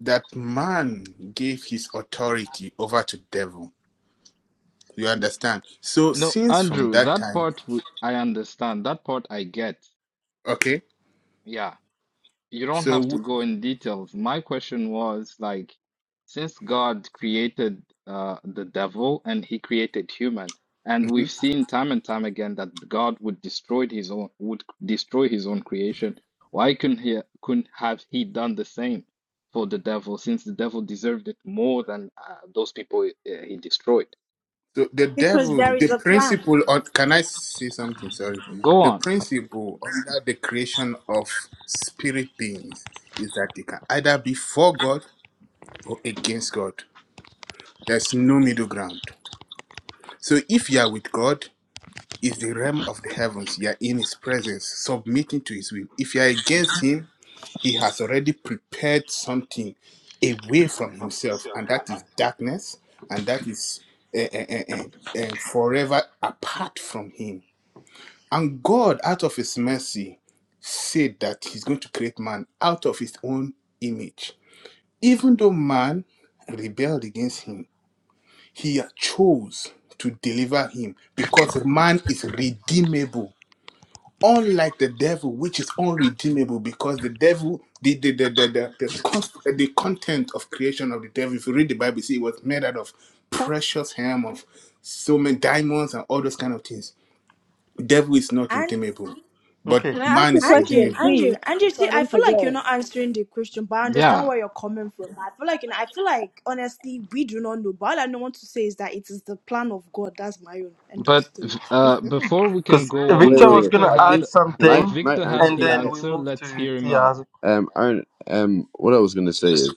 Speaker 3: that man gave his authority over to devil you understand so
Speaker 15: No,
Speaker 3: since from
Speaker 15: Andrew,
Speaker 3: that
Speaker 15: that
Speaker 3: time
Speaker 15: part w- I understand. That part I get.
Speaker 3: okay
Speaker 15: Yeah. you don't
Speaker 3: so
Speaker 15: have to
Speaker 3: w-
Speaker 15: go in details. My question was like, since God created uh, the devil and he created human, and we've
Speaker 3: mhm.
Speaker 15: seen time and time again that God would destroy his own would destroy his own creation. Why couldn't he couldn't have he done the same for the devil since the devil deserved it more than uh, those people uh, he destroyed?
Speaker 3: so the
Speaker 6: because
Speaker 3: devil
Speaker 6: there
Speaker 3: the
Speaker 6: is a plan.
Speaker 3: principle on can i say something sorry
Speaker 15: Go
Speaker 3: the
Speaker 15: on.
Speaker 3: principle under the creation of spirit beings is that they can either be for god or against god there's no middle ground so if you are with god is the realm of the heavens you are in his presence submitting to his will if you are against him He has already prepared something away from himself, and that is darkness, and that is eh, eh, eh, eh, eh, forever apart from him. And God, out of his mercy, said that he's going to create man out of his own image. Even though man rebelled against him, he chose to deliver him because man is redeemable unlike the devil which is unredeemable because the devil the the the the, the, the, const, the content of creation of the devil if you read the bible you see it was made out of
Speaker 6: Don't-
Speaker 3: precious hem of so many diamonds and all those kind of things The devil is not
Speaker 6: and.
Speaker 3: redeemable
Speaker 5: Okay.
Speaker 14: Can
Speaker 3: but
Speaker 14: I ask
Speaker 3: man
Speaker 14: a
Speaker 3: is
Speaker 6: Andrew,
Speaker 14: question,
Speaker 3: redeemable
Speaker 6: Andrew,
Speaker 14: please,
Speaker 6: Andrew,
Speaker 14: so
Speaker 6: see,
Speaker 14: I
Speaker 6: I
Speaker 14: don't
Speaker 6: feel like
Speaker 14: forget?
Speaker 6: you're not answering the question, but I understand
Speaker 15: Yeah,
Speaker 6: where you're coming from. I feel like, you know, I feel like, honestly, we do not know. But all I know want to say is that it is the plan of God. That's my own end of
Speaker 15: but
Speaker 6: story.
Speaker 15: uh, before we can
Speaker 5: Because
Speaker 15: go
Speaker 8: Wait,
Speaker 15: on,
Speaker 5: Victor
Speaker 8: wait,
Speaker 5: was
Speaker 8: wait.
Speaker 15: Victor
Speaker 5: gonna
Speaker 8: I
Speaker 5: add
Speaker 15: had
Speaker 8: think
Speaker 15: uh,
Speaker 8: can I
Speaker 5: something,
Speaker 8: can I
Speaker 15: Victor had
Speaker 5: and
Speaker 15: the
Speaker 8: answer?
Speaker 3: I,
Speaker 5: then we
Speaker 15: answer.
Speaker 5: moved
Speaker 15: Let's
Speaker 5: to
Speaker 15: hear him
Speaker 5: Tia. I
Speaker 15: out.
Speaker 8: Um, I um, what I was gonna say is.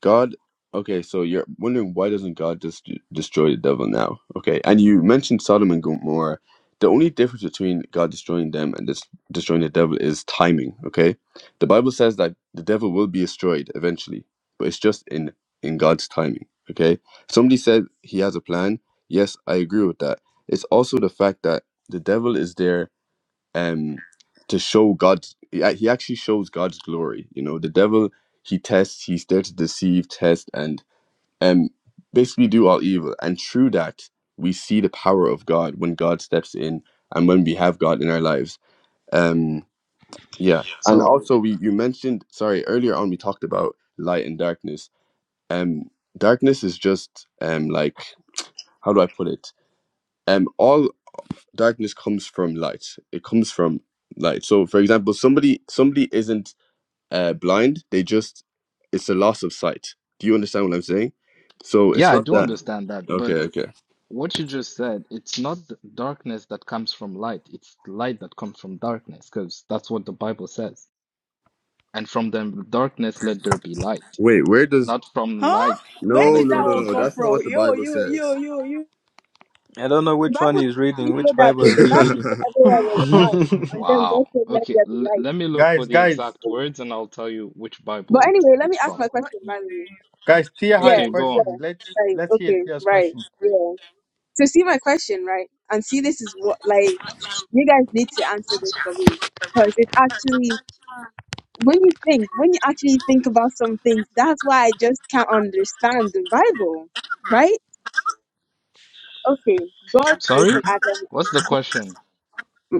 Speaker 8: God, okay, so you're wondering why doesn't God just d- destroy the devil now? Okay, and you mentioned Sodom and Gomorrah. The only difference between God destroying them and this destroying the devil is timing. Okay, the Bible says that the devil will be destroyed eventually, but it's just in in God's timing. Okay, somebody said he has a plan. Yes, I agree with that. It's also the fact that the devil is there um to show God he he actually shows God's glory. You know, the devil he tests, he's there to deceive, test, and um basically do all evil. And through that we see the power of God when God steps in and when we have God in our lives. Um yeah. And
Speaker 15: So,
Speaker 8: also we you mentioned sorry, earlier on we talked about light and darkness. Um darkness is just um like how do I put it? Um all darkness comes from light it comes from light so for example somebody somebody isn't uh, blind they just it's a loss of sight do you understand what i'm saying so it's
Speaker 15: yeah, I
Speaker 8: not
Speaker 15: do
Speaker 8: that
Speaker 15: understand that,
Speaker 8: okay
Speaker 15: but
Speaker 8: okay
Speaker 15: what you just said, it's not th- darkness that comes from light, it's light that comes from darkness, because that's what the Bible says. And from the darkness, let there be light,
Speaker 8: wait where does
Speaker 15: not from
Speaker 6: Huh?
Speaker 15: light,
Speaker 6: Where
Speaker 8: no
Speaker 6: did
Speaker 15: let
Speaker 8: no
Speaker 15: there
Speaker 6: that
Speaker 8: no
Speaker 15: be
Speaker 6: one
Speaker 8: no
Speaker 6: come
Speaker 8: that's not
Speaker 6: from?
Speaker 8: what
Speaker 15: darkness.
Speaker 8: the
Speaker 6: Yo,
Speaker 8: bible
Speaker 6: yo,
Speaker 8: says
Speaker 6: yo, yo, yo.
Speaker 16: I don't know
Speaker 14: The
Speaker 16: which one
Speaker 14: Bible
Speaker 16: he's
Speaker 14: clearly
Speaker 16: reading.
Speaker 14: said
Speaker 16: Which
Speaker 14: that,
Speaker 16: Bible
Speaker 14: though.
Speaker 16: is
Speaker 14: The
Speaker 16: he
Speaker 14: Bible
Speaker 16: reading?
Speaker 14: said everywhere was
Speaker 5: was like,
Speaker 14: dark, and then
Speaker 15: Wow.
Speaker 14: God said, "Let
Speaker 15: Okay,
Speaker 14: there be
Speaker 15: l let
Speaker 14: light."
Speaker 15: me look for
Speaker 5: guys,
Speaker 15: the
Speaker 5: guys,
Speaker 15: exact words and I'll tell you which Bible
Speaker 14: But
Speaker 15: it
Speaker 14: anyway, let
Speaker 15: it's
Speaker 14: me ask
Speaker 15: from.
Speaker 9: But
Speaker 14: my
Speaker 9: what
Speaker 14: question.
Speaker 9: is
Speaker 14: By the way,
Speaker 9: saying
Speaker 5: guys, Tia
Speaker 14: yeah,
Speaker 9: actually
Speaker 5: had a
Speaker 15: Okay, go
Speaker 9: is
Speaker 15: on.
Speaker 14: yeah,
Speaker 5: question. Let's
Speaker 14: right,
Speaker 5: let's hear
Speaker 14: okay,
Speaker 5: Tia's
Speaker 14: right,
Speaker 5: question.
Speaker 14: yeah. So see my question, right, and see this is what like you guys need to answer this for me because it's actually when you think when you actually think about some things, that's why I just can't understand the Bible, right? Okay, God created
Speaker 15: Sorry?
Speaker 14: Adam
Speaker 15: What's the question?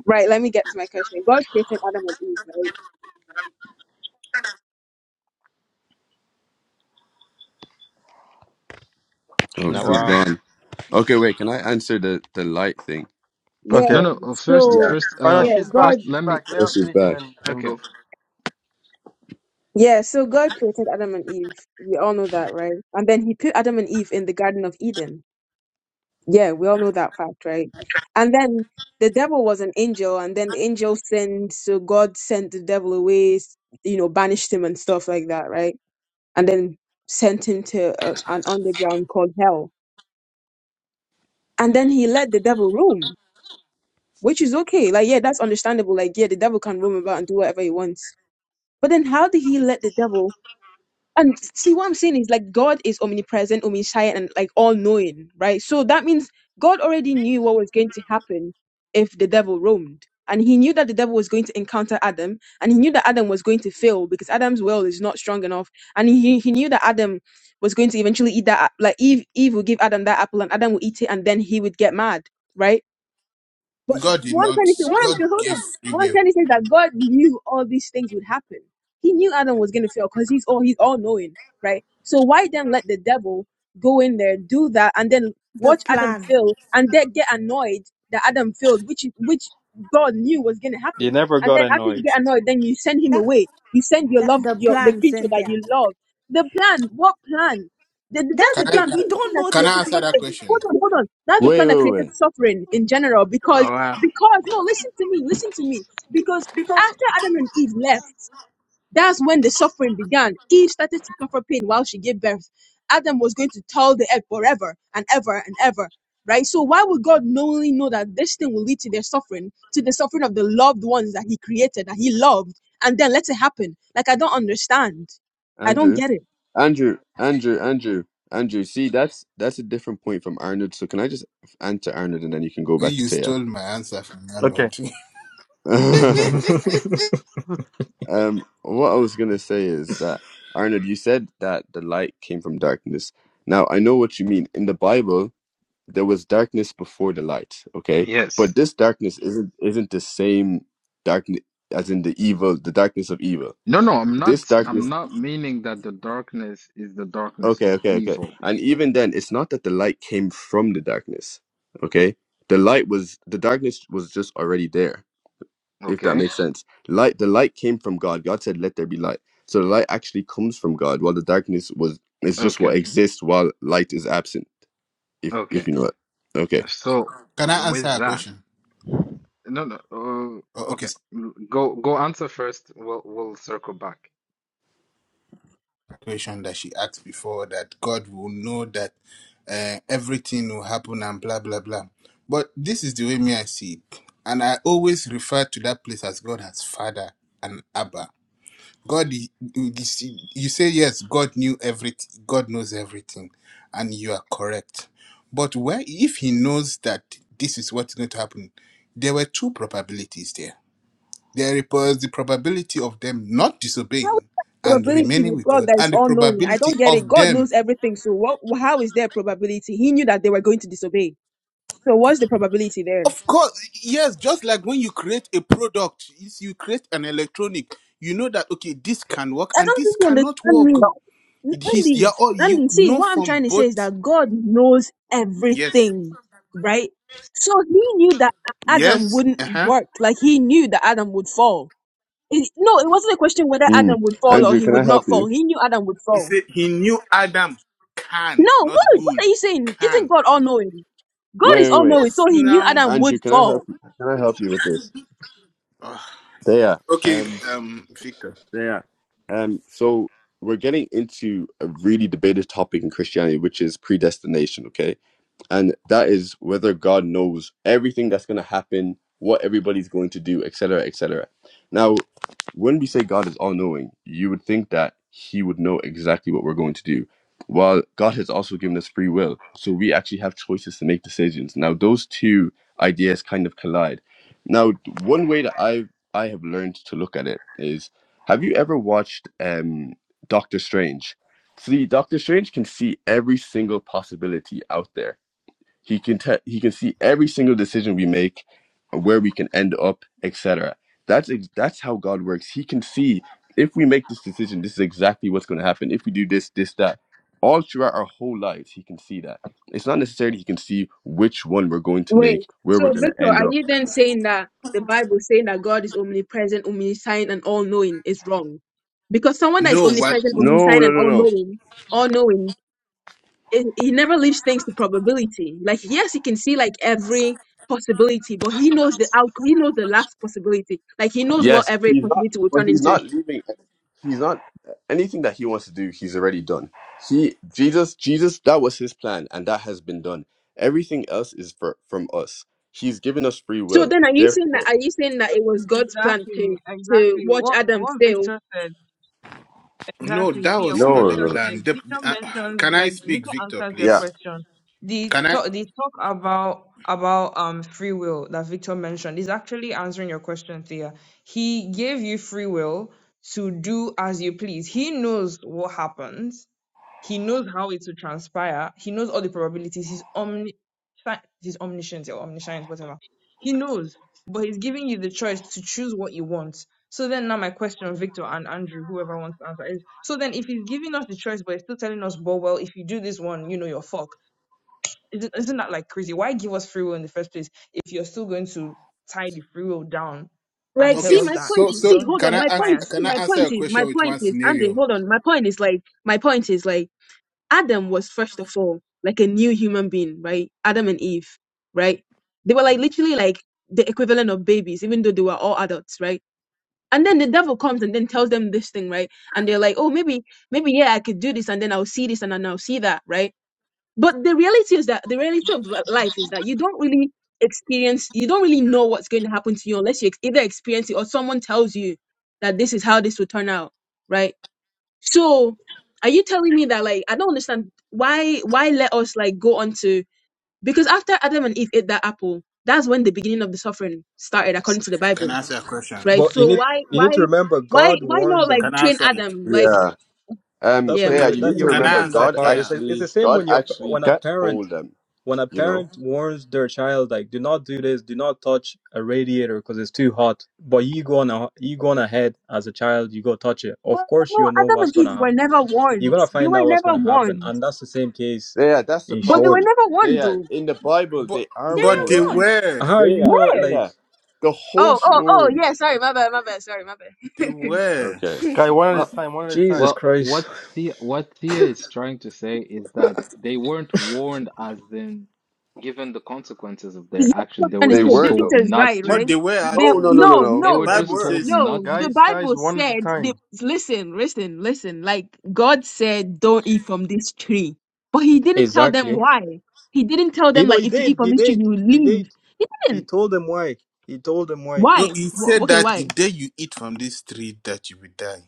Speaker 14: Right, let me get to my question. God created Adam and Eve, right?
Speaker 8: oh
Speaker 5: She's
Speaker 16: no,
Speaker 8: she's
Speaker 5: gone.
Speaker 16: wow.
Speaker 8: gone okay wait can i answer the the light thing
Speaker 15: No,
Speaker 5: Okay.
Speaker 14: Yeah.
Speaker 15: no, uh, first,
Speaker 8: yeah
Speaker 14: So
Speaker 15: first,
Speaker 5: Oh no,
Speaker 15: uh,
Speaker 14: yeah,
Speaker 5: she's back.
Speaker 15: first,
Speaker 14: God
Speaker 5: She's
Speaker 15: let me.
Speaker 5: back. Let
Speaker 8: oh
Speaker 5: her
Speaker 8: she's
Speaker 5: finish, and
Speaker 8: back
Speaker 5: then we can
Speaker 15: Okay.
Speaker 5: go.
Speaker 14: yeah, so God created Adam and Eve. We all know that, right? And then he put Adam and Eve in the Garden of Eden. Yeah, we all know that fact, right? And then the devil was an angel, and then the angel sinned, so God sent the devil away, s- you know, banished him and stuff like that, right? And then sent him to a, an underground called hell. And then he let the devil roam which is okay. Like, yeah, that's understandable. Like, yeah, the devil can roam about and do whatever he wants. But then, how did he let the devil? And see, what I'm saying is like God is omnipresent, omniscient, and like all knowing, right? So that means God already knew what was going to happen if the devil roamed. And he knew that the devil was going to encounter Adam, and he knew that Adam was going to fail because Adam's will is not strong enough. And he, he knew that Adam was going to eventually eat that, a- like Eve, Eve would give Adam that apple, and Adam would eat it, and then he would get mad, right? But
Speaker 3: god did
Speaker 14: what I'm trying
Speaker 3: not
Speaker 14: to say, what
Speaker 3: god
Speaker 14: I'm
Speaker 3: gave
Speaker 14: hold on,
Speaker 3: free
Speaker 14: what I'm
Speaker 3: will
Speaker 14: trying to say is that God knew all these things would happen. He knew Adam was gonna fail because he's all he's all knowing, right? So why then let the devil go in there, do that, and then
Speaker 6: The
Speaker 14: watch Adam
Speaker 6: plan.
Speaker 14: fail, and then get annoyed that Adam failed, which is which God knew was gonna
Speaker 16: You
Speaker 14: happen.
Speaker 16: never
Speaker 14: And
Speaker 16: got
Speaker 14: then after you
Speaker 16: annoyed.
Speaker 14: get annoyed, then you send him
Speaker 6: That,
Speaker 14: away. You send your
Speaker 6: that
Speaker 14: love,
Speaker 6: the
Speaker 14: your the
Speaker 6: plan,
Speaker 14: creature that
Speaker 6: Cynthia.
Speaker 14: you love. The plan, what plan? The, the-
Speaker 6: That's
Speaker 14: that's
Speaker 3: can
Speaker 6: the
Speaker 14: the
Speaker 3: i
Speaker 6: thing.
Speaker 14: plan.
Speaker 3: can,
Speaker 6: We don't
Speaker 14: That's
Speaker 6: know
Speaker 3: can
Speaker 6: the plan.
Speaker 3: i
Speaker 14: the plan that
Speaker 3: answer that
Speaker 14: created suffering. Hold
Speaker 3: question
Speaker 14: on, hold on. That's the
Speaker 8: wait
Speaker 14: plan that
Speaker 8: wait
Speaker 14: created
Speaker 8: wait
Speaker 14: suffering in general, because because no, listen to me, listen to me. Because after Adam and Eve left, that's when the suffering began. Eve started to suffer pain while she gave birth. Adam was going to toil the earth forever and ever and ever. Right? So why would God knowingly know that this thing will lead to their suffering, to the suffering of the loved ones that He created, that He loved, and then let it happen? Like I don't understand. I don't
Speaker 8: Andrew,
Speaker 14: get it.
Speaker 8: Andrew, Andrew, Andrew, Andrew. See, that's that's a different point from Arnold. So can I just answer Arnold and then you can go back to
Speaker 3: you
Speaker 8: Taya?
Speaker 3: stole my answer from
Speaker 5: Okay.
Speaker 3: arnold can
Speaker 16: but
Speaker 8: um, what I was gonna say is that Arnold, you said that the light came from darkness. Now I know what you mean. In the Bible, there was darkness before the light. Okay,
Speaker 15: Yes.
Speaker 8: but this darkness isn't isn't the same darkness as in the evil, the darkness of evil.
Speaker 15: No, no, I'm
Speaker 8: This
Speaker 15: not.
Speaker 8: darkness
Speaker 15: I'm not meaning that the darkness is the darkness
Speaker 8: Okay,
Speaker 15: of
Speaker 8: okay, okay.
Speaker 15: evil.
Speaker 8: And even then, it's not that the light came from the darkness. Okay, the light was the darkness was just already there. If that
Speaker 15: Okay,
Speaker 8: makes sense, light the light came from God. God said, "Let there be light." So the light actually comes from God, while the darkness was is just
Speaker 15: okay,
Speaker 8: what exists while light is absent. If
Speaker 15: okay.
Speaker 8: if you know it. Okay.
Speaker 15: So
Speaker 3: i answer
Speaker 15: with
Speaker 3: a
Speaker 15: that,
Speaker 3: question
Speaker 15: no, no.
Speaker 3: oh,
Speaker 15: Uh,
Speaker 3: okay
Speaker 15: okay, l- go go answer first. We'll we'll circle back.
Speaker 3: question that she asked before that God will know that uh, everything will happen and blah blah blah. But this is the way me I see it, and I always refer to that place as God as Father and Abba. God, i- you see- you say yes. God knew everything. God knows everything, and you are correct. But where if He knows that this is what's going to happen, there were two probabilities there there was the probability of them not
Speaker 14: How is
Speaker 3: disobeying
Speaker 14: there
Speaker 3: and
Speaker 14: probability
Speaker 3: remaining
Speaker 14: with
Speaker 3: with
Speaker 14: God
Speaker 3: God,
Speaker 14: that is
Speaker 3: and the
Speaker 14: all knowing? I
Speaker 3: probability
Speaker 14: don't get it.
Speaker 3: of
Speaker 14: God
Speaker 3: them.
Speaker 14: knows everything. So what how is there probability? He knew that they were going to disobey. So what's the probability there?
Speaker 3: Of course, yes, just like when you create a product, if you create an electronic, you know that, okay, this can work
Speaker 14: I
Speaker 3: and
Speaker 14: don't
Speaker 3: this
Speaker 14: think you
Speaker 3: cannot
Speaker 14: understand me.
Speaker 3: work.
Speaker 14: No. N-
Speaker 3: It is, yeah,
Speaker 14: Andy,
Speaker 3: all you
Speaker 14: Andy, see,
Speaker 3: know
Speaker 14: what I'm
Speaker 3: from
Speaker 14: trying to say is
Speaker 3: both.
Speaker 14: that God knows
Speaker 3: Yes,
Speaker 14: everything, right? So he knew that Adam
Speaker 3: yes,
Speaker 14: wouldn't
Speaker 3: uh huh.
Speaker 14: work. Like he knew that Adam would fall. It- no, it wasn't a question whether
Speaker 8: Mm.
Speaker 14: Adam would fall or
Speaker 8: Andrew,
Speaker 14: he
Speaker 8: can I
Speaker 14: would not
Speaker 8: help
Speaker 14: fall.
Speaker 8: you?
Speaker 14: He knew Adam would
Speaker 3: He
Speaker 14: fall.
Speaker 3: said he knew Adam can,
Speaker 14: No,
Speaker 3: not
Speaker 14: what, what
Speaker 3: will,
Speaker 14: are you saying? Isn't
Speaker 3: can.
Speaker 14: God all knowing? God is
Speaker 8: Wait, wait,
Speaker 14: all
Speaker 8: wait.
Speaker 14: knowing,
Speaker 3: Yes,
Speaker 14: so he knew
Speaker 3: now.
Speaker 14: Adam would
Speaker 8: Andrew, can I
Speaker 14: fall.
Speaker 8: help you? Can I help you with this?
Speaker 3: Ugh. Okay,
Speaker 8: There.
Speaker 3: um, Victor.
Speaker 8: Yeah. Um, so we're getting into a really debated topic in Christianity, which is predestination, okay? and that is whether God knows everything that's going to happen, what everybody's going to do, etc., etc. Now, when we say God is all knowing, you would think that He would know exactly what we're going to do. While God has also given us free will, so we actually have choices to make decisions. Now, those two ideas kind of collide. Now, one way that I I have learned to look at it is: Have you ever watched um, Doctor Strange? See, Doctor Strange can see every single possibility out there he can te- he can see every single decision we make, where we can end up, etc. That's ex- that's how God works. He can see if we make this decision, this is exactly what's going to happen. If we do this, this, that, all throughout our whole lives, He can see that. It's not necessarily He can see which one we're going to
Speaker 14: Wait.
Speaker 8: make, where
Speaker 14: So,
Speaker 8: we're going to
Speaker 14: Victor,
Speaker 8: end
Speaker 14: are
Speaker 8: up.
Speaker 14: you then saying that the Bible saying that God is omnipresent, omniscient, and all knowing is wrong? Because someone that is
Speaker 3: No, what?
Speaker 14: omnipresent,
Speaker 8: No,
Speaker 14: omniscient,
Speaker 8: no,
Speaker 14: and
Speaker 8: no,
Speaker 14: all
Speaker 8: no.
Speaker 14: knowing, all knowing, he never leaves things to probability. Like, yes, he can see like every possibility, but he knows the out, he knows the last possibility. Like, he knows what
Speaker 8: Yes,
Speaker 14: every
Speaker 8: he's not.
Speaker 14: possibility will
Speaker 8: But
Speaker 14: turn
Speaker 8: he's
Speaker 14: into.
Speaker 8: not leaving. He's not anything that he wants to do. He's already done. He Jesus, Jesus. That was his plan, and that has been done. Everything else is for, from us. He's given us free
Speaker 14: So
Speaker 8: will.
Speaker 14: then, are you saying that?
Speaker 8: Therefore,
Speaker 14: Are you saying that it was God's plan
Speaker 9: Exactly,
Speaker 14: to to
Speaker 9: exactly.
Speaker 14: watch
Speaker 9: What
Speaker 14: Adam
Speaker 9: what
Speaker 14: fail
Speaker 9: Victor said.
Speaker 3: No,
Speaker 9: Exactly.
Speaker 3: that
Speaker 9: See,
Speaker 3: was
Speaker 9: what
Speaker 3: not
Speaker 8: no,
Speaker 3: the
Speaker 8: no,
Speaker 9: Victor
Speaker 8: no.
Speaker 9: says,
Speaker 3: plan. The,
Speaker 9: Victor
Speaker 3: uh,
Speaker 9: mentions
Speaker 3: can I
Speaker 9: like
Speaker 3: speak,
Speaker 9: Victor
Speaker 3: Victor,
Speaker 9: answers your
Speaker 8: yeah,
Speaker 3: please?
Speaker 9: question. The
Speaker 3: Can I?
Speaker 9: talk the talk about about um free will that Victor mentioned is actually answering your question, Thea. He gave you free will to do as you please. He knows what happens. He knows how it will transpire. He knows all the probabilities. He's omni fi- he's omniscient or omniscient, whatever. He knows, but he's giving you the choice to choose what you want. So then now my question, Victor and Andrew, whoever wants to answer is so then if he's giving us the choice but he's still telling us, well, well, if you do this one, you know you're fucked. Isn't isn't that like crazy? Why give us free will in the first place if you're still going to tie the free will down and
Speaker 14: Like,
Speaker 9: tell
Speaker 3: Okay,
Speaker 14: see,
Speaker 9: us
Speaker 14: my
Speaker 9: that if
Speaker 3: so
Speaker 14: point.
Speaker 9: you
Speaker 3: so
Speaker 14: See,
Speaker 9: don't do
Speaker 14: hold
Speaker 3: can
Speaker 14: on.
Speaker 3: I
Speaker 9: X,
Speaker 14: My
Speaker 9: Y,
Speaker 14: point.
Speaker 9: and
Speaker 3: ask?
Speaker 14: See,
Speaker 3: Can I
Speaker 9: Z?
Speaker 14: my
Speaker 3: answer
Speaker 14: point
Speaker 3: a
Speaker 14: is. My
Speaker 3: question with
Speaker 14: point
Speaker 3: one
Speaker 14: is. Andy,
Speaker 3: scenario?
Speaker 14: hold on. My point is like. My point is like. Adam was first of all like a new human being, right? Adam and Eve, right? They were like literally like the equivalent of babies, even though they were all adults, right? And then the devil comes and then tells them this thing, right? And they're like, oh, maybe, maybe yeah, I could do this, and then I'll see this, and then I'll see that, right? But the reality is that the reality of li- life is that you don't really experience, you don't really know what's going to happen to you unless you ex- either experience it or someone tells you that this is how this will turn out, right? So, are you telling me that like I don't understand why why let us like go on to because after Adam and Eve ate that apple, that's when the beginning of the suffering started according to the
Speaker 3: Can
Speaker 14: Bible,
Speaker 3: I answer a question?
Speaker 14: right?
Speaker 16: you
Speaker 14: So
Speaker 16: need
Speaker 14: why
Speaker 16: you
Speaker 14: why
Speaker 16: need to remember
Speaker 14: why
Speaker 16: God
Speaker 14: why
Speaker 16: warned
Speaker 14: not like
Speaker 16: them.
Speaker 3: Can I
Speaker 14: train
Speaker 3: answer it?
Speaker 14: Adam like
Speaker 8: yeah. Um,
Speaker 16: That's
Speaker 14: yeah,
Speaker 16: why
Speaker 14: ma-
Speaker 3: Can,
Speaker 8: Taya,
Speaker 16: you
Speaker 8: you
Speaker 16: that
Speaker 8: need
Speaker 14: never
Speaker 8: to
Speaker 16: you're
Speaker 3: can
Speaker 14: mind.
Speaker 8: remember,
Speaker 3: I
Speaker 16: forgetting
Speaker 3: answer
Speaker 16: that
Speaker 8: God
Speaker 16: part. It's
Speaker 3: Tara?
Speaker 16: like, it's
Speaker 8: actually,
Speaker 16: the same
Speaker 8: God
Speaker 16: when you're
Speaker 8: actually
Speaker 16: when a
Speaker 5: Guy,
Speaker 16: parent
Speaker 8: told them.
Speaker 16: when a
Speaker 8: You know,
Speaker 16: parent warns their child like do not do this do not touch a radiator because it's too hot but you go on a, you go on ahead as a child you go touch it
Speaker 14: But
Speaker 16: of course
Speaker 14: no,
Speaker 16: you know
Speaker 14: Adam
Speaker 16: what's
Speaker 14: and
Speaker 16: going
Speaker 14: Eve
Speaker 16: to
Speaker 14: were
Speaker 16: happen
Speaker 14: never
Speaker 16: you're
Speaker 14: warned.
Speaker 16: going to
Speaker 14: They
Speaker 16: find
Speaker 14: were
Speaker 16: out what's
Speaker 14: never
Speaker 16: going to happen
Speaker 14: warned.
Speaker 16: and that's the same case
Speaker 8: yeah, that's the
Speaker 16: in
Speaker 14: But they were
Speaker 16: short
Speaker 8: problem.
Speaker 14: never one
Speaker 8: Taya,
Speaker 14: though.
Speaker 8: in the Bible,
Speaker 3: But
Speaker 8: they are
Speaker 6: They
Speaker 3: but they
Speaker 8: warned.
Speaker 6: were
Speaker 8: You,
Speaker 6: warned.
Speaker 3: were,
Speaker 16: how are you
Speaker 8: Taya,
Speaker 16: not
Speaker 14: Yeah.
Speaker 16: like
Speaker 8: Taya, the whole
Speaker 14: Oh, oh,
Speaker 16: Je-
Speaker 14: oh,
Speaker 8: story.
Speaker 14: yeah. Sorry, my bad, my bad. Sorry, my bad.
Speaker 3: they were,
Speaker 8: Okay.
Speaker 6: I
Speaker 5: guy, one at a
Speaker 15: Uh,
Speaker 5: time. One at a
Speaker 16: jesus
Speaker 5: time.
Speaker 15: well,
Speaker 16: christ
Speaker 15: what Thea, what Thea is trying to say is that they weren't warned as in given the consequences of their
Speaker 14: yeah, that's
Speaker 15: action.
Speaker 14: what
Speaker 15: They
Speaker 14: I'm trying
Speaker 15: were
Speaker 14: to
Speaker 8: They
Speaker 14: say.
Speaker 15: just
Speaker 8: were
Speaker 15: told
Speaker 8: though.
Speaker 14: Victor is
Speaker 15: not
Speaker 14: right,
Speaker 15: to.
Speaker 14: right?
Speaker 3: but they were
Speaker 14: They
Speaker 8: No, no,
Speaker 3: actually.
Speaker 8: no, no,
Speaker 14: no,
Speaker 8: no.
Speaker 15: They
Speaker 3: The
Speaker 15: were
Speaker 14: no,
Speaker 8: They
Speaker 3: Bible
Speaker 15: just
Speaker 8: were.
Speaker 15: told
Speaker 3: says
Speaker 15: not
Speaker 14: no. The
Speaker 15: to.
Speaker 5: Guys, guys,
Speaker 14: Bible
Speaker 5: one at a
Speaker 14: said, they,
Speaker 5: time.
Speaker 14: listen, listen, listen. Like God said, don't eat from this tree, but He didn't tell them
Speaker 16: exactly
Speaker 14: why. He didn't tell
Speaker 16: you
Speaker 14: them
Speaker 16: know
Speaker 14: like
Speaker 16: he
Speaker 14: if you
Speaker 16: did
Speaker 14: eat from
Speaker 16: he
Speaker 14: this tree,
Speaker 16: did
Speaker 14: you will
Speaker 16: he
Speaker 14: leave.
Speaker 16: did
Speaker 14: He
Speaker 16: he
Speaker 14: didn't.
Speaker 16: told them why he told them why
Speaker 3: no.
Speaker 14: Why?
Speaker 3: It
Speaker 14: Wh-
Speaker 3: said
Speaker 14: Okay,
Speaker 3: that the
Speaker 14: why?
Speaker 3: day you eat from this tree, that you will die.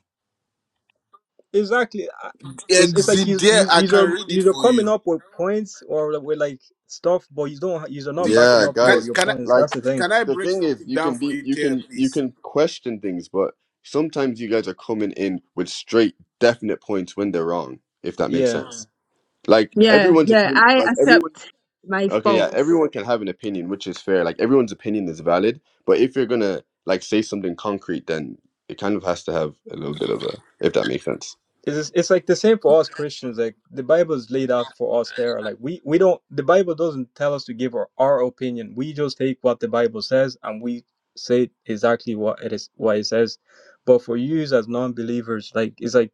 Speaker 16: exactly. I- It's it's like
Speaker 3: Exit
Speaker 16: you you
Speaker 3: there. I
Speaker 16: you're
Speaker 3: can read it
Speaker 16: you're
Speaker 3: for
Speaker 16: coming
Speaker 3: you.
Speaker 16: up with points or with like stuff, but you don't you're not backing
Speaker 8: Yeah,
Speaker 16: up
Speaker 3: Can
Speaker 16: your
Speaker 8: guys.
Speaker 16: your
Speaker 3: can I
Speaker 16: points. That's
Speaker 8: Like
Speaker 16: the thing.
Speaker 3: can I
Speaker 8: the
Speaker 3: break
Speaker 8: thing is,
Speaker 3: something
Speaker 8: you
Speaker 3: down
Speaker 8: can
Speaker 3: for
Speaker 8: be,
Speaker 3: you,
Speaker 8: you
Speaker 3: Tara,
Speaker 8: can, you
Speaker 3: please?
Speaker 8: can question things, but sometimes you guys are coming in with straight, definite points when they're wrong. If that makes
Speaker 16: Yeah.
Speaker 8: sense. Like
Speaker 14: Yeah,
Speaker 8: everyone's
Speaker 14: yeah.
Speaker 8: opinion.
Speaker 14: I
Speaker 8: Like everyone.
Speaker 14: accept my
Speaker 8: Okay, yeah.
Speaker 14: fault.
Speaker 8: Everyone can have an opinion, which is fair. Like everyone's opinion is valid. But if you're gonna like say something concrete, then it kind of has to have a little bit of a. If that makes sense.
Speaker 16: it's it's like the same for us Christians. Like the Bible is laid out for us there. Like we we don't the Bible doesn't tell us to give our, our opinion. We just take what the Bible says and we say exactly what it is what it says. But for you as non-believers, like it's like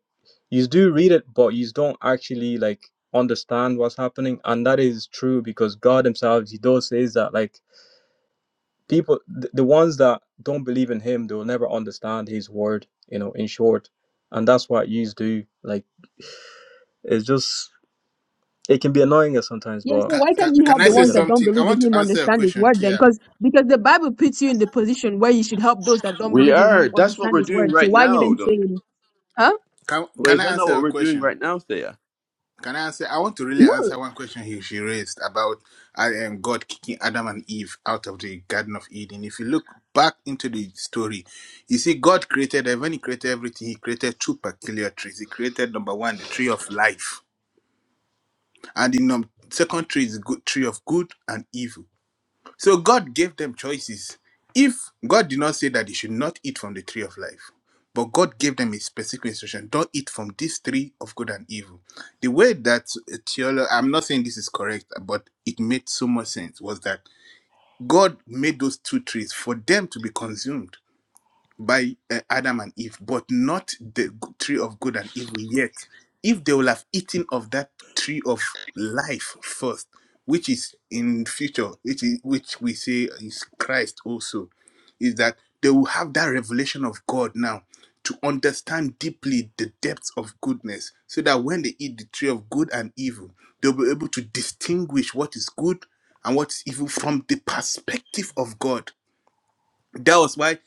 Speaker 16: you do read it, but you don't actually like understand what's happening, and that is true because God Himself He does says that like people the, the ones that don't believe in Him they will never understand His word. You know, in short, and that's what you do like. It's just it can be annoying at sometimes,
Speaker 14: Yeah, so
Speaker 16: but
Speaker 3: Can,
Speaker 14: why
Speaker 3: can
Speaker 14: can't you
Speaker 3: can
Speaker 14: help
Speaker 3: I
Speaker 14: the
Speaker 16: we
Speaker 3: say
Speaker 14: ones
Speaker 16: can
Speaker 14: that don't
Speaker 3: something? I
Speaker 14: believe
Speaker 3: want
Speaker 14: in
Speaker 3: to
Speaker 14: him
Speaker 3: answer a
Speaker 14: understand his
Speaker 3: question,
Speaker 14: word then?
Speaker 3: Kia.
Speaker 14: Because because the Bible puts you in the position where you should help those that don't
Speaker 8: We
Speaker 14: believe in
Speaker 8: are.
Speaker 14: him
Speaker 8: That's what
Speaker 14: understand
Speaker 8: we're
Speaker 14: his
Speaker 8: doing
Speaker 14: word. So
Speaker 8: right
Speaker 14: why are you
Speaker 8: now,
Speaker 14: then
Speaker 8: though.
Speaker 14: saying, huh?
Speaker 3: Can
Speaker 8: But
Speaker 3: can
Speaker 8: is
Speaker 3: I
Speaker 8: that not
Speaker 3: answer
Speaker 8: what
Speaker 3: a
Speaker 8: we're doing
Speaker 3: question?
Speaker 8: right now, Thea?
Speaker 3: Can I answer? I want to really
Speaker 14: No.
Speaker 3: answer one question he, she raised about I am God kicking Adam and Eve out of the Garden of Eden. If you look back into the story, you see God created and when He created everything, He created two peculiar trees. He created number one, the tree of life, and the num- second tree is the good tree of good and evil. So God gave them choices. If God did not say that they should not eat from the tree of life, but God gave them a specific instruction: don't eat from this tree of good and evil. The way that theology, I'm not saying this is correct, but it made so much sense was that God made those two trees for them to be consumed by uh, Adam and Eve, but not the g- tree of good and evil yet. If they will have eaten of that tree of life first, which is in future, which is which we say is Christ also, is that they will have that revelation of God now to understand deeply the depths of goodness, so that when they eat the tree of good and evil, they'll be able to distinguish what is good and what is evil from the perspective of God that was why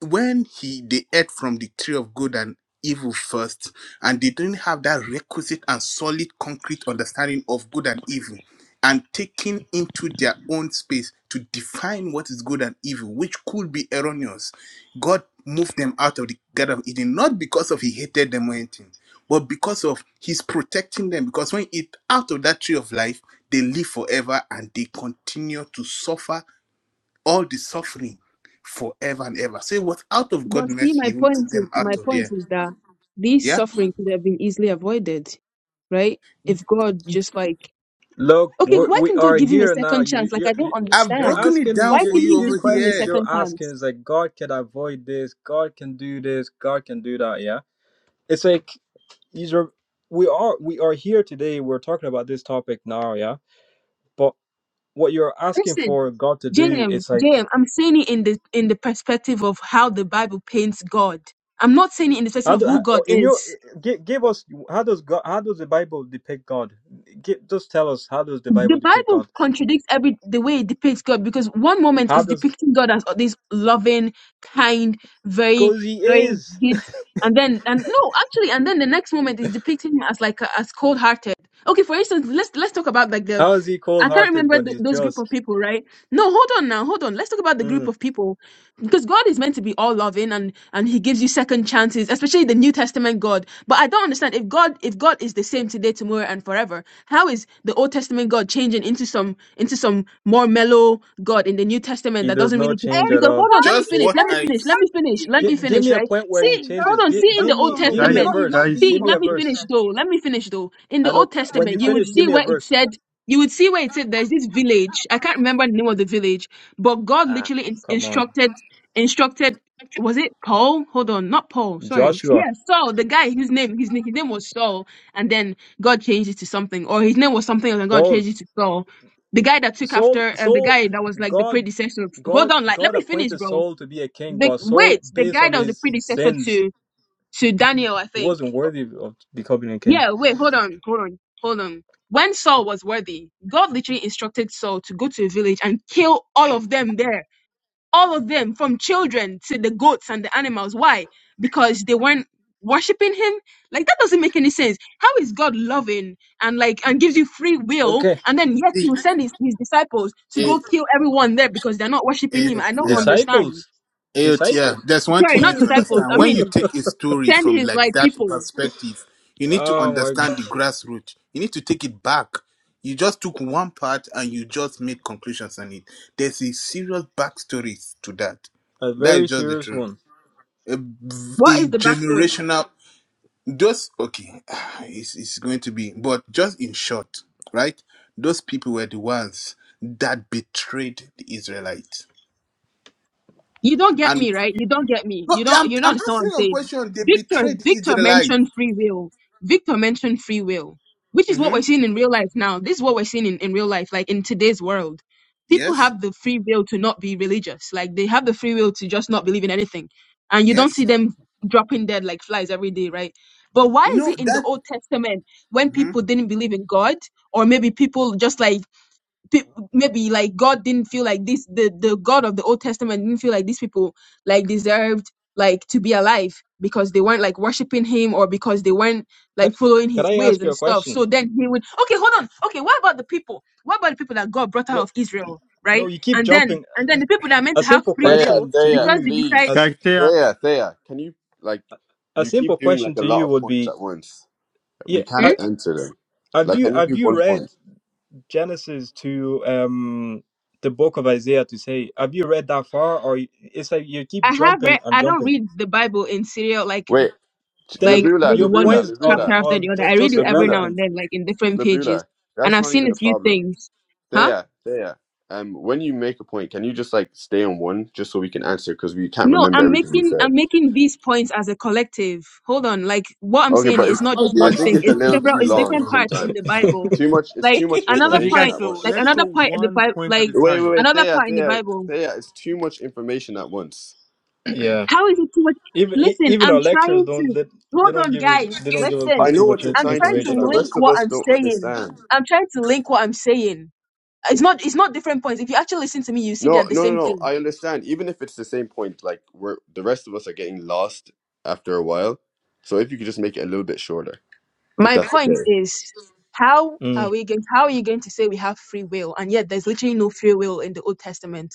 Speaker 3: when he they ate from the tree of good and evil first, and they didn't have that requisite and solid concrete understanding of good and evil, and taking into their own space to define what is good and evil, which could be erroneous. God moved them out of the Garden of Eden, not because of he hated them or anything, but because of he's protecting them. Because when it out of that tree of life, they live forever and they continue to suffer all the suffering forever and ever. Say what out of
Speaker 14: But see,
Speaker 3: godness
Speaker 14: my
Speaker 3: he even
Speaker 14: point
Speaker 3: took
Speaker 14: is
Speaker 3: them out
Speaker 14: my
Speaker 3: of
Speaker 14: point
Speaker 3: there.
Speaker 14: is that these
Speaker 3: Yeah.
Speaker 14: suffering could have been easily avoided, right? If God just like
Speaker 16: look.
Speaker 14: okay,
Speaker 16: We
Speaker 14: why
Speaker 16: we
Speaker 14: can God
Speaker 16: are
Speaker 14: give him a
Speaker 16: here now.
Speaker 14: second
Speaker 16: You
Speaker 14: chance? Like
Speaker 16: you
Speaker 14: I don't
Speaker 16: you.
Speaker 3: I've
Speaker 16: You're
Speaker 14: understand.
Speaker 3: broken it
Speaker 16: asking
Speaker 3: down
Speaker 14: Why
Speaker 16: you
Speaker 3: for
Speaker 14: can he
Speaker 3: you
Speaker 16: these
Speaker 3: over
Speaker 14: just give him a
Speaker 16: questions.
Speaker 3: here.
Speaker 16: You're
Speaker 14: second
Speaker 16: asking
Speaker 14: chance?
Speaker 16: is like God can avoid this. God can do this. God can do that. Yeah, it's like these are we are we are here today. We're talking about this topic now. Yeah, but what you're asking
Speaker 14: Listen.
Speaker 16: for God to do,
Speaker 14: JM,
Speaker 16: it's like
Speaker 14: JM, I'm saying it in the in the perspective of how the Bible paints God. I'm not saying it in the perspective
Speaker 16: how
Speaker 14: of
Speaker 16: do how,
Speaker 14: who God
Speaker 16: oh, in your
Speaker 14: is.
Speaker 16: give, give us how does God how does the Bible depict God? Give, just tell us how does the
Speaker 14: The
Speaker 16: Bible depict
Speaker 14: Bible
Speaker 16: God?
Speaker 14: contradicts every the way it depicts God because one moment
Speaker 16: How
Speaker 14: is
Speaker 16: does
Speaker 14: depicting God as this loving, kind, very,
Speaker 16: Because he
Speaker 14: very
Speaker 16: is.
Speaker 14: good, and then and no, actually, and then the next moment is depicting him as like a, as cold hearted. Okay, for instance, let's let's talk about like the
Speaker 16: How is he cold
Speaker 14: I can't
Speaker 16: hearted
Speaker 14: remember
Speaker 16: when
Speaker 14: th
Speaker 16: he's
Speaker 14: those group of
Speaker 16: just?
Speaker 14: people, right? No, hold on now, hold on. Let's talk about the group
Speaker 16: Mm,
Speaker 14: of people, because God is meant to be all loving and and He gives you second chances, especially the New Testament God. But I don't understand if God if God is the same today, tomorrow, and forever, how is the Old Testament God changing into some into some more mellow God in the New Testament
Speaker 16: he
Speaker 14: that
Speaker 16: does
Speaker 14: doesn't
Speaker 16: not
Speaker 14: really?
Speaker 16: change at
Speaker 14: Because
Speaker 16: all.
Speaker 14: hold on, let me
Speaker 3: Just
Speaker 9: Exactly,
Speaker 14: finish,
Speaker 3: what
Speaker 14: let me
Speaker 3: I
Speaker 14: finish, let me
Speaker 9: exactly,
Speaker 14: finish, let
Speaker 16: G-
Speaker 14: me
Speaker 16: give
Speaker 14: finish,
Speaker 16: me a
Speaker 14: right?
Speaker 16: point where he
Speaker 14: See, hold
Speaker 16: changes.
Speaker 14: on,
Speaker 16: G-
Speaker 9: exactly.
Speaker 14: see in the
Speaker 16: give
Speaker 9: That's
Speaker 14: Old
Speaker 9: not
Speaker 16: me
Speaker 9: real.
Speaker 16: give me
Speaker 9: He's
Speaker 16: a
Speaker 5: Guys,
Speaker 9: not.
Speaker 14: Testament.
Speaker 9: He's not
Speaker 16: verse.
Speaker 5: guys,
Speaker 9: being
Speaker 14: See,
Speaker 16: Give me
Speaker 14: let
Speaker 16: a
Speaker 14: me
Speaker 16: verse.
Speaker 14: finish
Speaker 9: consistent.
Speaker 14: though. Let me finish though. In the
Speaker 16: I
Speaker 14: Old
Speaker 16: know when
Speaker 9: He's
Speaker 14: Testament,
Speaker 16: you
Speaker 9: not
Speaker 14: you would
Speaker 16: finish,
Speaker 9: being
Speaker 16: give
Speaker 14: see
Speaker 16: me a
Speaker 14: where it
Speaker 16: verse.
Speaker 14: said
Speaker 9: consistent.
Speaker 14: you would see where it said there's this village. I can't remember the name of the village, but God
Speaker 16: Ah,
Speaker 14: literally in-
Speaker 16: come on.
Speaker 14: instructed instructed was it Paul? Hold on, not Paul. Sorry,
Speaker 16: Joshua.
Speaker 14: yeah, Saul, the guy whose name his, name- his name was Saul, and then God changed it to something, or his name was something else, and God
Speaker 16: Saul.
Speaker 14: changed it to Saul. The guy that took
Speaker 16: Saul
Speaker 14: after, and the
Speaker 16: Saul
Speaker 14: guy that was like the
Speaker 16: God
Speaker 14: predecessor. Of, hold
Speaker 16: God
Speaker 14: on, like let
Speaker 16: God
Speaker 14: me finish,
Speaker 16: appointed
Speaker 14: bro.
Speaker 16: Saul to be a king,
Speaker 14: The
Speaker 16: but Saul
Speaker 14: wait, the
Speaker 16: based
Speaker 14: guy
Speaker 16: on
Speaker 14: that was the
Speaker 16: his
Speaker 14: predecessor
Speaker 16: sins,
Speaker 14: to to Daniel, I
Speaker 16: he
Speaker 14: think
Speaker 16: wasn't worthy of becoming a king.
Speaker 14: yeah, wait, hold on, hold on, hold on. When Saul was worthy, God literally instructed Saul to go to a village and kill all of them there. All of them, from children to the goats and the animals. Why? Because they weren't worshiping him? Like that doesn't make any sense. How is God loving and like and gives you free will
Speaker 16: Okay.
Speaker 14: and then yet he
Speaker 3: see.
Speaker 14: will send his, his disciples to
Speaker 3: Eh,
Speaker 14: go kill everyone there because they're not worshiping
Speaker 3: eh,
Speaker 14: him? I don't
Speaker 3: Yeah.
Speaker 14: understand.
Speaker 16: Disciples.
Speaker 3: Eh, Yeah.
Speaker 16: Disciples.
Speaker 3: There's one
Speaker 14: Sorry,
Speaker 3: thing you
Speaker 14: not
Speaker 3: need to
Speaker 14: disciples.
Speaker 3: understand.
Speaker 14: I
Speaker 3: When you
Speaker 14: mean
Speaker 3: take a story
Speaker 14: send
Speaker 3: from
Speaker 14: his
Speaker 3: like
Speaker 14: like
Speaker 3: that
Speaker 14: people.
Speaker 3: perspective, you need to
Speaker 16: Oh my god.
Speaker 3: understand the grassroots. You need to take it back. You just took one part and you just made conclusions on it. There's a serious backstory to that.
Speaker 16: A
Speaker 3: That is
Speaker 16: very
Speaker 3: just the
Speaker 16: serious
Speaker 3: truth.
Speaker 16: one.
Speaker 3: a, a
Speaker 14: What is the backstory?
Speaker 3: generational just okay it's, it's going to be but just in short right those people were the ones that betrayed the israelites
Speaker 14: You don't get
Speaker 3: and
Speaker 14: me, right? You don't get me.
Speaker 3: no,
Speaker 14: You don't
Speaker 3: I'm,
Speaker 14: you don't
Speaker 3: I'm
Speaker 14: understand what I'm
Speaker 3: asking a
Speaker 14: saying.
Speaker 3: question they
Speaker 14: Victor
Speaker 3: betrayed the
Speaker 14: Victor
Speaker 3: israelites
Speaker 14: mentioned free will. Victor mentioned free will, which is what
Speaker 3: hmm
Speaker 14: we're seeing in real life now. This is what we're seeing in, in real life, like in today's world. People
Speaker 3: yes
Speaker 14: have the free will to not be religious. Like they have the free will to just not believe in anything. And you don't
Speaker 3: yes
Speaker 14: see them dropping dead like flies every day, right? But why is
Speaker 3: no
Speaker 14: it in the
Speaker 3: that
Speaker 14: Old Testament when
Speaker 3: mhm.
Speaker 14: people didn't believe in God, or maybe people just like pe- maybe like God didn't feel like this the the God of the Old Testament didn't feel like these people like deserved like to be alive because they weren't like worshiping him or because they weren't like
Speaker 16: Can
Speaker 14: following
Speaker 16: can
Speaker 14: his
Speaker 16: I
Speaker 14: ways
Speaker 16: ask you
Speaker 14: and
Speaker 16: a
Speaker 14: stuff.
Speaker 16: question?
Speaker 14: So then he would okay, hold on. Okay, what about the people? What about the people that God brought out
Speaker 16: No,
Speaker 14: of Israel,
Speaker 16: no,
Speaker 14: right?
Speaker 16: you keep
Speaker 14: And then
Speaker 16: jumping.
Speaker 14: and then the people that are meant
Speaker 16: A
Speaker 14: to have
Speaker 16: simple
Speaker 14: free
Speaker 8: Thea,
Speaker 14: will
Speaker 16: question to
Speaker 8: Thea,
Speaker 14: because they
Speaker 16: you,
Speaker 14: decide
Speaker 16: as
Speaker 8: please.
Speaker 5: guy, Tia.
Speaker 8: Thea, Thea, can you like
Speaker 16: a
Speaker 8: you
Speaker 16: simple
Speaker 8: keep doing
Speaker 16: question
Speaker 8: like a
Speaker 16: to
Speaker 8: lot
Speaker 16: you
Speaker 8: of
Speaker 16: would
Speaker 8: points
Speaker 16: be,
Speaker 8: at once?
Speaker 16: yeah,
Speaker 8: We can't
Speaker 16: I,
Speaker 14: hmm?
Speaker 16: I-
Speaker 8: answer them.
Speaker 16: have
Speaker 8: Like
Speaker 16: you
Speaker 8: can you
Speaker 16: have
Speaker 8: do
Speaker 16: you
Speaker 8: one
Speaker 16: read
Speaker 8: point?
Speaker 16: Genesis to um the book of Isaiah to say, have you read that far? Or y- it's like you keep
Speaker 14: I have read
Speaker 16: jumping and
Speaker 14: I don't
Speaker 16: jumping.
Speaker 14: read the Bible in serial like
Speaker 8: Wait,
Speaker 14: like
Speaker 16: Then
Speaker 8: Labula,
Speaker 14: maybe
Speaker 16: your
Speaker 14: one
Speaker 8: Labula,
Speaker 16: points are
Speaker 14: chapter
Speaker 8: Labula,
Speaker 14: after
Speaker 16: are
Speaker 14: the other.
Speaker 16: ju-
Speaker 14: I read
Speaker 16: just
Speaker 14: it every now
Speaker 8: Labula,
Speaker 14: and
Speaker 16: irrelevant.
Speaker 14: then, like in different pages,
Speaker 8: Labula.
Speaker 14: and
Speaker 8: That's
Speaker 14: I've
Speaker 8: not
Speaker 14: seen
Speaker 8: even
Speaker 14: a
Speaker 8: the
Speaker 14: few
Speaker 8: problem.
Speaker 14: things. Huh?
Speaker 8: Thea, Thea. Um, when you make a point, can you just like stay on one just so we can answer because we can't
Speaker 14: No,
Speaker 8: remember
Speaker 14: I'm
Speaker 8: everything we
Speaker 14: making I'm
Speaker 8: said?
Speaker 14: making these points as a collective. Hold on, like what I'm
Speaker 8: Okay,
Speaker 14: saying
Speaker 8: but
Speaker 14: is
Speaker 8: it's,
Speaker 14: not
Speaker 3: How do
Speaker 14: just
Speaker 8: I
Speaker 3: you
Speaker 14: one
Speaker 8: think
Speaker 14: thing.
Speaker 8: it's
Speaker 3: expect
Speaker 8: a
Speaker 14: It's
Speaker 8: little
Speaker 3: us to
Speaker 14: several.
Speaker 8: too
Speaker 14: It's
Speaker 3: answer
Speaker 8: long
Speaker 14: different parts in
Speaker 8: sometimes.
Speaker 14: the Bible.
Speaker 8: Too much. It's
Speaker 14: Like
Speaker 8: too much
Speaker 14: another
Speaker 5: Okay,
Speaker 8: information
Speaker 5: guys.
Speaker 14: point,
Speaker 8: at once.
Speaker 5: So
Speaker 14: like
Speaker 5: let's go
Speaker 14: another point in the
Speaker 5: one
Speaker 14: Bible,
Speaker 5: point at
Speaker 14: like
Speaker 5: a
Speaker 8: Wait, wait,
Speaker 5: time.
Speaker 8: wait,
Speaker 14: another
Speaker 8: Thea,
Speaker 14: part in the
Speaker 8: Thea,
Speaker 14: Bible.
Speaker 8: Thea, it's too much information at once.
Speaker 16: Yeah,
Speaker 14: How is it too much?
Speaker 16: even e-
Speaker 14: Listen,
Speaker 16: even
Speaker 14: I'm
Speaker 16: our lectures
Speaker 14: trying
Speaker 16: don't
Speaker 14: to
Speaker 16: they, they
Speaker 14: hold
Speaker 16: don't
Speaker 14: on,
Speaker 16: give us
Speaker 14: guys.
Speaker 16: they don't give us
Speaker 8: I
Speaker 16: this
Speaker 14: Listen,
Speaker 16: too
Speaker 8: know what
Speaker 16: much
Speaker 8: you're
Speaker 16: in-
Speaker 14: I'm
Speaker 8: trying to
Speaker 14: trying
Speaker 8: do,
Speaker 14: to
Speaker 16: information
Speaker 8: but
Speaker 16: at
Speaker 8: the
Speaker 16: once.
Speaker 14: link
Speaker 8: rest of
Speaker 14: what
Speaker 8: us
Speaker 14: I'm
Speaker 8: don't
Speaker 14: saying.
Speaker 8: understand.
Speaker 14: I'm trying to link what I'm saying It's not it's not different points. If you actually listen to me, you see they're
Speaker 8: No,
Speaker 14: the
Speaker 8: no, no,
Speaker 14: same
Speaker 8: no.
Speaker 14: thing.
Speaker 8: I understand. Even if it's the same point, like we're the rest of us are getting lost after a while. So if you could just make it a little bit shorter, if
Speaker 14: My
Speaker 8: that's
Speaker 14: point
Speaker 8: okay.
Speaker 14: is how are
Speaker 16: Mm,
Speaker 14: we going how are you going to say we have free will and yet there's literally no free will in the Old Testament?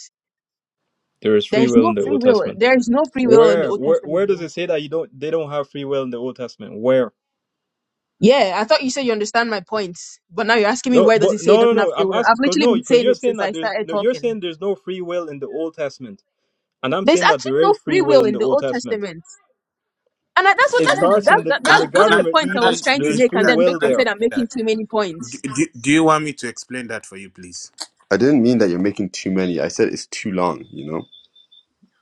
Speaker 16: there is
Speaker 14: There
Speaker 16: free
Speaker 14: is
Speaker 16: will
Speaker 14: no
Speaker 16: in the
Speaker 14: free
Speaker 16: Old
Speaker 14: will.
Speaker 16: Testament.
Speaker 14: There is no free will in the
Speaker 16: Where,
Speaker 14: Old
Speaker 16: where,
Speaker 14: Testament.
Speaker 16: where does
Speaker 14: though.
Speaker 16: it say that you don't? They don't have free will in the Old Testament. Where?
Speaker 14: Yeah, I thought you said you understand my point, but now you're asking me
Speaker 16: No,
Speaker 14: where does
Speaker 16: but
Speaker 14: it say it
Speaker 16: no, no,
Speaker 14: doesn't have
Speaker 16: no.
Speaker 14: free
Speaker 16: I'm
Speaker 14: will? I've
Speaker 16: asking because
Speaker 14: literally
Speaker 16: no,
Speaker 14: been
Speaker 16: because
Speaker 14: saying
Speaker 16: you're
Speaker 14: it
Speaker 16: saying
Speaker 14: since I
Speaker 16: that there's
Speaker 14: started
Speaker 16: no. You're
Speaker 14: talking.
Speaker 16: saying there's no free will in the Old Testament, and I'm
Speaker 14: There's
Speaker 16: saying that
Speaker 14: actually
Speaker 16: there
Speaker 14: no
Speaker 16: is free
Speaker 14: free
Speaker 16: will
Speaker 14: will
Speaker 16: in
Speaker 14: in
Speaker 16: the
Speaker 14: the
Speaker 16: Old
Speaker 14: Old
Speaker 16: Testament.
Speaker 14: Testament. And I, that's what
Speaker 16: It
Speaker 14: that's
Speaker 3: can, I,
Speaker 14: the
Speaker 16: starts in
Speaker 14: that's
Speaker 16: the
Speaker 14: that,
Speaker 16: in
Speaker 14: that's
Speaker 16: the
Speaker 3: can,
Speaker 14: those
Speaker 3: can
Speaker 14: are
Speaker 3: i
Speaker 14: the
Speaker 16: Garden of
Speaker 14: points I
Speaker 3: can i
Speaker 14: was
Speaker 16: Eden.
Speaker 14: trying to
Speaker 16: There's
Speaker 3: explain
Speaker 14: make, and
Speaker 16: free
Speaker 3: that
Speaker 14: then
Speaker 16: will
Speaker 3: can
Speaker 14: Victor
Speaker 3: i
Speaker 14: said
Speaker 16: there.
Speaker 14: I'm
Speaker 3: explain
Speaker 14: making
Speaker 3: that
Speaker 14: too many points.
Speaker 3: do, do, do you want me to explain that for you please
Speaker 8: I didn't mean that you're making too many. I said it's too long, you know?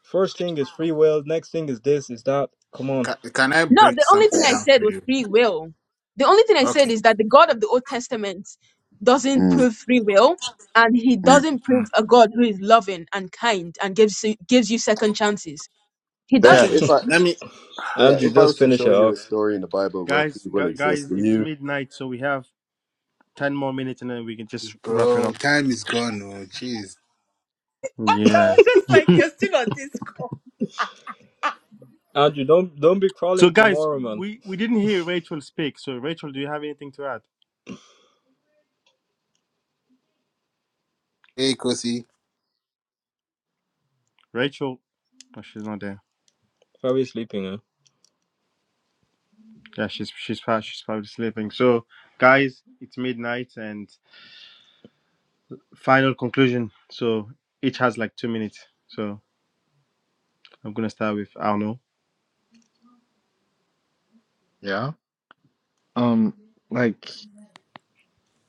Speaker 16: First thing is free will. Next thing is this, is that. Come on,
Speaker 3: can, can i
Speaker 14: No,
Speaker 3: break
Speaker 14: the only
Speaker 3: something
Speaker 14: thing I
Speaker 3: down
Speaker 14: said
Speaker 3: for
Speaker 14: was
Speaker 3: you
Speaker 14: free will. The only thing I said
Speaker 3: Okay.
Speaker 14: is that the God of the Old Testament doesn't
Speaker 8: Mm,
Speaker 14: prove free will, and He
Speaker 8: mm.
Speaker 14: doesn't prove
Speaker 3: Mm.
Speaker 14: a God who is loving and kind and gives you- gives you second chances. He
Speaker 8: Thea,
Speaker 3: Okay.
Speaker 8: if
Speaker 14: doesn't.
Speaker 8: I
Speaker 3: Let me,
Speaker 8: Thea,
Speaker 16: Andrew,
Speaker 8: if I
Speaker 16: just
Speaker 8: was to
Speaker 16: finish
Speaker 8: show
Speaker 16: it
Speaker 8: you a
Speaker 16: off.
Speaker 8: story in the Bible where free
Speaker 5: Guys,
Speaker 8: will
Speaker 5: gu- guys,
Speaker 8: exists, will
Speaker 5: it's
Speaker 8: you?
Speaker 5: midnight, so we have ten more minutes, and then we can just wrap it
Speaker 3: bro.
Speaker 5: up.
Speaker 3: Time is gone. Oh, jeez.
Speaker 5: Yeah.
Speaker 6: was just like, you're still on this call.
Speaker 16: Andrew, don't don't be
Speaker 5: So
Speaker 16: crawling
Speaker 5: guys,
Speaker 16: tomorrow, man.
Speaker 5: we we didn't hear Rachel speak. So Rachel, do you have anything to add?
Speaker 3: Hey, Kosi.
Speaker 5: Rachel, oh, she's not there.
Speaker 16: Probably sleeping. Huh?
Speaker 5: Yeah, she's she's pa- she's probably sleeping. So guys, it's midnight and final conclusion. So each has like two minutes. So I'm gonna start with Arno.
Speaker 15: Yeah. Um. Like.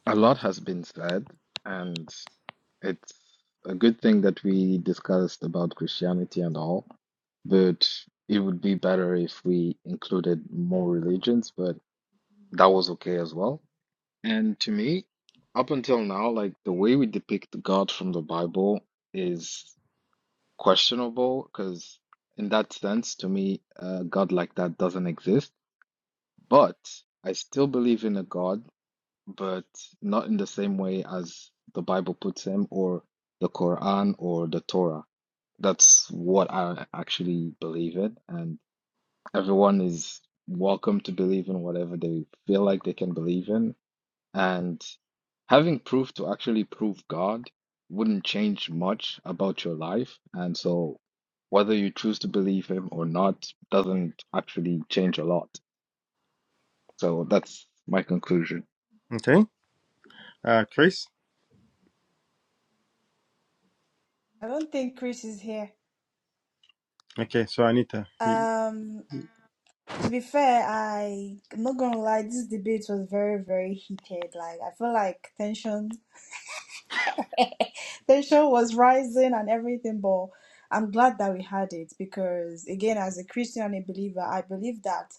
Speaker 15: A lot has been said, and it's a good thing that we discussed about Christianity and all, but it would be better if we included more religions, but that was okay as well. And to me, up until now, like the way we depict God from the Bible is questionable because, in that sense, to me, a God like that doesn't exist. But I still believe in a God but not in the same way as the Bible puts him or the Quran or the Torah. That's what I actually believe in, and everyone is welcome to believe in whatever they feel like they can believe in. And having proof to actually prove God wouldn't change much about your life. And so whether you choose to believe him or not doesn't actually change a lot. So that's my conclusion.
Speaker 5: Okay. Uh, Chris.
Speaker 6: I don't think Chris is here.
Speaker 5: Okay. So Anita. Y-
Speaker 6: Um, to be fair, I I'm not gonna lie, this debate was very, very heated. Like I feel like tension tension was rising and everything, but I'm glad that we had it because again, as a Christian and a believer, I believe that.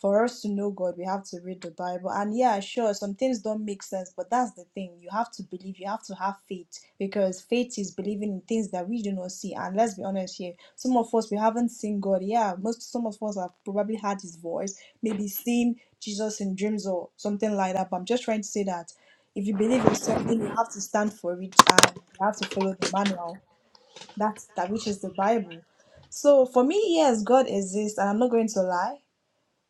Speaker 6: for us to know God, we have to read the Bible. And yeah, sure, some things don't make sense, but that's the thing. You have to believe, you have to have faith because faith is believing in things that we do not see. And let's be honest here, some of us we haven't seen God. Yeah, most some of us have probably heard his voice, maybe seen Jesus in dreams or something like that. But I'm just trying to say that if you believe in something, you have to stand for it and you have to follow the manual. That's that which is the Bible. So for me, yes, God exists, and I'm not going to lie.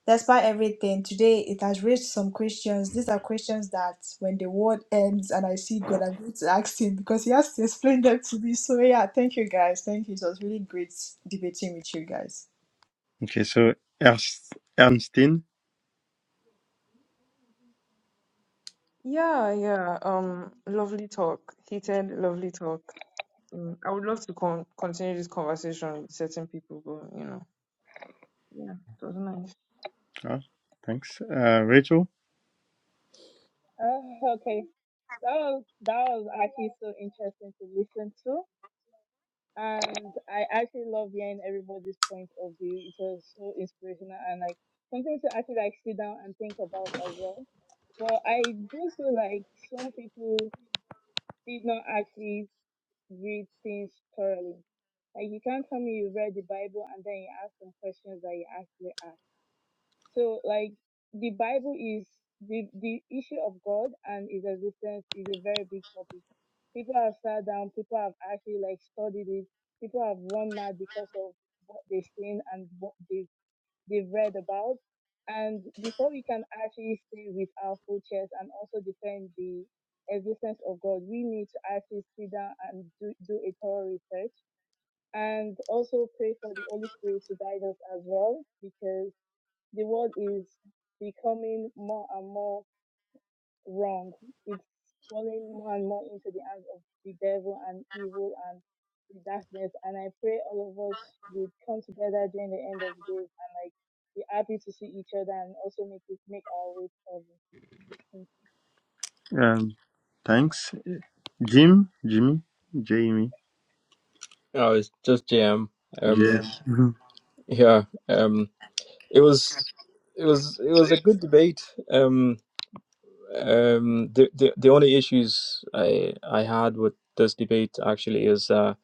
Speaker 6: Despite everything, today it has raised some questions. These are questions that when the world ends and I see God, I'm going to ask Him because He has to explain them to me. So, yeah, thank you guys. Thank you. It was really great debating with you guys.
Speaker 5: Okay. So Ernst, Ernstine.
Speaker 9: Yeah, yeah. Um, lovely talk. Heated, lovely talk. Mm, I would love to con continue this conversation with certain people, but you know, yeah, it was nice.
Speaker 5: Ah, thanks. Uh, Rachel.
Speaker 10: Oh, okay. That was that was actually so interesting to listen to, and I actually love hearing everybody's point of view. It was so inspirational and like something to actually like sit down and think about as well. But I do feel like some people did not actually read things thoroughly. Like you can't tell me you read the Bible and then you ask some questions that you actually ask. So like the Bible is the the issue of God and his existence is a very big topic. People have sat down, people have actually like studied it, people have run mad because of what they've seen and what they they've read about. And before we can actually stay with our full chest and also defend the existence of God, we need to actually sit down and do, do a thorough research and also pray for the Holy Spirit to guide us as well because the world is becoming more and more wrong. It's falling more and more into the hands of the devil and evil and the darkness. And I pray all of us would come together during the end of the days and like be happy to see each other and also make it make our way forward.
Speaker 5: Um, thanks. Jim. Jimmy. Jamie.
Speaker 16: Oh, it's just JM. Um,
Speaker 5: Jim.
Speaker 16: yeah. Um. It was it was it was a good debate. Um, um, the, the the only issues I I had with this debate actually is uh,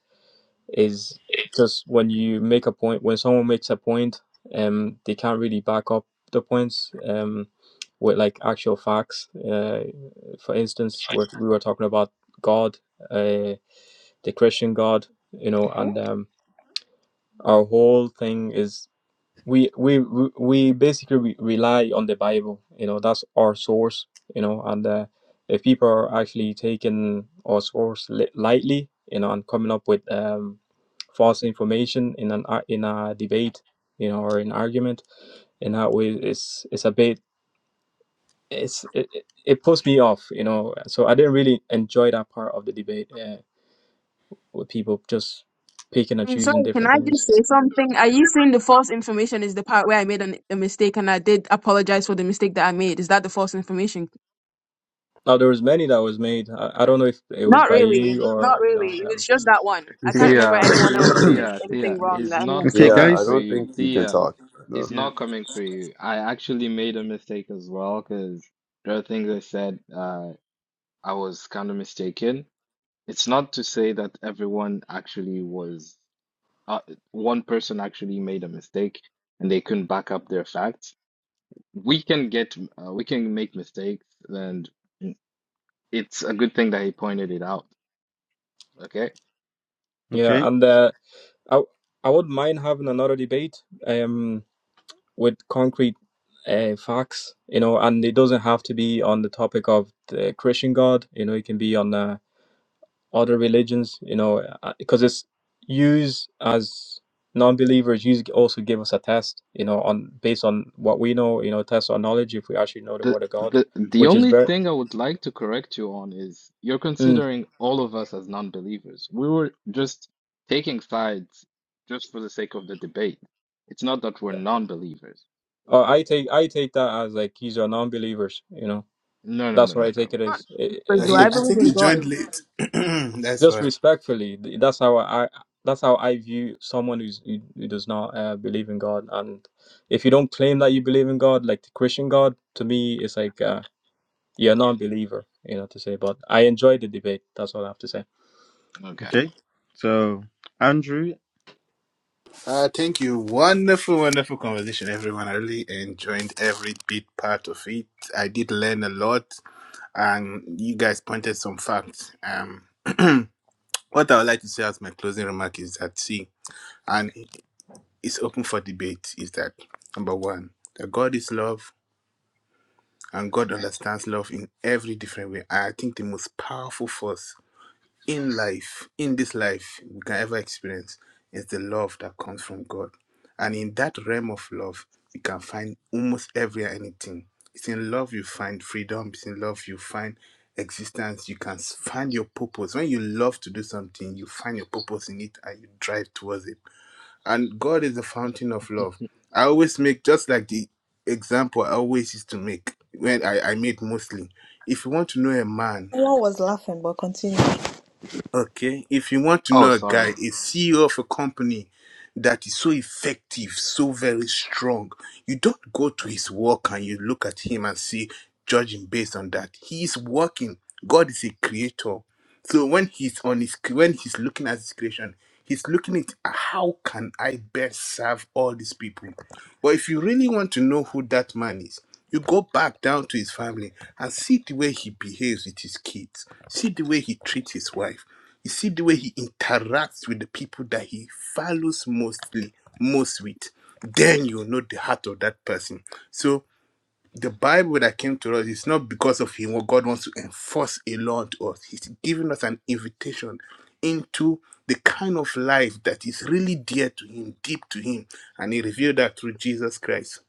Speaker 16: is just when you make a point when someone makes a point, um, they can't really back up the points um, with like actual facts. Uh, for instance, we we were talking about God, uh, the Christian God, you know, and um, our whole thing is we we we we basically re- rely on the bible you know that's our source you know and uh, if people are actually taking our source li- lightly you know and coming up with um, false information in an ar- in a debate you know or an argument in that way it's it's a bit it's it, it it puts me off you know so i didn't really enjoy that part of the debate uh, with people just picking and
Speaker 14: I'm
Speaker 16: choosing
Speaker 14: sorry. Can
Speaker 16: different
Speaker 14: I
Speaker 16: things
Speaker 14: just say something? Are you saying the false information is the part where I made an, a mistake and I did apologize for the mistake that I made? Is that the false information?
Speaker 16: Now there was many that was made. I, I don't know if it was
Speaker 14: Not
Speaker 16: by
Speaker 14: really.
Speaker 16: you
Speaker 14: Not
Speaker 16: or you
Speaker 14: really.
Speaker 16: know.
Speaker 14: It was
Speaker 16: Um,
Speaker 14: just that one.
Speaker 8: you
Speaker 14: I can't
Speaker 8: feel-
Speaker 14: remember
Speaker 15: Tia,
Speaker 14: anyone else
Speaker 15: Tia,
Speaker 14: doing this,
Speaker 15: Tia,
Speaker 14: anything
Speaker 15: Tia,
Speaker 14: wrong
Speaker 15: he's
Speaker 14: that anyone
Speaker 15: not
Speaker 5: Okay,
Speaker 14: said.
Speaker 8: yeah,
Speaker 15: coming
Speaker 8: I
Speaker 15: for
Speaker 5: guys.
Speaker 8: don't
Speaker 15: you.
Speaker 8: think you can
Speaker 15: Tia,
Speaker 8: talk. No.
Speaker 15: he's
Speaker 5: Yeah.
Speaker 15: not coming for you. I actually made a mistake as well because there are things I said uh, I was kind of mistaken. It's not to say that everyone actually was, uh, one person actually made a mistake and they couldn't back up their facts. We can get, uh, we can make mistakes, and it's a good thing that he pointed it out. Okay.
Speaker 16: yeah,
Speaker 5: Okay.
Speaker 16: and uh, I I wouldn't mind having another debate um with concrete uh, facts, you know, and it doesn't have to be on the topic of the Christian God. You know, it can be on uh, other religions. You know, because it's used as non-believers use also give us a test you know on based on what we know you know test our knowledge if we actually know the
Speaker 15: The
Speaker 16: word of god
Speaker 15: the the
Speaker 16: which is
Speaker 15: only
Speaker 16: very
Speaker 15: thing I would like to correct you on is you're
Speaker 16: Mm.
Speaker 15: considering all of us as non-believers. We were just taking sides just for the sake of the debate. It's not that we're non-believers.
Speaker 16: Uh, I take I take that as like these are non-believers. You know,
Speaker 15: No, no,
Speaker 16: that's
Speaker 15: no,
Speaker 16: what
Speaker 15: no,
Speaker 16: I take it
Speaker 15: no.
Speaker 14: Not,
Speaker 16: as. I-
Speaker 3: No,
Speaker 14: because
Speaker 16: i-
Speaker 3: He,
Speaker 14: I
Speaker 16: If
Speaker 3: I
Speaker 14: believe
Speaker 3: think
Speaker 14: in
Speaker 3: he
Speaker 14: God.
Speaker 3: joined late. That's
Speaker 16: just
Speaker 3: why.
Speaker 16: respectfully, th- that's how I that's how I view someone who's, who, who does not uh, believe in God. And if you don't claim that you believe in God, like the Christian God, to me, it's like uh, you're a non-believer. You know to say. But I enjoyed the debate. That's all I have to say.
Speaker 15: Okay.
Speaker 5: Okay. So, Andrew,
Speaker 3: Uh, thank you. Wonderful, wonderful conversation, everyone. I really enjoyed every bit part of it. I did learn a lot, and you guys pointed some facts. Um, what I would like to say as my closing remark is that see, and it's open for debate. Is that number one? That God is love And God understands love in every different way. I think the most powerful force in life, in this life, we can ever experience is the love that comes from God. And in that realm of love, you can find almost every anything. It's in love you find freedom. It's in love you find existence. You can find your purpose. When you love to do something, you find your purpose in it and you drive towards it. And God is the fountain of love. I always make just like the example I always used to make when I, I made mostly. If you want to know a man,
Speaker 6: Everyone was laughing, but continue.
Speaker 3: Okay, if you want to
Speaker 15: Oh,
Speaker 3: know a guy,
Speaker 15: sorry.
Speaker 3: a CEO of a company that is so effective, so very strong, you don't go to his work and you look at him and see, judge him based on that. He is working. God is a creator. So when he's on his when he's looking at his creation, he's looking at how can I best serve all these people. But if you really want to know who that man is, you go back down to his family and see the way he behaves with his kids, see the way he treats his wife, you see the way he interacts with the people that he follows mostly, most with. Then you know the heart of that person. So the Bible that came to us is not because of him what God wants to enforce a law to us. He's giving us an invitation into the kind of life that is really dear to him, deep to him. And he revealed that through Jesus Christ.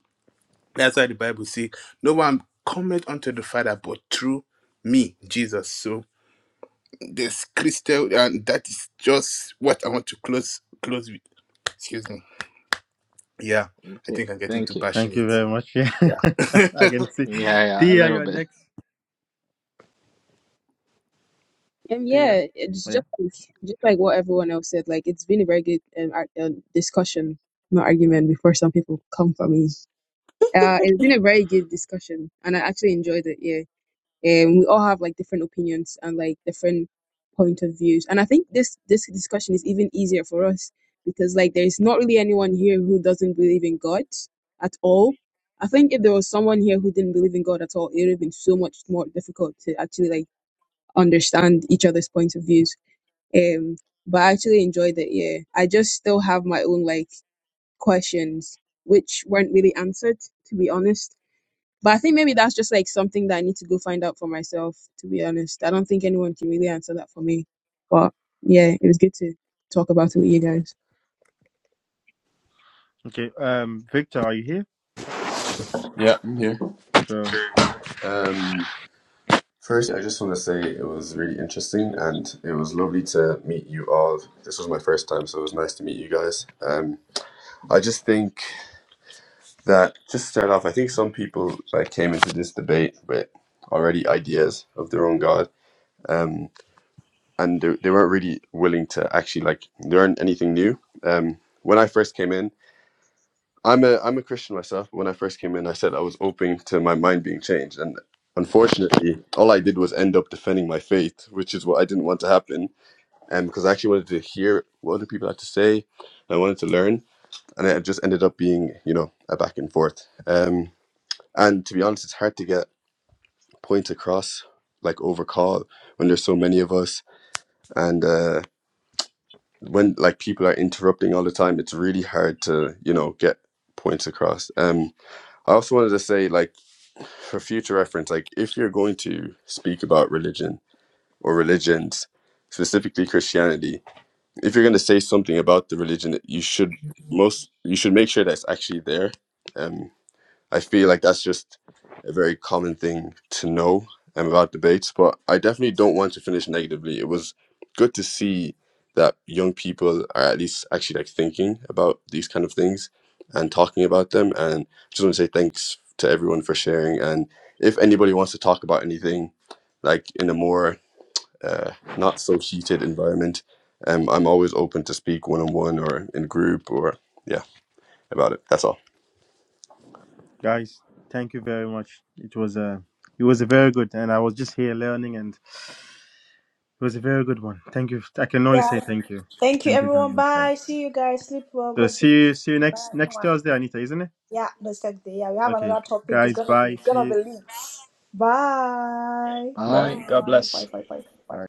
Speaker 3: That's why the Bible says, No one cometh unto the Father but through me, Jesus. So this crystal and that is just what i want to close close with excuse me yeah i
Speaker 15: Okay.
Speaker 3: think i'm getting
Speaker 15: Thank
Speaker 3: too
Speaker 15: you.
Speaker 5: thank you
Speaker 3: passionate
Speaker 5: very much. Yeah,
Speaker 3: yeah
Speaker 5: I can see.
Speaker 15: Yeah, yeah, a
Speaker 5: Tia,
Speaker 15: little
Speaker 5: you're
Speaker 15: bit.
Speaker 5: next.
Speaker 14: Um,
Speaker 5: Tia.
Speaker 14: yeah, it's
Speaker 5: Oh, yeah.
Speaker 14: just like just like what everyone else said. Like it's been a very good um, ar- um discussion, not argument. Before some people come for me, uh, it's been a very good discussion, and I actually enjoyed it. Yeah, and we all have like different opinions and like different point of views, and I think this this discussion is even easier for us because like there is not really anyone here who doesn't believe in God at all. I think if there was someone here who didn't believe in God at all, it would have been so much more difficult to actually like understand each other's points of views um, but I actually enjoyed it. Yeah, I just still have my own like questions which weren't really answered, to be honest. But I think maybe that's just like something that I need to go find out for myself. To be honest, I don't think anyone can really answer that for me. But yeah, it was good to talk about it with you guys.
Speaker 5: Okay. Um, Victor, are you here?
Speaker 8: Yeah, I'm here.
Speaker 5: So,
Speaker 8: Um, first, I just want to say it was really interesting and it was lovely to meet you all. This was my first time, so it was nice to meet you guys. Um, I just think that, just to start off, I think some people like came into this debate with already ideas of their own god um and they, they weren't really willing to actually like learn anything new um when i first came in I'm a I'm a Christian myself. When I first came in, I said I was open to my mind being changed, and unfortunately, all I did was end up defending my faith, which is what I didn't want to happen. And because I actually wanted to hear what other people had to say, I wanted to learn, and it just ended up being you know a back and forth. Um, and to be honest, it's hard to get points across like over call when there's so many of us, and uh, when like people are interrupting all the time, it's really hard to you know get points across. Um, I also wanted to say like for future reference, like if you're going to speak about religion or religions, specifically Christianity, if you're going to say something about the religion, you should most you should make sure that's actually there. Um, I feel like that's just a very common thing to know um, about debates, but I definitely don't want to finish negatively. It was good to see that young people are at least actually like thinking about these kind of things and talking about them. And just want to say thanks to everyone for sharing. And if anybody wants to talk about anything, like in a more uh, not so heated environment, um, I'm always open to speak one on one or in group or yeah about it. That's all.
Speaker 5: guys, thank you very much. It was a, it was a very good, and I was just here learning, and it was a very good one. Thank you. I can only
Speaker 6: Yeah.
Speaker 5: say thank you.
Speaker 6: Thank you,
Speaker 5: Thank you very
Speaker 6: everyone.
Speaker 5: much, guys.
Speaker 6: Bye. See you guys. Sleep well.
Speaker 5: So,
Speaker 6: God
Speaker 5: see
Speaker 6: be.
Speaker 5: you, see you
Speaker 6: Bye.
Speaker 5: next next
Speaker 6: Mwah.
Speaker 5: Thursday, Anita, isn't it?
Speaker 6: Yeah. No sex day. Yeah, we have
Speaker 5: Okay,
Speaker 6: another topic. It's
Speaker 5: guys.
Speaker 6: gonna be.
Speaker 5: Bye.
Speaker 6: It's
Speaker 5: See
Speaker 6: gonna be
Speaker 5: you.
Speaker 6: lit. Bye.
Speaker 15: Bye.
Speaker 16: Man, God
Speaker 6: Bye. Bye.
Speaker 16: bless.
Speaker 6: Bye. Bye. Bye.
Speaker 5: Bye.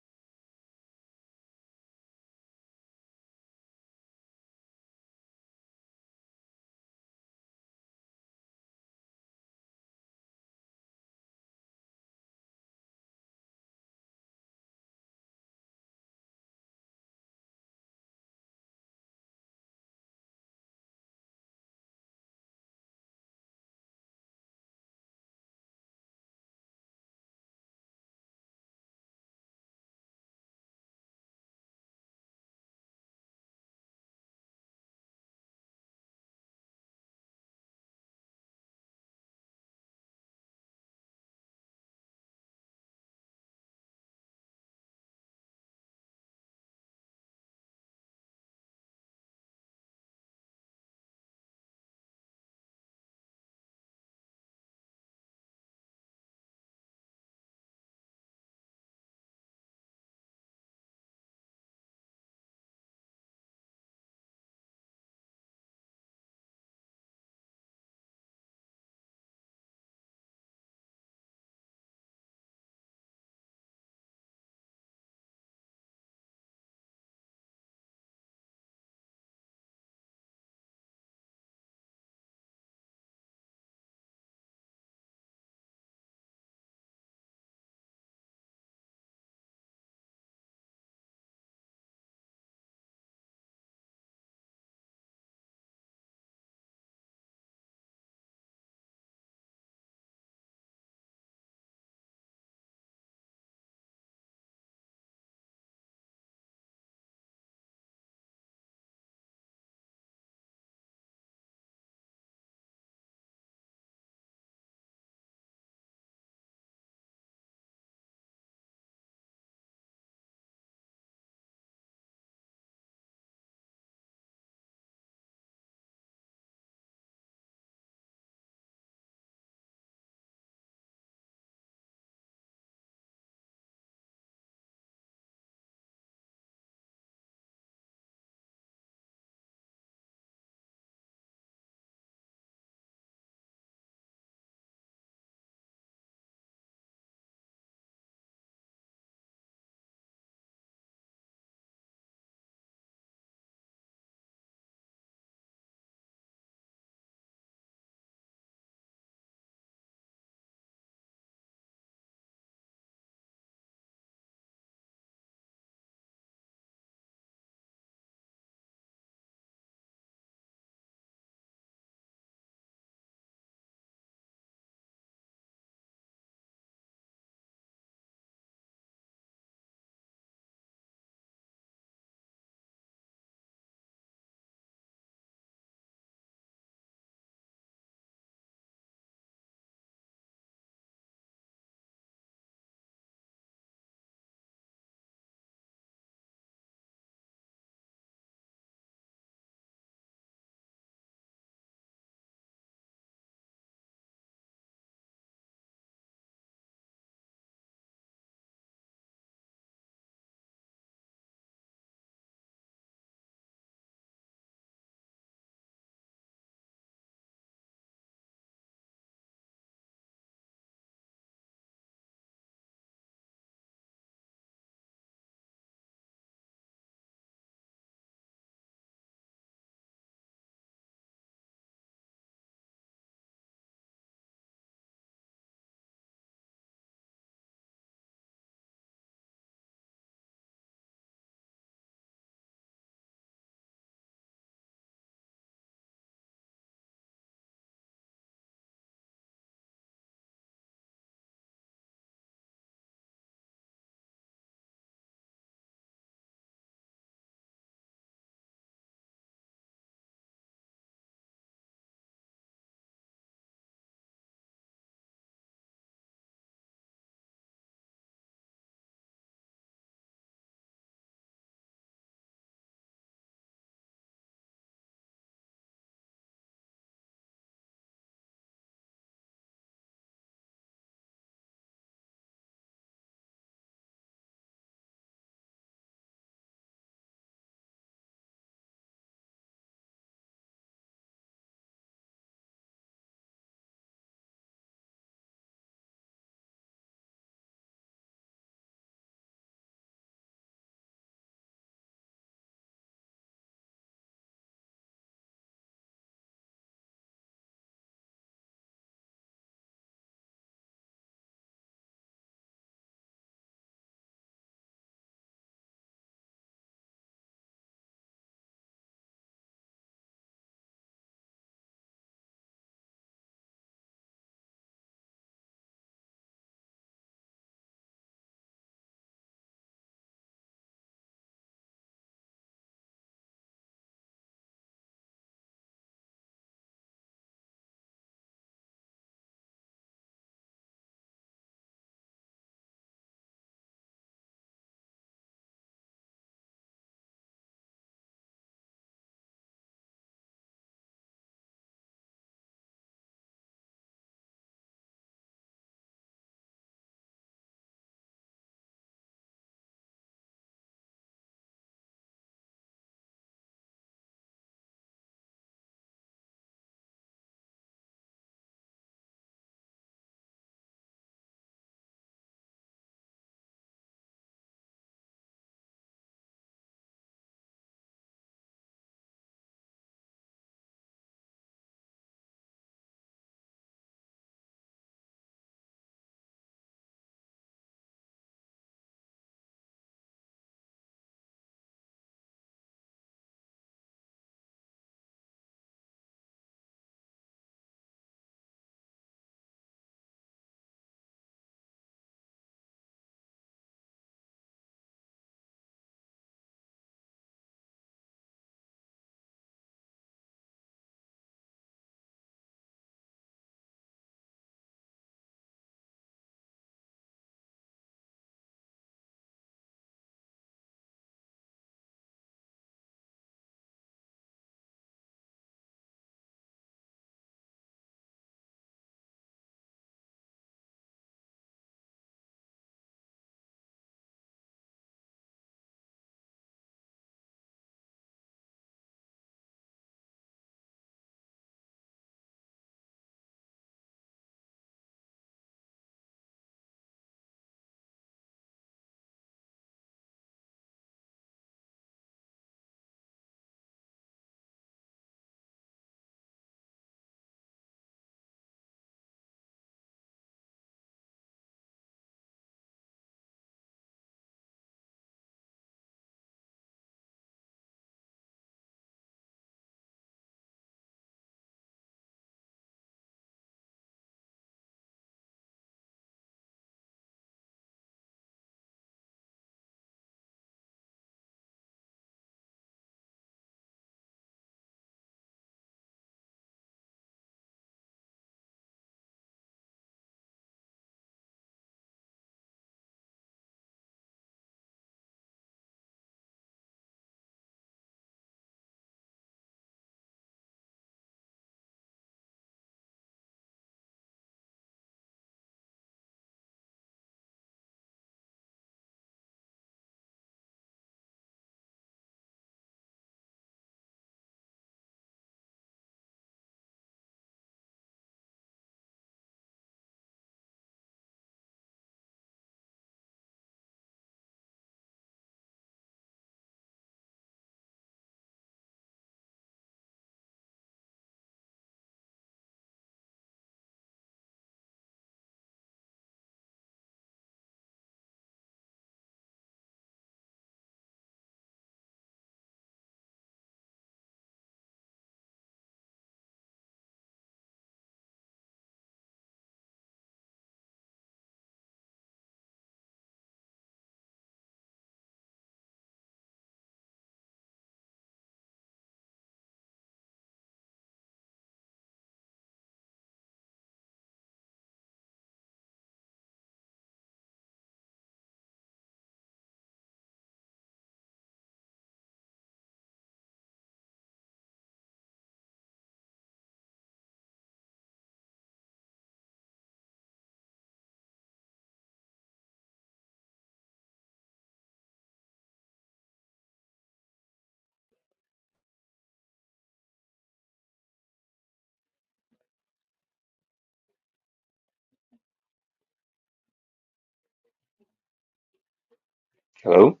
Speaker 17: Hello?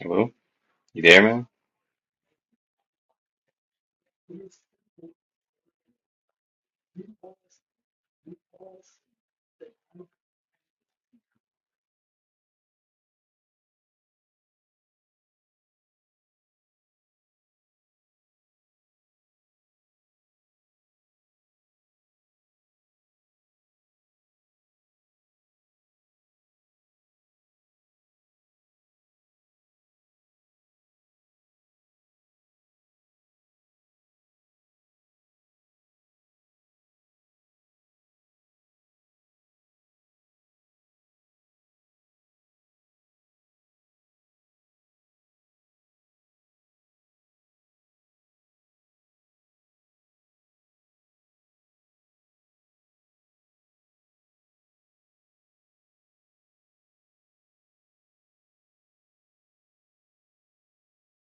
Speaker 17: Hello? You there, man?